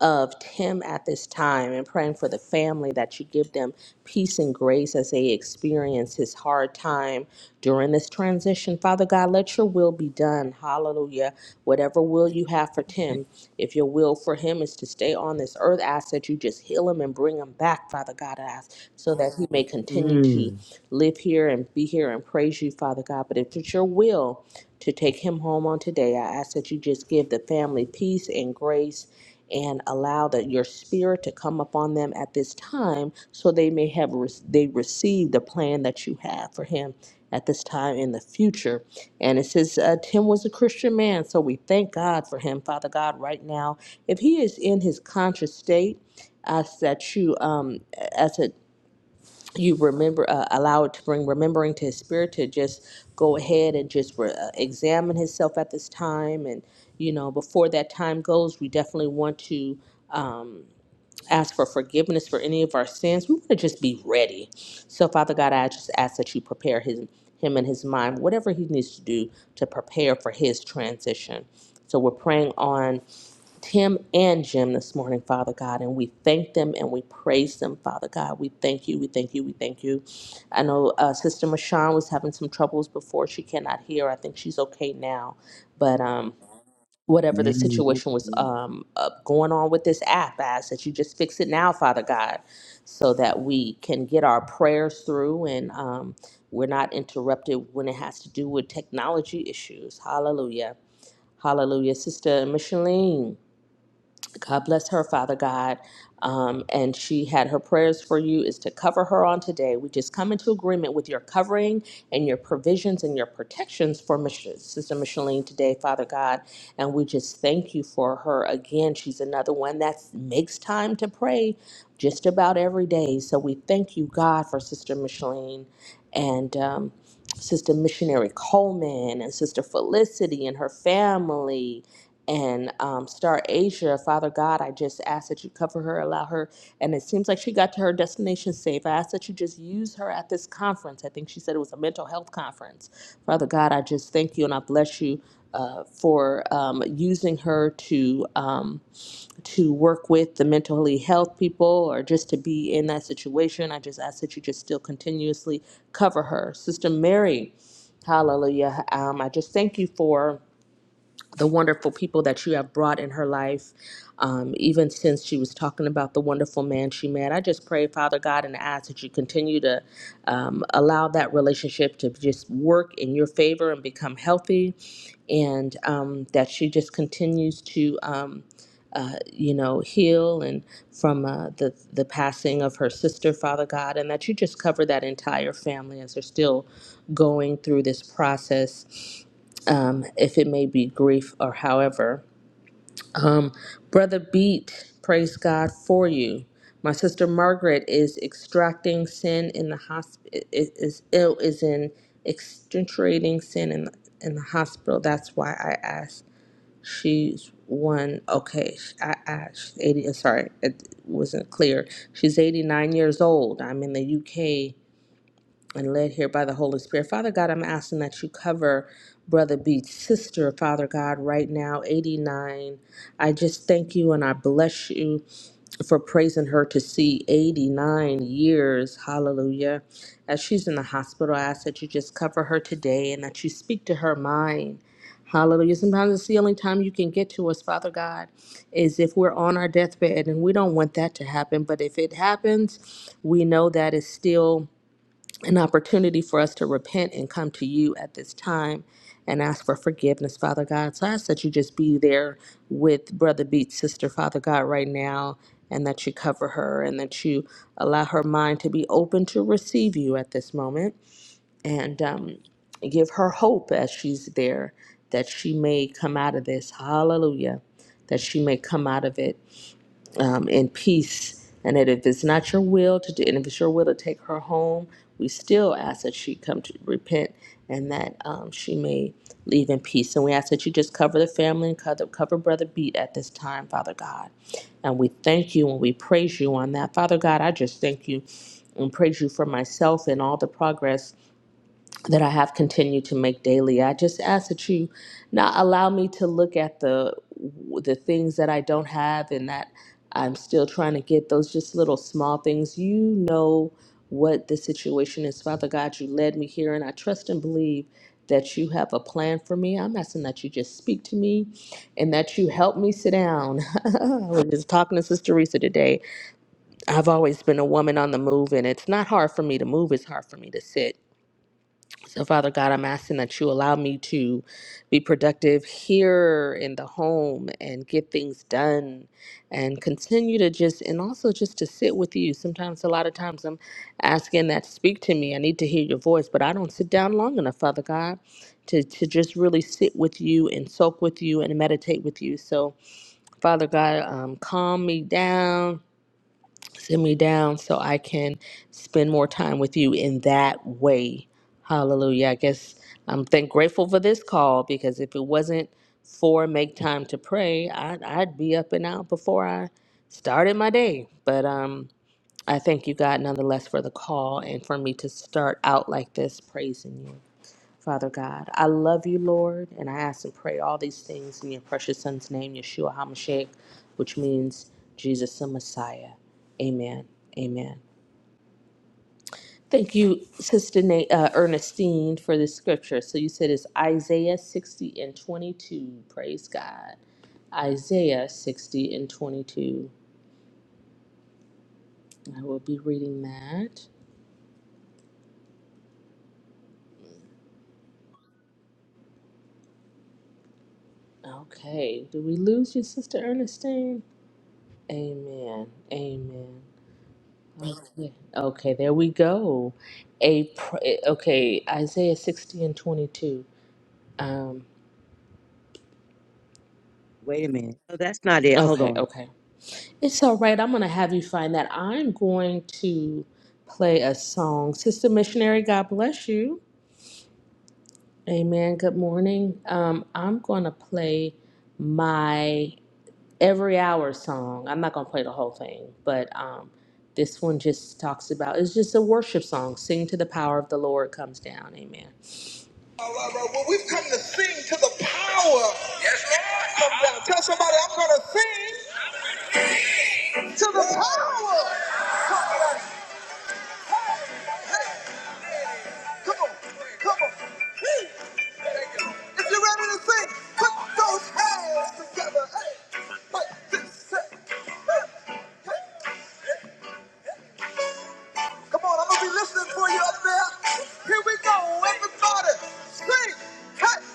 [SPEAKER 13] of Tim at this time and praying for the family that you give them peace and grace as they experience his hard time during this transition. Father God, let your will be done. Hallelujah. Whatever will you have for Tim, if your will for him is to stay on this earth, I ask that you just heal him and bring him back, Father God, I ask, so that he may continue to
[SPEAKER 12] Mm.
[SPEAKER 13] live here and be here and praise you, Father God. But if it's your will, to take him home on today, I ask that you just give the family peace and grace and allow that your spirit to come upon them at this time so they may have re- they receive the plan that you have for him at this time in the future and it says uh, tim was a christian man so we thank god for him father god right now if he is in his conscious state ask that you um as a you remember uh, allow it to bring remembering to his spirit to just go ahead and just re- uh, examine himself at this time and you know before that time goes we definitely want to ask for forgiveness for any of our sins. We want to just be ready. So, Father God, I just ask that you prepare his, him and his mind, whatever he needs to do to prepare for his transition. So, we're praying on Tim and Jim this morning, Father God, and we thank them and we praise them, Father God. We thank you, we thank you, we thank you. I know uh, Sister Mashawn was having some troubles before. She cannot hear. I think she's okay now. But, um, whatever the situation was
[SPEAKER 12] Man,
[SPEAKER 13] um, uh, going on with this app. I ask that you just fix it now, Father God, so that we can get our prayers through and um, we're not interrupted when it has to do with technology issues. Hallelujah. Hallelujah. Sister Micheline. God bless her, Father God. Um, and she had her prayers for you is to cover her on today. We just come into agreement with your covering and your provisions and your protections for Mich- Sister Micheline today, Father God. And we just thank you for her again. She's another one that makes time to pray just about every day. So we thank you, God, for Sister Micheline. And um, Sister Missionary Coleman and Sister Felicity and her family and um, Star Asia. Father God, I just ask that you cover her, allow her. And it seems like she got to her destination safe. I ask that you just use her at this conference. I think she said it was a mental health conference. Father God, I just thank you and I bless you uh, for um, using her to um, to work with the mentally health people or just to be in that situation. I just ask that you just still continuously cover her. Sister Mary, hallelujah. Um, I just thank you for the wonderful people that you have brought in her life, um, even since she was talking about the wonderful man she met. I just pray, Father God, and ask that you continue to um, allow that relationship to just work in your favor and become healthy, and um, that she just continues to. Um, uh, you know, heal and from uh, the the passing of her sister, Father God, and that you just cover that entire family as they're still going through this process um, if it may be grief or however. Um, Brother Beat, praise God for you. My sister Margaret is extracting sin in the hospital. Is ill is in extricating sin in in the hospital. That's why I asked. She's one. Okay, sh- I asked. She's eighty. uh, Sorry, it wasn't clear. She's eighty nine years old. I'm in the UK and led here by the Holy Spirit. Father God, I'm asking that you cover Brother Beats' sister, Father God, right now, 89. I just thank you and I bless you for praising her to see 89 years. Hallelujah. As she's in the hospital, I ask that you just cover her today and that you speak to her mind. Hallelujah. Sometimes it's the only time you can get to us, Father God, is if we're on our deathbed, and we don't want that to happen. But if it happens, we know that it's still an opportunity for us to repent and come to you at this time and ask for forgiveness, Father God. So I ask that you just be there with Brother Beat's sister, Father God, right now, and that you cover her and that you allow her mind to be open to receive you at this moment and um, give her hope as she's there that she may come out of this. Hallelujah. That she may come out of it um, in peace. And that if it's not your will to do, and if it's your will to take her home, we still ask that she come to repent and that um, she may leave in peace. And we ask that you just cover the family and cover, cover Brother Beat at this time, Father God. And we thank you and we praise you on that. Father God, I just thank you and praise you for myself and all the progress that I have continued to make daily. I just ask that you not allow me to look at the the things that I don't have and that I'm still trying to get those just little small things. You know what the situation is. Father God, you led me here and I trust and believe that you have a plan for me. I'm asking that you just speak to me and that you help me sit down. I was just talking to Sister Teresa today. I've always been a woman on the move and it's not hard for me to move, it's hard for me to sit. So, Father God, I'm asking that you allow me to be productive here in the home and get things done and continue to just, and also just to sit with you. Sometimes, a lot of times, I'm asking that speak to me. I need to hear your voice, but I don't sit down long enough, Father God, to, to just really sit with you and soak with you and meditate with you. So, Father God, um, calm me down Send me down so I can spend more time with you in that way. Hallelujah. I guess I'm thank grateful for this call because if it wasn't for make time to pray, I'd, I'd be up and out before I started my day. But um, I thank you, God, nonetheless, for the call and for me to start out like this praising you. Father God, I love you, Lord, and I ask and pray all these things in your precious Son's name, Yeshua HaMashiach, which means Jesus the Messiah. Amen. Amen. Thank you, Sister Na- uh, Ernestine, for this scripture. So you said it's Isaiah 60 and 22. Praise God. Isaiah 60 and 22. I will be reading that. Okay. Did we lose you, Sister Ernestine? Amen. Amen. Okay, Okay, there we go. A pr- eh, okay, Isaiah 60 and 22. Um,
[SPEAKER 12] Wait a minute. No, that's not it. Hold
[SPEAKER 13] okay,
[SPEAKER 12] on.
[SPEAKER 13] okay. It's all right. I'm going to have you find that. I'm going to play a song. Sister Missionary, God bless you. Amen. Good morning. Um, I'm going to play my every hour song. I'm not going to play the whole thing, but um, this one just talks about it's just a worship song. Sing to the power of the Lord comes down. Amen. right, right. Well, we've come to sing to the power. Yes, Lord. Come down. Tell somebody I'm going to sing to the power. Come on. Hey, hey. Come on. Come on. Hey. If you're ready to sing, put those hands together. Hey. Like this. Hey. Hey. Hey. Come on. I'm going to be listening for you up there. Here we go. Everybody. Sing. Hey.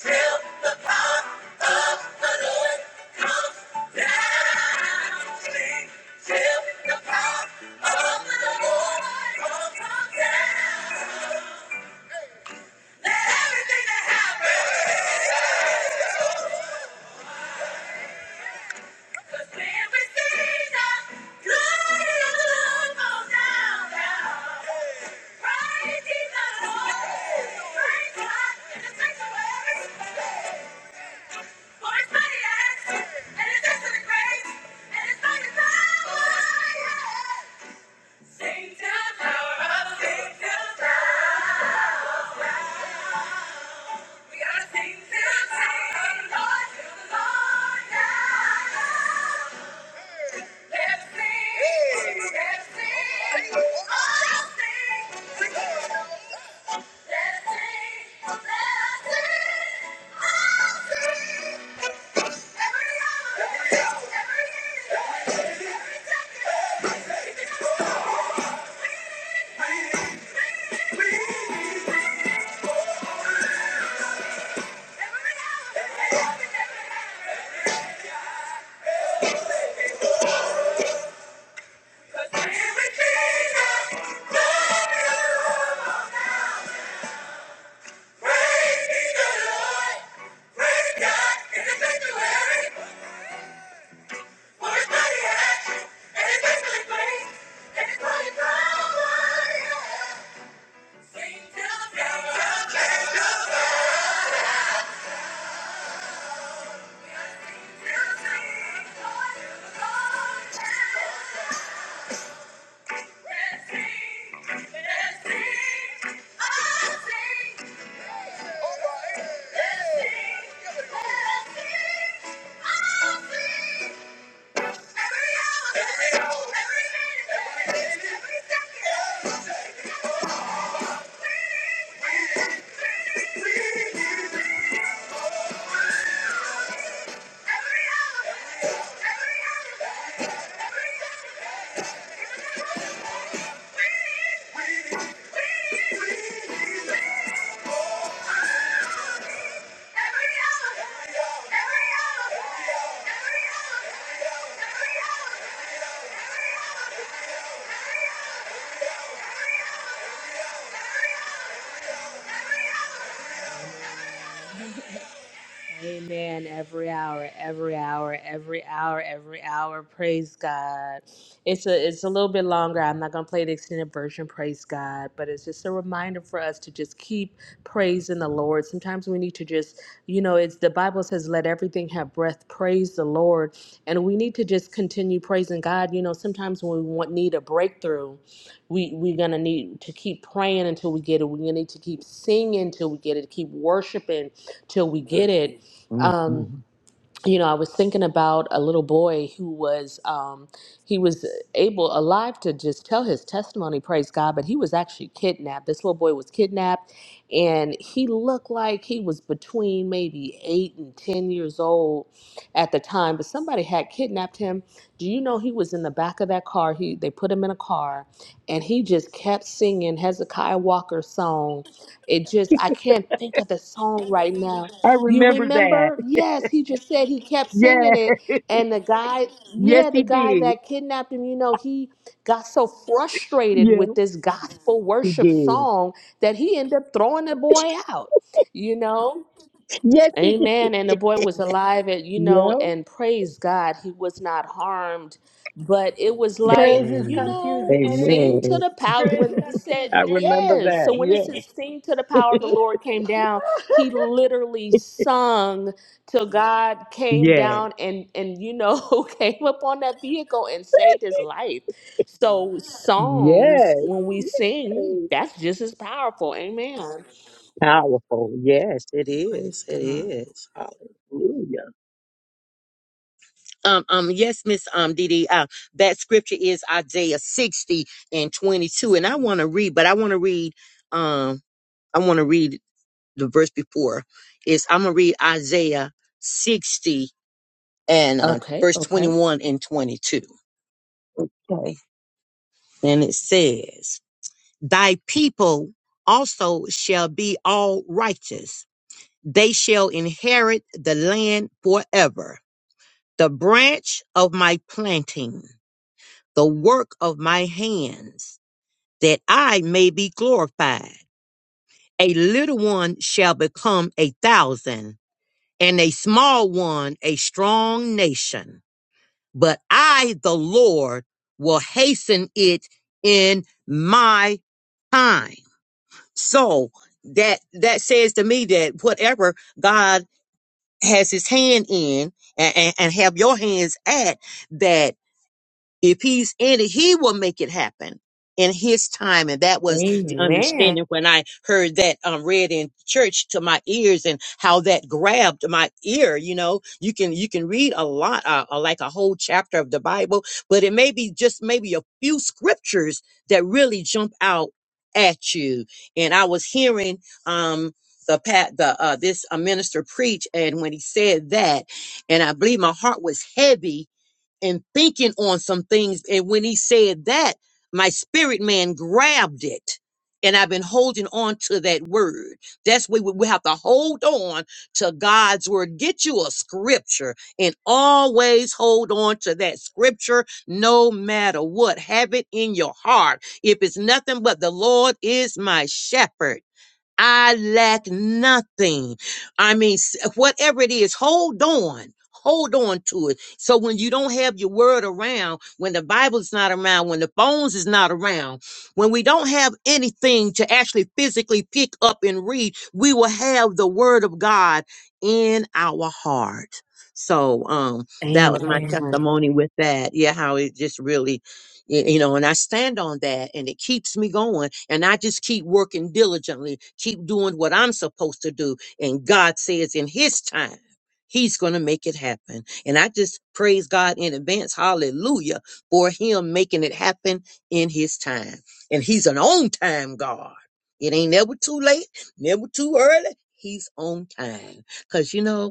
[SPEAKER 13] Till the power of the Lord comes down. Everything that happened was planned with Jesus. Glory to the Lord, goes down, down. Praise Jesus, Praise God in the sanctuary. For His mighty acts and His excellent grace and His mighty power. Sing to the power of- Sing to the power. We gotta sing this song. The Lord, the Lord, yeah. Let's sing. Hey. Let's sing. Oh, sing. We can. Let's sing. Let us sing. Oh, sing. Every hour. Every minute. Every second. We need. We need. We need. Sing till the break of day. Yeah. Every hour, every minute, every second hour. Amen. Every hour, every hour, every hour, every hour. Praise God. It's a it's a little bit longer. I'm not gonna play the extended version. Praise God. But it's just a reminder for us to just keep praising the Lord. Sometimes we need to just, you know, it's the Bible says, "Let everything have breath." Praise the Lord, and we need to just continue praising God. You know, sometimes when we want need a breakthrough, we we're gonna need to keep praying until we get it. We're gonna need to keep singing until we get it. Keep worshiping till we get it um,
[SPEAKER 12] Mhm.
[SPEAKER 13] you know, I was thinking about a little boy who was um, he was able alive to just tell his testimony, praise God, but he was actually kidnapped. This little boy was kidnapped, and he looked like he was between maybe eight and ten years old at the time. But somebody had kidnapped him. Do you know he was in the back of that car? He they put him in a car, and he just kept singing Hezekiah Walker's song. It just I can't think of the song right now.
[SPEAKER 12] I
[SPEAKER 13] You
[SPEAKER 12] remember that.
[SPEAKER 13] remember? Yes, he just said he kept singing
[SPEAKER 12] Yeah.
[SPEAKER 13] it. And the guy,
[SPEAKER 12] Yes,
[SPEAKER 13] yeah, the
[SPEAKER 12] he
[SPEAKER 13] guy
[SPEAKER 12] did.
[SPEAKER 13] that kidnapped him, you know, he got so frustrated
[SPEAKER 12] Yeah,
[SPEAKER 13] with this gospel
[SPEAKER 12] he
[SPEAKER 13] worship
[SPEAKER 12] did.
[SPEAKER 13] song that he ended up throwing the boy out, you know?
[SPEAKER 12] Yes, he
[SPEAKER 13] Amen. And the
[SPEAKER 12] did.
[SPEAKER 13] boy was alive, and you know,
[SPEAKER 12] yeah.
[SPEAKER 13] and praise God, he was not harmed. But it was like,
[SPEAKER 3] Praises
[SPEAKER 13] you
[SPEAKER 12] Amen.
[SPEAKER 3] confuse
[SPEAKER 13] know,
[SPEAKER 3] the
[SPEAKER 13] sing
[SPEAKER 3] enemy.
[SPEAKER 13] to
[SPEAKER 12] Amen.
[SPEAKER 13] the power.
[SPEAKER 3] Praise
[SPEAKER 13] When it said
[SPEAKER 3] confuse
[SPEAKER 12] I
[SPEAKER 3] the enemy.
[SPEAKER 12] remember
[SPEAKER 13] yes, so
[SPEAKER 12] that.
[SPEAKER 13] when it
[SPEAKER 12] Yeah.
[SPEAKER 13] says sing to the power of the
[SPEAKER 3] He
[SPEAKER 13] Lord came down, he literally sung till God came
[SPEAKER 12] Yes.
[SPEAKER 13] down and and you know came upon that vehicle and saved his life. So songs,
[SPEAKER 12] Yes.
[SPEAKER 13] when we sing,
[SPEAKER 12] Yes.
[SPEAKER 13] that's just as powerful. Amen.
[SPEAKER 12] Powerful. Yes, it
[SPEAKER 13] Praise
[SPEAKER 12] is. It
[SPEAKER 13] God.
[SPEAKER 12] is. Hallelujah. Um, um, yes, Miss Um Didi, uh, that scripture is Isaiah 60 and 22. And I want to read, but I want to read um I want to read the verse before. Is I'm gonna read Isaiah 60 and uh
[SPEAKER 13] Okay.
[SPEAKER 12] verse
[SPEAKER 13] Okay.
[SPEAKER 12] 21 and 22. Okay. And it says, Thy people also shall be all righteous, they shall inherit the land forever. The branch of my planting. the work of my hands, that I may be glorified. A little one shall become a thousand, and a small one a strong nation. But I, the Lord, will hasten it in my time. So that that says to me that whatever God has his hand in and, and, and have your hands at, that. If he's in it, he will make it happen in his time. And that was the
[SPEAKER 13] Amen.
[SPEAKER 12] understanding when I heard that um, read in church to my ears and how that grabbed my ear. You know, you can, you can read a lot, uh, uh, like a whole chapter of the Bible, but it may be just maybe a few scriptures that really jump out at you. And I was hearing, um, the pat the uh this uh, minister preach and when he said that and i believe my heart was heavy and thinking on some things. And when he said that, my spirit man grabbed it. And I've been holding on to that word. That's where we we have to hold on to God's word. Get you a scripture and always hold on to that scripture no matter what. Have it in your heart. If it's nothing but the Lord is my shepherd. I lack nothing. I mean, s- whatever it is, hold on. Hold on to it. So when you don't have your word around, when the Bible's not around, when the phones is not around, when we don't have anything to actually physically pick up and read, we will have the word of God in our heart. So um that was my
[SPEAKER 13] Amen.
[SPEAKER 12] testimony with that. Yeah, how it just really Y- you know and i stand on that and it keeps me going and i just keep working diligently keep doing what i'm supposed to do and god says in his time he's going to make it happen and i just praise god in advance hallelujah for him making it happen in his time and he's an on time god it ain't never too late never too early he's on time because you know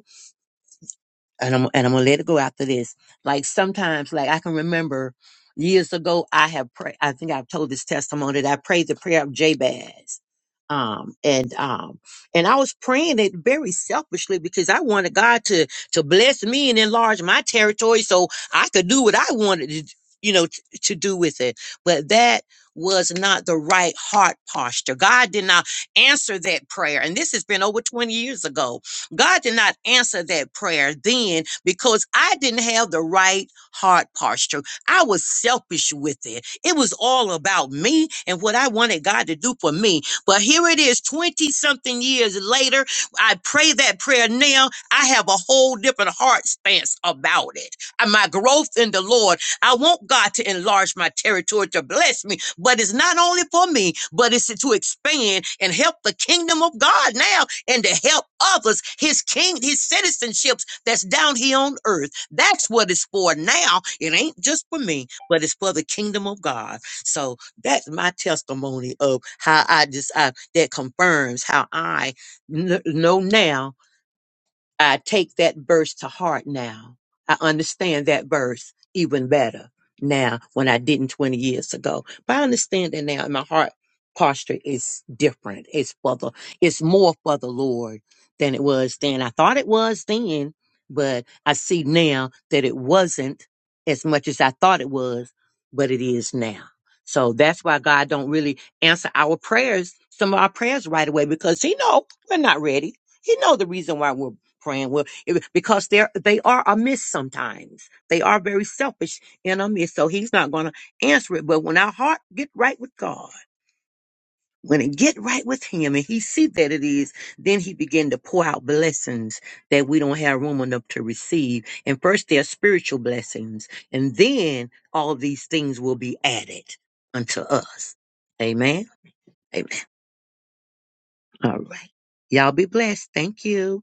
[SPEAKER 12] and I'm and I'm gonna let it go after this. Like sometimes, like I can remember years ago, I have prayed. I think I've told this testimony that I prayed the prayer of Jabez, um, and um, and I was praying it very selfishly because I wanted God to to bless me and enlarge my territory so I could do what I wanted to, you know, t- to do with it. But that was not the right heart posture. God did not answer that prayer, and this has been over 20 years ago God did not answer that prayer then because I didn't have the right heart posture. I was selfish with it. It was all about me and what I wanted God to do for me. But here it is, 20 something years later. I pray that prayer now. I have a whole different heart stance about it. And my growth in the Lord, I want God to enlarge my territory to bless me, but it's not only for me, but it's to expand and help the kingdom of God now and to help others, his king, his citizenships that's down here on earth. That's what it's for now. It ain't just for me, but it's for the kingdom of God. So that's my testimony of how I just I, that confirms how I kn- know now I take that verse to heart now. I understand that verse even better now when I didn't 20 years ago. But I understand it now and my heart posture is different. It's for the, it's more for the Lord than it was then. I thought it was then, but I see now that it wasn't as much as I thought it was, but it is now. So that's why God don't really answer our prayers, some of our prayers right away because he know we're not ready. He know the reason why we're praying well it- because they're they are amiss sometimes they are very selfish and amiss so he's not going to answer it but when our heart get right with god when it get right with him and he see that it is then he begin to pour out blessings that we don't have room enough to receive and first they're spiritual blessings and then all these things will be added unto us amen All right. Y'all be blessed. Thank you.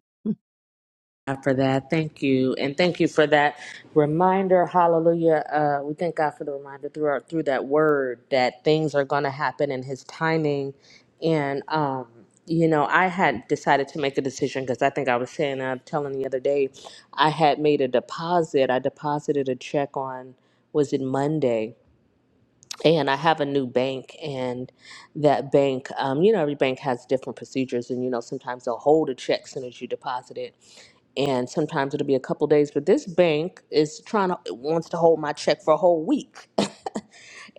[SPEAKER 13] God For that, thank you, and thank you for that reminder. Hallelujah! Uh, we thank God for the reminder through our, through that word that things are going to happen in His timing. And um, you know, I had decided to make a decision because I think I was saying, I'm telling the other day, I had made a deposit. I deposited a check on was it Monday, and I have a new bank, and that bank, um, you know, every bank has different procedures, and you know, sometimes they'll hold a check soon as you deposit it, and sometimes it'll be a couple days. But this bank is trying to wants to hold my check for a whole week,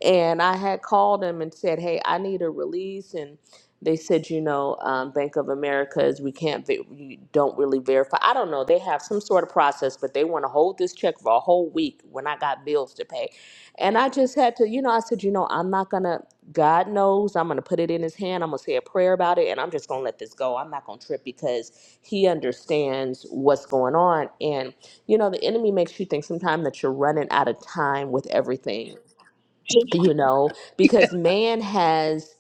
[SPEAKER 13] And I had called them and said, hey, I need a release. And they said, you know, um, Bank of America is we can't, ve- you don't really verify. I don't know. They have some sort of process, but they want to hold this check for a whole week when I got bills to pay. And I just had to, you know, I said, you know, I'm not going to, God knows, I'm going to put it in his hand. I'm going to say a prayer about it and I'm just going to let this go. I'm not going to trip because he understands what's going on. And, you know, the enemy makes you think sometimes that you're running out of time with everything you know because man has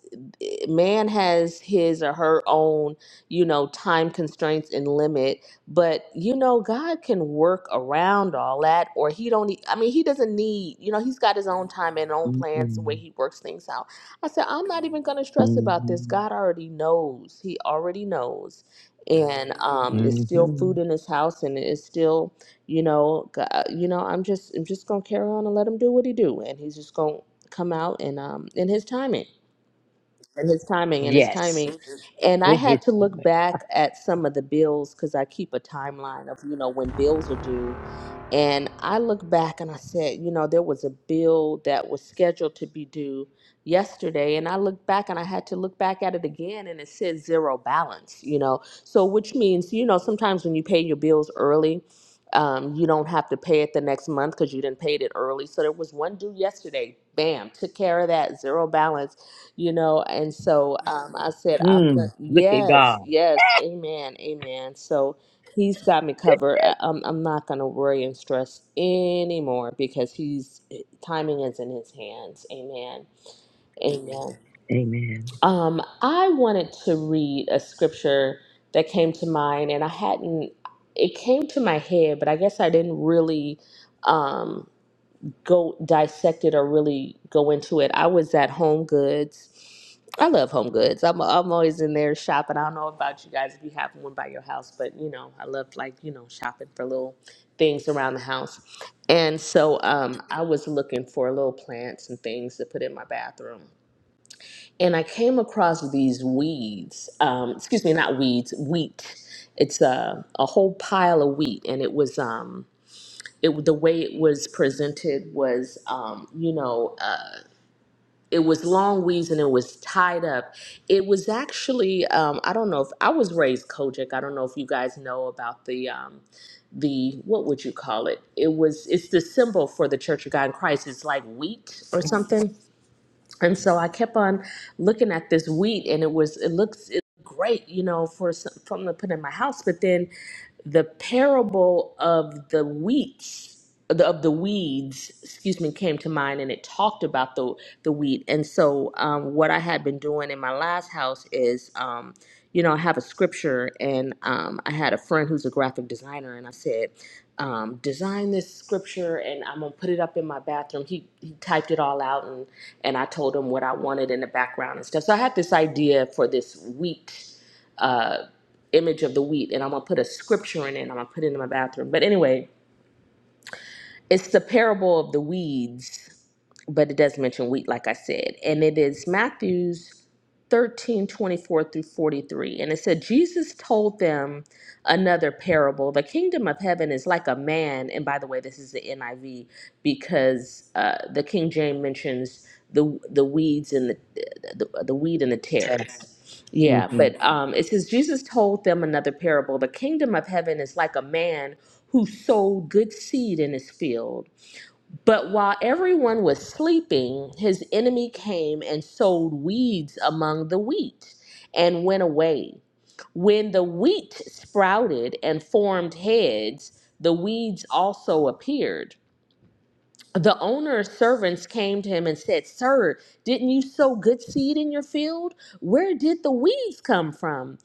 [SPEAKER 13] man has his or her own you know time constraints and limit but you know god can work around all that or he don't need, i mean he doesn't need you know he's got his own time and own plans the way
[SPEAKER 12] Mm-mm.
[SPEAKER 13] he works things out i said i'm not even going to stress about this
[SPEAKER 12] Mhm.
[SPEAKER 13] god already knows he already knows and um it's still food
[SPEAKER 12] Mhm.
[SPEAKER 13] in his house and it's still you know, go- you know, I'm just I'm just gonna carry on and let him do what he do, and he's just gonna come out and um in his timing and his timing and his
[SPEAKER 12] Yes,
[SPEAKER 13] timing Mhm. and i
[SPEAKER 12] in his
[SPEAKER 13] had to look
[SPEAKER 12] stomach.
[SPEAKER 13] back at some of the bills because i keep a timeline of you know when bills are due and I look back and I said, you know, there was a bill that was scheduled to be due yesterday. And I look back and I had to look back at it again and it said zero balance, you know. So, which means, you know, sometimes when you pay your bills early, um, you don't have to pay it the next month because you didn't pay it early. So there was one due yesterday. Bam, took care of that zero balance, you know. And so um, I said, I'm gonna,
[SPEAKER 12] Mm, look at
[SPEAKER 13] yes,
[SPEAKER 12] God.
[SPEAKER 13] yes, amen, amen. So He's got me covered. I- I'm, I'm not going to worry and stress anymore because he's timing is in his hands. Amen. Amen.
[SPEAKER 12] Amen.
[SPEAKER 13] Um, I wanted to read a scripture that came to mind, and I hadn't, it came to my head, but I guess I didn't really. Um, go dissect it or really go into it. I was at Home Goods. I love Home Goods. I'm I'm always in there shopping. I don't know about you guys if you have one by your house, but you know, I love like, you know, shopping for little things around the house. And so um I was looking for little plants and things to put in my bathroom. And I came across these weeds. Um excuse me, not weeds, wheat. It's a a whole pile of wheat and it was um it the way it was presented was um, you know uh, it was long weeds and it was tied up it was actually um, i don't know if i was raised kojic i don't know if you guys know about the um, the what would you call it it was it's the symbol for the church of god in christ it's like wheat or something and so I kept on looking at this wheat, and it was it looks it looked great, you know, for some- something to put in my house. But then the parable of the wheats the- of the weeds, excuse me, came to mind, and it talked about the the wheat. And so, um, what I had been doing in my last house is, um, you know, I have a scripture, and um, I had a friend who's a graphic designer, and I said um, design this scripture and I'm gonna put it up in my bathroom. He he typed it all out and and I told him what I wanted in the background and stuff. So I had this idea for this wheat uh, image of the wheat, and I'm gonna put a scripture in it. and I'm gonna put it in my bathroom. But anyway, it's the parable of the weeds, but it does mention wheat, like I said. And it is Matthew's 13 24 through 43. And it said, Jesus told them another parable. The kingdom of heaven is like a man. And by the way, this is the NIV because uh, the King James mentions the the weeds and the the, the weed and the
[SPEAKER 12] Tap.
[SPEAKER 13] tares. Yeah,
[SPEAKER 12] Mm-hmm.
[SPEAKER 13] but um, it says Jesus told them another parable. The kingdom of heaven is like a man who sowed good seed in his field. But while everyone was sleeping, his enemy came and sowed weeds among the wheat and went away. When the wheat sprouted and formed heads, the weeds also appeared the owner's servants came to him and said, Sir, didn't you sow good seed in your field? Where did the weeds come from?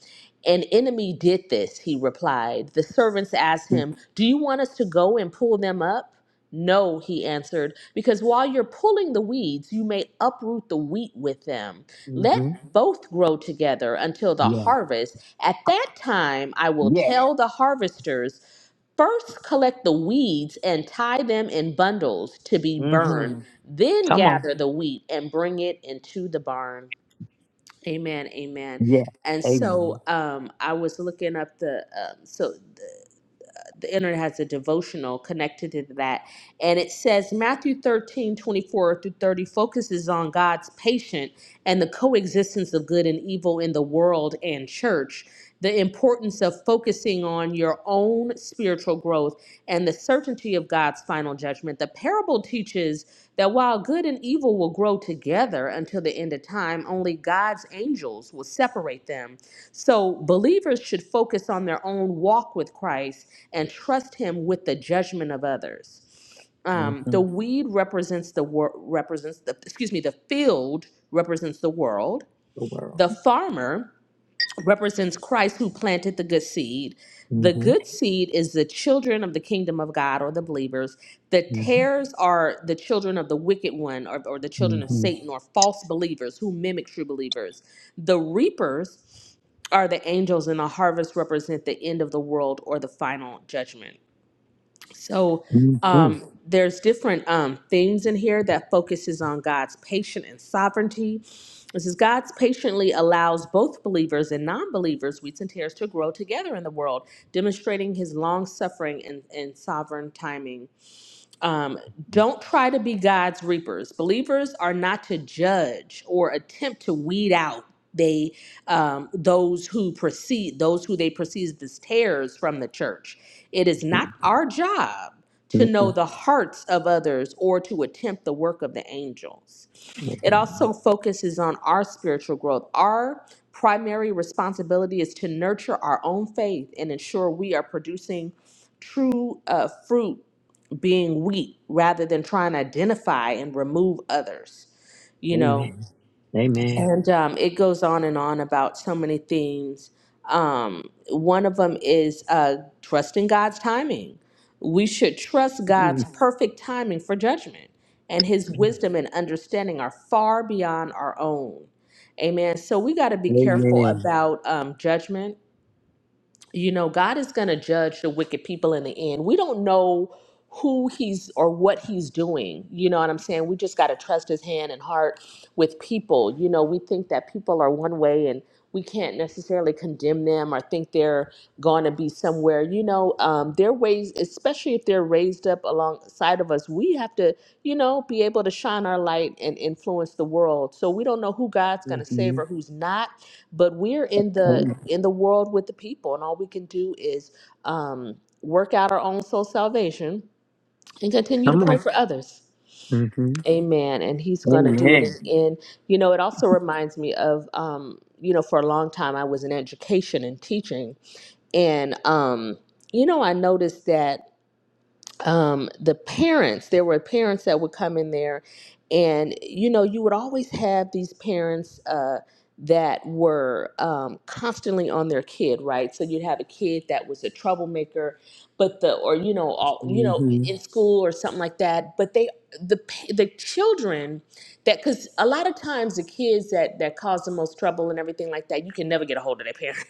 [SPEAKER 13] An enemy did this, he replied. The servants asked him, Do you want us to go and pull them up? No, he answered, because while you're pulling the weeds, you may uproot the wheat with them.
[SPEAKER 12] Mm-hmm.
[SPEAKER 13] Let both grow together until the
[SPEAKER 12] Yeah.
[SPEAKER 13] harvest. At that time, I will
[SPEAKER 12] Yeah.
[SPEAKER 13] tell the harvesters First, collect the weeds and tie them in bundles to be burned.
[SPEAKER 12] Mm-hmm.
[SPEAKER 13] Then
[SPEAKER 12] Come on.
[SPEAKER 13] gather the wheat and bring it into the barn. Amen. Amen.
[SPEAKER 12] Yeah.
[SPEAKER 13] And
[SPEAKER 12] Amen.
[SPEAKER 13] so um, I was looking up the um, so the internet has a devotional connected to that. And it says Matthew 13 24 through 30 focuses on God's patient and the coexistence of good and evil in the world and church, the importance of focusing on your own spiritual growth and the certainty of God's final judgment. The parable teaches that while good and evil will grow together until the end of time, only God's angels will separate them. So believers should focus on their own walk with Christ and trust him with the judgment of others.
[SPEAKER 12] hmm
[SPEAKER 13] Um, the weed represents the wor- represents the excuse me the field represents the world.
[SPEAKER 12] The
[SPEAKER 13] The
[SPEAKER 12] world.
[SPEAKER 13] farmer represents Christ who planted the good seed.
[SPEAKER 12] hmm
[SPEAKER 13] The
[SPEAKER 12] hmm
[SPEAKER 13] good seed is the children of the kingdom of God or the believers. The tares are the children of the wicked one or, or the children of
[SPEAKER 12] hmm
[SPEAKER 13] Satan or false believers who mimic true believers. The reapers are the angels, and the harvest represent the end of the world or the final judgment so
[SPEAKER 12] hmm
[SPEAKER 13] um, there's different um, themes in here that focuses on God's patient and sovereignty. This is God's patiently allows both believers and non-believers, wheats and tares, to grow together in the world, demonstrating His long-suffering and, and sovereign timing. Um, don't try to be God's reapers. Believers are not to judge or attempt to weed out they um, those who perceive those who they perceive as tares from the church. It is not our job to know the hearts of others or to attempt the work of the angels. It also focuses on our spiritual growth. Our primary responsibility is to nurture our own faith and ensure we are producing true uh, fruit being wheat rather than trying to identify and remove others. You know,
[SPEAKER 12] Amen. Amen.
[SPEAKER 13] and um, it goes on and on about so many things. Um, one of them is uh, trusting God's timing. We should trust God's
[SPEAKER 12] Mhm.
[SPEAKER 13] perfect timing for judgment, and His wisdom and understanding are far beyond our own. Amen. So we got to be careful
[SPEAKER 12] Amen.
[SPEAKER 13] about um, judgment you know, God is going to judge the wicked people in the end. We don't know who he's or what he's doing. You know what I'm saying? We just got to trust his hand and heart with people. You know, we think that people are one way and we can't necessarily condemn them or think they're going to be somewhere. You know, um, their ways, especially if they're raised up alongside of us, we have to, you know, be able to shine our light and influence the world. So we don't know who God's going to
[SPEAKER 12] hmm
[SPEAKER 13] save or who's not but we're in the
[SPEAKER 12] Amen.
[SPEAKER 13] in the world with the people and all we can do is um, work out our own soul salvation and continue to
[SPEAKER 12] Come
[SPEAKER 13] pray
[SPEAKER 12] on.
[SPEAKER 13] for others
[SPEAKER 12] hmm
[SPEAKER 13] amen and he's going to do it in,
[SPEAKER 12] Amen.
[SPEAKER 13] in you know it also reminds me of um, you know for a long time i was in education and teaching and um, you know i noticed that um, the parents, there were parents that would come in there, and you know, you would always have these parents uh, that were um, constantly on their kid, right? So you'd have a kid that was a troublemaker, but the or you know all you know
[SPEAKER 12] hmm
[SPEAKER 13] in school or something like that but they the pa- the children that because a lot of times the kids that that cause the most trouble and everything like that you can never get a hold of their parent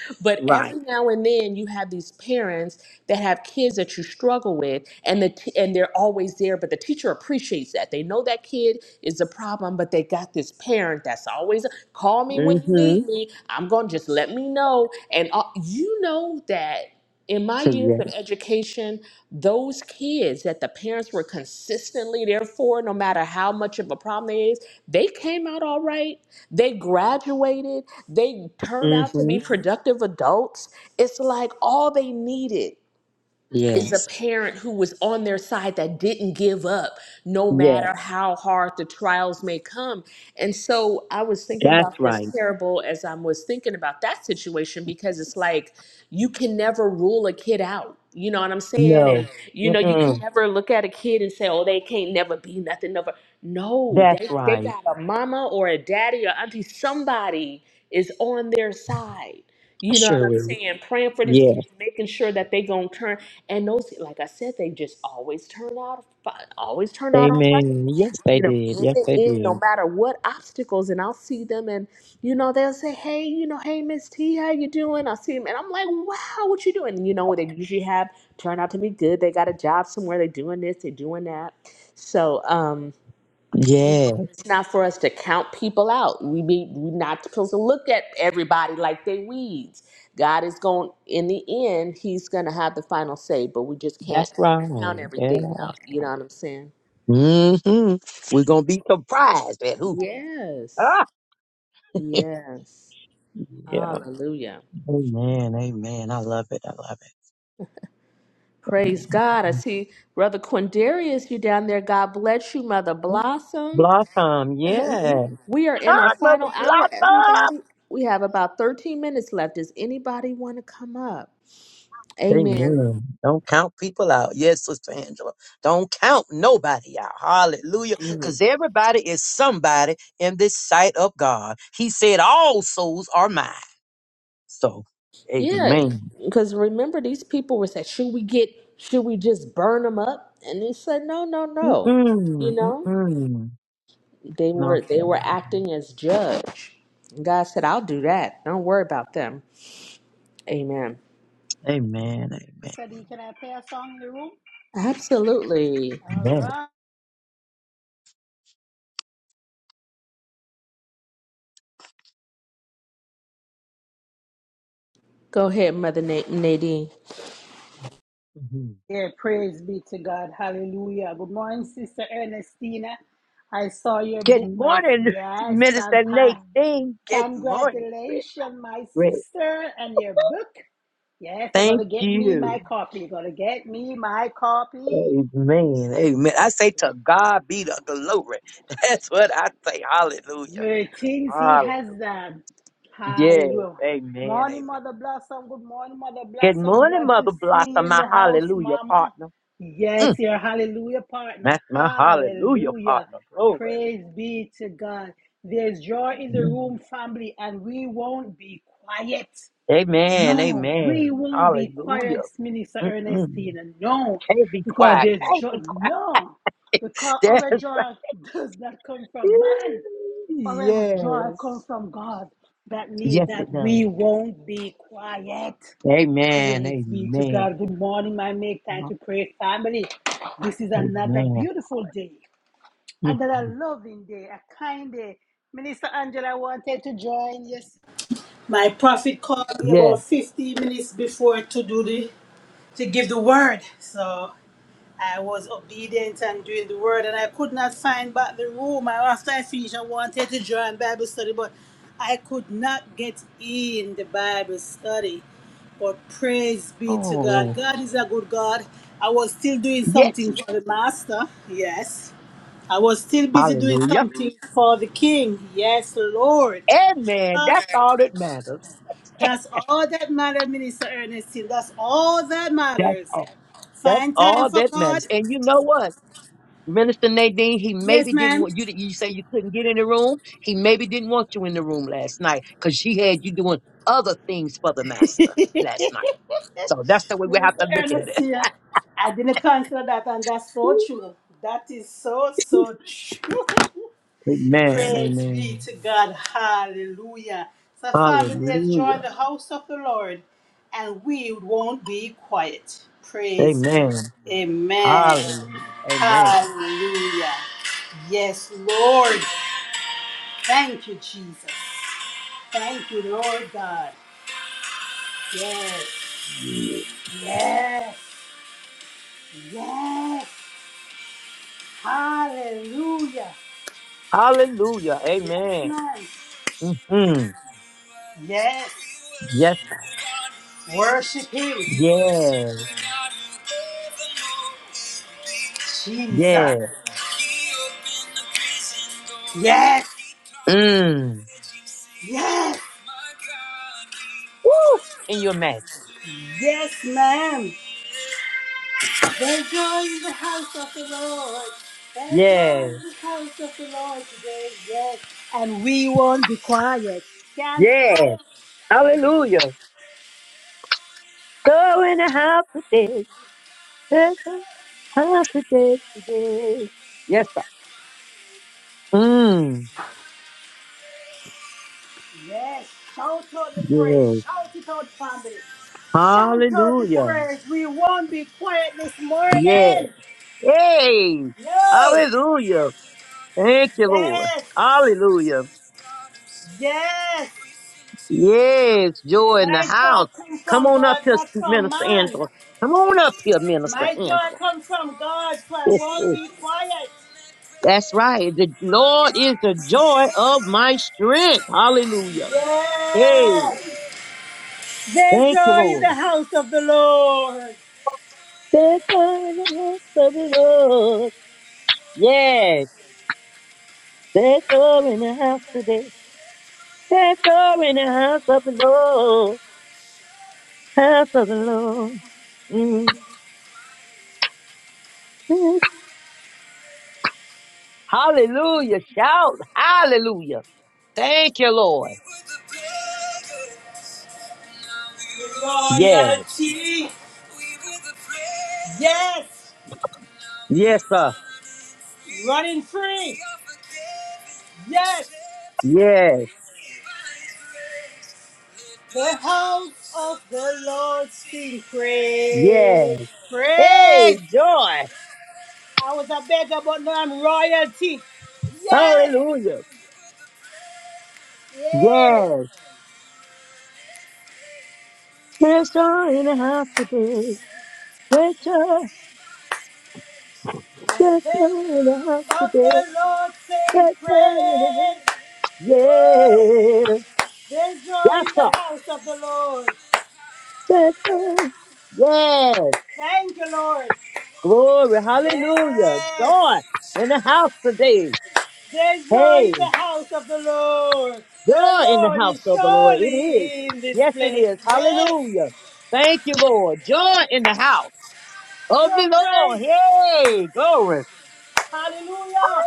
[SPEAKER 13] but
[SPEAKER 12] Right.
[SPEAKER 13] every now and then you have these parents that have kids that you struggle with and the t- and they're always there but the teacher appreciates that they know that kid is a problem but they got this parent that's always call me when you
[SPEAKER 12] hmm
[SPEAKER 13] need me i'm gonna just let me know and uh, you know that in my years
[SPEAKER 12] Yeah.
[SPEAKER 13] of education, those kids that the parents were consistently there for, no matter how much of a problem it is, they came out all right. They graduated. They turned out to
[SPEAKER 12] hmm
[SPEAKER 13] be productive adults. It's like all they needed is a
[SPEAKER 12] Yes.
[SPEAKER 13] parent who was on their side that didn't give up no
[SPEAKER 12] Yeah.
[SPEAKER 13] matter how hard the trials may come. And so I was thinking
[SPEAKER 12] That's
[SPEAKER 13] about this
[SPEAKER 12] right.
[SPEAKER 13] parable as I was thinking about that situation because it's like you can never rule a kid out. You know what I'm saying? And
[SPEAKER 12] No.
[SPEAKER 13] you know, you can
[SPEAKER 12] Mm-mm.
[SPEAKER 13] never look at a kid and say, "Oh, they can't never be nothing never." No,
[SPEAKER 12] That's
[SPEAKER 13] they they
[SPEAKER 12] right.
[SPEAKER 13] got a mama or a daddy or auntie somebody is on their side. You know what I'm
[SPEAKER 12] Sure
[SPEAKER 13] True.
[SPEAKER 12] is.
[SPEAKER 13] saying? Praying for these
[SPEAKER 12] Yeah.
[SPEAKER 13] kids, making sure that they gonna turn. And those, like I said, they just always turn out, fi- always turn out all right.
[SPEAKER 12] Amen. Yes, they
[SPEAKER 13] You know,
[SPEAKER 12] did.
[SPEAKER 13] in
[SPEAKER 12] Yes,
[SPEAKER 13] the
[SPEAKER 12] they
[SPEAKER 13] end, no
[SPEAKER 12] did.
[SPEAKER 13] matter what obstacles, and I'll see them, and you know they'll say, "Hey, you know, hey Miss T, how you doing?" I see them, and I'm like, "Wow, what you doing?" You know, they usually have turned out to be good. They got a job somewhere. They're doing this. They're doing that. So, um, you
[SPEAKER 12] Yeah.
[SPEAKER 13] know, it's not for us to count people out. We be we're not supposed to look at everybody like they weeds. God is going in the end, he's gonna have the final say, but we just can't
[SPEAKER 12] That's
[SPEAKER 13] count
[SPEAKER 12] right.
[SPEAKER 13] everything out. You
[SPEAKER 12] Yeah.
[SPEAKER 13] know what I'm saying?
[SPEAKER 12] hmm We're gonna be surprised at who.
[SPEAKER 13] Yes.
[SPEAKER 12] Ah,
[SPEAKER 13] Yes.
[SPEAKER 12] yeah.
[SPEAKER 13] Hallelujah.
[SPEAKER 12] Amen. Amen. I love it. I love it.
[SPEAKER 13] Praise God. I see Brother Quindarius, you down there. God bless you, Mother
[SPEAKER 12] Amen.
[SPEAKER 13] Blossom.
[SPEAKER 12] Blossom. Yes.
[SPEAKER 13] we are in our
[SPEAKER 12] Hi, Mother
[SPEAKER 13] final hour, everybody.
[SPEAKER 12] Blossom.
[SPEAKER 13] We have about 13 minutes left. Does anybody want to come up? Amen.
[SPEAKER 12] Amen. Don't count people out. Yes, Sister Angela. Don't count nobody out. Hallelujah.
[SPEAKER 13] Mhm.
[SPEAKER 12] Because everybody is somebody in this sight of God. He said, All souls are mine. So,
[SPEAKER 13] Yeah,
[SPEAKER 12] amen.
[SPEAKER 13] because remember, these people were saying, "Should we get? Should we just burn them up?" And they said, "No, no, no." You
[SPEAKER 12] Mm-mm,
[SPEAKER 13] know,
[SPEAKER 12] mm-mm.
[SPEAKER 13] they were they
[SPEAKER 12] Nothing.
[SPEAKER 13] were acting as judge. And God said, "I'll do that. Don't worry about them." Amen.
[SPEAKER 12] Amen. Amen.
[SPEAKER 3] Study, can I play a song in the room?
[SPEAKER 13] Absolutely.
[SPEAKER 3] All
[SPEAKER 12] Amen.
[SPEAKER 3] right.
[SPEAKER 13] Go ahead, Mother Na- Nadine.
[SPEAKER 12] Mhm.
[SPEAKER 3] Yeah, praise be to God. Hallelujah. Good morning, Sister Ernestina. I saw your book,
[SPEAKER 12] Good
[SPEAKER 3] my
[SPEAKER 12] morning,
[SPEAKER 3] yes, and
[SPEAKER 12] Minister
[SPEAKER 3] hi.
[SPEAKER 12] Nadine. Good morning, Rick.
[SPEAKER 3] Congratulations, my
[SPEAKER 12] Rick.
[SPEAKER 3] sister, and your book. Yes, I gotta
[SPEAKER 12] Thank
[SPEAKER 3] get me
[SPEAKER 12] you.
[SPEAKER 3] my copy. Gotta get me my copy.
[SPEAKER 12] Amen. Amen. I
[SPEAKER 3] Yes,
[SPEAKER 12] say to God be the glory. That's what I say. Hallelujah.
[SPEAKER 3] The things he
[SPEAKER 12] Hallelujah.
[SPEAKER 3] has done.
[SPEAKER 12] Yes.
[SPEAKER 3] Hallelujah.
[SPEAKER 12] Amen.
[SPEAKER 3] Morning,
[SPEAKER 12] Amen.
[SPEAKER 3] Mother Blossom. Good morning, Mother
[SPEAKER 12] Good
[SPEAKER 3] Blossom.
[SPEAKER 12] morning,
[SPEAKER 3] Glad to
[SPEAKER 12] Mother
[SPEAKER 3] see you
[SPEAKER 12] Blossom,
[SPEAKER 3] in
[SPEAKER 12] my
[SPEAKER 3] the house,
[SPEAKER 12] hallelujah
[SPEAKER 3] Mama.
[SPEAKER 12] partner.
[SPEAKER 3] Yes,
[SPEAKER 12] Mm,
[SPEAKER 3] your hallelujah partner.
[SPEAKER 12] that's my hallelujah
[SPEAKER 3] Hallelujah.
[SPEAKER 12] partner. Glory.
[SPEAKER 3] Praise be to God. There's joy in the room, family, and we won't be quiet.
[SPEAKER 12] Amen.
[SPEAKER 3] No, we
[SPEAKER 12] Amen.
[SPEAKER 3] won't be
[SPEAKER 12] Hallelujah.
[SPEAKER 3] quiet, Minister
[SPEAKER 12] Mm-mm.
[SPEAKER 3] Ernestina. No,
[SPEAKER 12] Can't be
[SPEAKER 3] because
[SPEAKER 12] quiet.
[SPEAKER 3] there's
[SPEAKER 12] Can't
[SPEAKER 3] joy.
[SPEAKER 12] be
[SPEAKER 3] No, because
[SPEAKER 12] quiet.
[SPEAKER 3] our joy does not come from man. For it was
[SPEAKER 12] Yeah.
[SPEAKER 3] joy comes from God. That means
[SPEAKER 12] Yes,
[SPEAKER 3] that
[SPEAKER 12] it does.
[SPEAKER 3] we won't be quiet.
[SPEAKER 12] Amen.
[SPEAKER 3] Praise be to
[SPEAKER 12] Amen.
[SPEAKER 3] God. Good morning, my make time to pray family. This is another
[SPEAKER 12] Amen.
[SPEAKER 3] beautiful day, another
[SPEAKER 12] Mhm.
[SPEAKER 3] loving day, a kind day. Minister Angela wanted to join. Yes, my prophet called me
[SPEAKER 12] yes.
[SPEAKER 3] about 15 minutes before to do the to give the word. So I was obedient and doing the word, and I could not find back the room. I After I finished, I wanted to join Bible study, but I could not get in the Bible study. But praise be to God.
[SPEAKER 12] Oh,
[SPEAKER 3] God is a good God. I was still doing
[SPEAKER 12] yes,
[SPEAKER 3] something
[SPEAKER 12] he
[SPEAKER 3] for
[SPEAKER 12] did.
[SPEAKER 3] the Master. Yes. I was still busy doing
[SPEAKER 12] Hallelujah.
[SPEAKER 3] something for the King. Yes, Lord.
[SPEAKER 12] Amen. That's all that matters.
[SPEAKER 3] That's all that matters, Minister Ernestine. That's all that
[SPEAKER 12] That's
[SPEAKER 3] matters.
[SPEAKER 12] all. That's
[SPEAKER 3] Find time
[SPEAKER 12] all
[SPEAKER 3] for
[SPEAKER 12] that
[SPEAKER 3] God.
[SPEAKER 12] matters. And you know what? Minister Nadine, he
[SPEAKER 3] Yes,
[SPEAKER 12] maybe didn't
[SPEAKER 3] ma'am.
[SPEAKER 12] want you. to, You say you couldn't get in the room. He maybe didn't want you in the room last night because she had you doing other things for the master last night. So that's the way we have
[SPEAKER 3] Minister
[SPEAKER 12] to look at
[SPEAKER 3] Ernest here. I didn't consider that, and that's so
[SPEAKER 12] it.
[SPEAKER 3] true. That is so, so true.
[SPEAKER 12] Amen.
[SPEAKER 3] Praise be
[SPEAKER 12] Amen.
[SPEAKER 3] to God. Hallelujah. So, family, let's join
[SPEAKER 12] Hallelujah.
[SPEAKER 3] the house of the Lord, and we won't be quiet. Praise
[SPEAKER 12] Amen.
[SPEAKER 3] be. Amen.
[SPEAKER 12] Hallelujah. Amen.
[SPEAKER 3] Hallelujah. Yes, Lord. Thank you, Jesus. Thank you, Lord God. Yes. Yes. Yes. Hallelujah.
[SPEAKER 12] Hallelujah.
[SPEAKER 3] Yes,
[SPEAKER 12] Amen.
[SPEAKER 3] man.
[SPEAKER 12] hmm
[SPEAKER 3] Yes.
[SPEAKER 12] Yes. sir.
[SPEAKER 3] Worship him.
[SPEAKER 12] Yes.
[SPEAKER 3] Jesus.
[SPEAKER 12] Yes.
[SPEAKER 3] Yes.
[SPEAKER 12] Mm.
[SPEAKER 3] Yes.
[SPEAKER 12] Woo. Can you imagine?
[SPEAKER 3] Yes, ma'am. There's joy in the house of the Lord. There's joy
[SPEAKER 12] Yes.
[SPEAKER 3] in the house of the Lord today. Yes. And we won't be quiet. Stand
[SPEAKER 12] Yes.
[SPEAKER 3] quiet.
[SPEAKER 12] Hallelujah. Go in the house today. There's a house today. today. Yes. Sir. Mm.
[SPEAKER 3] Yes. Shout out the praise.
[SPEAKER 12] Yes.
[SPEAKER 3] Shout it out, family. Shout out the
[SPEAKER 12] Hallelujah.
[SPEAKER 3] praise. We won't be quiet this
[SPEAKER 12] Yes.
[SPEAKER 3] morning.
[SPEAKER 12] Hey.
[SPEAKER 3] No.
[SPEAKER 12] Hallelujah. Thank you, Lord.
[SPEAKER 3] Yes.
[SPEAKER 12] Hallelujah.
[SPEAKER 3] Yes.
[SPEAKER 12] Yes, joy in the
[SPEAKER 3] My joy
[SPEAKER 12] house.
[SPEAKER 3] comes
[SPEAKER 12] Come
[SPEAKER 3] from
[SPEAKER 12] on up
[SPEAKER 3] God,
[SPEAKER 12] here,
[SPEAKER 3] not from
[SPEAKER 12] Minister
[SPEAKER 3] man.
[SPEAKER 12] Angela. Come on up here, Minister
[SPEAKER 3] My joy
[SPEAKER 12] Angela.
[SPEAKER 3] comes from God, so I won't be quiet.
[SPEAKER 12] That's right. The Lord is the joy of my strength. Hallelujah. Hey,
[SPEAKER 3] Yes. There's
[SPEAKER 12] thank you,
[SPEAKER 3] joy in the
[SPEAKER 12] Lord.
[SPEAKER 3] house of the Lord.
[SPEAKER 12] There's joy in the house of the Lord. Yes, there's joy in the house today. There's joy in the house of the Lord. House of the Lord. Mhm. Hallelujah. Shout. Hallelujah. Thank you, Lord. Yes.
[SPEAKER 3] Royalty. Yes.
[SPEAKER 12] Yes, sir.
[SPEAKER 3] Running free. Yes.
[SPEAKER 12] Yes.
[SPEAKER 3] The house of the Lord sing
[SPEAKER 12] Yes.
[SPEAKER 3] praise.
[SPEAKER 12] Hey,
[SPEAKER 3] Praise.
[SPEAKER 12] joy.
[SPEAKER 3] I was a beggar, but now I'm royalty. Yes,
[SPEAKER 12] Hallelujah.
[SPEAKER 3] yes.
[SPEAKER 12] Yes. There's joy in the house today. There's joy. There's
[SPEAKER 3] Presence
[SPEAKER 12] joy in the house
[SPEAKER 3] of
[SPEAKER 12] today.
[SPEAKER 3] the Lord sing
[SPEAKER 12] There's joy in the house.
[SPEAKER 3] praise. Woo!
[SPEAKER 12] Yes.
[SPEAKER 3] There's joy
[SPEAKER 12] Yes,
[SPEAKER 3] in
[SPEAKER 12] sir.
[SPEAKER 3] the house of the Lord.
[SPEAKER 12] There's joy. Yes.
[SPEAKER 3] Thank you, Lord.
[SPEAKER 12] Glory. Hallelujah.
[SPEAKER 3] Yes.
[SPEAKER 12] Joy in the house today.
[SPEAKER 3] There's joy
[SPEAKER 12] Hey,
[SPEAKER 3] in the house of the Lord. The
[SPEAKER 12] joy in the
[SPEAKER 3] Lord
[SPEAKER 12] house
[SPEAKER 3] is
[SPEAKER 12] of the Lord. It is.
[SPEAKER 3] surely in this
[SPEAKER 12] Yes, it
[SPEAKER 3] place.
[SPEAKER 12] is.
[SPEAKER 3] Yes.
[SPEAKER 12] Hallelujah. Thank you, Lord. Joy in the house. of
[SPEAKER 3] Your
[SPEAKER 12] the Lord.
[SPEAKER 3] praise.
[SPEAKER 12] Yay! Glory.
[SPEAKER 3] Hallelujah.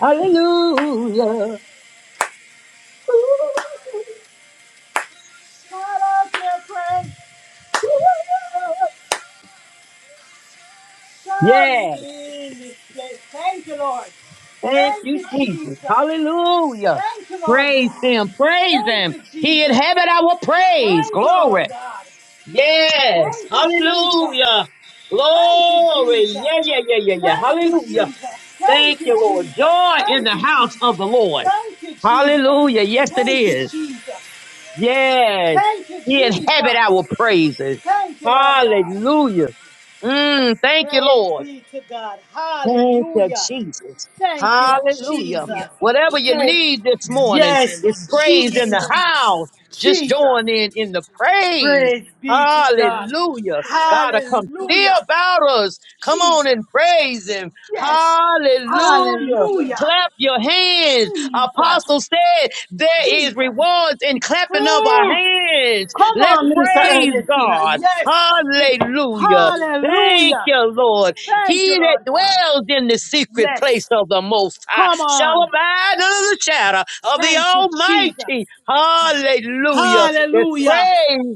[SPEAKER 12] Hallelujah.
[SPEAKER 3] Shout out your praise. Surely
[SPEAKER 12] Yes.
[SPEAKER 3] in this place. Thank you, Lord.
[SPEAKER 12] Thank
[SPEAKER 3] Thank
[SPEAKER 12] you,
[SPEAKER 3] you,
[SPEAKER 12] Jesus.
[SPEAKER 3] Jesus.
[SPEAKER 12] Hallelujah.
[SPEAKER 3] Thank you, Lord
[SPEAKER 12] Praise
[SPEAKER 3] God.
[SPEAKER 12] him. Praise
[SPEAKER 3] Thank
[SPEAKER 12] him.
[SPEAKER 3] you,
[SPEAKER 12] He
[SPEAKER 3] Jesus.
[SPEAKER 12] inhabit our praise.
[SPEAKER 3] Thank you, Lord
[SPEAKER 12] Glory.
[SPEAKER 3] God.
[SPEAKER 12] Yes.
[SPEAKER 3] Thank you, Jesus.
[SPEAKER 12] Hallelujah.
[SPEAKER 3] Thank you,
[SPEAKER 12] Glory.
[SPEAKER 3] Jesus.
[SPEAKER 12] Yeah, yeah, yeah, yeah, yeah.
[SPEAKER 3] Thank you,
[SPEAKER 12] Hallelujah.
[SPEAKER 3] Jesus. Thank
[SPEAKER 12] Thank
[SPEAKER 3] you,
[SPEAKER 12] you, Lord.
[SPEAKER 3] Jesus.
[SPEAKER 12] Joy in
[SPEAKER 3] Thank
[SPEAKER 12] the
[SPEAKER 3] you,
[SPEAKER 12] house
[SPEAKER 3] Jesus.
[SPEAKER 12] of the Lord.
[SPEAKER 3] Thank you, Jesus.
[SPEAKER 12] Hallelujah. Yes, it
[SPEAKER 3] Thank you,
[SPEAKER 12] is.
[SPEAKER 3] Jesus.
[SPEAKER 12] Yes.
[SPEAKER 3] Thank you,
[SPEAKER 12] He inhabit our
[SPEAKER 3] Jesus.
[SPEAKER 12] praises.
[SPEAKER 3] Thank you, Lord God.
[SPEAKER 12] Hallelujah. Mm, thank you,
[SPEAKER 3] Praise
[SPEAKER 12] Lord.
[SPEAKER 3] be to God.
[SPEAKER 12] Thank you,
[SPEAKER 3] Hallelujah.
[SPEAKER 12] Jesus.
[SPEAKER 3] Thank you,
[SPEAKER 12] Hallelujah.
[SPEAKER 3] Jesus.
[SPEAKER 12] Whatever you
[SPEAKER 3] Praise.
[SPEAKER 12] need this morning is
[SPEAKER 3] Yes,
[SPEAKER 12] praise in the
[SPEAKER 3] Jesus.
[SPEAKER 12] house. Just
[SPEAKER 3] Jesus.
[SPEAKER 12] join in in the praise.
[SPEAKER 3] Praise be to God.
[SPEAKER 12] Hallelujah. God will come see
[SPEAKER 3] Hallelujah.
[SPEAKER 12] about us. Come on
[SPEAKER 3] Jesus.
[SPEAKER 12] and praise him.
[SPEAKER 3] Yes.
[SPEAKER 12] Hallelujah.
[SPEAKER 3] Hallelujah.
[SPEAKER 12] Clap your hands.
[SPEAKER 3] Jesus.
[SPEAKER 12] Apostle said there is
[SPEAKER 3] Jesus.
[SPEAKER 12] rewards in clapping of our
[SPEAKER 3] Mm.
[SPEAKER 12] hands.
[SPEAKER 3] Come
[SPEAKER 12] Let's
[SPEAKER 3] on, Minister
[SPEAKER 12] praise
[SPEAKER 3] Ernestina.
[SPEAKER 12] God.
[SPEAKER 3] Yes.
[SPEAKER 12] Hallelujah. Thank
[SPEAKER 3] Hallelujah.
[SPEAKER 12] you, Lord.
[SPEAKER 3] Thank you,
[SPEAKER 12] He that
[SPEAKER 3] Lord God.
[SPEAKER 12] dwells in the secret place
[SPEAKER 3] Yes.
[SPEAKER 12] of the Most High
[SPEAKER 3] Come
[SPEAKER 12] shall
[SPEAKER 3] on.
[SPEAKER 12] abide under the shadow of the
[SPEAKER 3] Thank you, Jesus.
[SPEAKER 12] Almighty. Hallelujah. There's praise
[SPEAKER 3] Hallelujah.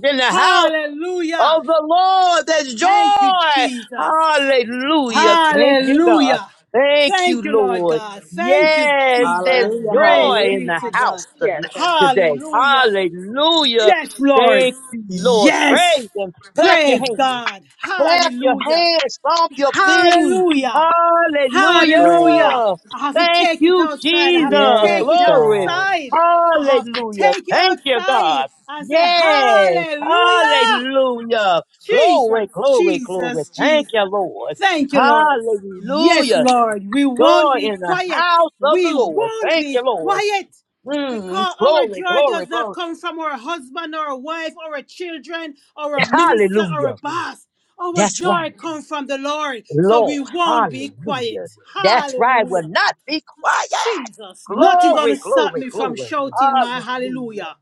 [SPEAKER 12] in the house
[SPEAKER 3] Hallelujah.
[SPEAKER 12] of the Lord. There's
[SPEAKER 3] Thank you,
[SPEAKER 12] joy.
[SPEAKER 3] Jesus.
[SPEAKER 12] Hallelujah. Thank you, God.
[SPEAKER 3] Hallelujah.
[SPEAKER 12] Thank you,
[SPEAKER 3] Thank you, Lord
[SPEAKER 12] Lord.
[SPEAKER 3] God. Thank you,
[SPEAKER 12] Yes, there's
[SPEAKER 3] Jesus.
[SPEAKER 13] Hallelujah.
[SPEAKER 3] Praise
[SPEAKER 12] joy
[SPEAKER 13] Hallelujah.
[SPEAKER 12] in
[SPEAKER 3] be
[SPEAKER 12] the
[SPEAKER 3] to God.
[SPEAKER 12] house ton-
[SPEAKER 13] Yes, that's
[SPEAKER 12] today.
[SPEAKER 3] Hallelujah.
[SPEAKER 12] Hallelujah.
[SPEAKER 3] Yes, Lord.
[SPEAKER 12] Thank you, Lord.
[SPEAKER 3] Yes.
[SPEAKER 12] Praise Him. Clap your
[SPEAKER 3] Praise
[SPEAKER 12] hands.
[SPEAKER 3] God.
[SPEAKER 12] Clap your
[SPEAKER 3] Hallelujah.
[SPEAKER 12] hands, stomp your feet.
[SPEAKER 3] Hallelujah.
[SPEAKER 12] Hallelujah.
[SPEAKER 3] Hallelujah.
[SPEAKER 13] great.
[SPEAKER 3] I have to
[SPEAKER 12] Thank
[SPEAKER 3] take it
[SPEAKER 12] you,
[SPEAKER 3] outside. I have to
[SPEAKER 12] Jesus.
[SPEAKER 3] take
[SPEAKER 13] Yes,
[SPEAKER 3] it
[SPEAKER 12] Glory.
[SPEAKER 13] God.
[SPEAKER 3] outside. I have to
[SPEAKER 12] Hallelujah.
[SPEAKER 3] take it
[SPEAKER 12] Thank you,
[SPEAKER 3] outside
[SPEAKER 12] God.
[SPEAKER 3] and say,
[SPEAKER 12] Yes.
[SPEAKER 3] Hallelujah.
[SPEAKER 12] Hallelujah. Glory,
[SPEAKER 3] Jesus,
[SPEAKER 12] glory, glory.
[SPEAKER 3] Jesus,
[SPEAKER 12] Thank
[SPEAKER 3] Jesus.
[SPEAKER 12] you, Lord.
[SPEAKER 3] Thank you, Lord. Yes,
[SPEAKER 12] Hallelujah.
[SPEAKER 3] Lord. We won't
[SPEAKER 12] Joy
[SPEAKER 3] be
[SPEAKER 12] in the
[SPEAKER 3] quiet.
[SPEAKER 12] house of the
[SPEAKER 3] We
[SPEAKER 12] Lord.
[SPEAKER 3] won't
[SPEAKER 12] Thank
[SPEAKER 3] be
[SPEAKER 12] you, Lord.
[SPEAKER 3] quiet
[SPEAKER 12] Mm,
[SPEAKER 3] because our
[SPEAKER 12] glory,
[SPEAKER 3] joy
[SPEAKER 12] glory,
[SPEAKER 3] does not
[SPEAKER 12] glory.
[SPEAKER 3] come from our husband, our wife, our children, our minister, our
[SPEAKER 12] Hallelujah.
[SPEAKER 3] boss. Our
[SPEAKER 12] That's right.
[SPEAKER 3] joy comes from the Lord, so we
[SPEAKER 12] Lord,
[SPEAKER 3] won't be quiet.
[SPEAKER 12] hallelujah. That's right. Will
[SPEAKER 3] Hallelujah.
[SPEAKER 12] not be quiet.
[SPEAKER 3] Jesus, nothing gonna
[SPEAKER 12] Glory,
[SPEAKER 3] stop
[SPEAKER 12] glory,
[SPEAKER 3] me from
[SPEAKER 12] glory.
[SPEAKER 3] shouting my
[SPEAKER 12] Hallelujah.
[SPEAKER 3] hallelujah.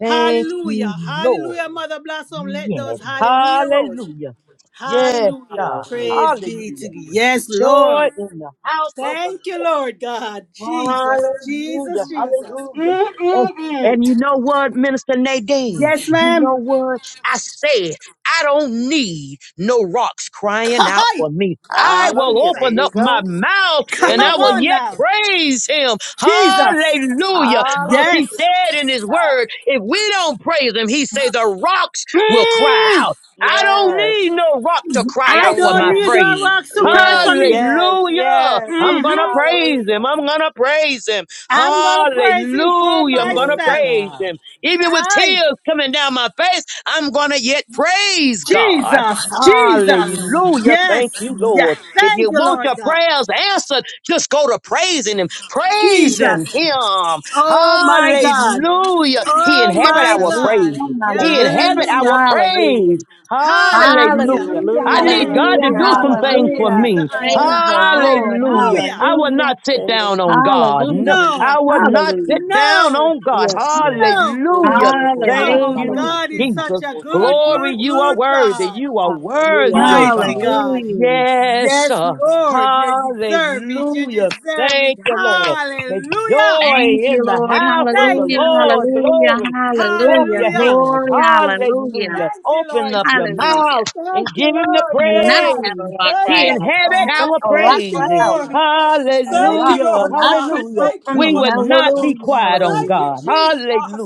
[SPEAKER 12] Thank you,
[SPEAKER 3] Hallelujah.
[SPEAKER 12] Lord.
[SPEAKER 3] Hallelujah, Mother Blossom. Let
[SPEAKER 12] Yes.
[SPEAKER 3] those hallelujah roll.
[SPEAKER 12] Hallelujah. Yes,
[SPEAKER 3] Hallelujah.
[SPEAKER 12] God.
[SPEAKER 13] Hallelujah.
[SPEAKER 3] Praise be to
[SPEAKER 12] Hallelujah.
[SPEAKER 3] you. Yes,
[SPEAKER 12] Joy
[SPEAKER 3] Lord.
[SPEAKER 12] in the house of the
[SPEAKER 3] Thank you,
[SPEAKER 12] Lord.
[SPEAKER 3] Lord God. Jesus,
[SPEAKER 12] Hallelujah,
[SPEAKER 3] Jesus, Jesus.
[SPEAKER 12] hallelujah. And, and
[SPEAKER 3] Mm-mm-mm.
[SPEAKER 12] you know what, Minister Nadine?
[SPEAKER 3] Yes,
[SPEAKER 12] You
[SPEAKER 3] ma'am.
[SPEAKER 12] know what? I said, I don't need no rocks crying out
[SPEAKER 3] Kai.
[SPEAKER 12] for me.
[SPEAKER 3] Come
[SPEAKER 12] I
[SPEAKER 3] on,
[SPEAKER 12] will
[SPEAKER 13] Hallelujah.
[SPEAKER 3] sister.
[SPEAKER 13] There
[SPEAKER 12] open
[SPEAKER 13] you
[SPEAKER 12] up my
[SPEAKER 13] go.
[SPEAKER 12] mouth
[SPEAKER 13] There
[SPEAKER 12] and
[SPEAKER 13] you
[SPEAKER 12] I
[SPEAKER 3] Come
[SPEAKER 12] will
[SPEAKER 3] on
[SPEAKER 13] go.
[SPEAKER 12] yet
[SPEAKER 3] now.
[SPEAKER 12] praise him.
[SPEAKER 3] Jesus.
[SPEAKER 12] Hallelujah. Because he
[SPEAKER 13] Hallelujah.
[SPEAKER 3] Yes.
[SPEAKER 12] said in his word, if we don't praise him, he say the rocks will cry
[SPEAKER 3] Mm.
[SPEAKER 12] out. I don't
[SPEAKER 13] Yes.
[SPEAKER 12] need no rock to cry
[SPEAKER 3] I
[SPEAKER 12] out for
[SPEAKER 3] don't
[SPEAKER 12] my
[SPEAKER 13] Amen.
[SPEAKER 3] need the
[SPEAKER 12] praise.
[SPEAKER 3] rocks to cry for
[SPEAKER 13] Yes.
[SPEAKER 3] me.
[SPEAKER 13] Yes.
[SPEAKER 12] Hallelujah.
[SPEAKER 13] Yes.
[SPEAKER 12] I'm going to
[SPEAKER 3] hmm
[SPEAKER 12] praise him.
[SPEAKER 13] Hallelujah.
[SPEAKER 12] I'm going to praise him.
[SPEAKER 3] I'm going to praise him for
[SPEAKER 12] Hallelujah. I'm going to
[SPEAKER 13] Glory to
[SPEAKER 3] myself.
[SPEAKER 12] praise
[SPEAKER 13] God.
[SPEAKER 12] him. Even with
[SPEAKER 3] I.
[SPEAKER 12] tears coming down my face, I'm going to yet praise God.
[SPEAKER 3] Jesus, Jesus.
[SPEAKER 12] Hallelujah. Thank
[SPEAKER 3] Yes.
[SPEAKER 12] you,
[SPEAKER 3] Yeah.
[SPEAKER 12] Lord. If you
[SPEAKER 3] Thank you,
[SPEAKER 12] want
[SPEAKER 3] Lord
[SPEAKER 12] your
[SPEAKER 3] God.
[SPEAKER 12] prayers answered, just go to praising him. Praising
[SPEAKER 3] Jesus.
[SPEAKER 12] him.
[SPEAKER 3] Oh my God.
[SPEAKER 12] Hallelujah. He
[SPEAKER 3] Oh
[SPEAKER 12] inhabit
[SPEAKER 3] my
[SPEAKER 12] our
[SPEAKER 14] Hallelujah,
[SPEAKER 3] God.
[SPEAKER 12] praises. He inhabit
[SPEAKER 3] Hallelujah.
[SPEAKER 12] our
[SPEAKER 14] hallelujah,
[SPEAKER 12] praise.
[SPEAKER 3] Hallelujah.
[SPEAKER 12] Hallelujah.
[SPEAKER 14] hallelujah,
[SPEAKER 12] I
[SPEAKER 13] Hallelujah.
[SPEAKER 12] need
[SPEAKER 3] Yes,
[SPEAKER 12] God to
[SPEAKER 14] hallelujah,
[SPEAKER 13] Hallelujah.
[SPEAKER 12] do
[SPEAKER 3] yes.
[SPEAKER 12] some
[SPEAKER 3] Come
[SPEAKER 12] things
[SPEAKER 3] in,
[SPEAKER 12] for
[SPEAKER 13] Hallelujah.
[SPEAKER 14] hallelujah.
[SPEAKER 3] Sister
[SPEAKER 12] me.
[SPEAKER 14] Praise
[SPEAKER 13] Yes.
[SPEAKER 3] Angela.
[SPEAKER 14] the Lord,
[SPEAKER 12] Hallelujah.
[SPEAKER 3] Hallelujah.
[SPEAKER 12] I will
[SPEAKER 14] hallelujah,
[SPEAKER 12] not sit
[SPEAKER 13] Thank
[SPEAKER 12] down
[SPEAKER 13] you.
[SPEAKER 12] on God. No,
[SPEAKER 14] hallelujah,
[SPEAKER 12] I
[SPEAKER 3] No,
[SPEAKER 12] will not sit
[SPEAKER 14] hallelujah,
[SPEAKER 12] down
[SPEAKER 3] no,
[SPEAKER 12] on God.
[SPEAKER 13] Yes, Lord.
[SPEAKER 3] no.
[SPEAKER 12] Hallelujah.
[SPEAKER 3] Come
[SPEAKER 12] Thank
[SPEAKER 3] on.
[SPEAKER 14] hallelujah,
[SPEAKER 12] you,
[SPEAKER 3] God is
[SPEAKER 12] Jesus.
[SPEAKER 3] such a good,
[SPEAKER 12] Glory,
[SPEAKER 3] good,
[SPEAKER 12] you
[SPEAKER 13] Elelebosandalebosinanabosandaleboso.
[SPEAKER 12] are
[SPEAKER 3] good
[SPEAKER 12] worthy.
[SPEAKER 3] God.
[SPEAKER 12] You are
[SPEAKER 13] Hallelujah.
[SPEAKER 12] worthy, oh
[SPEAKER 3] Mighty
[SPEAKER 12] God.
[SPEAKER 3] God.
[SPEAKER 14] hallelujah.
[SPEAKER 12] Yes,
[SPEAKER 3] Yes,
[SPEAKER 12] sir.
[SPEAKER 3] Lord. You deserve it. You
[SPEAKER 12] Hallelujah.
[SPEAKER 3] deserve it.
[SPEAKER 12] Thank you, Lord. There's
[SPEAKER 3] Hallelujah.
[SPEAKER 12] joy
[SPEAKER 14] Thank you,
[SPEAKER 12] in the
[SPEAKER 14] Lord,
[SPEAKER 12] house of the
[SPEAKER 3] Thank you,
[SPEAKER 14] hallelujah,
[SPEAKER 3] Lord.
[SPEAKER 12] Lord.
[SPEAKER 14] hallelujah,
[SPEAKER 12] Glory. Clap
[SPEAKER 14] hallelujah,
[SPEAKER 12] your
[SPEAKER 3] Hallelujah.
[SPEAKER 12] hands.
[SPEAKER 14] glory, hallelujah,
[SPEAKER 12] Hallelujah.
[SPEAKER 3] Thank you,
[SPEAKER 12] Open
[SPEAKER 3] Lord
[SPEAKER 12] up your
[SPEAKER 3] Jesus.
[SPEAKER 12] mouth
[SPEAKER 14] hallelujah.
[SPEAKER 12] and
[SPEAKER 3] Thank
[SPEAKER 12] give
[SPEAKER 3] you,
[SPEAKER 12] him the
[SPEAKER 3] Lord
[SPEAKER 14] Cannot
[SPEAKER 3] God.
[SPEAKER 14] have a
[SPEAKER 12] praise.
[SPEAKER 14] rock
[SPEAKER 3] Thank
[SPEAKER 12] He
[SPEAKER 14] cry
[SPEAKER 3] you,
[SPEAKER 14] out.
[SPEAKER 3] Lord
[SPEAKER 14] Don't
[SPEAKER 12] inhabit
[SPEAKER 3] God.
[SPEAKER 14] let
[SPEAKER 12] our
[SPEAKER 14] a rock
[SPEAKER 3] Thank you,
[SPEAKER 14] cry
[SPEAKER 12] praises.
[SPEAKER 14] out.
[SPEAKER 3] Lord.
[SPEAKER 14] A
[SPEAKER 3] Thank
[SPEAKER 14] rock
[SPEAKER 3] you,
[SPEAKER 12] Hallelujah.
[SPEAKER 3] Lord
[SPEAKER 14] cannot
[SPEAKER 3] God.
[SPEAKER 14] cry
[SPEAKER 12] Hallelujah.
[SPEAKER 14] out
[SPEAKER 3] Thank
[SPEAKER 14] for
[SPEAKER 3] you,
[SPEAKER 12] We
[SPEAKER 14] me.
[SPEAKER 3] Lord
[SPEAKER 12] will not
[SPEAKER 3] God.
[SPEAKER 12] be
[SPEAKER 14] Hallelujah,
[SPEAKER 12] quiet
[SPEAKER 14] hallelujah.
[SPEAKER 12] on
[SPEAKER 3] Thank you,
[SPEAKER 12] God.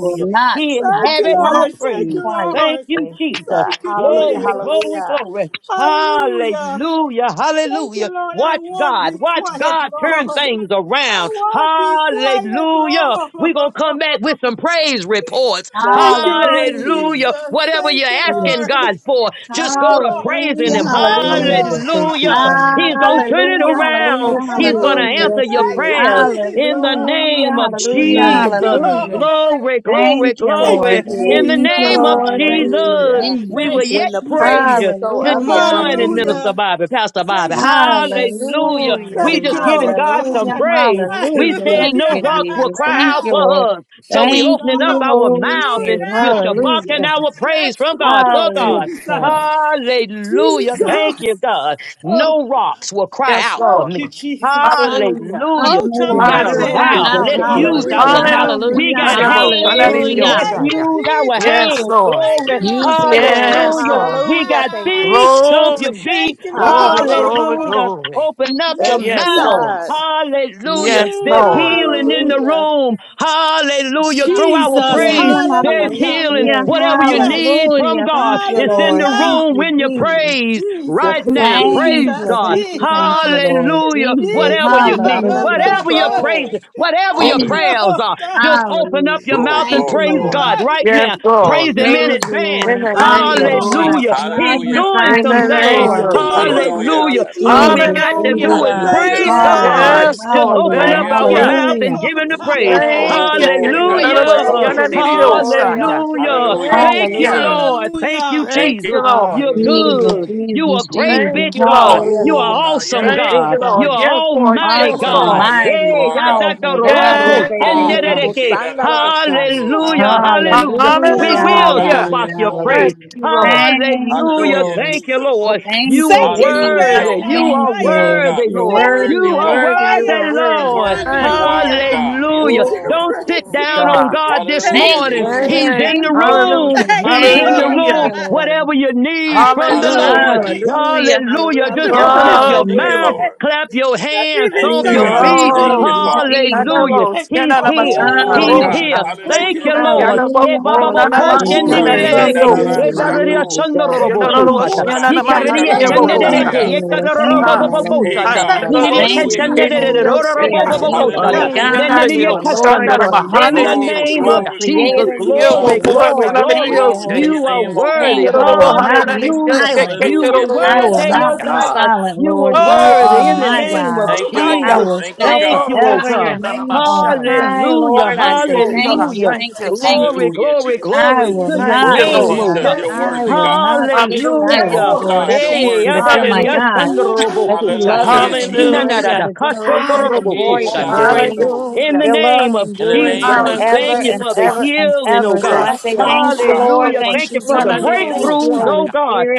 [SPEAKER 14] will not,
[SPEAKER 12] He
[SPEAKER 14] I
[SPEAKER 3] Thank
[SPEAKER 14] will
[SPEAKER 3] you,
[SPEAKER 12] inhabit our
[SPEAKER 14] not
[SPEAKER 3] Lord.
[SPEAKER 14] be
[SPEAKER 3] Thank
[SPEAKER 12] praise.
[SPEAKER 3] you,
[SPEAKER 14] quiet.
[SPEAKER 12] Thank
[SPEAKER 3] Lord.
[SPEAKER 12] you,
[SPEAKER 13] Thank you,
[SPEAKER 12] Jesus.
[SPEAKER 13] God.
[SPEAKER 3] Thank you,
[SPEAKER 13] Hallelujah.
[SPEAKER 12] Glory, glory,
[SPEAKER 3] Jesus.
[SPEAKER 13] Hallelujah.
[SPEAKER 12] glory.
[SPEAKER 3] Hallelujah.
[SPEAKER 12] Hallelujah.
[SPEAKER 3] Thank
[SPEAKER 12] Hallelujah.
[SPEAKER 3] you, Lord. I
[SPEAKER 12] Watch
[SPEAKER 3] won't
[SPEAKER 12] God.
[SPEAKER 3] be
[SPEAKER 12] Watch
[SPEAKER 3] quiet,
[SPEAKER 12] God turn
[SPEAKER 3] Lord.
[SPEAKER 12] things
[SPEAKER 3] I
[SPEAKER 12] around.
[SPEAKER 3] won't be quiet,
[SPEAKER 12] Hallelujah.
[SPEAKER 3] Lord.
[SPEAKER 12] We're going to come back with some praise reports.
[SPEAKER 3] Thank you, Lord
[SPEAKER 14] Hallelujah,
[SPEAKER 3] Jesus.
[SPEAKER 12] Hallelujah. Whatever
[SPEAKER 3] Thank
[SPEAKER 12] you're
[SPEAKER 3] you,
[SPEAKER 12] asking
[SPEAKER 13] Yes,
[SPEAKER 3] Lord.
[SPEAKER 12] God for, just
[SPEAKER 3] Thank
[SPEAKER 12] go
[SPEAKER 3] you,
[SPEAKER 12] to
[SPEAKER 3] Lord.
[SPEAKER 12] praising
[SPEAKER 14] hallelujah,
[SPEAKER 12] Him.
[SPEAKER 3] Thank you,
[SPEAKER 14] hallelujah,
[SPEAKER 13] hallelujah.
[SPEAKER 3] Lord
[SPEAKER 13] Thank you,
[SPEAKER 3] God.
[SPEAKER 12] Hallelujah.
[SPEAKER 13] God.
[SPEAKER 12] He's going to
[SPEAKER 3] Thank
[SPEAKER 12] turn it
[SPEAKER 3] you,
[SPEAKER 14] hallelujah,
[SPEAKER 12] around.
[SPEAKER 13] Yes, He
[SPEAKER 12] He's going
[SPEAKER 3] Lord.
[SPEAKER 13] is.
[SPEAKER 12] to
[SPEAKER 14] hallelujah, hallelujah,
[SPEAKER 12] answer
[SPEAKER 13] Yes, He
[SPEAKER 12] your
[SPEAKER 3] Thank you,
[SPEAKER 13] is.
[SPEAKER 12] prayers
[SPEAKER 3] Jesus.
[SPEAKER 12] in the
[SPEAKER 14] hallelujah,
[SPEAKER 12] name of
[SPEAKER 14] hallelujah,
[SPEAKER 3] Thank
[SPEAKER 13] Yes,
[SPEAKER 3] you,
[SPEAKER 12] Jesus.
[SPEAKER 13] God.
[SPEAKER 14] hallelujah.
[SPEAKER 3] Lord.
[SPEAKER 12] Glory, glory,
[SPEAKER 14] Thank you,
[SPEAKER 13] Yes,
[SPEAKER 3] Thank
[SPEAKER 12] glory.
[SPEAKER 14] Lord.
[SPEAKER 3] you,
[SPEAKER 12] In the
[SPEAKER 13] yes.
[SPEAKER 14] Thank you,
[SPEAKER 12] name
[SPEAKER 3] Jesus.
[SPEAKER 12] of
[SPEAKER 14] Lord. Thank you,
[SPEAKER 12] Jesus,
[SPEAKER 13] Hallelujah.
[SPEAKER 12] we will
[SPEAKER 3] Thank
[SPEAKER 14] Jesus.
[SPEAKER 3] you,
[SPEAKER 13] When
[SPEAKER 12] yet
[SPEAKER 13] the
[SPEAKER 12] praise
[SPEAKER 3] Jesus.
[SPEAKER 13] praises
[SPEAKER 12] you.
[SPEAKER 13] go
[SPEAKER 12] Good
[SPEAKER 13] up, the
[SPEAKER 14] Hallelujah,
[SPEAKER 12] morning,
[SPEAKER 13] blessings
[SPEAKER 14] hallelujah,
[SPEAKER 13] come
[SPEAKER 12] Minister
[SPEAKER 3] Hallelujah.
[SPEAKER 12] Bobby, Pastor Bobby.
[SPEAKER 3] Thank you, Jesus.
[SPEAKER 12] Hallelujah.
[SPEAKER 13] down.
[SPEAKER 14] hallelujah,
[SPEAKER 12] We
[SPEAKER 3] Thank you,
[SPEAKER 12] just
[SPEAKER 13] Hallelujah.
[SPEAKER 12] giving
[SPEAKER 3] Lord
[SPEAKER 12] God some
[SPEAKER 14] hallelujah,
[SPEAKER 3] God.
[SPEAKER 12] praise. We
[SPEAKER 14] hallelujah.
[SPEAKER 13] Yes,
[SPEAKER 12] said
[SPEAKER 14] Thank
[SPEAKER 12] no
[SPEAKER 3] Hallelujah.
[SPEAKER 13] God.
[SPEAKER 14] you,
[SPEAKER 12] rocks will
[SPEAKER 14] Jesus.
[SPEAKER 12] cry
[SPEAKER 14] Thank
[SPEAKER 12] out
[SPEAKER 14] you, Lord.
[SPEAKER 12] for us. So we
[SPEAKER 14] Thank
[SPEAKER 3] Jesus.
[SPEAKER 12] opening up
[SPEAKER 14] you,
[SPEAKER 12] our
[SPEAKER 14] Holy
[SPEAKER 12] mouth and
[SPEAKER 14] Spirit.
[SPEAKER 12] we're
[SPEAKER 3] Hallelujah.
[SPEAKER 13] Yes,
[SPEAKER 14] Hallelujah.
[SPEAKER 12] shabaking
[SPEAKER 13] God.
[SPEAKER 12] our praise
[SPEAKER 3] Yes,
[SPEAKER 12] from God,
[SPEAKER 3] Lord
[SPEAKER 12] for
[SPEAKER 13] Yes,
[SPEAKER 12] God.
[SPEAKER 14] Hallelujah.
[SPEAKER 3] Jesus.
[SPEAKER 13] God.
[SPEAKER 12] Hallelujah. Thank you,
[SPEAKER 3] Jesus.
[SPEAKER 12] God.
[SPEAKER 3] Oh.
[SPEAKER 12] No rocks will cry
[SPEAKER 15] Yes,
[SPEAKER 12] out for
[SPEAKER 15] Lord.
[SPEAKER 3] Thank you,
[SPEAKER 12] me.
[SPEAKER 3] Jesus.
[SPEAKER 14] Rocks,
[SPEAKER 15] Hallelujah.
[SPEAKER 12] Hallelujah.
[SPEAKER 14] Rocks and
[SPEAKER 3] Out
[SPEAKER 14] little
[SPEAKER 3] of
[SPEAKER 12] We got
[SPEAKER 14] rocks
[SPEAKER 3] your
[SPEAKER 12] a
[SPEAKER 13] Yes.
[SPEAKER 14] will
[SPEAKER 3] belly
[SPEAKER 14] fly
[SPEAKER 13] We
[SPEAKER 15] Hallelujah.
[SPEAKER 12] mouth.
[SPEAKER 3] shall
[SPEAKER 14] out.
[SPEAKER 12] Let's
[SPEAKER 13] worship
[SPEAKER 3] flow
[SPEAKER 13] you
[SPEAKER 12] use
[SPEAKER 13] on
[SPEAKER 12] our
[SPEAKER 14] Hallelujah.
[SPEAKER 3] rivers
[SPEAKER 13] today.
[SPEAKER 12] mouth.
[SPEAKER 3] of
[SPEAKER 15] Hallelujah.
[SPEAKER 12] We
[SPEAKER 3] living
[SPEAKER 14] Hallelujah.
[SPEAKER 12] got
[SPEAKER 3] water.
[SPEAKER 15] Adebo,
[SPEAKER 12] hands.
[SPEAKER 13] Use
[SPEAKER 15] kanadidio,
[SPEAKER 13] me,
[SPEAKER 14] Hallelujah.
[SPEAKER 12] Let's
[SPEAKER 3] Thank
[SPEAKER 13] Lord.
[SPEAKER 3] you,
[SPEAKER 15] shaya.
[SPEAKER 12] use our
[SPEAKER 15] Yes,
[SPEAKER 3] Jesus.
[SPEAKER 12] hands.
[SPEAKER 15] Lord.
[SPEAKER 3] Thank
[SPEAKER 12] Glory.
[SPEAKER 3] you, Lord
[SPEAKER 13] Use me, Lord.
[SPEAKER 15] Yes,
[SPEAKER 12] Hallelujah.
[SPEAKER 15] Lord.
[SPEAKER 12] We
[SPEAKER 13] Hallelujah.
[SPEAKER 12] got
[SPEAKER 13] Thank
[SPEAKER 3] God.
[SPEAKER 13] you,
[SPEAKER 12] feet.
[SPEAKER 13] God.
[SPEAKER 12] Stomp your
[SPEAKER 15] Glory.
[SPEAKER 3] Thank
[SPEAKER 12] feet.
[SPEAKER 3] you,
[SPEAKER 15] Glory, glory,
[SPEAKER 13] Hallelujah.
[SPEAKER 3] Lord.
[SPEAKER 12] Hallelujah.
[SPEAKER 15] glory.
[SPEAKER 12] Open up your
[SPEAKER 13] Thank
[SPEAKER 3] Yes,
[SPEAKER 13] you,
[SPEAKER 15] Yes,
[SPEAKER 12] mouth.
[SPEAKER 15] Lord.
[SPEAKER 13] God.
[SPEAKER 3] Jesus.
[SPEAKER 12] Hallelujah.
[SPEAKER 15] Yes,
[SPEAKER 12] There's
[SPEAKER 15] Lord.
[SPEAKER 12] healing in
[SPEAKER 3] Mm.
[SPEAKER 12] the
[SPEAKER 13] Hallelujah.
[SPEAKER 12] room. Hallelujah.
[SPEAKER 14] uh,
[SPEAKER 12] Through our
[SPEAKER 3] Jesus.
[SPEAKER 13] Yes,
[SPEAKER 12] praise,
[SPEAKER 14] Hallelujah.
[SPEAKER 12] there's
[SPEAKER 3] Hallelujah.
[SPEAKER 12] healing.
[SPEAKER 14] Hallelujah.
[SPEAKER 13] yes.
[SPEAKER 12] Whatever you need
[SPEAKER 3] Yes.
[SPEAKER 12] from
[SPEAKER 14] Hallelujah.
[SPEAKER 12] God,
[SPEAKER 14] Thank you,
[SPEAKER 12] it's in the
[SPEAKER 14] Lord. Thank
[SPEAKER 3] Hallelujah.
[SPEAKER 12] room
[SPEAKER 14] you,
[SPEAKER 12] when you pray
[SPEAKER 14] Jesus.
[SPEAKER 12] praise
[SPEAKER 3] Jesus,
[SPEAKER 12] right
[SPEAKER 13] Yes, it
[SPEAKER 12] now.
[SPEAKER 13] is.
[SPEAKER 14] Thank
[SPEAKER 12] Praise
[SPEAKER 14] you.
[SPEAKER 3] Jesus,
[SPEAKER 12] God.
[SPEAKER 14] Thank you. Thank you,
[SPEAKER 3] Jesus,
[SPEAKER 14] Lord.
[SPEAKER 12] Hallelujah.
[SPEAKER 14] Jesus.
[SPEAKER 3] Jesus.
[SPEAKER 12] Whatever you
[SPEAKER 13] You got it
[SPEAKER 12] need,
[SPEAKER 13] under
[SPEAKER 14] Hallelujah.
[SPEAKER 12] whatever you're
[SPEAKER 13] control.
[SPEAKER 12] praising, whatever
[SPEAKER 3] Thank
[SPEAKER 12] your
[SPEAKER 14] Jesus.
[SPEAKER 3] you,
[SPEAKER 16] Hallelujah.
[SPEAKER 12] prayers
[SPEAKER 3] Lord
[SPEAKER 12] are,
[SPEAKER 3] God.
[SPEAKER 12] just open up
[SPEAKER 14] Hallelujah.
[SPEAKER 12] your
[SPEAKER 16] Glory,
[SPEAKER 12] mouth
[SPEAKER 3] Thank
[SPEAKER 12] and
[SPEAKER 14] Thank
[SPEAKER 3] you
[SPEAKER 16] glory,
[SPEAKER 14] you,
[SPEAKER 3] for
[SPEAKER 12] praise
[SPEAKER 3] your
[SPEAKER 16] glory.
[SPEAKER 14] Lord.
[SPEAKER 12] God right now.
[SPEAKER 15] Yes,
[SPEAKER 3] anointing,
[SPEAKER 15] Lord.
[SPEAKER 12] Praise Him in
[SPEAKER 14] Praise you,
[SPEAKER 3] Jesus.
[SPEAKER 12] advance.
[SPEAKER 14] Lord.
[SPEAKER 15] In
[SPEAKER 14] I
[SPEAKER 15] the
[SPEAKER 3] Thank
[SPEAKER 14] honor
[SPEAKER 15] name
[SPEAKER 3] you,
[SPEAKER 14] you,
[SPEAKER 15] of
[SPEAKER 14] Lord. I
[SPEAKER 3] Lord.
[SPEAKER 12] Hallelujah.
[SPEAKER 15] Jesus.
[SPEAKER 12] He's
[SPEAKER 16] Hallelujah.
[SPEAKER 12] doing
[SPEAKER 14] magnify
[SPEAKER 15] In
[SPEAKER 12] some
[SPEAKER 15] the
[SPEAKER 14] you,
[SPEAKER 12] things.
[SPEAKER 14] Lord.
[SPEAKER 15] name
[SPEAKER 3] Thank
[SPEAKER 15] of
[SPEAKER 3] you,
[SPEAKER 15] Jesus.
[SPEAKER 3] Lord.
[SPEAKER 13] Hallelujah.
[SPEAKER 3] Thank
[SPEAKER 16] Hallelujah.
[SPEAKER 12] Hallelujah.
[SPEAKER 3] you,
[SPEAKER 12] All we
[SPEAKER 13] Hallelujah.
[SPEAKER 14] Jesus,
[SPEAKER 12] got
[SPEAKER 3] Jesus.
[SPEAKER 13] Thank
[SPEAKER 12] to
[SPEAKER 13] you,
[SPEAKER 14] Jesus,
[SPEAKER 12] do
[SPEAKER 15] Hallelujah.
[SPEAKER 12] is
[SPEAKER 13] God.
[SPEAKER 3] Thank
[SPEAKER 14] Jesus.
[SPEAKER 3] you,
[SPEAKER 16] Hallelujah.
[SPEAKER 12] praise God.
[SPEAKER 14] Hallelujah,
[SPEAKER 13] Yes.
[SPEAKER 3] Lord,
[SPEAKER 15] Yes,
[SPEAKER 12] Just
[SPEAKER 15] Lord.
[SPEAKER 3] for
[SPEAKER 12] open
[SPEAKER 16] Oh,
[SPEAKER 3] your
[SPEAKER 14] hallelujah,
[SPEAKER 12] up
[SPEAKER 15] Thank
[SPEAKER 16] yes,
[SPEAKER 12] our
[SPEAKER 15] you.
[SPEAKER 16] God.
[SPEAKER 12] mouth
[SPEAKER 3] presence,
[SPEAKER 14] hallelujah,
[SPEAKER 12] and give
[SPEAKER 3] oh
[SPEAKER 12] Him the praise.
[SPEAKER 3] God.
[SPEAKER 13] Yes.
[SPEAKER 15] Thank
[SPEAKER 16] Oh,
[SPEAKER 13] We
[SPEAKER 15] you.
[SPEAKER 13] give
[SPEAKER 16] glory,
[SPEAKER 13] you the
[SPEAKER 16] God. Yes,
[SPEAKER 3] Thank
[SPEAKER 12] Hallelujah.
[SPEAKER 13] praise
[SPEAKER 3] you,
[SPEAKER 16] Lord.
[SPEAKER 13] and the
[SPEAKER 3] Jesus.
[SPEAKER 13] glory on
[SPEAKER 12] Hallelujah.
[SPEAKER 13] today,
[SPEAKER 16] Hallelujah,
[SPEAKER 15] Thank
[SPEAKER 13] Father
[SPEAKER 12] Thank you,
[SPEAKER 15] you.
[SPEAKER 13] God.
[SPEAKER 14] hallelujah.
[SPEAKER 16] Jesus.
[SPEAKER 12] Lord. Thank you,
[SPEAKER 3] Hallelujah.
[SPEAKER 16] Thank
[SPEAKER 15] Thank
[SPEAKER 16] you.
[SPEAKER 15] you,
[SPEAKER 12] Jesus.
[SPEAKER 15] Lord.
[SPEAKER 12] You're
[SPEAKER 14] Jesus,
[SPEAKER 13] Hallelujah.
[SPEAKER 12] good. You are
[SPEAKER 14] Jesus,
[SPEAKER 12] great
[SPEAKER 14] Jesus,
[SPEAKER 12] big
[SPEAKER 15] Thank you,
[SPEAKER 12] God.
[SPEAKER 15] Lord.
[SPEAKER 12] You
[SPEAKER 13] Yes,
[SPEAKER 14] hallelujah.
[SPEAKER 16] Oh,
[SPEAKER 12] are
[SPEAKER 16] God.
[SPEAKER 14] A
[SPEAKER 13] God.
[SPEAKER 16] Yes,
[SPEAKER 12] awesome
[SPEAKER 14] great
[SPEAKER 16] you
[SPEAKER 15] Thank
[SPEAKER 14] big
[SPEAKER 16] are,
[SPEAKER 12] God.
[SPEAKER 15] you,
[SPEAKER 16] Lord.
[SPEAKER 12] You
[SPEAKER 14] God,
[SPEAKER 15] Lord.
[SPEAKER 12] are
[SPEAKER 15] Yes, Lord.
[SPEAKER 12] almighty
[SPEAKER 15] Yes,
[SPEAKER 3] Lord.
[SPEAKER 14] awesome and
[SPEAKER 12] God.
[SPEAKER 16] Ah,
[SPEAKER 15] Lord.
[SPEAKER 16] yes, you
[SPEAKER 14] mighty and
[SPEAKER 12] Hey,
[SPEAKER 16] are, God.
[SPEAKER 14] powerful God, we
[SPEAKER 12] yadadaroko,
[SPEAKER 13] Yes.
[SPEAKER 15] Yes.
[SPEAKER 14] say thank
[SPEAKER 16] Ah,
[SPEAKER 13] Hallelujah.
[SPEAKER 14] you.
[SPEAKER 12] shendereke.
[SPEAKER 16] rasera rasando.
[SPEAKER 12] Hallelujah.
[SPEAKER 13] Hallelujah.
[SPEAKER 12] Hallelujah. We
[SPEAKER 14] Hallelujah,
[SPEAKER 16] Oh,
[SPEAKER 12] will
[SPEAKER 16] God.
[SPEAKER 15] Hallelujah.
[SPEAKER 12] Shabbat
[SPEAKER 14] hallelujah,
[SPEAKER 16] Yes,
[SPEAKER 12] your
[SPEAKER 16] Lord.
[SPEAKER 15] Thank
[SPEAKER 12] praise.
[SPEAKER 14] hallelujah.
[SPEAKER 15] you, Lord.
[SPEAKER 14] Thank you,
[SPEAKER 12] Hallelujah.
[SPEAKER 16] Hallelujah,
[SPEAKER 14] Lord.
[SPEAKER 12] Thank you,
[SPEAKER 16] Jesus.
[SPEAKER 12] Lord.
[SPEAKER 15] Okay.
[SPEAKER 14] Thank
[SPEAKER 12] You
[SPEAKER 3] Set
[SPEAKER 12] are
[SPEAKER 14] you,
[SPEAKER 3] this
[SPEAKER 16] Hallelujah,
[SPEAKER 14] Jesus.
[SPEAKER 3] place
[SPEAKER 12] worthy.
[SPEAKER 16] oh,
[SPEAKER 3] on
[SPEAKER 12] You
[SPEAKER 16] God.
[SPEAKER 14] Thank
[SPEAKER 12] are
[SPEAKER 14] you,
[SPEAKER 16] Hey,
[SPEAKER 3] fire.
[SPEAKER 14] Lord.
[SPEAKER 16] God.
[SPEAKER 12] worthy,
[SPEAKER 14] You're
[SPEAKER 16] You're
[SPEAKER 12] Lord.
[SPEAKER 3] Set
[SPEAKER 14] worthy,
[SPEAKER 3] it
[SPEAKER 12] You
[SPEAKER 16] worthy,
[SPEAKER 14] you're
[SPEAKER 12] are
[SPEAKER 16] God.
[SPEAKER 14] worthy, you are
[SPEAKER 12] worthy,
[SPEAKER 3] on fire.
[SPEAKER 14] worthy.
[SPEAKER 12] Lord.
[SPEAKER 16] Worthy
[SPEAKER 15] Thank
[SPEAKER 16] you
[SPEAKER 12] Hallelujah.
[SPEAKER 16] are, oh,
[SPEAKER 3] Hallelujah.
[SPEAKER 16] God. Yes,
[SPEAKER 3] With
[SPEAKER 12] Hallelujah.
[SPEAKER 3] your
[SPEAKER 16] Lord.
[SPEAKER 12] Don't sit
[SPEAKER 15] Oh,
[SPEAKER 12] down
[SPEAKER 3] praises.
[SPEAKER 12] on
[SPEAKER 15] God.
[SPEAKER 12] God this
[SPEAKER 16] Hallelujah,
[SPEAKER 14] Thank
[SPEAKER 3] Thank you,
[SPEAKER 12] morning.
[SPEAKER 14] you,
[SPEAKER 16] Jesus.
[SPEAKER 14] Lord.
[SPEAKER 12] He's
[SPEAKER 3] Jesus.
[SPEAKER 12] in
[SPEAKER 15] Thank.
[SPEAKER 12] the
[SPEAKER 14] Thank you,
[SPEAKER 12] room.
[SPEAKER 15] Hallelujah.
[SPEAKER 14] Jesus.
[SPEAKER 3] Thank
[SPEAKER 12] He's
[SPEAKER 3] you,
[SPEAKER 16] Oh
[SPEAKER 12] in the
[SPEAKER 3] Lord
[SPEAKER 16] God.
[SPEAKER 14] Thank
[SPEAKER 12] room.
[SPEAKER 3] God.
[SPEAKER 15] Hallelujah.
[SPEAKER 14] you, Lord.
[SPEAKER 12] Whatever you need
[SPEAKER 3] Thank you
[SPEAKER 12] from the
[SPEAKER 3] for the
[SPEAKER 16] Hallelujah,
[SPEAKER 12] Lord.
[SPEAKER 15] Hallelujah.
[SPEAKER 3] gift
[SPEAKER 16] Jesus.
[SPEAKER 14] Hallelujah,
[SPEAKER 12] Hallelujah.
[SPEAKER 3] of the
[SPEAKER 12] Just
[SPEAKER 14] hallelujah,
[SPEAKER 12] open
[SPEAKER 3] Holy
[SPEAKER 12] up your
[SPEAKER 15] Love.
[SPEAKER 16] Thank you,
[SPEAKER 12] mouth,
[SPEAKER 14] hallelujah.
[SPEAKER 16] Lord.
[SPEAKER 3] Spirit
[SPEAKER 12] clap your
[SPEAKER 3] that
[SPEAKER 12] hands,
[SPEAKER 3] live
[SPEAKER 16] Thank
[SPEAKER 12] stomp
[SPEAKER 16] you,
[SPEAKER 12] your
[SPEAKER 3] inside of
[SPEAKER 16] God.
[SPEAKER 14] Jesus,
[SPEAKER 12] feet.
[SPEAKER 16] Thank
[SPEAKER 3] me.
[SPEAKER 16] you,
[SPEAKER 15] Love.
[SPEAKER 14] Jesus,
[SPEAKER 16] Father.
[SPEAKER 14] Jesus.
[SPEAKER 12] Hallelujah.
[SPEAKER 15] Hallelujah.
[SPEAKER 3] Thank
[SPEAKER 15] Stand
[SPEAKER 3] you,
[SPEAKER 12] He's
[SPEAKER 15] out
[SPEAKER 3] Lord
[SPEAKER 15] my
[SPEAKER 12] here.
[SPEAKER 15] seat.
[SPEAKER 3] Jesus.
[SPEAKER 16] Oh
[SPEAKER 12] He's
[SPEAKER 16] God.
[SPEAKER 14] Hallelujah,
[SPEAKER 12] here.
[SPEAKER 15] Hallelujah.
[SPEAKER 13] Hallelujah.
[SPEAKER 3] Thank
[SPEAKER 12] Thank
[SPEAKER 3] you,
[SPEAKER 16] Hallelujah,
[SPEAKER 12] you,
[SPEAKER 3] Lord God.
[SPEAKER 12] Lord.
[SPEAKER 15] Yana bo
[SPEAKER 16] Jesus.
[SPEAKER 12] Hey,
[SPEAKER 14] hallelujah,
[SPEAKER 15] corona na
[SPEAKER 14] hallelujah,
[SPEAKER 3] Thank
[SPEAKER 13] Thank
[SPEAKER 15] mas
[SPEAKER 3] you,
[SPEAKER 16] Oh
[SPEAKER 13] you,
[SPEAKER 15] yana di
[SPEAKER 13] Lord.
[SPEAKER 3] Jesus.
[SPEAKER 15] yo.
[SPEAKER 16] sedarara
[SPEAKER 3] Yes,
[SPEAKER 13] Whatever
[SPEAKER 14] hallelujah.
[SPEAKER 13] we
[SPEAKER 3] God.
[SPEAKER 13] need, you
[SPEAKER 16] sando.
[SPEAKER 13] got
[SPEAKER 3] Thank
[SPEAKER 13] it,
[SPEAKER 15] You
[SPEAKER 3] you.
[SPEAKER 12] robo
[SPEAKER 15] know
[SPEAKER 13] God.
[SPEAKER 15] the most,
[SPEAKER 12] kosata.
[SPEAKER 16] Oh
[SPEAKER 3] Lord.
[SPEAKER 15] you
[SPEAKER 14] Jesus,
[SPEAKER 15] know the man,
[SPEAKER 12] Yikarene
[SPEAKER 14] Jesus,
[SPEAKER 15] and the
[SPEAKER 3] Yes,
[SPEAKER 16] sedarara
[SPEAKER 15] able
[SPEAKER 14] Jesus.
[SPEAKER 12] yesende
[SPEAKER 15] hooks.
[SPEAKER 3] Lord.
[SPEAKER 14] Thank
[SPEAKER 12] dereke
[SPEAKER 16] saya.
[SPEAKER 14] you,
[SPEAKER 13] Hallelujah.
[SPEAKER 14] Lord.
[SPEAKER 3] I
[SPEAKER 14] Thank
[SPEAKER 3] thank you.
[SPEAKER 15] Ah,
[SPEAKER 14] you,
[SPEAKER 16] Hey
[SPEAKER 15] and
[SPEAKER 14] Jesus.
[SPEAKER 12] kosada.
[SPEAKER 16] God.
[SPEAKER 3] Thank
[SPEAKER 15] the
[SPEAKER 3] you,
[SPEAKER 12] Niniye
[SPEAKER 3] Jesus.
[SPEAKER 15] most,
[SPEAKER 14] Thank
[SPEAKER 15] you
[SPEAKER 16] Hallelujah,
[SPEAKER 12] kesende
[SPEAKER 14] you,
[SPEAKER 15] can't
[SPEAKER 16] Jesus.
[SPEAKER 15] even
[SPEAKER 14] Holy
[SPEAKER 15] use it.
[SPEAKER 12] robo
[SPEAKER 14] Spirit.
[SPEAKER 3] Thank you,
[SPEAKER 14] You
[SPEAKER 3] Lord
[SPEAKER 14] are
[SPEAKER 12] kosada.
[SPEAKER 3] God.
[SPEAKER 15] Hmm, you
[SPEAKER 16] Hallelujah,
[SPEAKER 15] know
[SPEAKER 14] God.
[SPEAKER 15] the
[SPEAKER 16] Jesus.
[SPEAKER 14] You
[SPEAKER 12] Neneniye
[SPEAKER 14] are
[SPEAKER 15] deal,
[SPEAKER 3] Thank
[SPEAKER 15] son
[SPEAKER 14] Lord.
[SPEAKER 3] you,
[SPEAKER 15] not a
[SPEAKER 14] You
[SPEAKER 12] kasandoro.
[SPEAKER 14] are
[SPEAKER 12] In
[SPEAKER 15] man, and
[SPEAKER 12] the
[SPEAKER 14] Maker.
[SPEAKER 15] the
[SPEAKER 3] Jesus.
[SPEAKER 16] Glory,
[SPEAKER 15] deal, son.
[SPEAKER 12] name
[SPEAKER 14] You are
[SPEAKER 12] of
[SPEAKER 16] glory,
[SPEAKER 12] Jesus,
[SPEAKER 14] Creator.
[SPEAKER 16] glory.
[SPEAKER 3] Thank you,
[SPEAKER 14] You
[SPEAKER 15] You
[SPEAKER 14] are
[SPEAKER 15] will
[SPEAKER 12] glory,
[SPEAKER 15] go to
[SPEAKER 3] Jesus.
[SPEAKER 15] the
[SPEAKER 12] glory,
[SPEAKER 14] Lord.
[SPEAKER 15] other
[SPEAKER 12] glory.
[SPEAKER 14] Thank
[SPEAKER 15] deal,
[SPEAKER 14] you,
[SPEAKER 16] Glory
[SPEAKER 15] say.
[SPEAKER 16] to
[SPEAKER 14] Holy
[SPEAKER 16] your
[SPEAKER 3] Oh
[SPEAKER 12] You are
[SPEAKER 16] name,
[SPEAKER 14] Spirit.
[SPEAKER 16] oh
[SPEAKER 15] You
[SPEAKER 12] worthy.
[SPEAKER 14] Thank
[SPEAKER 16] God.
[SPEAKER 14] you.
[SPEAKER 15] know
[SPEAKER 14] I
[SPEAKER 15] the
[SPEAKER 14] will
[SPEAKER 15] man,
[SPEAKER 14] not
[SPEAKER 15] and
[SPEAKER 14] be
[SPEAKER 15] the deal,
[SPEAKER 12] Hallelujah.
[SPEAKER 15] say,
[SPEAKER 14] silent.
[SPEAKER 15] get
[SPEAKER 12] You
[SPEAKER 15] to the
[SPEAKER 12] are
[SPEAKER 16] Hallelujah,
[SPEAKER 14] I will
[SPEAKER 15] most,
[SPEAKER 12] worthy,
[SPEAKER 16] Jesus.
[SPEAKER 15] son.
[SPEAKER 12] oh
[SPEAKER 14] not be
[SPEAKER 3] my
[SPEAKER 12] God.
[SPEAKER 3] God.
[SPEAKER 14] silent,
[SPEAKER 12] You are
[SPEAKER 14] Lord. You are
[SPEAKER 12] worthy in the
[SPEAKER 14] my
[SPEAKER 15] Oh,
[SPEAKER 12] name of
[SPEAKER 14] God.
[SPEAKER 3] Oh
[SPEAKER 16] Thank you,
[SPEAKER 15] ah,
[SPEAKER 3] my
[SPEAKER 14] I
[SPEAKER 15] yeah.
[SPEAKER 16] Lord.
[SPEAKER 3] God.
[SPEAKER 12] Jesus.
[SPEAKER 14] will
[SPEAKER 16] Thank you,
[SPEAKER 14] shout
[SPEAKER 3] Oh
[SPEAKER 12] Thank
[SPEAKER 3] my
[SPEAKER 15] Oh,
[SPEAKER 16] God.
[SPEAKER 15] the
[SPEAKER 12] you, oh
[SPEAKER 14] forever
[SPEAKER 15] most,
[SPEAKER 3] God.
[SPEAKER 14] your
[SPEAKER 12] God.
[SPEAKER 15] you know the
[SPEAKER 3] Thank
[SPEAKER 14] name
[SPEAKER 15] man,
[SPEAKER 14] on
[SPEAKER 3] you,
[SPEAKER 15] son.
[SPEAKER 14] high,
[SPEAKER 3] Jesus.
[SPEAKER 12] Hallelujah,
[SPEAKER 14] Lord. I
[SPEAKER 16] Hallelujah,
[SPEAKER 14] say
[SPEAKER 15] Oh,
[SPEAKER 3] Thank
[SPEAKER 16] Jesus.
[SPEAKER 14] thank
[SPEAKER 15] God,
[SPEAKER 14] you,
[SPEAKER 12] hallelujah.
[SPEAKER 3] you,
[SPEAKER 15] thank
[SPEAKER 14] thank you,
[SPEAKER 15] you,
[SPEAKER 3] Jesus.
[SPEAKER 14] thank
[SPEAKER 15] Jesus.
[SPEAKER 12] Glory,
[SPEAKER 14] you.
[SPEAKER 16] Hallelujah,
[SPEAKER 12] glory,
[SPEAKER 16] Jesus.
[SPEAKER 3] Thank you,
[SPEAKER 14] I
[SPEAKER 12] glory
[SPEAKER 14] will
[SPEAKER 12] to your
[SPEAKER 15] Thank you,
[SPEAKER 3] Jesus.
[SPEAKER 14] not
[SPEAKER 16] Woo,
[SPEAKER 14] be
[SPEAKER 12] name,
[SPEAKER 15] Lord.
[SPEAKER 12] oh
[SPEAKER 16] Jesus,
[SPEAKER 12] God.
[SPEAKER 14] silent.
[SPEAKER 16] you're
[SPEAKER 3] Yes, Lord
[SPEAKER 14] I
[SPEAKER 16] worthy,
[SPEAKER 14] will
[SPEAKER 3] God.
[SPEAKER 16] God.
[SPEAKER 14] not be
[SPEAKER 15] Hallelujah.
[SPEAKER 3] Yes,
[SPEAKER 14] silent,
[SPEAKER 12] Hallelujah.
[SPEAKER 16] Oh,
[SPEAKER 3] Lord
[SPEAKER 14] Lord.
[SPEAKER 16] God,
[SPEAKER 14] I
[SPEAKER 16] you're
[SPEAKER 14] thank
[SPEAKER 12] Eh,
[SPEAKER 3] Jesus.
[SPEAKER 14] you
[SPEAKER 16] worthy,
[SPEAKER 14] that
[SPEAKER 12] yada
[SPEAKER 14] you're
[SPEAKER 12] de
[SPEAKER 16] God.
[SPEAKER 14] my
[SPEAKER 12] dia
[SPEAKER 15] Hallelujah.
[SPEAKER 14] God,
[SPEAKER 3] Ooh,
[SPEAKER 12] shandrobo
[SPEAKER 14] that
[SPEAKER 3] ooh,
[SPEAKER 14] you
[SPEAKER 3] ooh,
[SPEAKER 14] love
[SPEAKER 12] kusate.
[SPEAKER 14] me
[SPEAKER 16] Hallelujah,
[SPEAKER 14] from
[SPEAKER 3] ooh.
[SPEAKER 16] Jesus.
[SPEAKER 12] Inanada
[SPEAKER 14] generation
[SPEAKER 15] Hallelujah.
[SPEAKER 12] da
[SPEAKER 14] to generation, from
[SPEAKER 12] kashodorobo
[SPEAKER 3] Hallelujah,
[SPEAKER 14] glory
[SPEAKER 16] Eh,
[SPEAKER 14] to
[SPEAKER 3] Jesus.
[SPEAKER 12] kushanderege.
[SPEAKER 14] glory.
[SPEAKER 16] Rashando.
[SPEAKER 12] In
[SPEAKER 15] Hallelujah.
[SPEAKER 12] the
[SPEAKER 14] Your love
[SPEAKER 12] name of
[SPEAKER 16] In the
[SPEAKER 3] In the
[SPEAKER 14] endures
[SPEAKER 16] name
[SPEAKER 12] Jesus,
[SPEAKER 16] of
[SPEAKER 3] name of
[SPEAKER 16] Jesus.
[SPEAKER 14] forever
[SPEAKER 12] thank you
[SPEAKER 14] and
[SPEAKER 12] for
[SPEAKER 3] Jesus.
[SPEAKER 12] the
[SPEAKER 15] Hallelujah.
[SPEAKER 14] ever and
[SPEAKER 12] healing, oh
[SPEAKER 14] ever. So
[SPEAKER 12] God.
[SPEAKER 16] Worthy
[SPEAKER 14] I
[SPEAKER 3] Yes,
[SPEAKER 14] say
[SPEAKER 16] you
[SPEAKER 15] Hallelujah.
[SPEAKER 3] Lord
[SPEAKER 14] thank
[SPEAKER 16] all,
[SPEAKER 14] you,
[SPEAKER 3] God.
[SPEAKER 16] God.
[SPEAKER 14] Lord.
[SPEAKER 12] Hallelujah.
[SPEAKER 14] Thank
[SPEAKER 15] Oh,
[SPEAKER 12] Thank you
[SPEAKER 14] you,
[SPEAKER 12] for the
[SPEAKER 14] Jesus. Thank you,
[SPEAKER 12] breakthroughs, oh
[SPEAKER 14] Holy
[SPEAKER 15] shanadididoshaya.
[SPEAKER 12] God.
[SPEAKER 14] Spirit.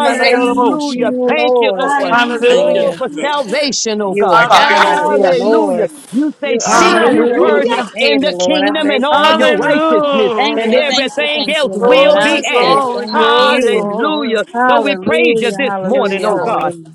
[SPEAKER 3] Yes.
[SPEAKER 14] Thank you,
[SPEAKER 12] Thank you,
[SPEAKER 14] Lord.
[SPEAKER 12] Lord.
[SPEAKER 14] Thank you,
[SPEAKER 3] Hallelujah.
[SPEAKER 16] Thank you,
[SPEAKER 12] Oh,
[SPEAKER 15] Hallelujah.
[SPEAKER 14] Lord.
[SPEAKER 12] for
[SPEAKER 16] Jesus.
[SPEAKER 12] salvation, oh
[SPEAKER 14] You are
[SPEAKER 12] God.
[SPEAKER 16] Thank you,
[SPEAKER 15] Hallelujah.
[SPEAKER 14] God.
[SPEAKER 3] Thank
[SPEAKER 16] Lord.
[SPEAKER 14] You
[SPEAKER 3] you,
[SPEAKER 14] are
[SPEAKER 12] Hallelujah.
[SPEAKER 14] Lord.
[SPEAKER 3] Jesus.
[SPEAKER 12] You say,
[SPEAKER 14] You are
[SPEAKER 12] seek you
[SPEAKER 14] maker and
[SPEAKER 12] first
[SPEAKER 15] Hallelujah.
[SPEAKER 3] Hallelujah.
[SPEAKER 12] in
[SPEAKER 14] creator,
[SPEAKER 12] the
[SPEAKER 14] Lord. I
[SPEAKER 12] kingdom
[SPEAKER 14] say
[SPEAKER 12] and all
[SPEAKER 14] thank
[SPEAKER 12] your
[SPEAKER 14] you.
[SPEAKER 12] righteousness,
[SPEAKER 14] Thank
[SPEAKER 12] and
[SPEAKER 14] you,
[SPEAKER 15] Hallelujah.
[SPEAKER 14] thank you,
[SPEAKER 12] everything
[SPEAKER 14] thank you,
[SPEAKER 12] else
[SPEAKER 14] Lord.
[SPEAKER 12] will
[SPEAKER 14] I
[SPEAKER 12] be
[SPEAKER 15] Glory,
[SPEAKER 14] say
[SPEAKER 12] added.
[SPEAKER 15] glory,
[SPEAKER 14] thank
[SPEAKER 15] glory,
[SPEAKER 14] you.
[SPEAKER 15] glory.
[SPEAKER 12] Hallelujah. So we praise you
[SPEAKER 14] Hallelujah,
[SPEAKER 12] this
[SPEAKER 15] Yes,
[SPEAKER 12] morning,
[SPEAKER 14] hallelujah,
[SPEAKER 12] oh
[SPEAKER 15] Lord.
[SPEAKER 12] God.
[SPEAKER 14] hallelujah.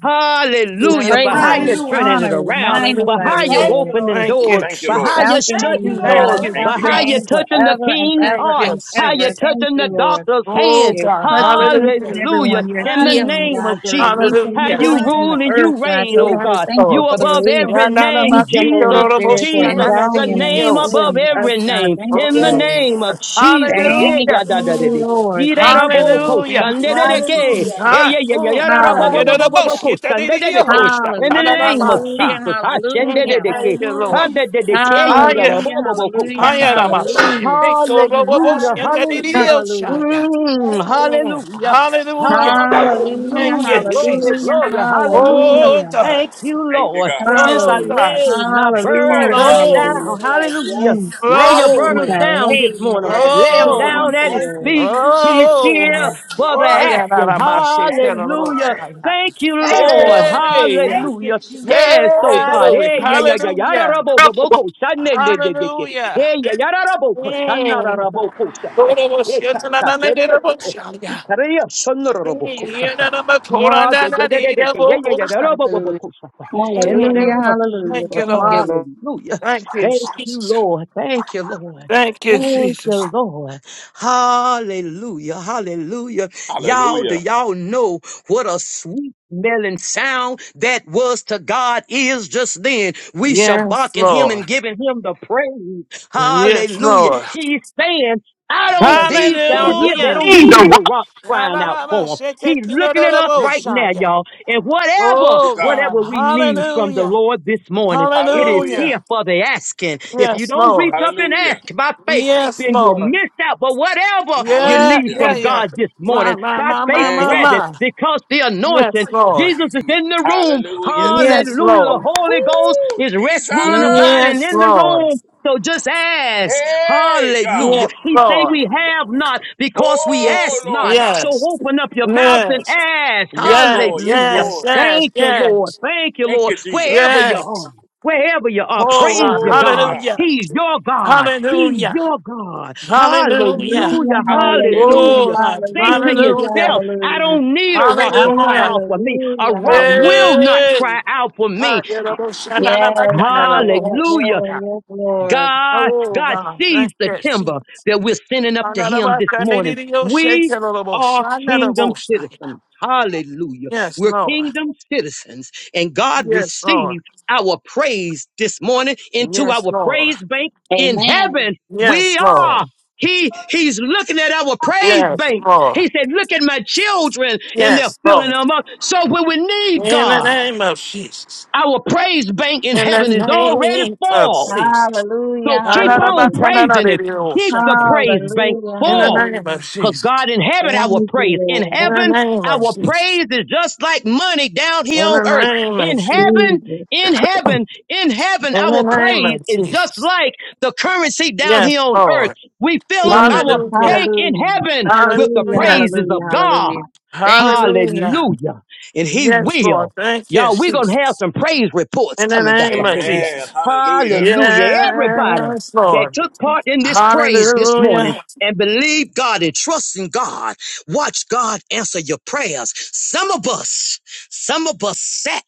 [SPEAKER 14] We
[SPEAKER 15] Yes,
[SPEAKER 12] Hallelujah. For
[SPEAKER 14] praise
[SPEAKER 12] how
[SPEAKER 15] Lord.
[SPEAKER 14] you,
[SPEAKER 12] you're
[SPEAKER 14] we
[SPEAKER 3] Hallelujah.
[SPEAKER 12] turning it
[SPEAKER 14] honor, we
[SPEAKER 12] around, for
[SPEAKER 14] magnify
[SPEAKER 15] Hallelujah.
[SPEAKER 12] how
[SPEAKER 14] you,
[SPEAKER 12] you're
[SPEAKER 3] Thank
[SPEAKER 14] Lord.
[SPEAKER 3] you,
[SPEAKER 12] opening
[SPEAKER 3] Lord.
[SPEAKER 15] Thank
[SPEAKER 12] doors,
[SPEAKER 15] you,
[SPEAKER 16] Thank you,
[SPEAKER 12] for
[SPEAKER 16] Lord.
[SPEAKER 12] how you're
[SPEAKER 15] Jesus.
[SPEAKER 14] Shout your
[SPEAKER 3] Thank
[SPEAKER 14] name,
[SPEAKER 3] you,
[SPEAKER 12] shutting
[SPEAKER 14] God. I
[SPEAKER 15] Thank
[SPEAKER 12] doors,
[SPEAKER 15] you,
[SPEAKER 3] Lord.
[SPEAKER 16] Thank
[SPEAKER 14] shout
[SPEAKER 12] for
[SPEAKER 16] you,
[SPEAKER 14] your
[SPEAKER 12] how
[SPEAKER 16] God.
[SPEAKER 12] you're
[SPEAKER 14] name
[SPEAKER 15] Jesus.
[SPEAKER 12] touching the
[SPEAKER 14] forever and
[SPEAKER 12] king's
[SPEAKER 15] Thank
[SPEAKER 14] ever
[SPEAKER 12] heart,
[SPEAKER 15] you,
[SPEAKER 14] and
[SPEAKER 12] how
[SPEAKER 14] ever.
[SPEAKER 12] you're
[SPEAKER 15] Jesus.
[SPEAKER 14] Thank
[SPEAKER 12] touching
[SPEAKER 14] you,
[SPEAKER 12] the
[SPEAKER 14] Lord.
[SPEAKER 12] doctor's
[SPEAKER 15] Oh,
[SPEAKER 12] hands.
[SPEAKER 14] You're
[SPEAKER 15] God.
[SPEAKER 14] touching each
[SPEAKER 15] Hallelujah.
[SPEAKER 14] and every
[SPEAKER 12] Hallelujah.
[SPEAKER 14] one. You're
[SPEAKER 12] In the
[SPEAKER 14] healing,
[SPEAKER 12] name
[SPEAKER 3] Hallelujah.
[SPEAKER 14] God.
[SPEAKER 12] of
[SPEAKER 14] You're
[SPEAKER 12] Jesus,
[SPEAKER 14] releasing
[SPEAKER 12] how
[SPEAKER 15] Hallelujah.
[SPEAKER 12] you
[SPEAKER 14] healing in the
[SPEAKER 12] rule and
[SPEAKER 3] Yeah.
[SPEAKER 14] earth,
[SPEAKER 12] you
[SPEAKER 14] God.
[SPEAKER 12] reign,
[SPEAKER 14] So we
[SPEAKER 12] oh
[SPEAKER 14] say
[SPEAKER 15] Yes,
[SPEAKER 12] God.
[SPEAKER 14] thank you
[SPEAKER 12] You
[SPEAKER 15] Lord.
[SPEAKER 14] for the
[SPEAKER 3] Yes.
[SPEAKER 12] above
[SPEAKER 14] release.
[SPEAKER 12] every name,
[SPEAKER 14] Thank you, Holy
[SPEAKER 12] Jesus,
[SPEAKER 14] Spirit, for
[SPEAKER 3] Yes.
[SPEAKER 12] Jesus, the
[SPEAKER 14] endowing and
[SPEAKER 12] name
[SPEAKER 15] Yananamakitoroboshyananadidiyosaya.
[SPEAKER 12] above
[SPEAKER 14] pulling us,
[SPEAKER 12] every
[SPEAKER 14] God.
[SPEAKER 12] name.
[SPEAKER 14] Thank
[SPEAKER 12] In
[SPEAKER 14] you,
[SPEAKER 12] the
[SPEAKER 3] Yes.
[SPEAKER 15] Oh,
[SPEAKER 14] Lord.
[SPEAKER 12] name of
[SPEAKER 15] God.
[SPEAKER 12] Jesus. Yeah,
[SPEAKER 14] Thank
[SPEAKER 12] yeah,
[SPEAKER 15] Hallelujah.
[SPEAKER 12] da, da, da,
[SPEAKER 14] you,
[SPEAKER 12] da.
[SPEAKER 14] Lord. Thank you,
[SPEAKER 12] Irarabo
[SPEAKER 14] Lord.
[SPEAKER 12] ko
[SPEAKER 14] Thank
[SPEAKER 15] Hallelujah.
[SPEAKER 14] you, thank you,
[SPEAKER 12] sandereke.
[SPEAKER 14] thank
[SPEAKER 3] Yeah.
[SPEAKER 14] you.
[SPEAKER 15] God. Mm. Ah,
[SPEAKER 12] Eyeyeyeyararabo bo bo bo
[SPEAKER 14] Hallelujah.
[SPEAKER 3] Yeah.
[SPEAKER 12] ko sandereke.
[SPEAKER 15] yadadaboshitadidiyosaya.
[SPEAKER 12] In the
[SPEAKER 14] Hallelujah.
[SPEAKER 12] name of
[SPEAKER 3] Jesus.
[SPEAKER 14] Hallelujah.
[SPEAKER 15] Tananamasa.
[SPEAKER 12] Jesus, I
[SPEAKER 14] Hallelujah.
[SPEAKER 15] Mm, Thank
[SPEAKER 12] shendereke.
[SPEAKER 15] you,
[SPEAKER 3] Hallelujah,
[SPEAKER 15] Lord.
[SPEAKER 3] Jesus.
[SPEAKER 12] Kadedeke
[SPEAKER 15] Ah, yeah.
[SPEAKER 14] Hallelujah.
[SPEAKER 12] irarabo bo bo ko
[SPEAKER 14] Hallelujah.
[SPEAKER 15] Ah, yeah,
[SPEAKER 12] satatata.
[SPEAKER 15] Namasaya.
[SPEAKER 14] Hallelujah.
[SPEAKER 12] Hallelujah,
[SPEAKER 3] Hallelujah.
[SPEAKER 12] hallelujah.
[SPEAKER 14] Hallelujah.
[SPEAKER 15] Kitoroboshyananadidiyosaya.
[SPEAKER 12] Mm,
[SPEAKER 3] Thank you.
[SPEAKER 15] Mm.
[SPEAKER 12] hallelujah.
[SPEAKER 15] Hallelujah.
[SPEAKER 14] Hallelujah,
[SPEAKER 15] Thank
[SPEAKER 3] Lord.
[SPEAKER 12] Hallelujah,
[SPEAKER 15] you,
[SPEAKER 3] Mm.
[SPEAKER 12] glory,
[SPEAKER 15] Jesus.
[SPEAKER 14] hallelujah,
[SPEAKER 12] glory, hallelujah.
[SPEAKER 15] Oh,
[SPEAKER 14] hallelujah.
[SPEAKER 15] God.
[SPEAKER 12] Thank you,
[SPEAKER 16] Thank you,
[SPEAKER 12] Lord.
[SPEAKER 16] God.
[SPEAKER 12] Since
[SPEAKER 3] Yes.
[SPEAKER 12] I
[SPEAKER 15] Oh,
[SPEAKER 14] Hallelujah.
[SPEAKER 15] God.
[SPEAKER 12] laid my
[SPEAKER 16] Thank you, Father.
[SPEAKER 14] Hallelujah.
[SPEAKER 12] burdens
[SPEAKER 3] Yes,
[SPEAKER 15] Lord.
[SPEAKER 14] Hallelujah.
[SPEAKER 12] down,
[SPEAKER 3] Lord.
[SPEAKER 12] hallelujah.
[SPEAKER 14] Mm.
[SPEAKER 3] Yes.
[SPEAKER 12] Lay your
[SPEAKER 14] Since
[SPEAKER 12] burdens
[SPEAKER 3] Hallelujah.
[SPEAKER 14] I
[SPEAKER 15] Glory.
[SPEAKER 12] down this
[SPEAKER 14] laid my
[SPEAKER 12] morning.
[SPEAKER 14] burdens
[SPEAKER 3] Yes,
[SPEAKER 12] Lay them
[SPEAKER 14] down.
[SPEAKER 3] Lord.
[SPEAKER 15] Oh,
[SPEAKER 12] down
[SPEAKER 14] Thank
[SPEAKER 12] at
[SPEAKER 14] you,
[SPEAKER 12] his
[SPEAKER 3] Thank you,
[SPEAKER 14] Lord.
[SPEAKER 12] feet.
[SPEAKER 3] Jesus.
[SPEAKER 12] He's here
[SPEAKER 15] oh,
[SPEAKER 3] Yes,
[SPEAKER 12] for the
[SPEAKER 15] I
[SPEAKER 3] Lord.
[SPEAKER 15] got out
[SPEAKER 12] asking.
[SPEAKER 15] of my shit.
[SPEAKER 3] Yes,
[SPEAKER 15] Get on the road,
[SPEAKER 12] Hallelujah.
[SPEAKER 3] Lord.
[SPEAKER 15] Shia.
[SPEAKER 12] Thank you,
[SPEAKER 3] Thank you,
[SPEAKER 12] Lord.
[SPEAKER 3] Lord.
[SPEAKER 15] Hey,
[SPEAKER 3] Thank you,
[SPEAKER 12] Hallelujah.
[SPEAKER 3] Jesus.
[SPEAKER 12] Yes, oh
[SPEAKER 15] hey,
[SPEAKER 12] God.
[SPEAKER 15] glory.
[SPEAKER 12] Eh, Yeah,
[SPEAKER 3] Hallelujah.
[SPEAKER 12] yeah, yeah, yeah. da,
[SPEAKER 15] Hallelujah.
[SPEAKER 12] da, bo, bo, bo, ko, sha, ne, ne, ne, ne, ke.
[SPEAKER 15] Hallelujah.
[SPEAKER 12] Eh, yeah, yeah, da, da, bo, ko, sha, na, da,
[SPEAKER 15] Mm.
[SPEAKER 12] da, bo, ko, sha, te.
[SPEAKER 15] Glory to
[SPEAKER 12] Eh,
[SPEAKER 15] shit,
[SPEAKER 12] ka,
[SPEAKER 15] na, na,
[SPEAKER 12] sha,
[SPEAKER 15] na,
[SPEAKER 12] te,
[SPEAKER 15] na,
[SPEAKER 12] re,
[SPEAKER 15] na,
[SPEAKER 12] re, ke,
[SPEAKER 15] road,
[SPEAKER 12] eh. Eh,
[SPEAKER 15] Shia.
[SPEAKER 12] ka, re, ya, sha, na, da, da, bo, ko,
[SPEAKER 15] Mm,
[SPEAKER 12] sha,
[SPEAKER 15] yeah,
[SPEAKER 12] ta.
[SPEAKER 15] na, na, na, Torah,
[SPEAKER 12] Ah,
[SPEAKER 15] na,
[SPEAKER 12] de, de,
[SPEAKER 15] na, na,
[SPEAKER 12] de, de, de,
[SPEAKER 15] na,
[SPEAKER 12] ke. Yeah,
[SPEAKER 15] road,
[SPEAKER 12] yeah, yeah, da, da,
[SPEAKER 15] Shia.
[SPEAKER 12] bo, bo, bo, ko, sha, ta. In the
[SPEAKER 14] Hallelujah. Hallelujah.
[SPEAKER 15] Mm.
[SPEAKER 12] name of
[SPEAKER 14] Hallelujah.
[SPEAKER 15] Thank
[SPEAKER 12] Jesus.
[SPEAKER 15] you,
[SPEAKER 14] Thank
[SPEAKER 15] Lord.
[SPEAKER 14] you, Lord.
[SPEAKER 12] Hallelujah.
[SPEAKER 15] Thank you,
[SPEAKER 12] Thank you,
[SPEAKER 15] Jesus.
[SPEAKER 12] Lord. Thank you, Lord.
[SPEAKER 15] Thank you,
[SPEAKER 12] Thank
[SPEAKER 15] Jesus.
[SPEAKER 12] you, Lord. Hallelujah. Hallelujah. Y'all, do
[SPEAKER 16] Hallelujah.
[SPEAKER 12] y'all know what a sweet smelling sound that was to God is just then? We shall
[SPEAKER 15] Yes,
[SPEAKER 12] barking him
[SPEAKER 15] Lord.
[SPEAKER 12] and giving him the praise.
[SPEAKER 15] Yes,
[SPEAKER 12] Hallelujah.
[SPEAKER 15] Lord.
[SPEAKER 12] He's saying, I don't,
[SPEAKER 14] Hallelujah.
[SPEAKER 12] these down here, they
[SPEAKER 15] Hallelujah.
[SPEAKER 12] don't
[SPEAKER 14] Hallelujah.
[SPEAKER 12] need the rocks crying out for him. He's looking at us right now,
[SPEAKER 15] Yarababashetekineroloboshaya.
[SPEAKER 12] y'all. And whatever,
[SPEAKER 16] Oh,
[SPEAKER 15] Oh
[SPEAKER 16] God.
[SPEAKER 15] God.
[SPEAKER 12] whatever we need from the
[SPEAKER 15] Hallelujah.
[SPEAKER 12] Lord this morning, it is
[SPEAKER 16] Hallelujah.
[SPEAKER 15] Hallelujah.
[SPEAKER 12] here for the asking. If you
[SPEAKER 15] Yes,
[SPEAKER 12] don't reach
[SPEAKER 15] Lord.
[SPEAKER 12] up and
[SPEAKER 16] Hallelujah.
[SPEAKER 12] ask by faith,
[SPEAKER 15] Yes,
[SPEAKER 12] then you'll." you'll
[SPEAKER 15] Lord.
[SPEAKER 12] miss out. But whatever you
[SPEAKER 15] Yeah,
[SPEAKER 12] need
[SPEAKER 16] Hallelujah.
[SPEAKER 15] yeah,
[SPEAKER 12] from
[SPEAKER 15] yeah.
[SPEAKER 12] God this
[SPEAKER 15] My,
[SPEAKER 12] morning,
[SPEAKER 15] my,
[SPEAKER 12] by
[SPEAKER 15] my,
[SPEAKER 12] faith,
[SPEAKER 15] my,
[SPEAKER 16] Yeah,
[SPEAKER 15] my,
[SPEAKER 12] grab
[SPEAKER 16] God.
[SPEAKER 12] it
[SPEAKER 15] my.
[SPEAKER 12] because the
[SPEAKER 15] Yes,
[SPEAKER 12] anointing,
[SPEAKER 15] Lord.
[SPEAKER 16] My
[SPEAKER 12] Jesus is
[SPEAKER 16] healer.
[SPEAKER 12] in the room.
[SPEAKER 16] Hallelujah, Jesus.
[SPEAKER 15] Yes,
[SPEAKER 12] Hallelujah. The
[SPEAKER 15] Lord.
[SPEAKER 12] Holy Ghost
[SPEAKER 16] Woo,
[SPEAKER 12] is rest,
[SPEAKER 16] Jesus.
[SPEAKER 12] ruling, abiding
[SPEAKER 15] Yes,
[SPEAKER 12] in the
[SPEAKER 15] Lord.
[SPEAKER 12] room. So just ask.
[SPEAKER 16] Hey, God.
[SPEAKER 12] Hallelujah.
[SPEAKER 15] Yes,
[SPEAKER 12] He say
[SPEAKER 15] Lord.
[SPEAKER 12] we have not because we
[SPEAKER 15] Yes.
[SPEAKER 16] Oh,
[SPEAKER 12] ask
[SPEAKER 16] Lord
[SPEAKER 12] not.
[SPEAKER 16] God.
[SPEAKER 12] So
[SPEAKER 15] Yes.
[SPEAKER 12] open up your mouth and
[SPEAKER 15] Yes.
[SPEAKER 12] ask.
[SPEAKER 16] Yes, Lord. Yes,
[SPEAKER 12] Hallelujah.
[SPEAKER 15] Yes. Yes.
[SPEAKER 16] Lord.
[SPEAKER 15] Yes.
[SPEAKER 12] Thank you,
[SPEAKER 15] Yes.
[SPEAKER 12] Lord. Thank you,
[SPEAKER 16] Thank
[SPEAKER 12] Lord.
[SPEAKER 16] you,
[SPEAKER 12] Wherever
[SPEAKER 16] Jesus.
[SPEAKER 12] you
[SPEAKER 15] Yes.
[SPEAKER 12] are. Wherever you are,
[SPEAKER 15] Oh
[SPEAKER 12] praise
[SPEAKER 15] God,
[SPEAKER 12] your
[SPEAKER 16] Oh,
[SPEAKER 12] God.
[SPEAKER 16] God.
[SPEAKER 15] hallelujah,
[SPEAKER 12] He's your God. He's
[SPEAKER 15] hallelujah,
[SPEAKER 12] your God.
[SPEAKER 15] hallelujah.
[SPEAKER 12] Hallelujah.
[SPEAKER 16] Hallelujah,
[SPEAKER 14] Hallelujah, hallelujah,
[SPEAKER 12] Hallelujah.
[SPEAKER 15] Oh
[SPEAKER 16] Jesus.
[SPEAKER 15] God,
[SPEAKER 12] Say to
[SPEAKER 14] hallelujah,
[SPEAKER 15] hallelujah,
[SPEAKER 12] yourself, I don't need a
[SPEAKER 14] hallelujah,
[SPEAKER 12] rock to cry
[SPEAKER 15] hallelujah.
[SPEAKER 12] out for me. A
[SPEAKER 14] hallelujah,
[SPEAKER 12] rock will
[SPEAKER 14] hallelujah.
[SPEAKER 12] not
[SPEAKER 15] Hey,
[SPEAKER 12] cry out for me.
[SPEAKER 15] hallelujah.
[SPEAKER 14] Yes, Lord, yes,
[SPEAKER 12] Hallelujah.
[SPEAKER 14] Lord, yes, Lord.
[SPEAKER 12] God,
[SPEAKER 15] Oh
[SPEAKER 12] God
[SPEAKER 15] God,
[SPEAKER 12] sees
[SPEAKER 15] thank
[SPEAKER 12] the
[SPEAKER 15] you,
[SPEAKER 12] timber that we're sending up to him this morning.
[SPEAKER 15] Jesus.
[SPEAKER 12] We are kingdom citizens. Hallelujah.
[SPEAKER 15] Yes,
[SPEAKER 12] We're
[SPEAKER 15] Lord.
[SPEAKER 12] kingdom citizens and God
[SPEAKER 15] Yes, Lord.
[SPEAKER 12] received our praise this morning into
[SPEAKER 15] Yes,
[SPEAKER 12] our
[SPEAKER 15] Lord.
[SPEAKER 12] praise bank in
[SPEAKER 14] Amen.
[SPEAKER 12] heaven. We
[SPEAKER 15] Yes, Lord.
[SPEAKER 12] are. He, he's looking at our praise
[SPEAKER 15] Yes,
[SPEAKER 12] bank. He
[SPEAKER 15] Lord.
[SPEAKER 12] said, look at my children and they're
[SPEAKER 15] Yes,
[SPEAKER 12] filling
[SPEAKER 15] Lord.
[SPEAKER 12] them up. So when we need
[SPEAKER 15] In the
[SPEAKER 12] God,
[SPEAKER 15] name of Jesus.
[SPEAKER 12] our praise bank in
[SPEAKER 15] In the
[SPEAKER 12] heaven is already
[SPEAKER 15] name of
[SPEAKER 12] full.
[SPEAKER 15] Jesus.
[SPEAKER 12] So
[SPEAKER 14] Hallelujah,
[SPEAKER 12] keep on
[SPEAKER 14] hallelujah,
[SPEAKER 12] praising him. Keep
[SPEAKER 15] Na-na-na-ba-ta-na-na-de-de-oh-sha.
[SPEAKER 12] the
[SPEAKER 15] In
[SPEAKER 12] praise bank
[SPEAKER 14] hallelujah,
[SPEAKER 15] the
[SPEAKER 12] full.
[SPEAKER 15] name of
[SPEAKER 14] hallelujah.
[SPEAKER 12] Cause
[SPEAKER 15] Jesus.
[SPEAKER 12] God in heaven, our
[SPEAKER 14] Thank you,
[SPEAKER 12] praise. In
[SPEAKER 14] Lord.
[SPEAKER 15] In the
[SPEAKER 12] heaven,
[SPEAKER 15] name of
[SPEAKER 12] our
[SPEAKER 15] Jesus.
[SPEAKER 12] praise is just like money down
[SPEAKER 15] In
[SPEAKER 12] here on
[SPEAKER 15] the
[SPEAKER 12] earth.
[SPEAKER 15] name of
[SPEAKER 12] In
[SPEAKER 15] Jesus.
[SPEAKER 12] heaven,
[SPEAKER 14] Jesus,
[SPEAKER 12] in heaven, in heaven,
[SPEAKER 15] In the
[SPEAKER 12] our
[SPEAKER 15] name
[SPEAKER 12] praise
[SPEAKER 15] of
[SPEAKER 12] is just
[SPEAKER 15] Jesus.
[SPEAKER 12] like the currency down
[SPEAKER 15] Yes,
[SPEAKER 12] here on earth.
[SPEAKER 15] Lord.
[SPEAKER 12] We fill up our
[SPEAKER 14] Jesus,
[SPEAKER 15] Hallelujah.
[SPEAKER 12] bank in
[SPEAKER 14] hallelujah,
[SPEAKER 12] heaven with the
[SPEAKER 14] hallelujah,
[SPEAKER 15] Hallelujah.
[SPEAKER 12] praises of
[SPEAKER 14] hallelujah,
[SPEAKER 12] God.
[SPEAKER 14] hallelujah. Thank you.
[SPEAKER 15] Hallelujah.
[SPEAKER 12] Hallelujah. And he
[SPEAKER 15] Yes, Lord.
[SPEAKER 12] will.
[SPEAKER 15] Thank you,
[SPEAKER 12] Y'all, we're going to have
[SPEAKER 15] Jesus.
[SPEAKER 12] some praise reports
[SPEAKER 15] In the
[SPEAKER 12] coming back
[SPEAKER 15] name
[SPEAKER 12] up
[SPEAKER 15] of
[SPEAKER 12] in here.
[SPEAKER 16] Amen.
[SPEAKER 15] Jesus.
[SPEAKER 16] Hallelujah.
[SPEAKER 12] Hallelujah. Everybody
[SPEAKER 15] Yes,
[SPEAKER 12] that
[SPEAKER 15] Lord.
[SPEAKER 12] took part in this praise this morning
[SPEAKER 15] Hallelujah.
[SPEAKER 12] and believe God and trust in God, watch God answer your prayers. Some of us, some of us sat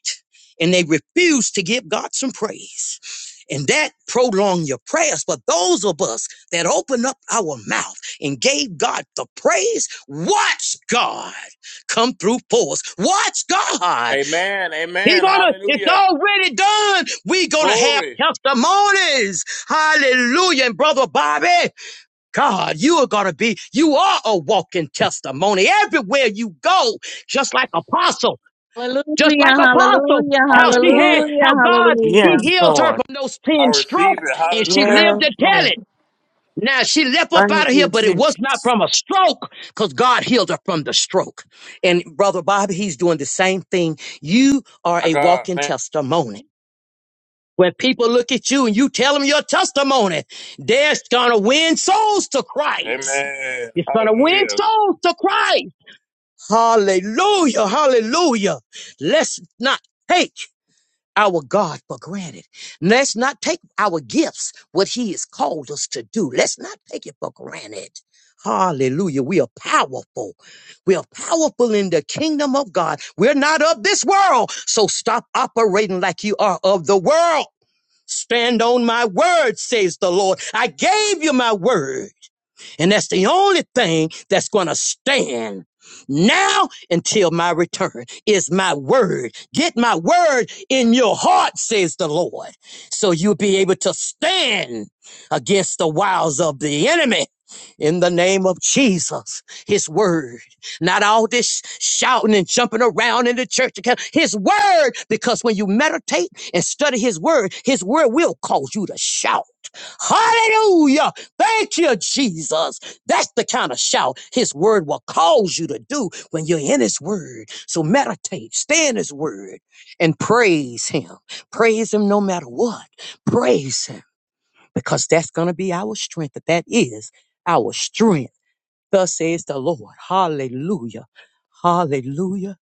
[SPEAKER 12] and they refused to give God some praise. And that prolonged your prayers. But those of us that opened up our mouth and gave God the praise, watch God come through for us. Watch God.
[SPEAKER 16] Amen.
[SPEAKER 12] He
[SPEAKER 16] Amen.
[SPEAKER 12] gonna, it's
[SPEAKER 16] Hallelujah.
[SPEAKER 12] already done. We gonna have
[SPEAKER 16] Glory.
[SPEAKER 12] testimonies. Hallelujah. And brother Bobby, God, you are going to be, you are a walking testimony everywhere you go, just like Apostle, just like
[SPEAKER 14] Hallelujah,
[SPEAKER 12] Apostle,
[SPEAKER 14] hallelujah,
[SPEAKER 12] how she had,
[SPEAKER 16] Hallelujah.
[SPEAKER 14] hallelujah,
[SPEAKER 12] how God, he
[SPEAKER 14] hallelujah.
[SPEAKER 15] Yes,
[SPEAKER 12] healed her
[SPEAKER 15] Lord.
[SPEAKER 12] from those
[SPEAKER 16] I
[SPEAKER 12] 10
[SPEAKER 16] receive
[SPEAKER 12] strokes
[SPEAKER 16] it.
[SPEAKER 12] and she
[SPEAKER 16] Hallelujah.
[SPEAKER 12] lived
[SPEAKER 15] Yes,
[SPEAKER 12] to tell
[SPEAKER 15] Lord.
[SPEAKER 12] it. Now she left up
[SPEAKER 15] Thank
[SPEAKER 12] out of here,
[SPEAKER 15] you,
[SPEAKER 12] but it was not
[SPEAKER 15] Jesus.
[SPEAKER 12] from a stroke because God healed her from the stroke. And brother Bobby, he's doing the same thing. You are
[SPEAKER 16] My
[SPEAKER 12] a
[SPEAKER 16] God.
[SPEAKER 12] walking
[SPEAKER 16] Thank-
[SPEAKER 12] testimony. When people look at you and you tell them your testimony, they're going to win souls to Christ.
[SPEAKER 16] Amen.
[SPEAKER 12] It's going to win
[SPEAKER 16] Hallelujah.
[SPEAKER 12] souls to Christ. Hallelujah. Hallelujah. Let's not take our God for granted. Let's not take our gifts, what He has called us to do. Let's not take it for granted. Hallelujah. We are powerful. We are powerful in the kingdom of God. We're not of this world. So stop operating like you are of the world. Stand on my word, says the Lord. I gave you my word. And that's the only thing that's going to stand now until my return is my word. Get my word in your heart, says the Lord, so you'll be able to stand against the wiles of the enemy. In the name of Jesus, his word, not all this shouting and jumping around in the church. account. His word, because when you meditate and study his word, his word will cause you to shout. Hallelujah! Thank you, Jesus. That's the kind of shout his word will cause you to do when you're in his word. So meditate, stay in his word, and praise him. Praise him no matter what. Praise him because that's going to be our strength. That is our strength. Thus says the Lord. Hallelujah. Hallelujah.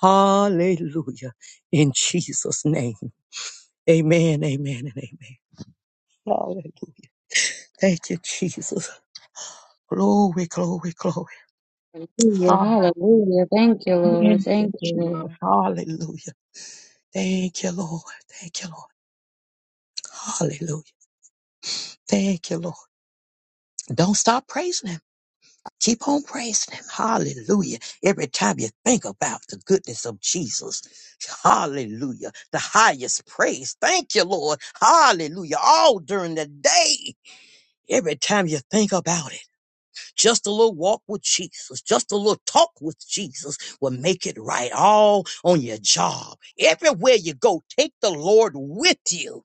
[SPEAKER 12] Hallelujah. In Jesus' name. Amen, amen, and amen. Hallelujah. Thank you, Jesus. Glory, glory, glory.
[SPEAKER 14] Hallelujah,
[SPEAKER 12] Hallelujah.
[SPEAKER 14] hallelujah. Thank you, Lord.
[SPEAKER 12] Thank you,
[SPEAKER 14] Thank you,
[SPEAKER 12] Jesus.
[SPEAKER 14] Lord.
[SPEAKER 12] Hallelujah. Thank you, Lord. Thank you, Lord. Hallelujah. Thank you, Lord. Don't stop praising Him. Keep on praising Him. Hallelujah. Every time you think about the goodness of Jesus. Hallelujah. The highest praise. Thank you, Lord. Hallelujah. All during the day. Every time you think about it. Just a little walk with Jesus, just a little talk with Jesus will make it right all on your job. Everywhere you go, take the Lord with you.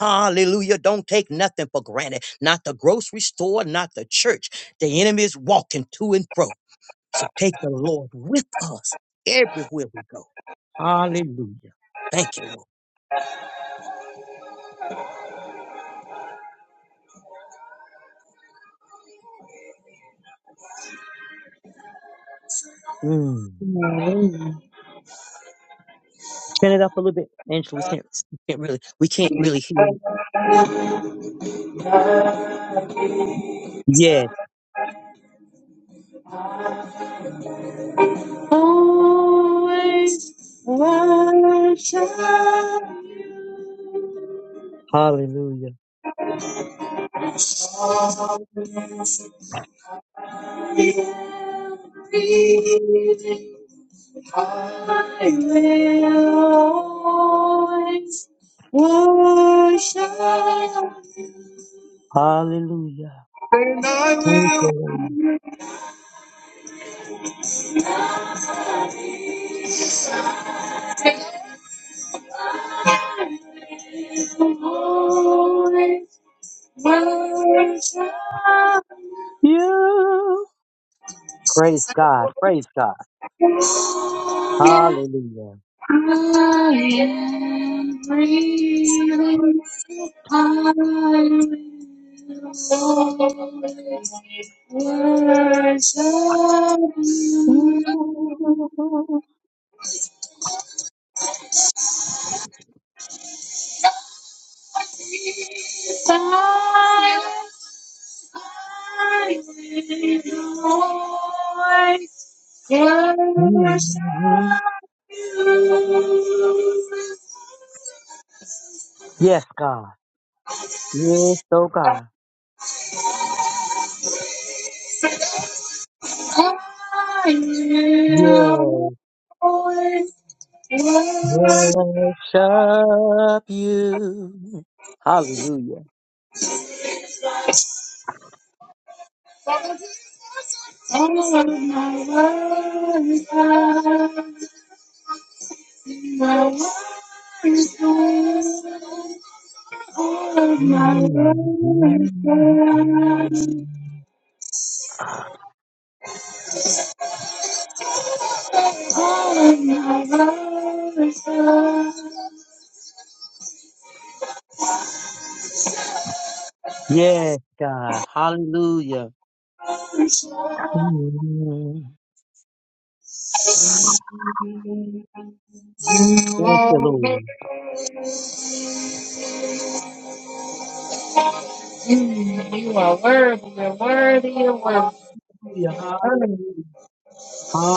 [SPEAKER 12] Hallelujah. Don't take nothing for granted. Not the grocery store, not the church. The enemy is walking to and fro. So take the Lord with us everywhere we go. Hallelujah. Thank you, Lord. Mm.
[SPEAKER 14] Hallelujah.
[SPEAKER 12] Turn it up a little bit, Angela. We can't, we can't really, we can't really hear it. Yes.
[SPEAKER 14] Always worship
[SPEAKER 12] Hallelujah.
[SPEAKER 14] you. Everything. I will always worship you.
[SPEAKER 12] Hallelujah.
[SPEAKER 14] And I
[SPEAKER 12] Thank you,
[SPEAKER 14] will
[SPEAKER 12] Lord.
[SPEAKER 14] I will always worship
[SPEAKER 12] You. Praise God. Praise God.
[SPEAKER 14] you.
[SPEAKER 12] Hallelujah.
[SPEAKER 14] I am breathing. I will always worship you.
[SPEAKER 12] Mhm. Yes, God. Yes, oh God. Yes. Worship you. Hallelujah.
[SPEAKER 14] Oh, my God. All of my love is
[SPEAKER 12] Mhm.
[SPEAKER 14] gone. All of my love is gone.
[SPEAKER 12] Yes, God. Hallelujah. Mhm.
[SPEAKER 14] You
[SPEAKER 12] Thank
[SPEAKER 14] are
[SPEAKER 12] you, Lord.
[SPEAKER 14] worthy. You are worthy. You're worthy. You're worthy. Worthy.
[SPEAKER 12] Hallelujah. Hallelujah.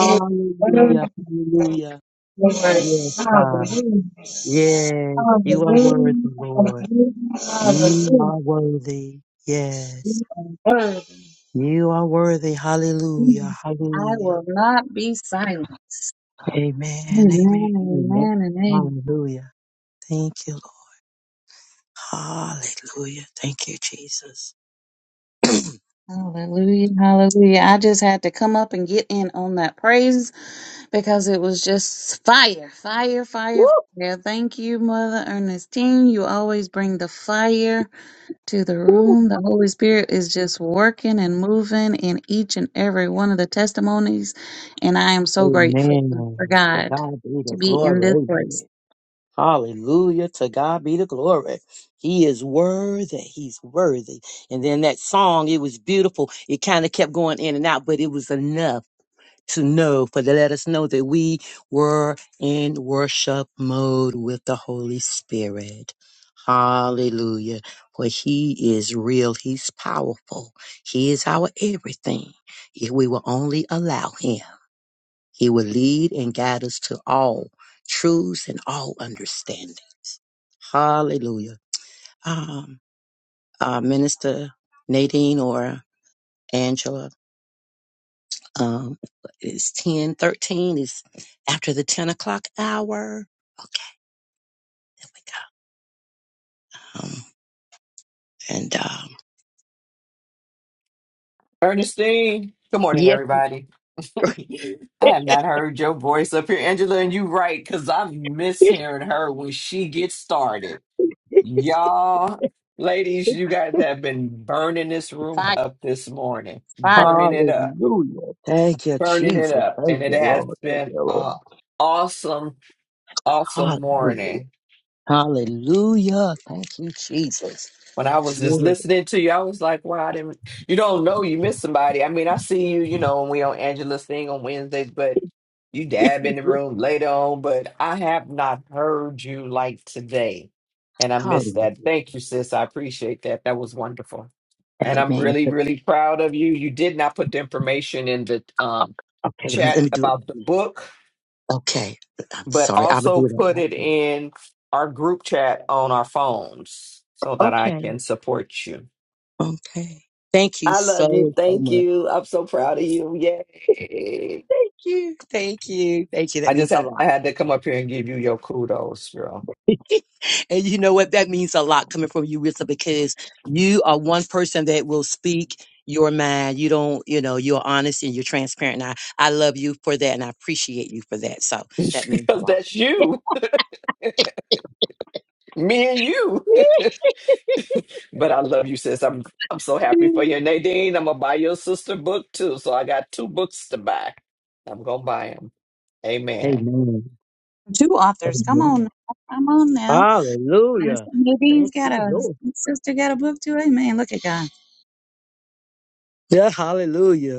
[SPEAKER 14] You're worthy.
[SPEAKER 12] Hallelujah.
[SPEAKER 14] You're worthy.
[SPEAKER 12] Yes, God.
[SPEAKER 14] Hallelujah.
[SPEAKER 12] Yes, you are worthy,
[SPEAKER 14] Hallelujah.
[SPEAKER 12] Lord.
[SPEAKER 14] Hallelujah.
[SPEAKER 12] You
[SPEAKER 14] Hallelujah.
[SPEAKER 12] are worthy. Yes,
[SPEAKER 14] You are worthy.
[SPEAKER 12] you are worthy. Hallelujah.
[SPEAKER 14] I
[SPEAKER 12] Hallelujah.
[SPEAKER 14] will not be silent.
[SPEAKER 12] Amen. Amen.
[SPEAKER 14] Amen.
[SPEAKER 12] Amen.
[SPEAKER 14] Amen. And amen.
[SPEAKER 12] Hallelujah. Thank you, Lord. Hallelujah. Thank you, Jesus.
[SPEAKER 14] Hallelujah, hallelujah. I just had to come up and get in on that praise because it was just fire, fire,
[SPEAKER 12] Woo,
[SPEAKER 14] fire, fire. Thank you, Mother Ernestine. You always bring the fire to the
[SPEAKER 12] woo.
[SPEAKER 14] room. The Holy Spirit is just working and moving in each and every one of the testimonies. And I am so grateful for
[SPEAKER 12] Amen. To
[SPEAKER 14] God
[SPEAKER 12] God be
[SPEAKER 14] to
[SPEAKER 12] the
[SPEAKER 14] be in
[SPEAKER 12] glory.
[SPEAKER 14] this place.
[SPEAKER 12] Amen. Hallelujah. To God be the glory. He is worthy. He's worthy. And then that song, it was beautiful. It kind of kept going in and out, but it was enough to know for to let us know that we were in worship mode with the Holy Spirit. Hallelujah. For he is real. He's powerful. He is our everything. If we will only allow him, he will lead and guide us to all truths and all understanding. Hallelujah. Um, uh, Minister Nadine or Angela, um, it's ten thirteen. It's after the 10 o'clock hour. Okay, there we go. Um, and um,
[SPEAKER 8] Ernestine, good morning,
[SPEAKER 12] yes.
[SPEAKER 8] everybody. I have not heard your voice up here, Angela, and you right, because I miss hearing her when she gets started. Y'all, ladies, you guys have been burning this room
[SPEAKER 14] Fire,
[SPEAKER 8] up this morning,
[SPEAKER 14] fire.
[SPEAKER 8] burning it up.
[SPEAKER 12] Hallelujah. Thank you,
[SPEAKER 8] burning it
[SPEAKER 12] Jesus.
[SPEAKER 8] up.
[SPEAKER 12] Thank
[SPEAKER 8] And it
[SPEAKER 12] you,
[SPEAKER 8] has
[SPEAKER 12] Lord. Thank
[SPEAKER 8] been
[SPEAKER 12] you, Lord.
[SPEAKER 8] an awesome, awesome
[SPEAKER 12] Hallelujah.
[SPEAKER 8] morning.
[SPEAKER 12] Hallelujah. Thank you, Jesus.
[SPEAKER 8] When I was just
[SPEAKER 12] Yeah.
[SPEAKER 8] listening to you, I was like, wow, I didn't, you don't know you miss somebody. I mean, I see you, you know, when we on Angela's thing on Wednesdays, but you dab in the room later on, but I have not heard you like today. And I miss that.
[SPEAKER 12] Hallelujah.
[SPEAKER 8] Thank you, sis. I appreciate that. That was wonderful. And I'm
[SPEAKER 12] Amen.
[SPEAKER 8] really, really proud of you. You did not put the information in the um,
[SPEAKER 12] Okay, let me, let
[SPEAKER 8] chat
[SPEAKER 12] me do
[SPEAKER 8] about the
[SPEAKER 12] it.
[SPEAKER 8] book
[SPEAKER 12] Okay. I'm
[SPEAKER 8] but
[SPEAKER 12] sorry. I would
[SPEAKER 8] also
[SPEAKER 12] do that
[SPEAKER 8] put
[SPEAKER 12] right
[SPEAKER 8] it
[SPEAKER 12] now.
[SPEAKER 8] in our group chat on our phones so that I
[SPEAKER 12] Okay.
[SPEAKER 8] can support you.
[SPEAKER 12] Okay. Thank you
[SPEAKER 8] I love you.
[SPEAKER 12] so, so
[SPEAKER 8] Thank
[SPEAKER 12] much.
[SPEAKER 8] you. I'm so proud of you. Yay.
[SPEAKER 12] Thank you. Thank you. Thank you. That
[SPEAKER 8] I just
[SPEAKER 12] means a
[SPEAKER 8] had I
[SPEAKER 12] lot.
[SPEAKER 8] had to come up here and give you your kudos, girl,
[SPEAKER 12] and you know what? That means a lot coming from you, Rissa, because you are one person that will speak your mind. You don't, you know, you're honest and you're transparent. And I, I love you for that and I appreciate you for that. So that means a
[SPEAKER 8] because
[SPEAKER 12] lot.
[SPEAKER 8] that's you, me and you. but I love you, sis. I'm I'm so happy for you, Nadine. I'm gonna buy your sister book too, so I got two books to buy. I'm gonna buy them. Amen.
[SPEAKER 12] Amen.
[SPEAKER 14] Two authors. Come
[SPEAKER 12] Amen.
[SPEAKER 14] on. now, Come on now.
[SPEAKER 12] Hallelujah.
[SPEAKER 14] Minister Nadine's
[SPEAKER 12] Thank
[SPEAKER 14] got
[SPEAKER 12] you,
[SPEAKER 14] a
[SPEAKER 12] Lord.
[SPEAKER 14] sister got a book too. Amen. Look at God.
[SPEAKER 12] Yeah, hallelujah.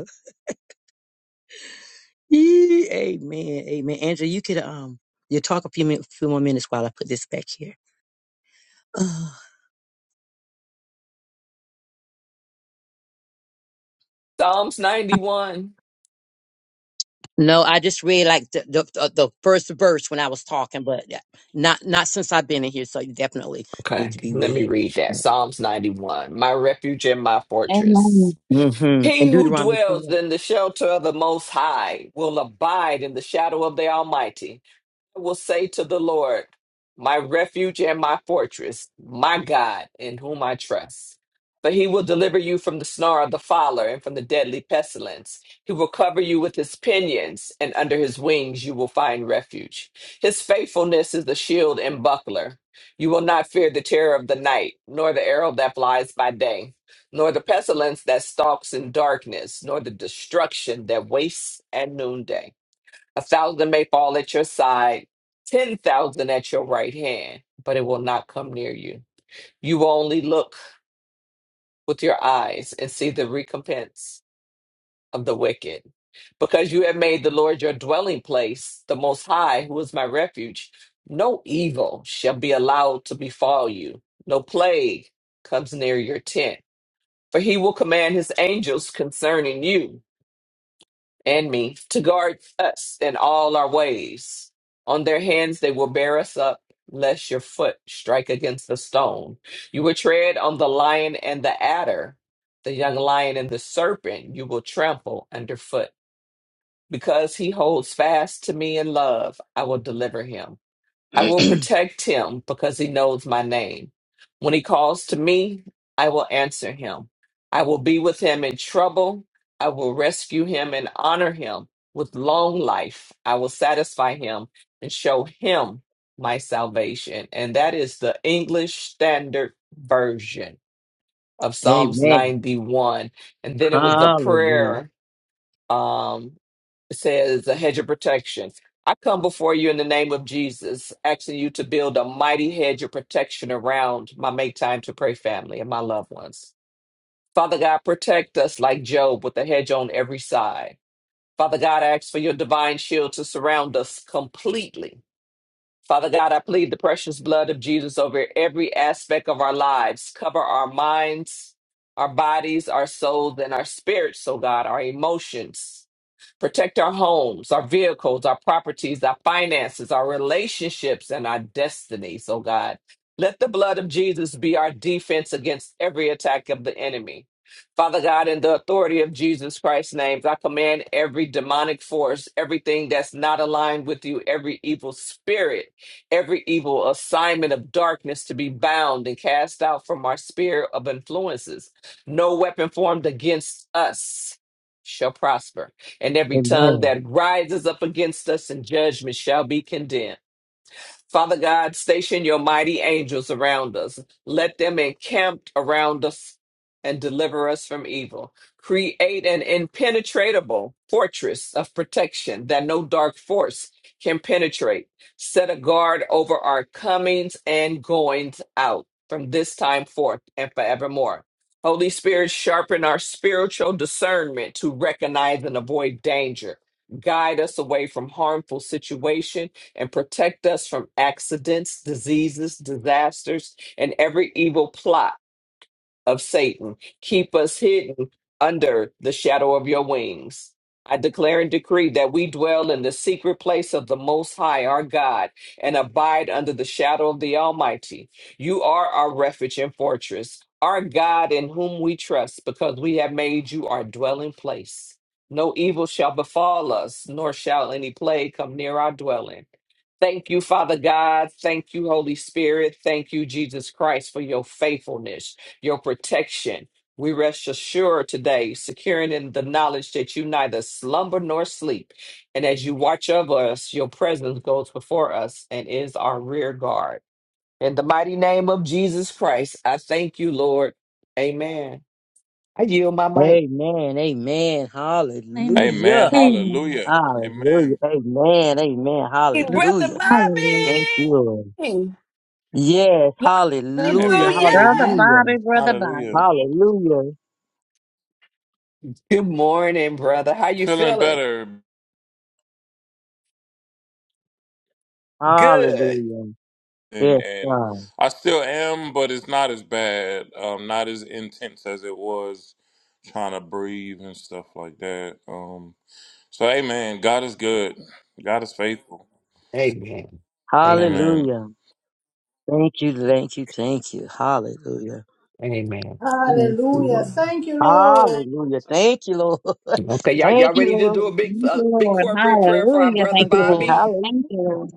[SPEAKER 12] Yee, Amen. Amen. Andrew, you could um you talk a few minutes, few more minutes while I put this back here. Ugh.
[SPEAKER 8] Psalms 91.
[SPEAKER 12] no, I just read like the, the the the first verse when I was talking, but yeah, not not since I've been in here, so you definitely need
[SPEAKER 8] Okay,
[SPEAKER 12] to be
[SPEAKER 8] let me
[SPEAKER 12] read.
[SPEAKER 8] read that. Psalms 91 My refuge and my
[SPEAKER 14] Amen.
[SPEAKER 8] fortress.
[SPEAKER 12] Mm-hmm. And
[SPEAKER 8] He who
[SPEAKER 12] Deuteronomy
[SPEAKER 8] dwells
[SPEAKER 12] 28.
[SPEAKER 8] in the shelter of the Most High will abide in the shadow of the Almighty. I will say to the Lord, my refuge and my fortress, my God, in whom I trust. For he will deliver you from the snare of the fowler and from the deadly pestilence. He will cover you with his pinions, and under his wings you will find refuge. His faithfulness is the shield and buckler. You will not fear the terror of the night, nor the arrow that flies by day, nor the pestilence that stalks in darkness, nor the destruction that wastes at noonday. A thousand may fall at your side, 10,000 at your right hand, but it will not come near you. You will only look with your eyes and see the recompense of the wicked. Because you have made the Lord your dwelling place, the Most High, who is my refuge, no evil shall be allowed to befall you, no plague comes near your tent. For he will command his angels concerning you and me to guard us in all our ways. On their hands they will bear us up, lest your foot strike against the stone. You will tread on the lion and the adder, the young lion and the serpent you will trample underfoot. Because he holds fast to me in love, I will deliver him. I will protect him because he knows my name. When he calls to me, I will answer him. I will be with him in trouble. I will rescue him and honor him with long life. I will satisfy him and show him my salvation. And that is the English Standard Version of Psalms
[SPEAKER 12] Amen.
[SPEAKER 8] 91. And then it was the
[SPEAKER 12] Hallelujah.
[SPEAKER 8] prayer. Um, says a hedge of protection. I come before you in the name of Jesus, asking you to build a mighty hedge of protection around my make time to pray family and my loved ones. Father God, protect us like Job with a hedge on every side. Father God, I ask for your divine shield to surround us completely. Father God, I plead the precious blood of Jesus over every aspect of our lives. Cover our minds, our bodies, our souls, and our spirits, so God, our emotions. Protect our homes, our vehicles, our properties, our finances, our relationships, and our destinies, oh God. Let the blood of Jesus be our defense against every attack of the enemy. Father God, in the authority of Jesus Christ's name, I command every demonic force, everything that's not aligned with you, every evil spirit, every evil assignment of darkness to be bound and cast out from our sphere of influences. No weapon formed against us shall prosper and every tongue
[SPEAKER 12] Amen.
[SPEAKER 8] that rises up against us in judgment shall be condemned. Father God, station your mighty angels around us. Let them encamp around us and deliver us from evil. Create an impenetrable fortress of protection that no dark force can penetrate. Set a guard over our comings and goings out from this time forth and forevermore. Holy Spirit, sharpen our spiritual discernment to recognize and avoid danger. Guide us away from harmful situations and protect us from accidents, diseases, disasters, and every evil plot of Satan. Keep us hidden under the shadow of your wings. I declare and decree that we dwell in the secret place of the Most High, our God, and abide under the shadow of the Almighty. You are our refuge and fortress, our God in whom we trust, because we have made you our dwelling place. No evil shall befall us, nor shall any plague come near our dwelling. Thank you, Father God. Thank you, Holy Spirit. Thank you, Jesus Christ, for your faithfulness your protection. We rest assured today, securing in the knowledge that you neither slumber nor sleep. And as you watch over us, your presence goes before us and is our rear guard. In the mighty name of Jesus Christ, I thank you, Lord. Amen. I yield my mic.
[SPEAKER 12] Amen. Amen.
[SPEAKER 14] Amen.
[SPEAKER 16] Amen.
[SPEAKER 12] Hallelujah.
[SPEAKER 14] Amen.
[SPEAKER 16] Hallelujah.
[SPEAKER 12] Hallelujah.
[SPEAKER 16] Amen.
[SPEAKER 12] Amen. Amen.
[SPEAKER 8] Hey, Brother
[SPEAKER 12] Hallelujah.
[SPEAKER 14] Hallelujah.
[SPEAKER 12] Thank you. Lord.
[SPEAKER 8] Bobby!
[SPEAKER 12] Yes,
[SPEAKER 14] The
[SPEAKER 12] hallelujah,
[SPEAKER 16] Amen.
[SPEAKER 14] Brother
[SPEAKER 8] Hallelujah!
[SPEAKER 14] Bobby,
[SPEAKER 12] hallelujah,
[SPEAKER 14] brother
[SPEAKER 16] Hallelujah.
[SPEAKER 14] Bobby.
[SPEAKER 12] hallelujah,
[SPEAKER 8] Good morning, brother. How you
[SPEAKER 16] Feeling
[SPEAKER 8] feeling?
[SPEAKER 16] better.
[SPEAKER 8] Good.
[SPEAKER 12] hallelujah.
[SPEAKER 16] and
[SPEAKER 12] Yes,
[SPEAKER 16] and
[SPEAKER 12] God,
[SPEAKER 16] I still am, but it's not as bad, um, not as intense as it was trying to breathe and stuff like that. Um, so, Amen. God is good. God is faithful.
[SPEAKER 8] Amen. Amen.
[SPEAKER 16] Amen.
[SPEAKER 12] hallelujah. Thank you, thank you, thank you, hallelujah.
[SPEAKER 8] Amen.
[SPEAKER 12] Thank you,
[SPEAKER 3] Hallelujah.
[SPEAKER 12] Lord.
[SPEAKER 3] Thank you, Lord.
[SPEAKER 12] Hallelujah, thank you, Lord.
[SPEAKER 8] Okay, y'all,
[SPEAKER 12] Thank
[SPEAKER 8] y'all
[SPEAKER 14] thank
[SPEAKER 12] you,
[SPEAKER 14] you,
[SPEAKER 8] ready to
[SPEAKER 12] Lord.
[SPEAKER 8] do a big,
[SPEAKER 14] Thank
[SPEAKER 8] uh,
[SPEAKER 14] you,
[SPEAKER 8] big
[SPEAKER 14] Lord.
[SPEAKER 8] corporate prayer for our
[SPEAKER 14] Hallelujah.
[SPEAKER 8] brother
[SPEAKER 14] Thank you, Lord.
[SPEAKER 8] Bobby?
[SPEAKER 12] hallelujah.
[SPEAKER 14] Thank you, Lord.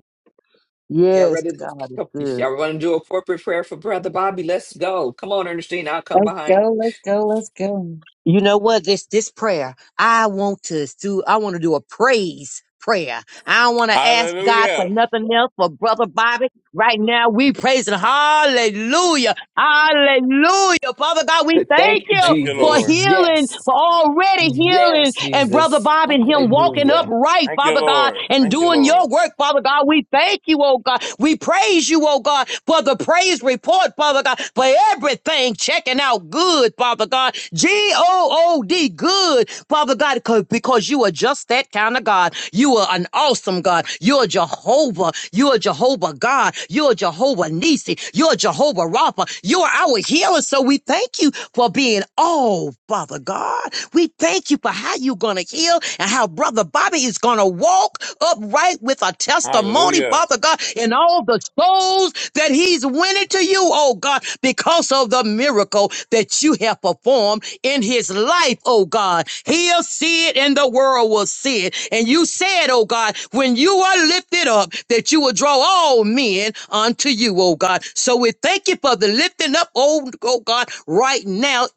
[SPEAKER 8] Y'all
[SPEAKER 12] Yes,
[SPEAKER 8] ready?
[SPEAKER 12] God is
[SPEAKER 8] To,
[SPEAKER 12] good.
[SPEAKER 8] y'all want to do a corporate prayer for brother Bobby? Let's go. Come on, Ernestine, I'll come
[SPEAKER 14] Let's
[SPEAKER 8] behind.
[SPEAKER 14] go, let's go, let's go.
[SPEAKER 12] You know what? This this prayer, I want to do. I want to do a praise prayer. I don't want to ask God for
[SPEAKER 16] Hallelujah.
[SPEAKER 12] nothing else. For brother Bobby, right now we praising Hallelujah, Hallelujah. Father God, we
[SPEAKER 8] you.
[SPEAKER 12] thank
[SPEAKER 8] Thank you,
[SPEAKER 12] you
[SPEAKER 16] Thank you,
[SPEAKER 12] for
[SPEAKER 8] Jesus.
[SPEAKER 16] Lord.
[SPEAKER 12] healing,
[SPEAKER 8] Yes,
[SPEAKER 12] for already healing,
[SPEAKER 8] yes,
[SPEAKER 12] and Brother
[SPEAKER 8] Jesus.
[SPEAKER 12] Bob and him walking
[SPEAKER 8] Hallelujah.
[SPEAKER 12] upright,
[SPEAKER 16] Thank you,
[SPEAKER 12] Father God,
[SPEAKER 16] Lord.
[SPEAKER 12] and
[SPEAKER 16] Thank you,
[SPEAKER 12] doing
[SPEAKER 16] Lord.
[SPEAKER 12] your work, Father God. We thank you, oh God. We praise you, oh God, for the praise report, Father God, for everything checking out good, Father God. G O O D, good, Father God, 'cause- because you are just that kind of God. You are an awesome God. You're Jehovah. Jehovah. You are Jehovah God. You are Jehovah Nisi. You are Jehovah Rapha. You are our healer. So we thank you for being all, Father God. We thank you for how you're going to heal and how Brother Bobby is going to walk upright with a testimony,
[SPEAKER 16] Hallelujah.
[SPEAKER 12] Father God, in all the souls that he's winning to you, oh God, because of the miracle that you have performed in his life, oh God. He'll see it and the world will see it. And you said, oh God, when you are lifted up, that you will draw all men unto you, oh God. So we thank you for the lifting up, oh, oh God, right now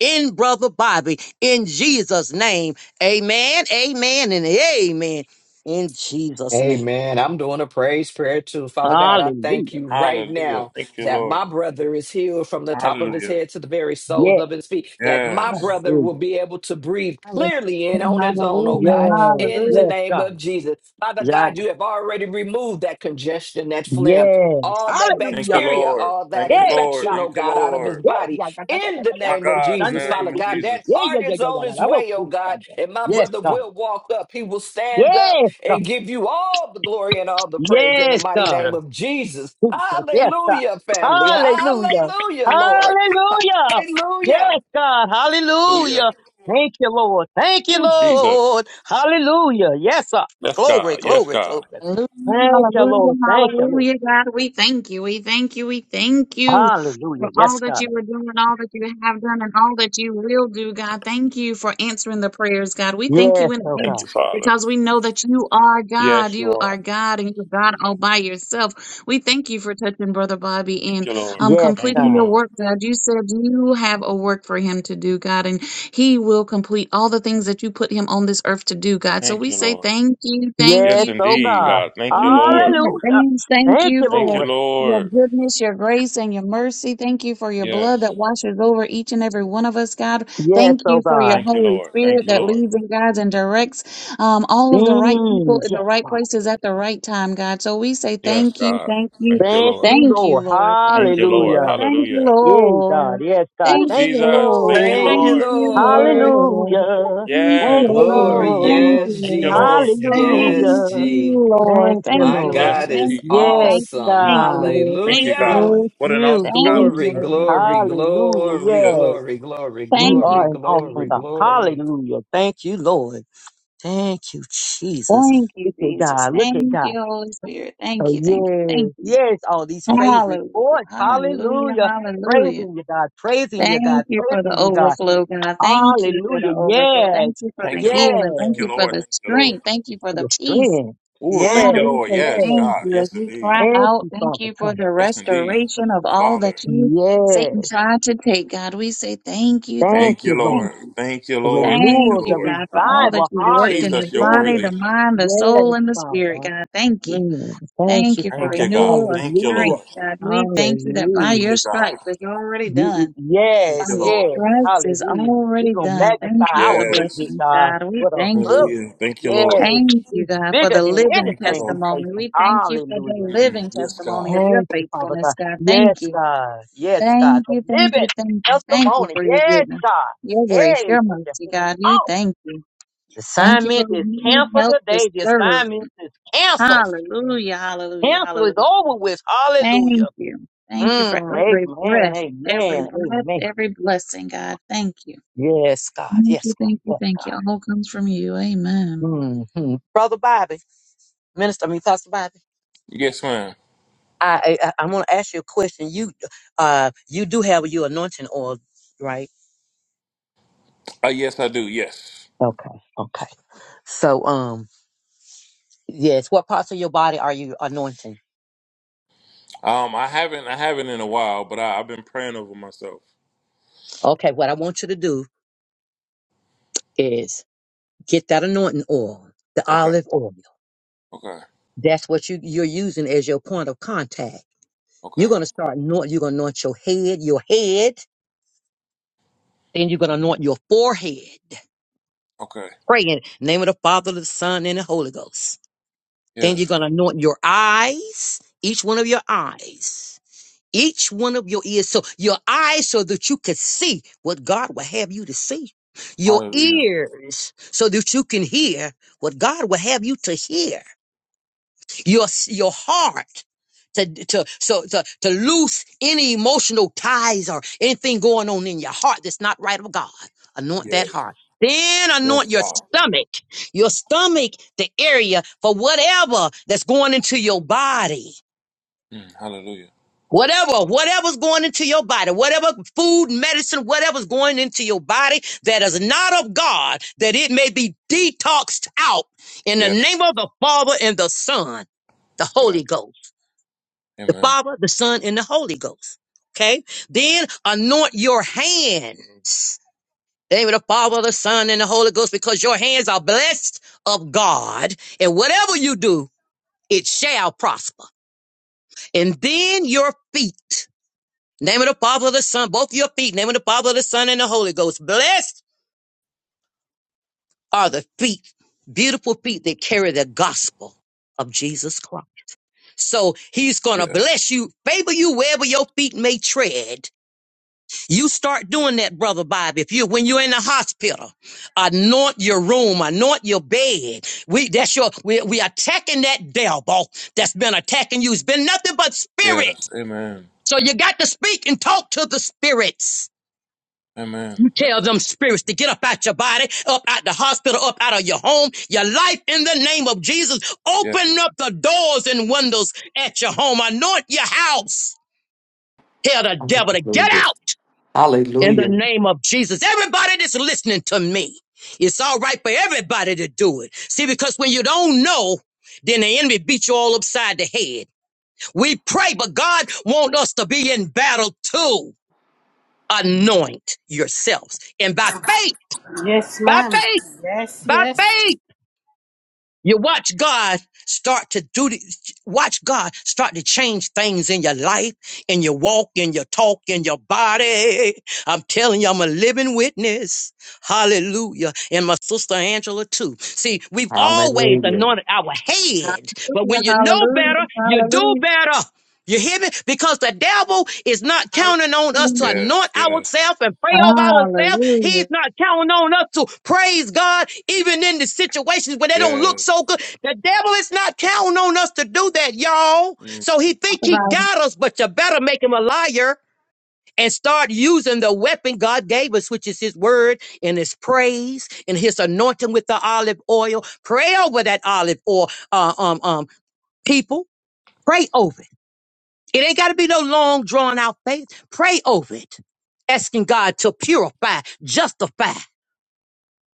[SPEAKER 12] in Brother Bobby, in Jesus' name. Amen, amen, and amen. In Jesus' name.
[SPEAKER 8] Amen. I'm doing a praise prayer too. Father God, I thank
[SPEAKER 12] Hallelujah.
[SPEAKER 8] you right
[SPEAKER 16] Hallelujah.
[SPEAKER 8] now
[SPEAKER 16] Thank you,
[SPEAKER 8] that
[SPEAKER 16] Lord.
[SPEAKER 8] my brother is healed from the top of his
[SPEAKER 16] Hallelujah.
[SPEAKER 8] head to the very soles
[SPEAKER 12] Yes,
[SPEAKER 8] of his feet, that my
[SPEAKER 16] Yes.
[SPEAKER 8] brother will
[SPEAKER 12] hallelujah.
[SPEAKER 8] be able to breathe
[SPEAKER 14] Hallelujah.
[SPEAKER 8] clearly and on his own, oh
[SPEAKER 14] Hallelujah.
[SPEAKER 8] God,
[SPEAKER 12] Yes,
[SPEAKER 8] in
[SPEAKER 14] Hallelujah.
[SPEAKER 8] the
[SPEAKER 12] yes,
[SPEAKER 8] name
[SPEAKER 12] God.
[SPEAKER 8] of Jesus. Father
[SPEAKER 12] Yeah.
[SPEAKER 8] God, you have already removed that congestion, that phlegm.
[SPEAKER 12] Yes.
[SPEAKER 8] All that
[SPEAKER 16] Thank you,
[SPEAKER 12] Hallelujah.
[SPEAKER 8] bacteria,
[SPEAKER 16] Lord.
[SPEAKER 8] all that
[SPEAKER 16] Thank you,
[SPEAKER 12] Yes,
[SPEAKER 16] Lord.
[SPEAKER 12] God.
[SPEAKER 8] infection, oh
[SPEAKER 16] Thank you,
[SPEAKER 8] God, out of his
[SPEAKER 16] Lord.
[SPEAKER 12] Yes,
[SPEAKER 8] body
[SPEAKER 12] God.
[SPEAKER 8] in the
[SPEAKER 16] My
[SPEAKER 8] name of
[SPEAKER 16] God, in the
[SPEAKER 8] Jesus. Father
[SPEAKER 16] name of
[SPEAKER 8] God,
[SPEAKER 16] Jesus.
[SPEAKER 8] that heart is on his way, oh God, and my
[SPEAKER 12] Yes,
[SPEAKER 8] brother
[SPEAKER 12] God.
[SPEAKER 8] will walk up. He will stand up and give you all the glory and all the praise in the
[SPEAKER 12] Yes,
[SPEAKER 8] mighty
[SPEAKER 12] God.
[SPEAKER 8] name
[SPEAKER 16] Yes.
[SPEAKER 8] of Jesus.
[SPEAKER 12] Jesus. Yes, God.
[SPEAKER 8] Hallelujah, family.
[SPEAKER 12] Hallelujah.
[SPEAKER 8] Hallelujah, Lord.
[SPEAKER 12] Hallelujah. Yes,
[SPEAKER 8] Hallelujah.
[SPEAKER 12] God.
[SPEAKER 16] Hallelujah.
[SPEAKER 12] Hallelujah. Thank you, Lord. Thank you,
[SPEAKER 16] Oh, Jesus.
[SPEAKER 12] Lord. Hallelujah. Yes, sir.
[SPEAKER 16] Yes,
[SPEAKER 12] Glory,
[SPEAKER 16] God. Yes,
[SPEAKER 12] glory,
[SPEAKER 16] God.
[SPEAKER 12] glory.
[SPEAKER 14] Hallelujah,
[SPEAKER 12] Thank you,
[SPEAKER 14] hallelujah,
[SPEAKER 12] Lord. Thank you, Lord.
[SPEAKER 14] hallelujah, God. We thank you. We thank you. We thank you
[SPEAKER 12] Hallelujah.
[SPEAKER 14] for all
[SPEAKER 12] Yes,
[SPEAKER 14] that
[SPEAKER 12] God.
[SPEAKER 14] you were doing, all that you have done, and all that you will do, God. Thank you for answering the prayers, God. We thank
[SPEAKER 12] Yes,
[SPEAKER 14] you in
[SPEAKER 12] oh
[SPEAKER 16] Thank
[SPEAKER 14] advance
[SPEAKER 12] God.
[SPEAKER 16] you, Father.
[SPEAKER 14] because we know that you are God.
[SPEAKER 16] Yes, you
[SPEAKER 14] You are
[SPEAKER 16] are.
[SPEAKER 14] God and you're God all by yourself. We thank you for touching Brother Bobby
[SPEAKER 16] Thank
[SPEAKER 14] and
[SPEAKER 16] you, Lord.
[SPEAKER 14] um,
[SPEAKER 12] Yes,
[SPEAKER 16] Thank you,
[SPEAKER 14] completing
[SPEAKER 12] God.
[SPEAKER 14] your
[SPEAKER 16] Lord.
[SPEAKER 14] work, God. You said you have a work for him to do, God, and he will complete all the things that you put him on this earth to do, God. So
[SPEAKER 16] Thank
[SPEAKER 14] we
[SPEAKER 16] you,
[SPEAKER 14] say
[SPEAKER 16] Lord.
[SPEAKER 14] thank you, thank
[SPEAKER 16] Yes,
[SPEAKER 12] Yes,
[SPEAKER 14] you,
[SPEAKER 12] oh
[SPEAKER 14] thank
[SPEAKER 16] indeed,
[SPEAKER 14] you.
[SPEAKER 12] God.
[SPEAKER 16] God. Thank you,
[SPEAKER 14] Thank you,
[SPEAKER 16] Lord.
[SPEAKER 14] Lord.
[SPEAKER 12] Hallelujah.
[SPEAKER 14] Thanks. Thank
[SPEAKER 12] Thank
[SPEAKER 14] you
[SPEAKER 12] you,
[SPEAKER 16] Thank you,
[SPEAKER 14] for
[SPEAKER 12] Lord.
[SPEAKER 14] your
[SPEAKER 16] Lord.
[SPEAKER 14] goodness, your grace, and your mercy. Thank you for your blood that
[SPEAKER 16] Yes.
[SPEAKER 14] washes over each and every one of us, God.
[SPEAKER 12] Yes,
[SPEAKER 14] Thank
[SPEAKER 12] oh
[SPEAKER 14] you for your
[SPEAKER 12] God.
[SPEAKER 16] Thank you,
[SPEAKER 14] Holy
[SPEAKER 16] Lord. Thank
[SPEAKER 14] Spirit
[SPEAKER 16] you,
[SPEAKER 14] that
[SPEAKER 16] Lord.
[SPEAKER 14] leads and guides and directs um, all of the right
[SPEAKER 12] Mm,
[SPEAKER 14] people in the
[SPEAKER 12] yes,
[SPEAKER 14] right
[SPEAKER 12] God.
[SPEAKER 14] places at the right time, God. So we say
[SPEAKER 16] Yes,
[SPEAKER 14] thank you,
[SPEAKER 16] God.
[SPEAKER 14] thank you,
[SPEAKER 16] Thank you,
[SPEAKER 12] Thank
[SPEAKER 16] Lord.
[SPEAKER 12] you,
[SPEAKER 14] thank you,
[SPEAKER 12] Lord.
[SPEAKER 14] Lord. Thank
[SPEAKER 16] Thank you,
[SPEAKER 14] you,
[SPEAKER 16] Lord.
[SPEAKER 14] Lord.
[SPEAKER 12] Hallelujah.
[SPEAKER 14] Thank you,
[SPEAKER 16] Hallelujah.
[SPEAKER 12] Yes, God.
[SPEAKER 14] Lord.
[SPEAKER 12] Yes, God.
[SPEAKER 16] Oh,
[SPEAKER 14] Thank
[SPEAKER 12] Thank
[SPEAKER 14] you,
[SPEAKER 12] you,
[SPEAKER 16] Jesus. Thank
[SPEAKER 14] Lord.
[SPEAKER 16] you,
[SPEAKER 8] Thank
[SPEAKER 12] Lord.
[SPEAKER 8] you,
[SPEAKER 14] Thank
[SPEAKER 16] Lord.
[SPEAKER 14] you,
[SPEAKER 8] Lord.
[SPEAKER 14] Lord.
[SPEAKER 12] Hallelujah.
[SPEAKER 14] Thank you,
[SPEAKER 12] Thank you,
[SPEAKER 16] Yes.
[SPEAKER 8] Glory.
[SPEAKER 14] Lord. Thank
[SPEAKER 12] Lord.
[SPEAKER 14] you,
[SPEAKER 8] Yes,
[SPEAKER 16] Thank you,
[SPEAKER 14] Lord.
[SPEAKER 16] Lord.
[SPEAKER 8] Jesus.
[SPEAKER 16] Yes,
[SPEAKER 14] Thank
[SPEAKER 16] Lord.
[SPEAKER 8] Yes,
[SPEAKER 12] Hallelujah.
[SPEAKER 8] G.
[SPEAKER 14] you, Lord.
[SPEAKER 12] Thank you,
[SPEAKER 14] Thank
[SPEAKER 8] My
[SPEAKER 14] you,
[SPEAKER 12] Lord.
[SPEAKER 14] Lord.
[SPEAKER 16] Yes,
[SPEAKER 8] God is
[SPEAKER 14] Thank
[SPEAKER 16] indeed.
[SPEAKER 14] you,
[SPEAKER 12] Yes,
[SPEAKER 14] thank you,
[SPEAKER 8] awesome.
[SPEAKER 14] thank you,
[SPEAKER 12] God.
[SPEAKER 14] Lord.
[SPEAKER 16] Thank
[SPEAKER 14] Thank
[SPEAKER 16] you,
[SPEAKER 14] you,
[SPEAKER 16] God.
[SPEAKER 8] Hallelujah.
[SPEAKER 14] Lord.
[SPEAKER 12] Thank
[SPEAKER 16] What an
[SPEAKER 12] you,
[SPEAKER 16] awesome God
[SPEAKER 14] Thank
[SPEAKER 16] we
[SPEAKER 12] Jesus.
[SPEAKER 8] Glory,
[SPEAKER 14] you,
[SPEAKER 16] serve.
[SPEAKER 14] Lord.
[SPEAKER 8] glory,
[SPEAKER 12] Hallelujah.
[SPEAKER 8] glory,
[SPEAKER 16] Hallelujah.
[SPEAKER 12] Yes.
[SPEAKER 8] glory, glory,
[SPEAKER 12] You
[SPEAKER 14] Thank
[SPEAKER 8] glory,
[SPEAKER 12] are
[SPEAKER 14] you,
[SPEAKER 12] an
[SPEAKER 14] Jesus.
[SPEAKER 12] awesome
[SPEAKER 8] glory,
[SPEAKER 12] God.
[SPEAKER 8] glory.
[SPEAKER 12] Hallelujah. Thank you, Lord. Thank you, Jesus.
[SPEAKER 14] Thank you,
[SPEAKER 12] Look at
[SPEAKER 14] Jesus.
[SPEAKER 12] God. Look
[SPEAKER 14] Thank
[SPEAKER 12] at God.
[SPEAKER 14] you, Holy Spirit. Thank
[SPEAKER 12] Oh,
[SPEAKER 14] you, thank you,
[SPEAKER 12] yes.
[SPEAKER 14] thank you.
[SPEAKER 12] Yes. All these praise
[SPEAKER 14] Hallelujah,
[SPEAKER 12] reports.
[SPEAKER 14] hallelujah,
[SPEAKER 12] Hallelujah.
[SPEAKER 14] hallelujah.
[SPEAKER 12] Praising you, God. Praising you,
[SPEAKER 14] Thank
[SPEAKER 12] God.
[SPEAKER 14] you for the
[SPEAKER 12] Praising you, God.
[SPEAKER 14] overflow, God. Thank you for
[SPEAKER 12] Hallelujah.
[SPEAKER 14] the overflow. Thank
[SPEAKER 12] Yes.
[SPEAKER 14] you for
[SPEAKER 16] Thank
[SPEAKER 14] the
[SPEAKER 16] you, Lord.
[SPEAKER 12] Yes.
[SPEAKER 14] healing.
[SPEAKER 16] Thank
[SPEAKER 14] Thank
[SPEAKER 16] you,
[SPEAKER 14] you for
[SPEAKER 16] Lord.
[SPEAKER 14] the
[SPEAKER 16] Thank you, Lord.
[SPEAKER 14] strength. Thank you for
[SPEAKER 12] For
[SPEAKER 14] the
[SPEAKER 12] Your
[SPEAKER 14] peace.
[SPEAKER 12] strength.
[SPEAKER 16] Oh, thank
[SPEAKER 14] God,
[SPEAKER 16] you,
[SPEAKER 12] Yes.
[SPEAKER 14] we
[SPEAKER 16] Lord.
[SPEAKER 14] say
[SPEAKER 16] Yes,
[SPEAKER 12] Yes.
[SPEAKER 14] thank
[SPEAKER 16] God.
[SPEAKER 14] you as
[SPEAKER 16] Yes,
[SPEAKER 14] we
[SPEAKER 16] indeed.
[SPEAKER 14] cry
[SPEAKER 12] Thank
[SPEAKER 14] out.
[SPEAKER 12] you,
[SPEAKER 14] Thank
[SPEAKER 12] Father
[SPEAKER 14] you for
[SPEAKER 12] God.
[SPEAKER 14] the
[SPEAKER 16] Yes, indeed.
[SPEAKER 14] restoration of all
[SPEAKER 16] Father,
[SPEAKER 14] that you, Satan,
[SPEAKER 12] Yes.
[SPEAKER 14] tried to take. God, we say thank you,
[SPEAKER 12] Thank
[SPEAKER 16] thank
[SPEAKER 14] thank you,
[SPEAKER 12] you,
[SPEAKER 16] you,
[SPEAKER 12] Lord.
[SPEAKER 14] thank
[SPEAKER 16] Lord.
[SPEAKER 14] you.
[SPEAKER 16] Thank you,
[SPEAKER 12] The
[SPEAKER 16] Lord. Thank you,
[SPEAKER 14] Thank
[SPEAKER 12] renewal, the
[SPEAKER 14] you,
[SPEAKER 16] Lord.
[SPEAKER 14] God, for all that
[SPEAKER 12] revival.
[SPEAKER 14] you worked in the
[SPEAKER 16] Jesus, you're
[SPEAKER 14] body,
[SPEAKER 12] Hallelujah.
[SPEAKER 16] worthy.
[SPEAKER 14] the mind, the
[SPEAKER 12] Yes,
[SPEAKER 14] soul, and the
[SPEAKER 12] Father.
[SPEAKER 14] spirit. God, thank you.
[SPEAKER 12] Mm, thank
[SPEAKER 14] Thank
[SPEAKER 12] you,
[SPEAKER 14] you for
[SPEAKER 16] Thank
[SPEAKER 12] Father.
[SPEAKER 16] you, God.
[SPEAKER 14] renewal of
[SPEAKER 16] Thank you,
[SPEAKER 12] Hallelujah.
[SPEAKER 14] strength.
[SPEAKER 16] Lord.
[SPEAKER 14] God, we thank you that by
[SPEAKER 16] Thank
[SPEAKER 14] your
[SPEAKER 12] Hallelujah.
[SPEAKER 16] you, God.
[SPEAKER 14] stripes it's already
[SPEAKER 12] You,
[SPEAKER 14] done.
[SPEAKER 16] Thank
[SPEAKER 14] By
[SPEAKER 16] you,
[SPEAKER 12] yes,
[SPEAKER 14] your
[SPEAKER 16] Lord.
[SPEAKER 12] yes.
[SPEAKER 14] stripes is
[SPEAKER 12] Hallelujah. We're
[SPEAKER 14] already
[SPEAKER 12] going to
[SPEAKER 14] done. Thank you
[SPEAKER 12] magnify
[SPEAKER 14] for
[SPEAKER 12] our
[SPEAKER 14] the
[SPEAKER 12] great big
[SPEAKER 16] Yes.
[SPEAKER 14] blessings,
[SPEAKER 12] God.
[SPEAKER 14] God. We
[SPEAKER 12] What a
[SPEAKER 14] thank you.
[SPEAKER 12] book.
[SPEAKER 16] Hallelujah. Thank you,
[SPEAKER 12] Yes.
[SPEAKER 16] Lord.
[SPEAKER 14] Thank you,
[SPEAKER 12] He's
[SPEAKER 14] God, for
[SPEAKER 12] bigger
[SPEAKER 14] the
[SPEAKER 12] than
[SPEAKER 14] living
[SPEAKER 16] Thank you,
[SPEAKER 12] anything
[SPEAKER 16] Lord.
[SPEAKER 12] we face.
[SPEAKER 14] testimony. We thank you for
[SPEAKER 12] Hallelujah.
[SPEAKER 14] the
[SPEAKER 16] Mm,
[SPEAKER 14] living
[SPEAKER 16] yes,
[SPEAKER 14] testimony
[SPEAKER 16] God.
[SPEAKER 14] of your
[SPEAKER 12] Thank you, Father
[SPEAKER 14] faithfulness,
[SPEAKER 12] God.
[SPEAKER 14] God.
[SPEAKER 12] Yes,
[SPEAKER 14] Thank you.
[SPEAKER 12] God. Yes, God.
[SPEAKER 14] Thank
[SPEAKER 12] The
[SPEAKER 14] you, thank
[SPEAKER 12] living
[SPEAKER 14] you, thank you. Thank you
[SPEAKER 12] testimony.
[SPEAKER 14] for your
[SPEAKER 12] Yes,
[SPEAKER 14] goodness,
[SPEAKER 12] God.
[SPEAKER 14] your grace,
[SPEAKER 12] Hey,
[SPEAKER 14] your
[SPEAKER 12] take your
[SPEAKER 14] mercy,
[SPEAKER 12] hand
[SPEAKER 14] God. You
[SPEAKER 12] off.
[SPEAKER 14] thank you.
[SPEAKER 12] The
[SPEAKER 14] Thank you for
[SPEAKER 12] assignment is
[SPEAKER 14] renewed
[SPEAKER 12] canceled
[SPEAKER 14] help to
[SPEAKER 12] today. The
[SPEAKER 14] serve.
[SPEAKER 12] assignment is canceled.
[SPEAKER 14] Hallelujah, hallelujah,
[SPEAKER 12] Cancel is
[SPEAKER 14] hallelujah.
[SPEAKER 12] over with. Hallelujah.
[SPEAKER 14] Thank you. Thank you for
[SPEAKER 12] Mm,
[SPEAKER 14] every breath,
[SPEAKER 12] amen,
[SPEAKER 14] every
[SPEAKER 12] amen,
[SPEAKER 14] breath,
[SPEAKER 12] amen.
[SPEAKER 14] every blessing, God. Thank you.
[SPEAKER 12] Yes, God.
[SPEAKER 14] Thank
[SPEAKER 12] Yes,
[SPEAKER 14] you,
[SPEAKER 12] God.
[SPEAKER 14] thank you,
[SPEAKER 12] Yes,
[SPEAKER 14] thank you. All comes from you. Amen.
[SPEAKER 12] God. hmm Brother Bobby, Minister, I mean Pastor Bobby,
[SPEAKER 16] Yes, ma'am.
[SPEAKER 12] I, I I want to ask you a question. You uh you do have your anointing oil, right?
[SPEAKER 16] Uh, yes, I do. Yes.
[SPEAKER 12] Okay, okay. So um yes, what parts of your body are you anointing?
[SPEAKER 16] Um, I haven't. I haven't in a while, but I, I've been praying over myself.
[SPEAKER 12] Okay, what I want you to do is get that anointing oil, the
[SPEAKER 16] Okay.
[SPEAKER 12] olive oil.
[SPEAKER 16] Okay.
[SPEAKER 12] That's what you you're using as your point of contact. You're
[SPEAKER 16] Okay.
[SPEAKER 12] gonna start anoint. You're gonna anoint your head, your head Then you're going to anoint your forehead,
[SPEAKER 16] Okay.
[SPEAKER 12] praying in the name of the Father, the Son, and the Holy Ghost. Then you're
[SPEAKER 16] Yes.
[SPEAKER 12] going to anoint your eyes, each one of your eyes, each one of your ears. So your eyes so that you could see what God will have you to see. Your
[SPEAKER 16] Hallelujah.
[SPEAKER 12] ears so that you can hear what God will have you to hear your your heart to to so to to loose any emotional ties or anything going on in your heart that's not right of God. Anoint that
[SPEAKER 16] Yes.
[SPEAKER 12] heart. Then
[SPEAKER 16] Yes,
[SPEAKER 12] anoint your
[SPEAKER 16] God.
[SPEAKER 12] stomach, your stomach, the area for whatever that's going into your body.
[SPEAKER 16] Mm, hallelujah.
[SPEAKER 12] Whatever, whatever's going into your body, whatever food, medicine, whatever's going into your body that is not of God, that it may be detoxed out in the
[SPEAKER 16] Yeah,
[SPEAKER 12] name of the Father and the Son, the
[SPEAKER 16] yeah.
[SPEAKER 12] Holy Ghost the
[SPEAKER 16] Amen.
[SPEAKER 12] Father, the Son, and the Holy Ghost. Okay? Then anoint your hands. In the name of the Father, the Son, and the Holy Ghost, because your hands are blessed of God, and whatever you do, it shall prosper. And then your feet. Name of the Father, the Son, both your feet. Name of the Father, the Son, and the Holy Ghost. Blessed are the feet, beautiful feet that carry the gospel of Jesus Christ. So he's going to
[SPEAKER 16] Yeah,
[SPEAKER 12] bless you, favor you wherever your feet may tread You start doing that, brother Bob. If you, when you're in the hospital, anoint your room, anoint your bed. We, that's your, we, we attacking that devil that's been attacking you. It's been nothing but
[SPEAKER 16] yes.
[SPEAKER 12] spirits.
[SPEAKER 16] Amen.
[SPEAKER 12] So you got to speak and talk to the spirits.
[SPEAKER 16] Amen.
[SPEAKER 12] You tell them spirits to get up out your body, up out the hospital, up out of your home, your life in the name of Jesus.
[SPEAKER 16] Yes,
[SPEAKER 12] Open up the doors and windows at your home. Anoint your house. Tell the devil to get
[SPEAKER 8] Hallelujah.
[SPEAKER 12] out. in the
[SPEAKER 8] Hallelujah.
[SPEAKER 12] name of Jesus. Everybody that's listening to me, it's all right for everybody to do it. See, because when you don't know, then the enemy beat you all upside the head. We pray, but God wants us to be in battle too. Anoint yourselves. And by faith,
[SPEAKER 3] Yes,
[SPEAKER 12] by
[SPEAKER 3] ma'am.
[SPEAKER 12] faith,
[SPEAKER 3] Yes,
[SPEAKER 12] by
[SPEAKER 3] yes.
[SPEAKER 12] faith. You watch God start to do the, watch God start to change things in your life, in your walk, in your talk, in your body. I'm telling you, I'm a living witness. Hallelujah. And my sister Angela too. See, we've always
[SPEAKER 8] Hallelujah.
[SPEAKER 12] anointed our head, but
[SPEAKER 14] Hallelujah,
[SPEAKER 12] when you know
[SPEAKER 14] hallelujah,
[SPEAKER 12] better, you do
[SPEAKER 14] hallelujah.
[SPEAKER 12] better. You hear me? Because the devil is not counting on us to
[SPEAKER 14] Hallelujah.
[SPEAKER 16] yes,
[SPEAKER 12] anoint
[SPEAKER 16] yes,
[SPEAKER 12] ourselves and pray over ourselves. He's not counting on us to praise God, even in the situations where they don't look
[SPEAKER 16] yes.
[SPEAKER 12] so good. The devil is not counting on us to do that, y'all.
[SPEAKER 16] Mm,
[SPEAKER 12] So he
[SPEAKER 14] Talk
[SPEAKER 12] think he
[SPEAKER 14] about it.
[SPEAKER 12] got us, but you better make him a liar and start using the weapon God gave us, which is his word and his praise and his anointing with the olive oil. Pray over that olive oil, uh, um, um, people. Pray over it. It ain't got to be no long, drawn out faith. Pray over it, asking God to purify, justify,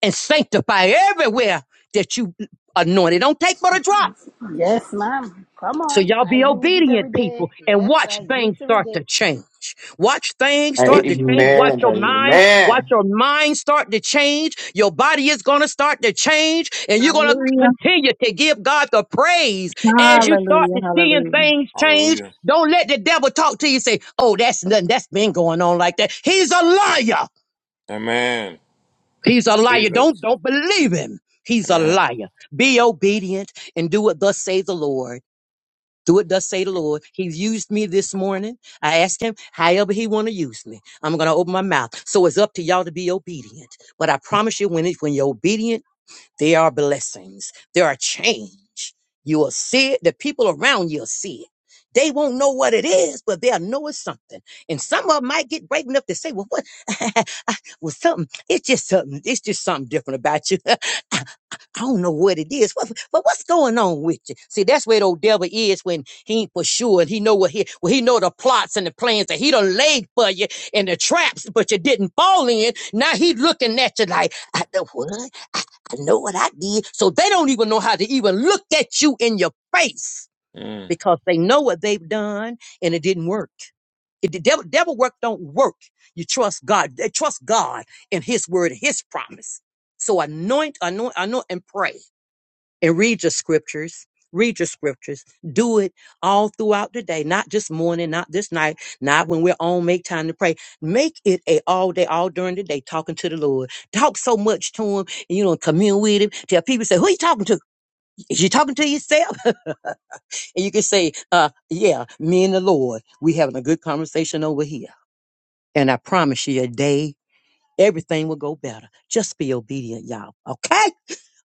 [SPEAKER 12] and sanctify everywhere that you anointed. Don't take but a drop.
[SPEAKER 3] Yes, ma'am. Come
[SPEAKER 12] So
[SPEAKER 3] on.
[SPEAKER 12] y'all
[SPEAKER 3] I
[SPEAKER 12] be
[SPEAKER 3] use it every
[SPEAKER 12] obedient
[SPEAKER 3] day.
[SPEAKER 12] people and
[SPEAKER 3] Yes, I
[SPEAKER 12] watch
[SPEAKER 3] use
[SPEAKER 12] things
[SPEAKER 3] it every
[SPEAKER 12] start
[SPEAKER 3] day.
[SPEAKER 12] to change. Watch things start to change. Watch
[SPEAKER 8] Amen.
[SPEAKER 12] your mind, watch
[SPEAKER 8] Amen.
[SPEAKER 12] your mind start to change. Your body is going to start to change and you're going to
[SPEAKER 14] Hallelujah.
[SPEAKER 12] continue to give God the praise as you
[SPEAKER 16] yes.
[SPEAKER 12] start
[SPEAKER 14] Hallelujah. Hallelujah.
[SPEAKER 12] to seeing things change.
[SPEAKER 16] Hallelujah.
[SPEAKER 12] Don't let the devil talk to you and say, "Oh, that's nothing. That's been going on like that." He's a liar.
[SPEAKER 16] Amen.
[SPEAKER 12] He's a liar. Don't
[SPEAKER 16] Jesus.
[SPEAKER 12] don't believe him. He's a
[SPEAKER 16] Amen.
[SPEAKER 12] liar. Be obedient and do what thus says the Lord do it thus say the Lord. He's used me this morning. I asked him however he want to use me. I'm gonna open my mouth. So it's up to y'all to be obedient. But I promise you, when it, when you're obedient, there are blessings. There are change. You will see it. The people around you'll see it. They won't know what it is, but they'll know it's something. And some of 'em might get brave enough to say, "Well, what? well, something. It's just something. It's just something different about you." I don't know what it is. What, but what's going on with you? See, that's where the old devil is when he ain't for sure. And he know what he well, he know the plots and the plans that he done laid for you and the traps, but you didn't fall in. Now he looking at you like, I know what? I, I know what I did. So they don't even know how to even look at you in your face
[SPEAKER 16] Mm.
[SPEAKER 12] because they know what they've done and it didn't work. If the devil, devil work don't work. You trust God. Trust God and his word, and his promise. So anoint, anoint, anoint, and pray and read your scriptures. Read your scriptures. Do it all throughout the day, not just morning, not this night, not when we're on make time to pray. Make it a all day, all during the day, talking to the Lord. Talk so much to him and you know, commune with him. Tell people say, Who you talking to? Is you talking to yourself? And you can say, uh, yeah, me and the Lord. We having a good conversation over here. And I promise you a day, everything will go better. Just be obedient, y'all. Okay?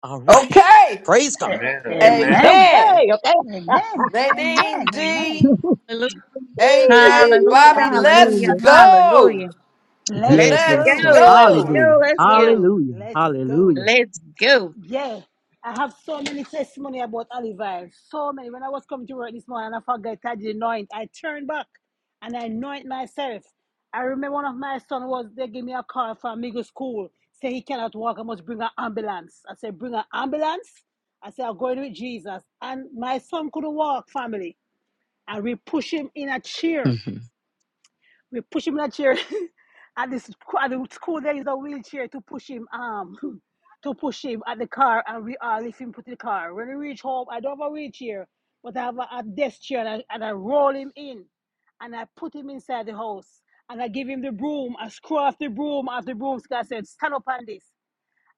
[SPEAKER 12] All right.
[SPEAKER 8] Okay.
[SPEAKER 12] Praise God.
[SPEAKER 16] Amen.
[SPEAKER 3] A-
[SPEAKER 16] Amen.
[SPEAKER 3] Amen.
[SPEAKER 8] Amen.
[SPEAKER 12] Okay, okay.
[SPEAKER 3] Amen.
[SPEAKER 8] Nadine
[SPEAKER 3] Amen. Amen.
[SPEAKER 8] D,
[SPEAKER 14] Hallelujah.
[SPEAKER 8] AJ,
[SPEAKER 14] Hallelujah.
[SPEAKER 8] Bobby, let's
[SPEAKER 14] Hallelujah.
[SPEAKER 12] Hallelujah.
[SPEAKER 8] go.
[SPEAKER 14] Hallelujah.
[SPEAKER 3] Let's
[SPEAKER 12] Yes,
[SPEAKER 14] Let's
[SPEAKER 12] let's
[SPEAKER 8] Let's
[SPEAKER 3] go.
[SPEAKER 12] go.
[SPEAKER 14] go. Let's
[SPEAKER 8] go.
[SPEAKER 3] Yes,
[SPEAKER 12] Hallelujah.
[SPEAKER 14] go. Let's go.
[SPEAKER 3] go.
[SPEAKER 12] Hallelujah.
[SPEAKER 3] Let's go.
[SPEAKER 12] Hallelujah.
[SPEAKER 14] Let's go.
[SPEAKER 3] Yeah, I have so many testimony about olive oil. So many. When I was coming to work this morning and I forgot I did anoint, I turned back and I anoint myself. I remember one of my son was they gave me a call from Migo school. Say he cannot walk, I must bring an ambulance. I said, bring an ambulance. I said, I'm going with Jesus. And my son couldn't walk, family. And we push him in a chair.
[SPEAKER 12] hmm
[SPEAKER 3] We push him in a chair. at this at the school there is a wheelchair to push him um to push him at the car and we all lift him put in the car. When we reach home, I don't have a wheelchair, but I have a, a desk chair and I, and I roll him in and I put him inside the house and I give him the broom. I screw off the broom off the broomstick. I said, stand up on this.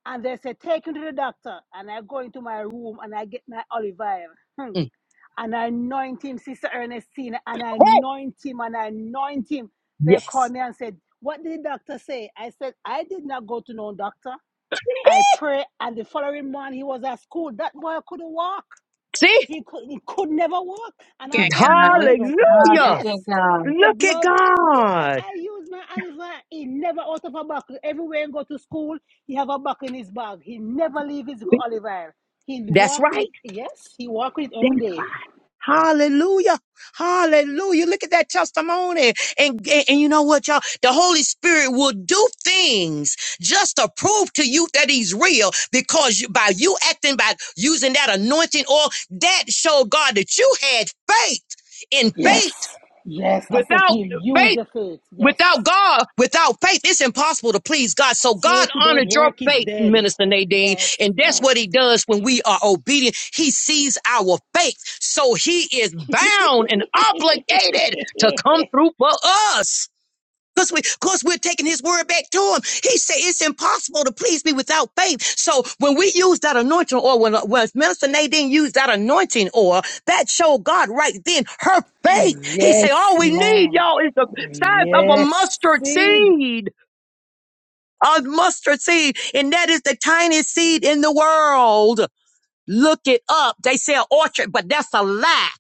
[SPEAKER 3] And they said, take him to the doctor. And I go into my room and I get my olive oil. Hmm
[SPEAKER 12] Mm.
[SPEAKER 3] and I anoint him, Sister Ernestine, and I
[SPEAKER 12] Hey,
[SPEAKER 3] anoint him, and I anoint him. They
[SPEAKER 12] yes.
[SPEAKER 3] called me and said, What did the doctor say? I said, I did not go to no doctor. I pray, and the following morning he was at school. That boy couldn't walk.
[SPEAKER 12] See?
[SPEAKER 3] He could, he could never walk. And
[SPEAKER 14] Look at
[SPEAKER 3] after
[SPEAKER 14] God. Look at
[SPEAKER 3] anointing,
[SPEAKER 14] God.
[SPEAKER 12] Hallelujah.
[SPEAKER 14] Look
[SPEAKER 3] yes,
[SPEAKER 14] at God.
[SPEAKER 3] the
[SPEAKER 12] Look at
[SPEAKER 3] blood, yeah,
[SPEAKER 12] God.
[SPEAKER 3] I use my olive oil. He never out of a buckle. Everywhere he go to school, he have a buckle in his bag. He never leave his olive oil. He
[SPEAKER 12] That's
[SPEAKER 3] walk with
[SPEAKER 12] right.
[SPEAKER 3] it, yes, he walk with it every day
[SPEAKER 12] Hallelujah. Hallelujah. Look at that testimony. And, and, and you know what, y'all? The Holy Spirit will do things just to prove to you that He's real because you, by you acting, by using that anointing oil, that showed God that you had faith. In faith,
[SPEAKER 3] Yes. Yes. I said to
[SPEAKER 12] without
[SPEAKER 3] him, use
[SPEAKER 12] faith.
[SPEAKER 3] your faith. Yes.
[SPEAKER 12] Without God, without faith, it's impossible to please God. So God
[SPEAKER 3] Faith without
[SPEAKER 12] honored your
[SPEAKER 3] work is
[SPEAKER 12] faith,
[SPEAKER 3] dead.
[SPEAKER 12] Minister Nadine.
[SPEAKER 3] Yes.
[SPEAKER 12] And that's
[SPEAKER 3] Yes.
[SPEAKER 12] what he does when we are obedient. He sees our faith. So he is bound and obligated to come through for us. Because we, cause we're taking his word back to him. He said it's impossible to please me without faith. So when we use that anointing oil, when, when Minister Nadine used that anointing oil, that showed God right then her faith. He said,
[SPEAKER 3] Yes,
[SPEAKER 12] all we need,
[SPEAKER 3] ma'am.
[SPEAKER 12] y'all, is the size of a
[SPEAKER 3] Yes,
[SPEAKER 12] mustard
[SPEAKER 3] Sid.
[SPEAKER 12] seed. A mustard seed. And that is the tiniest seed in the world. Look it up. They sell orchard, but that's a lie.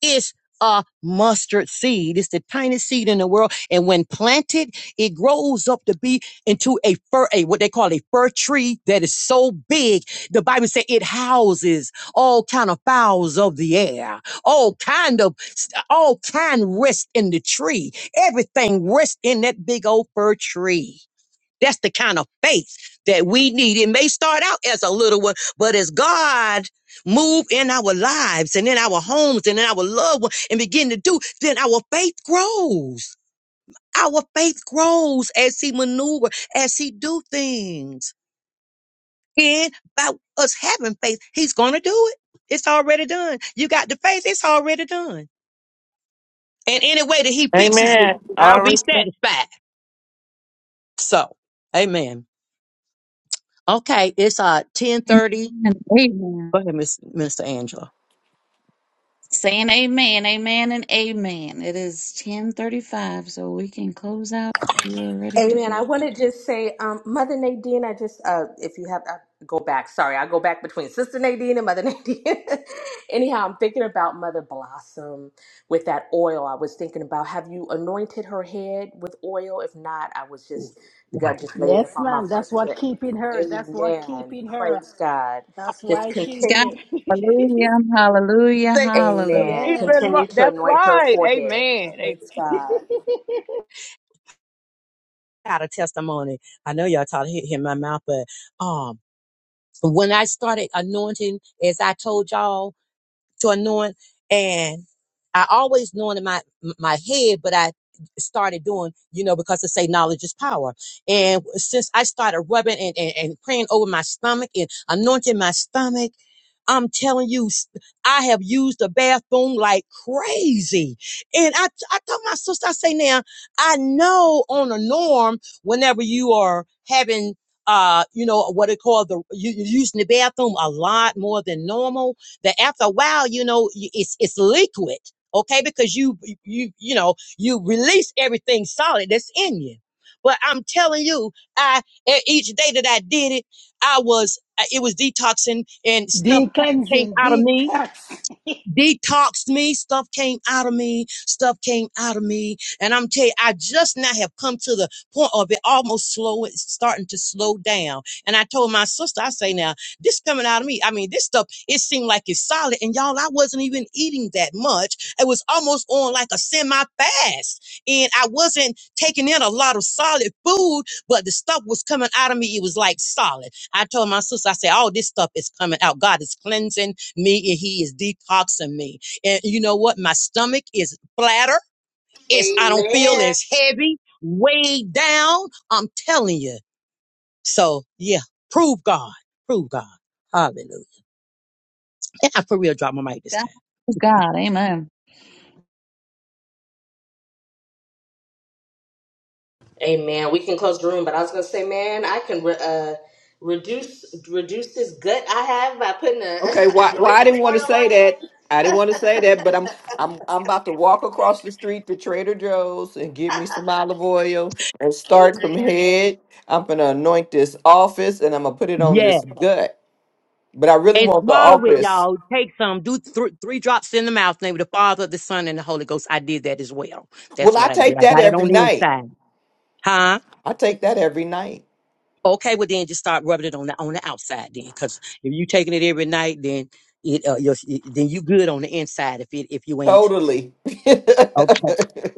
[SPEAKER 12] It's a mustard seed. It's the tiniest seed in the world. And when planted, it grows up to be into a fir, a what they call a fir tree that is so big. The Bible says it houses all kind of fowls of the air, all kind of, all kind rest in the tree. Everything rests in that big old fir tree. That's the kind of faith that we need. It may start out as a little one, but as God move in our lives and in our homes and in our loved ones and begin to do, then our faith grows. Our faith grows as he maneuver, as he do things. And by us having faith, he's going to do it. It's already done. You got the faith. It's already done. And any way that he fixes it,
[SPEAKER 15] Amen.
[SPEAKER 12] I'll
[SPEAKER 15] All
[SPEAKER 12] be
[SPEAKER 15] right.
[SPEAKER 12] satisfied. So, amen. Okay. It's uh
[SPEAKER 14] And
[SPEAKER 12] 1030
[SPEAKER 14] amen. Amen.
[SPEAKER 12] Go ahead, Miss Minister Angela.
[SPEAKER 14] Saying amen. Amen and amen. It is 1035, so we can close out. You are ready to
[SPEAKER 13] Amen. I
[SPEAKER 14] do.
[SPEAKER 13] want to just say, um, Mother Nadine, I just, uh, if you have, I go back. Sorry, I go back between Sister Nadine and Mother Nadine. Anyhow, I'm thinking about Mother Blossom with that oil. I was thinking about, have you anointed her head with oil? If not, I was just, God
[SPEAKER 12] Right.
[SPEAKER 13] just laid it
[SPEAKER 3] Yes,
[SPEAKER 13] upon my
[SPEAKER 3] ma'am.
[SPEAKER 13] heart.
[SPEAKER 3] That's what
[SPEAKER 13] To,
[SPEAKER 3] keeping her. That's what
[SPEAKER 13] amen.
[SPEAKER 3] keeping her.
[SPEAKER 13] Praise God.
[SPEAKER 3] That's
[SPEAKER 13] Just
[SPEAKER 3] why
[SPEAKER 14] Praise
[SPEAKER 3] she's
[SPEAKER 13] continue.
[SPEAKER 14] God.
[SPEAKER 3] here.
[SPEAKER 14] Hallelujah. Hallelujah.
[SPEAKER 12] Say that
[SPEAKER 14] Hallelujah.
[SPEAKER 13] Amen.
[SPEAKER 12] he
[SPEAKER 3] yeah.
[SPEAKER 12] been mo-
[SPEAKER 13] Continue to
[SPEAKER 12] That's
[SPEAKER 13] anoint her
[SPEAKER 12] right.
[SPEAKER 13] forehead.
[SPEAKER 12] Amen. Amen.
[SPEAKER 13] Praise God.
[SPEAKER 12] I had a testimony. I know y'all taught hit hit my mouth, but um, when I started anointing, as I told y'all. to anoint. And I always knew it in my my head, but I started doing, you know, because they say knowledge is power. And since I started rubbing and, and, and praying over my stomach and anointing my stomach, I'm telling you, s- I have used the bathroom like crazy. And I, t- I told my sister, I say now, I know on a norm, whenever you are having, uh, you know, what it called the, you, you're using the bathroom a lot more than normal that after a while, you know, it's it's liquid, okay? Because you you you know you release everything solid that's in you. But I'm telling you, I e- each day that I did it, I was uh, it was detoxing and stuff came
[SPEAKER 3] Decleansing,
[SPEAKER 12] out of me
[SPEAKER 3] detox.
[SPEAKER 12] detoxed me. Stuff came out of me. Stuff came out of me. And I'm telling you, I just now have come to the point of it almost slow. It's starting to slow down. And I told my sister, I say now, this coming out of me. I mean, this stuff, it seemed like it's solid. And y'all, I wasn't even eating that much. It was almost on like a semi fast. And I wasn't taking in a lot of solid food, but the stuff was coming out of me. It was like solid. I told my sister, I said, all this stuff is coming out. God is cleansing me and he is detoxing me. And you know what? My stomach is flatter. It's I don't feel
[SPEAKER 13] Amen.
[SPEAKER 12] as heavy, weighed down. I'm telling you. So yeah, prove God. Prove God. Hallelujah. And I for real drop my mic this
[SPEAKER 14] God
[SPEAKER 12] time.
[SPEAKER 14] is God. Amen.
[SPEAKER 13] Amen. We can close the room, but I was gonna say, man, I can re- uh, reduce reduce this gut I have by putting a
[SPEAKER 8] Okay, why why I
[SPEAKER 13] anointing
[SPEAKER 8] didn't want to
[SPEAKER 13] oil
[SPEAKER 8] say
[SPEAKER 13] on it.
[SPEAKER 8] that. I didn't want to say that, but I'm I'm I'm about to walk across the street to Trader Joe's and get me some olive oil and start from
[SPEAKER 13] Amen.
[SPEAKER 8] head. I'm gonna anoint this office and I'm gonna put it on
[SPEAKER 12] Yes.
[SPEAKER 8] this gut. But I really
[SPEAKER 12] And
[SPEAKER 8] want the
[SPEAKER 12] swallow it,
[SPEAKER 8] office.
[SPEAKER 12] y'all. Take some. Do th- three drops in the mouth. In the Name of the Father, the Son, and the Holy Ghost. I did that as well. That's
[SPEAKER 8] Well,
[SPEAKER 12] what
[SPEAKER 8] I
[SPEAKER 12] I did.
[SPEAKER 8] take
[SPEAKER 12] I
[SPEAKER 8] that
[SPEAKER 12] got it on
[SPEAKER 8] every
[SPEAKER 12] the
[SPEAKER 8] night.
[SPEAKER 12] inside. Huh?
[SPEAKER 8] I take that every night.
[SPEAKER 12] Okay, well then just start rubbing it on the on the outside then, because if you taking it every night, then it uh, you're, then you good on the inside. If it if you ain't
[SPEAKER 8] Totally.
[SPEAKER 12] okay,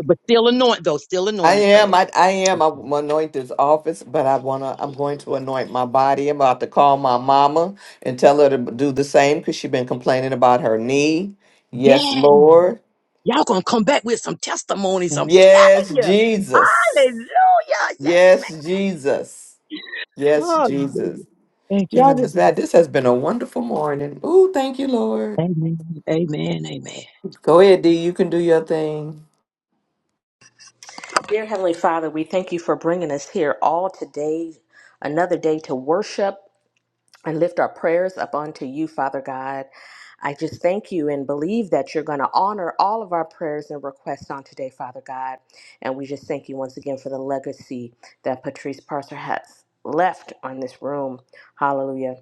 [SPEAKER 12] but still anoint though, still
[SPEAKER 8] I
[SPEAKER 12] anoint and pray
[SPEAKER 8] am.
[SPEAKER 12] over.
[SPEAKER 8] I, I am.
[SPEAKER 12] Okay.
[SPEAKER 8] I'm anointed this office, but I wanna. I'm going to anoint my body. I'm about to call my mama and tell her to do the same because she's been complaining about her knee. Yes,
[SPEAKER 12] Yeah,
[SPEAKER 8] Lord.
[SPEAKER 12] y'all gonna come back with some testimonies. I'm telling
[SPEAKER 8] Yes,
[SPEAKER 12] you.
[SPEAKER 8] Jesus.
[SPEAKER 12] Hallelujah. Yes, ma'am.
[SPEAKER 8] Yes, Jesus. Yes,
[SPEAKER 12] Hallelujah.
[SPEAKER 8] Jesus.
[SPEAKER 12] Thank you,
[SPEAKER 8] Y'all
[SPEAKER 12] Lord.
[SPEAKER 8] just that. This has been a wonderful morning. Ooh, thank you, Lord.
[SPEAKER 12] Amen. Amen. Amen.
[SPEAKER 8] Go ahead, D. You can do your thing.
[SPEAKER 13] Dear Heavenly Father, we thank you for bringing us here all today, another day to worship and lift our prayers up unto you, Father God. I just thank you and believe that you're going to honor all of our prayers and requests on today, Father God. And we just thank you once again for the legacy that Patrice Parser has left on this room. Hallelujah.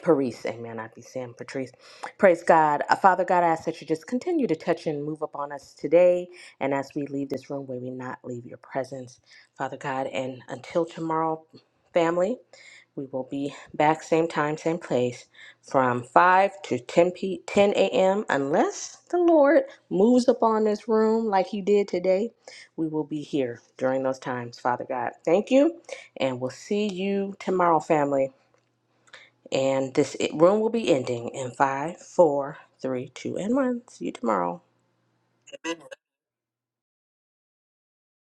[SPEAKER 13] Patrice, amen. I be saying Patrice. Praise God. Uh, Father God, I ask that you just continue to touch and move upon us today. And as we leave this room, may we not leave your presence, Father God. And until tomorrow, family, we will be back same time, same place from 5 to 10 p 10 a.m. unless the Lord moves upon this room like he did today. We will be here during those times, Father God. Thank you, and we'll see you tomorrow, family. And this room will be ending in five, four, three, two, and one. See you tomorrow.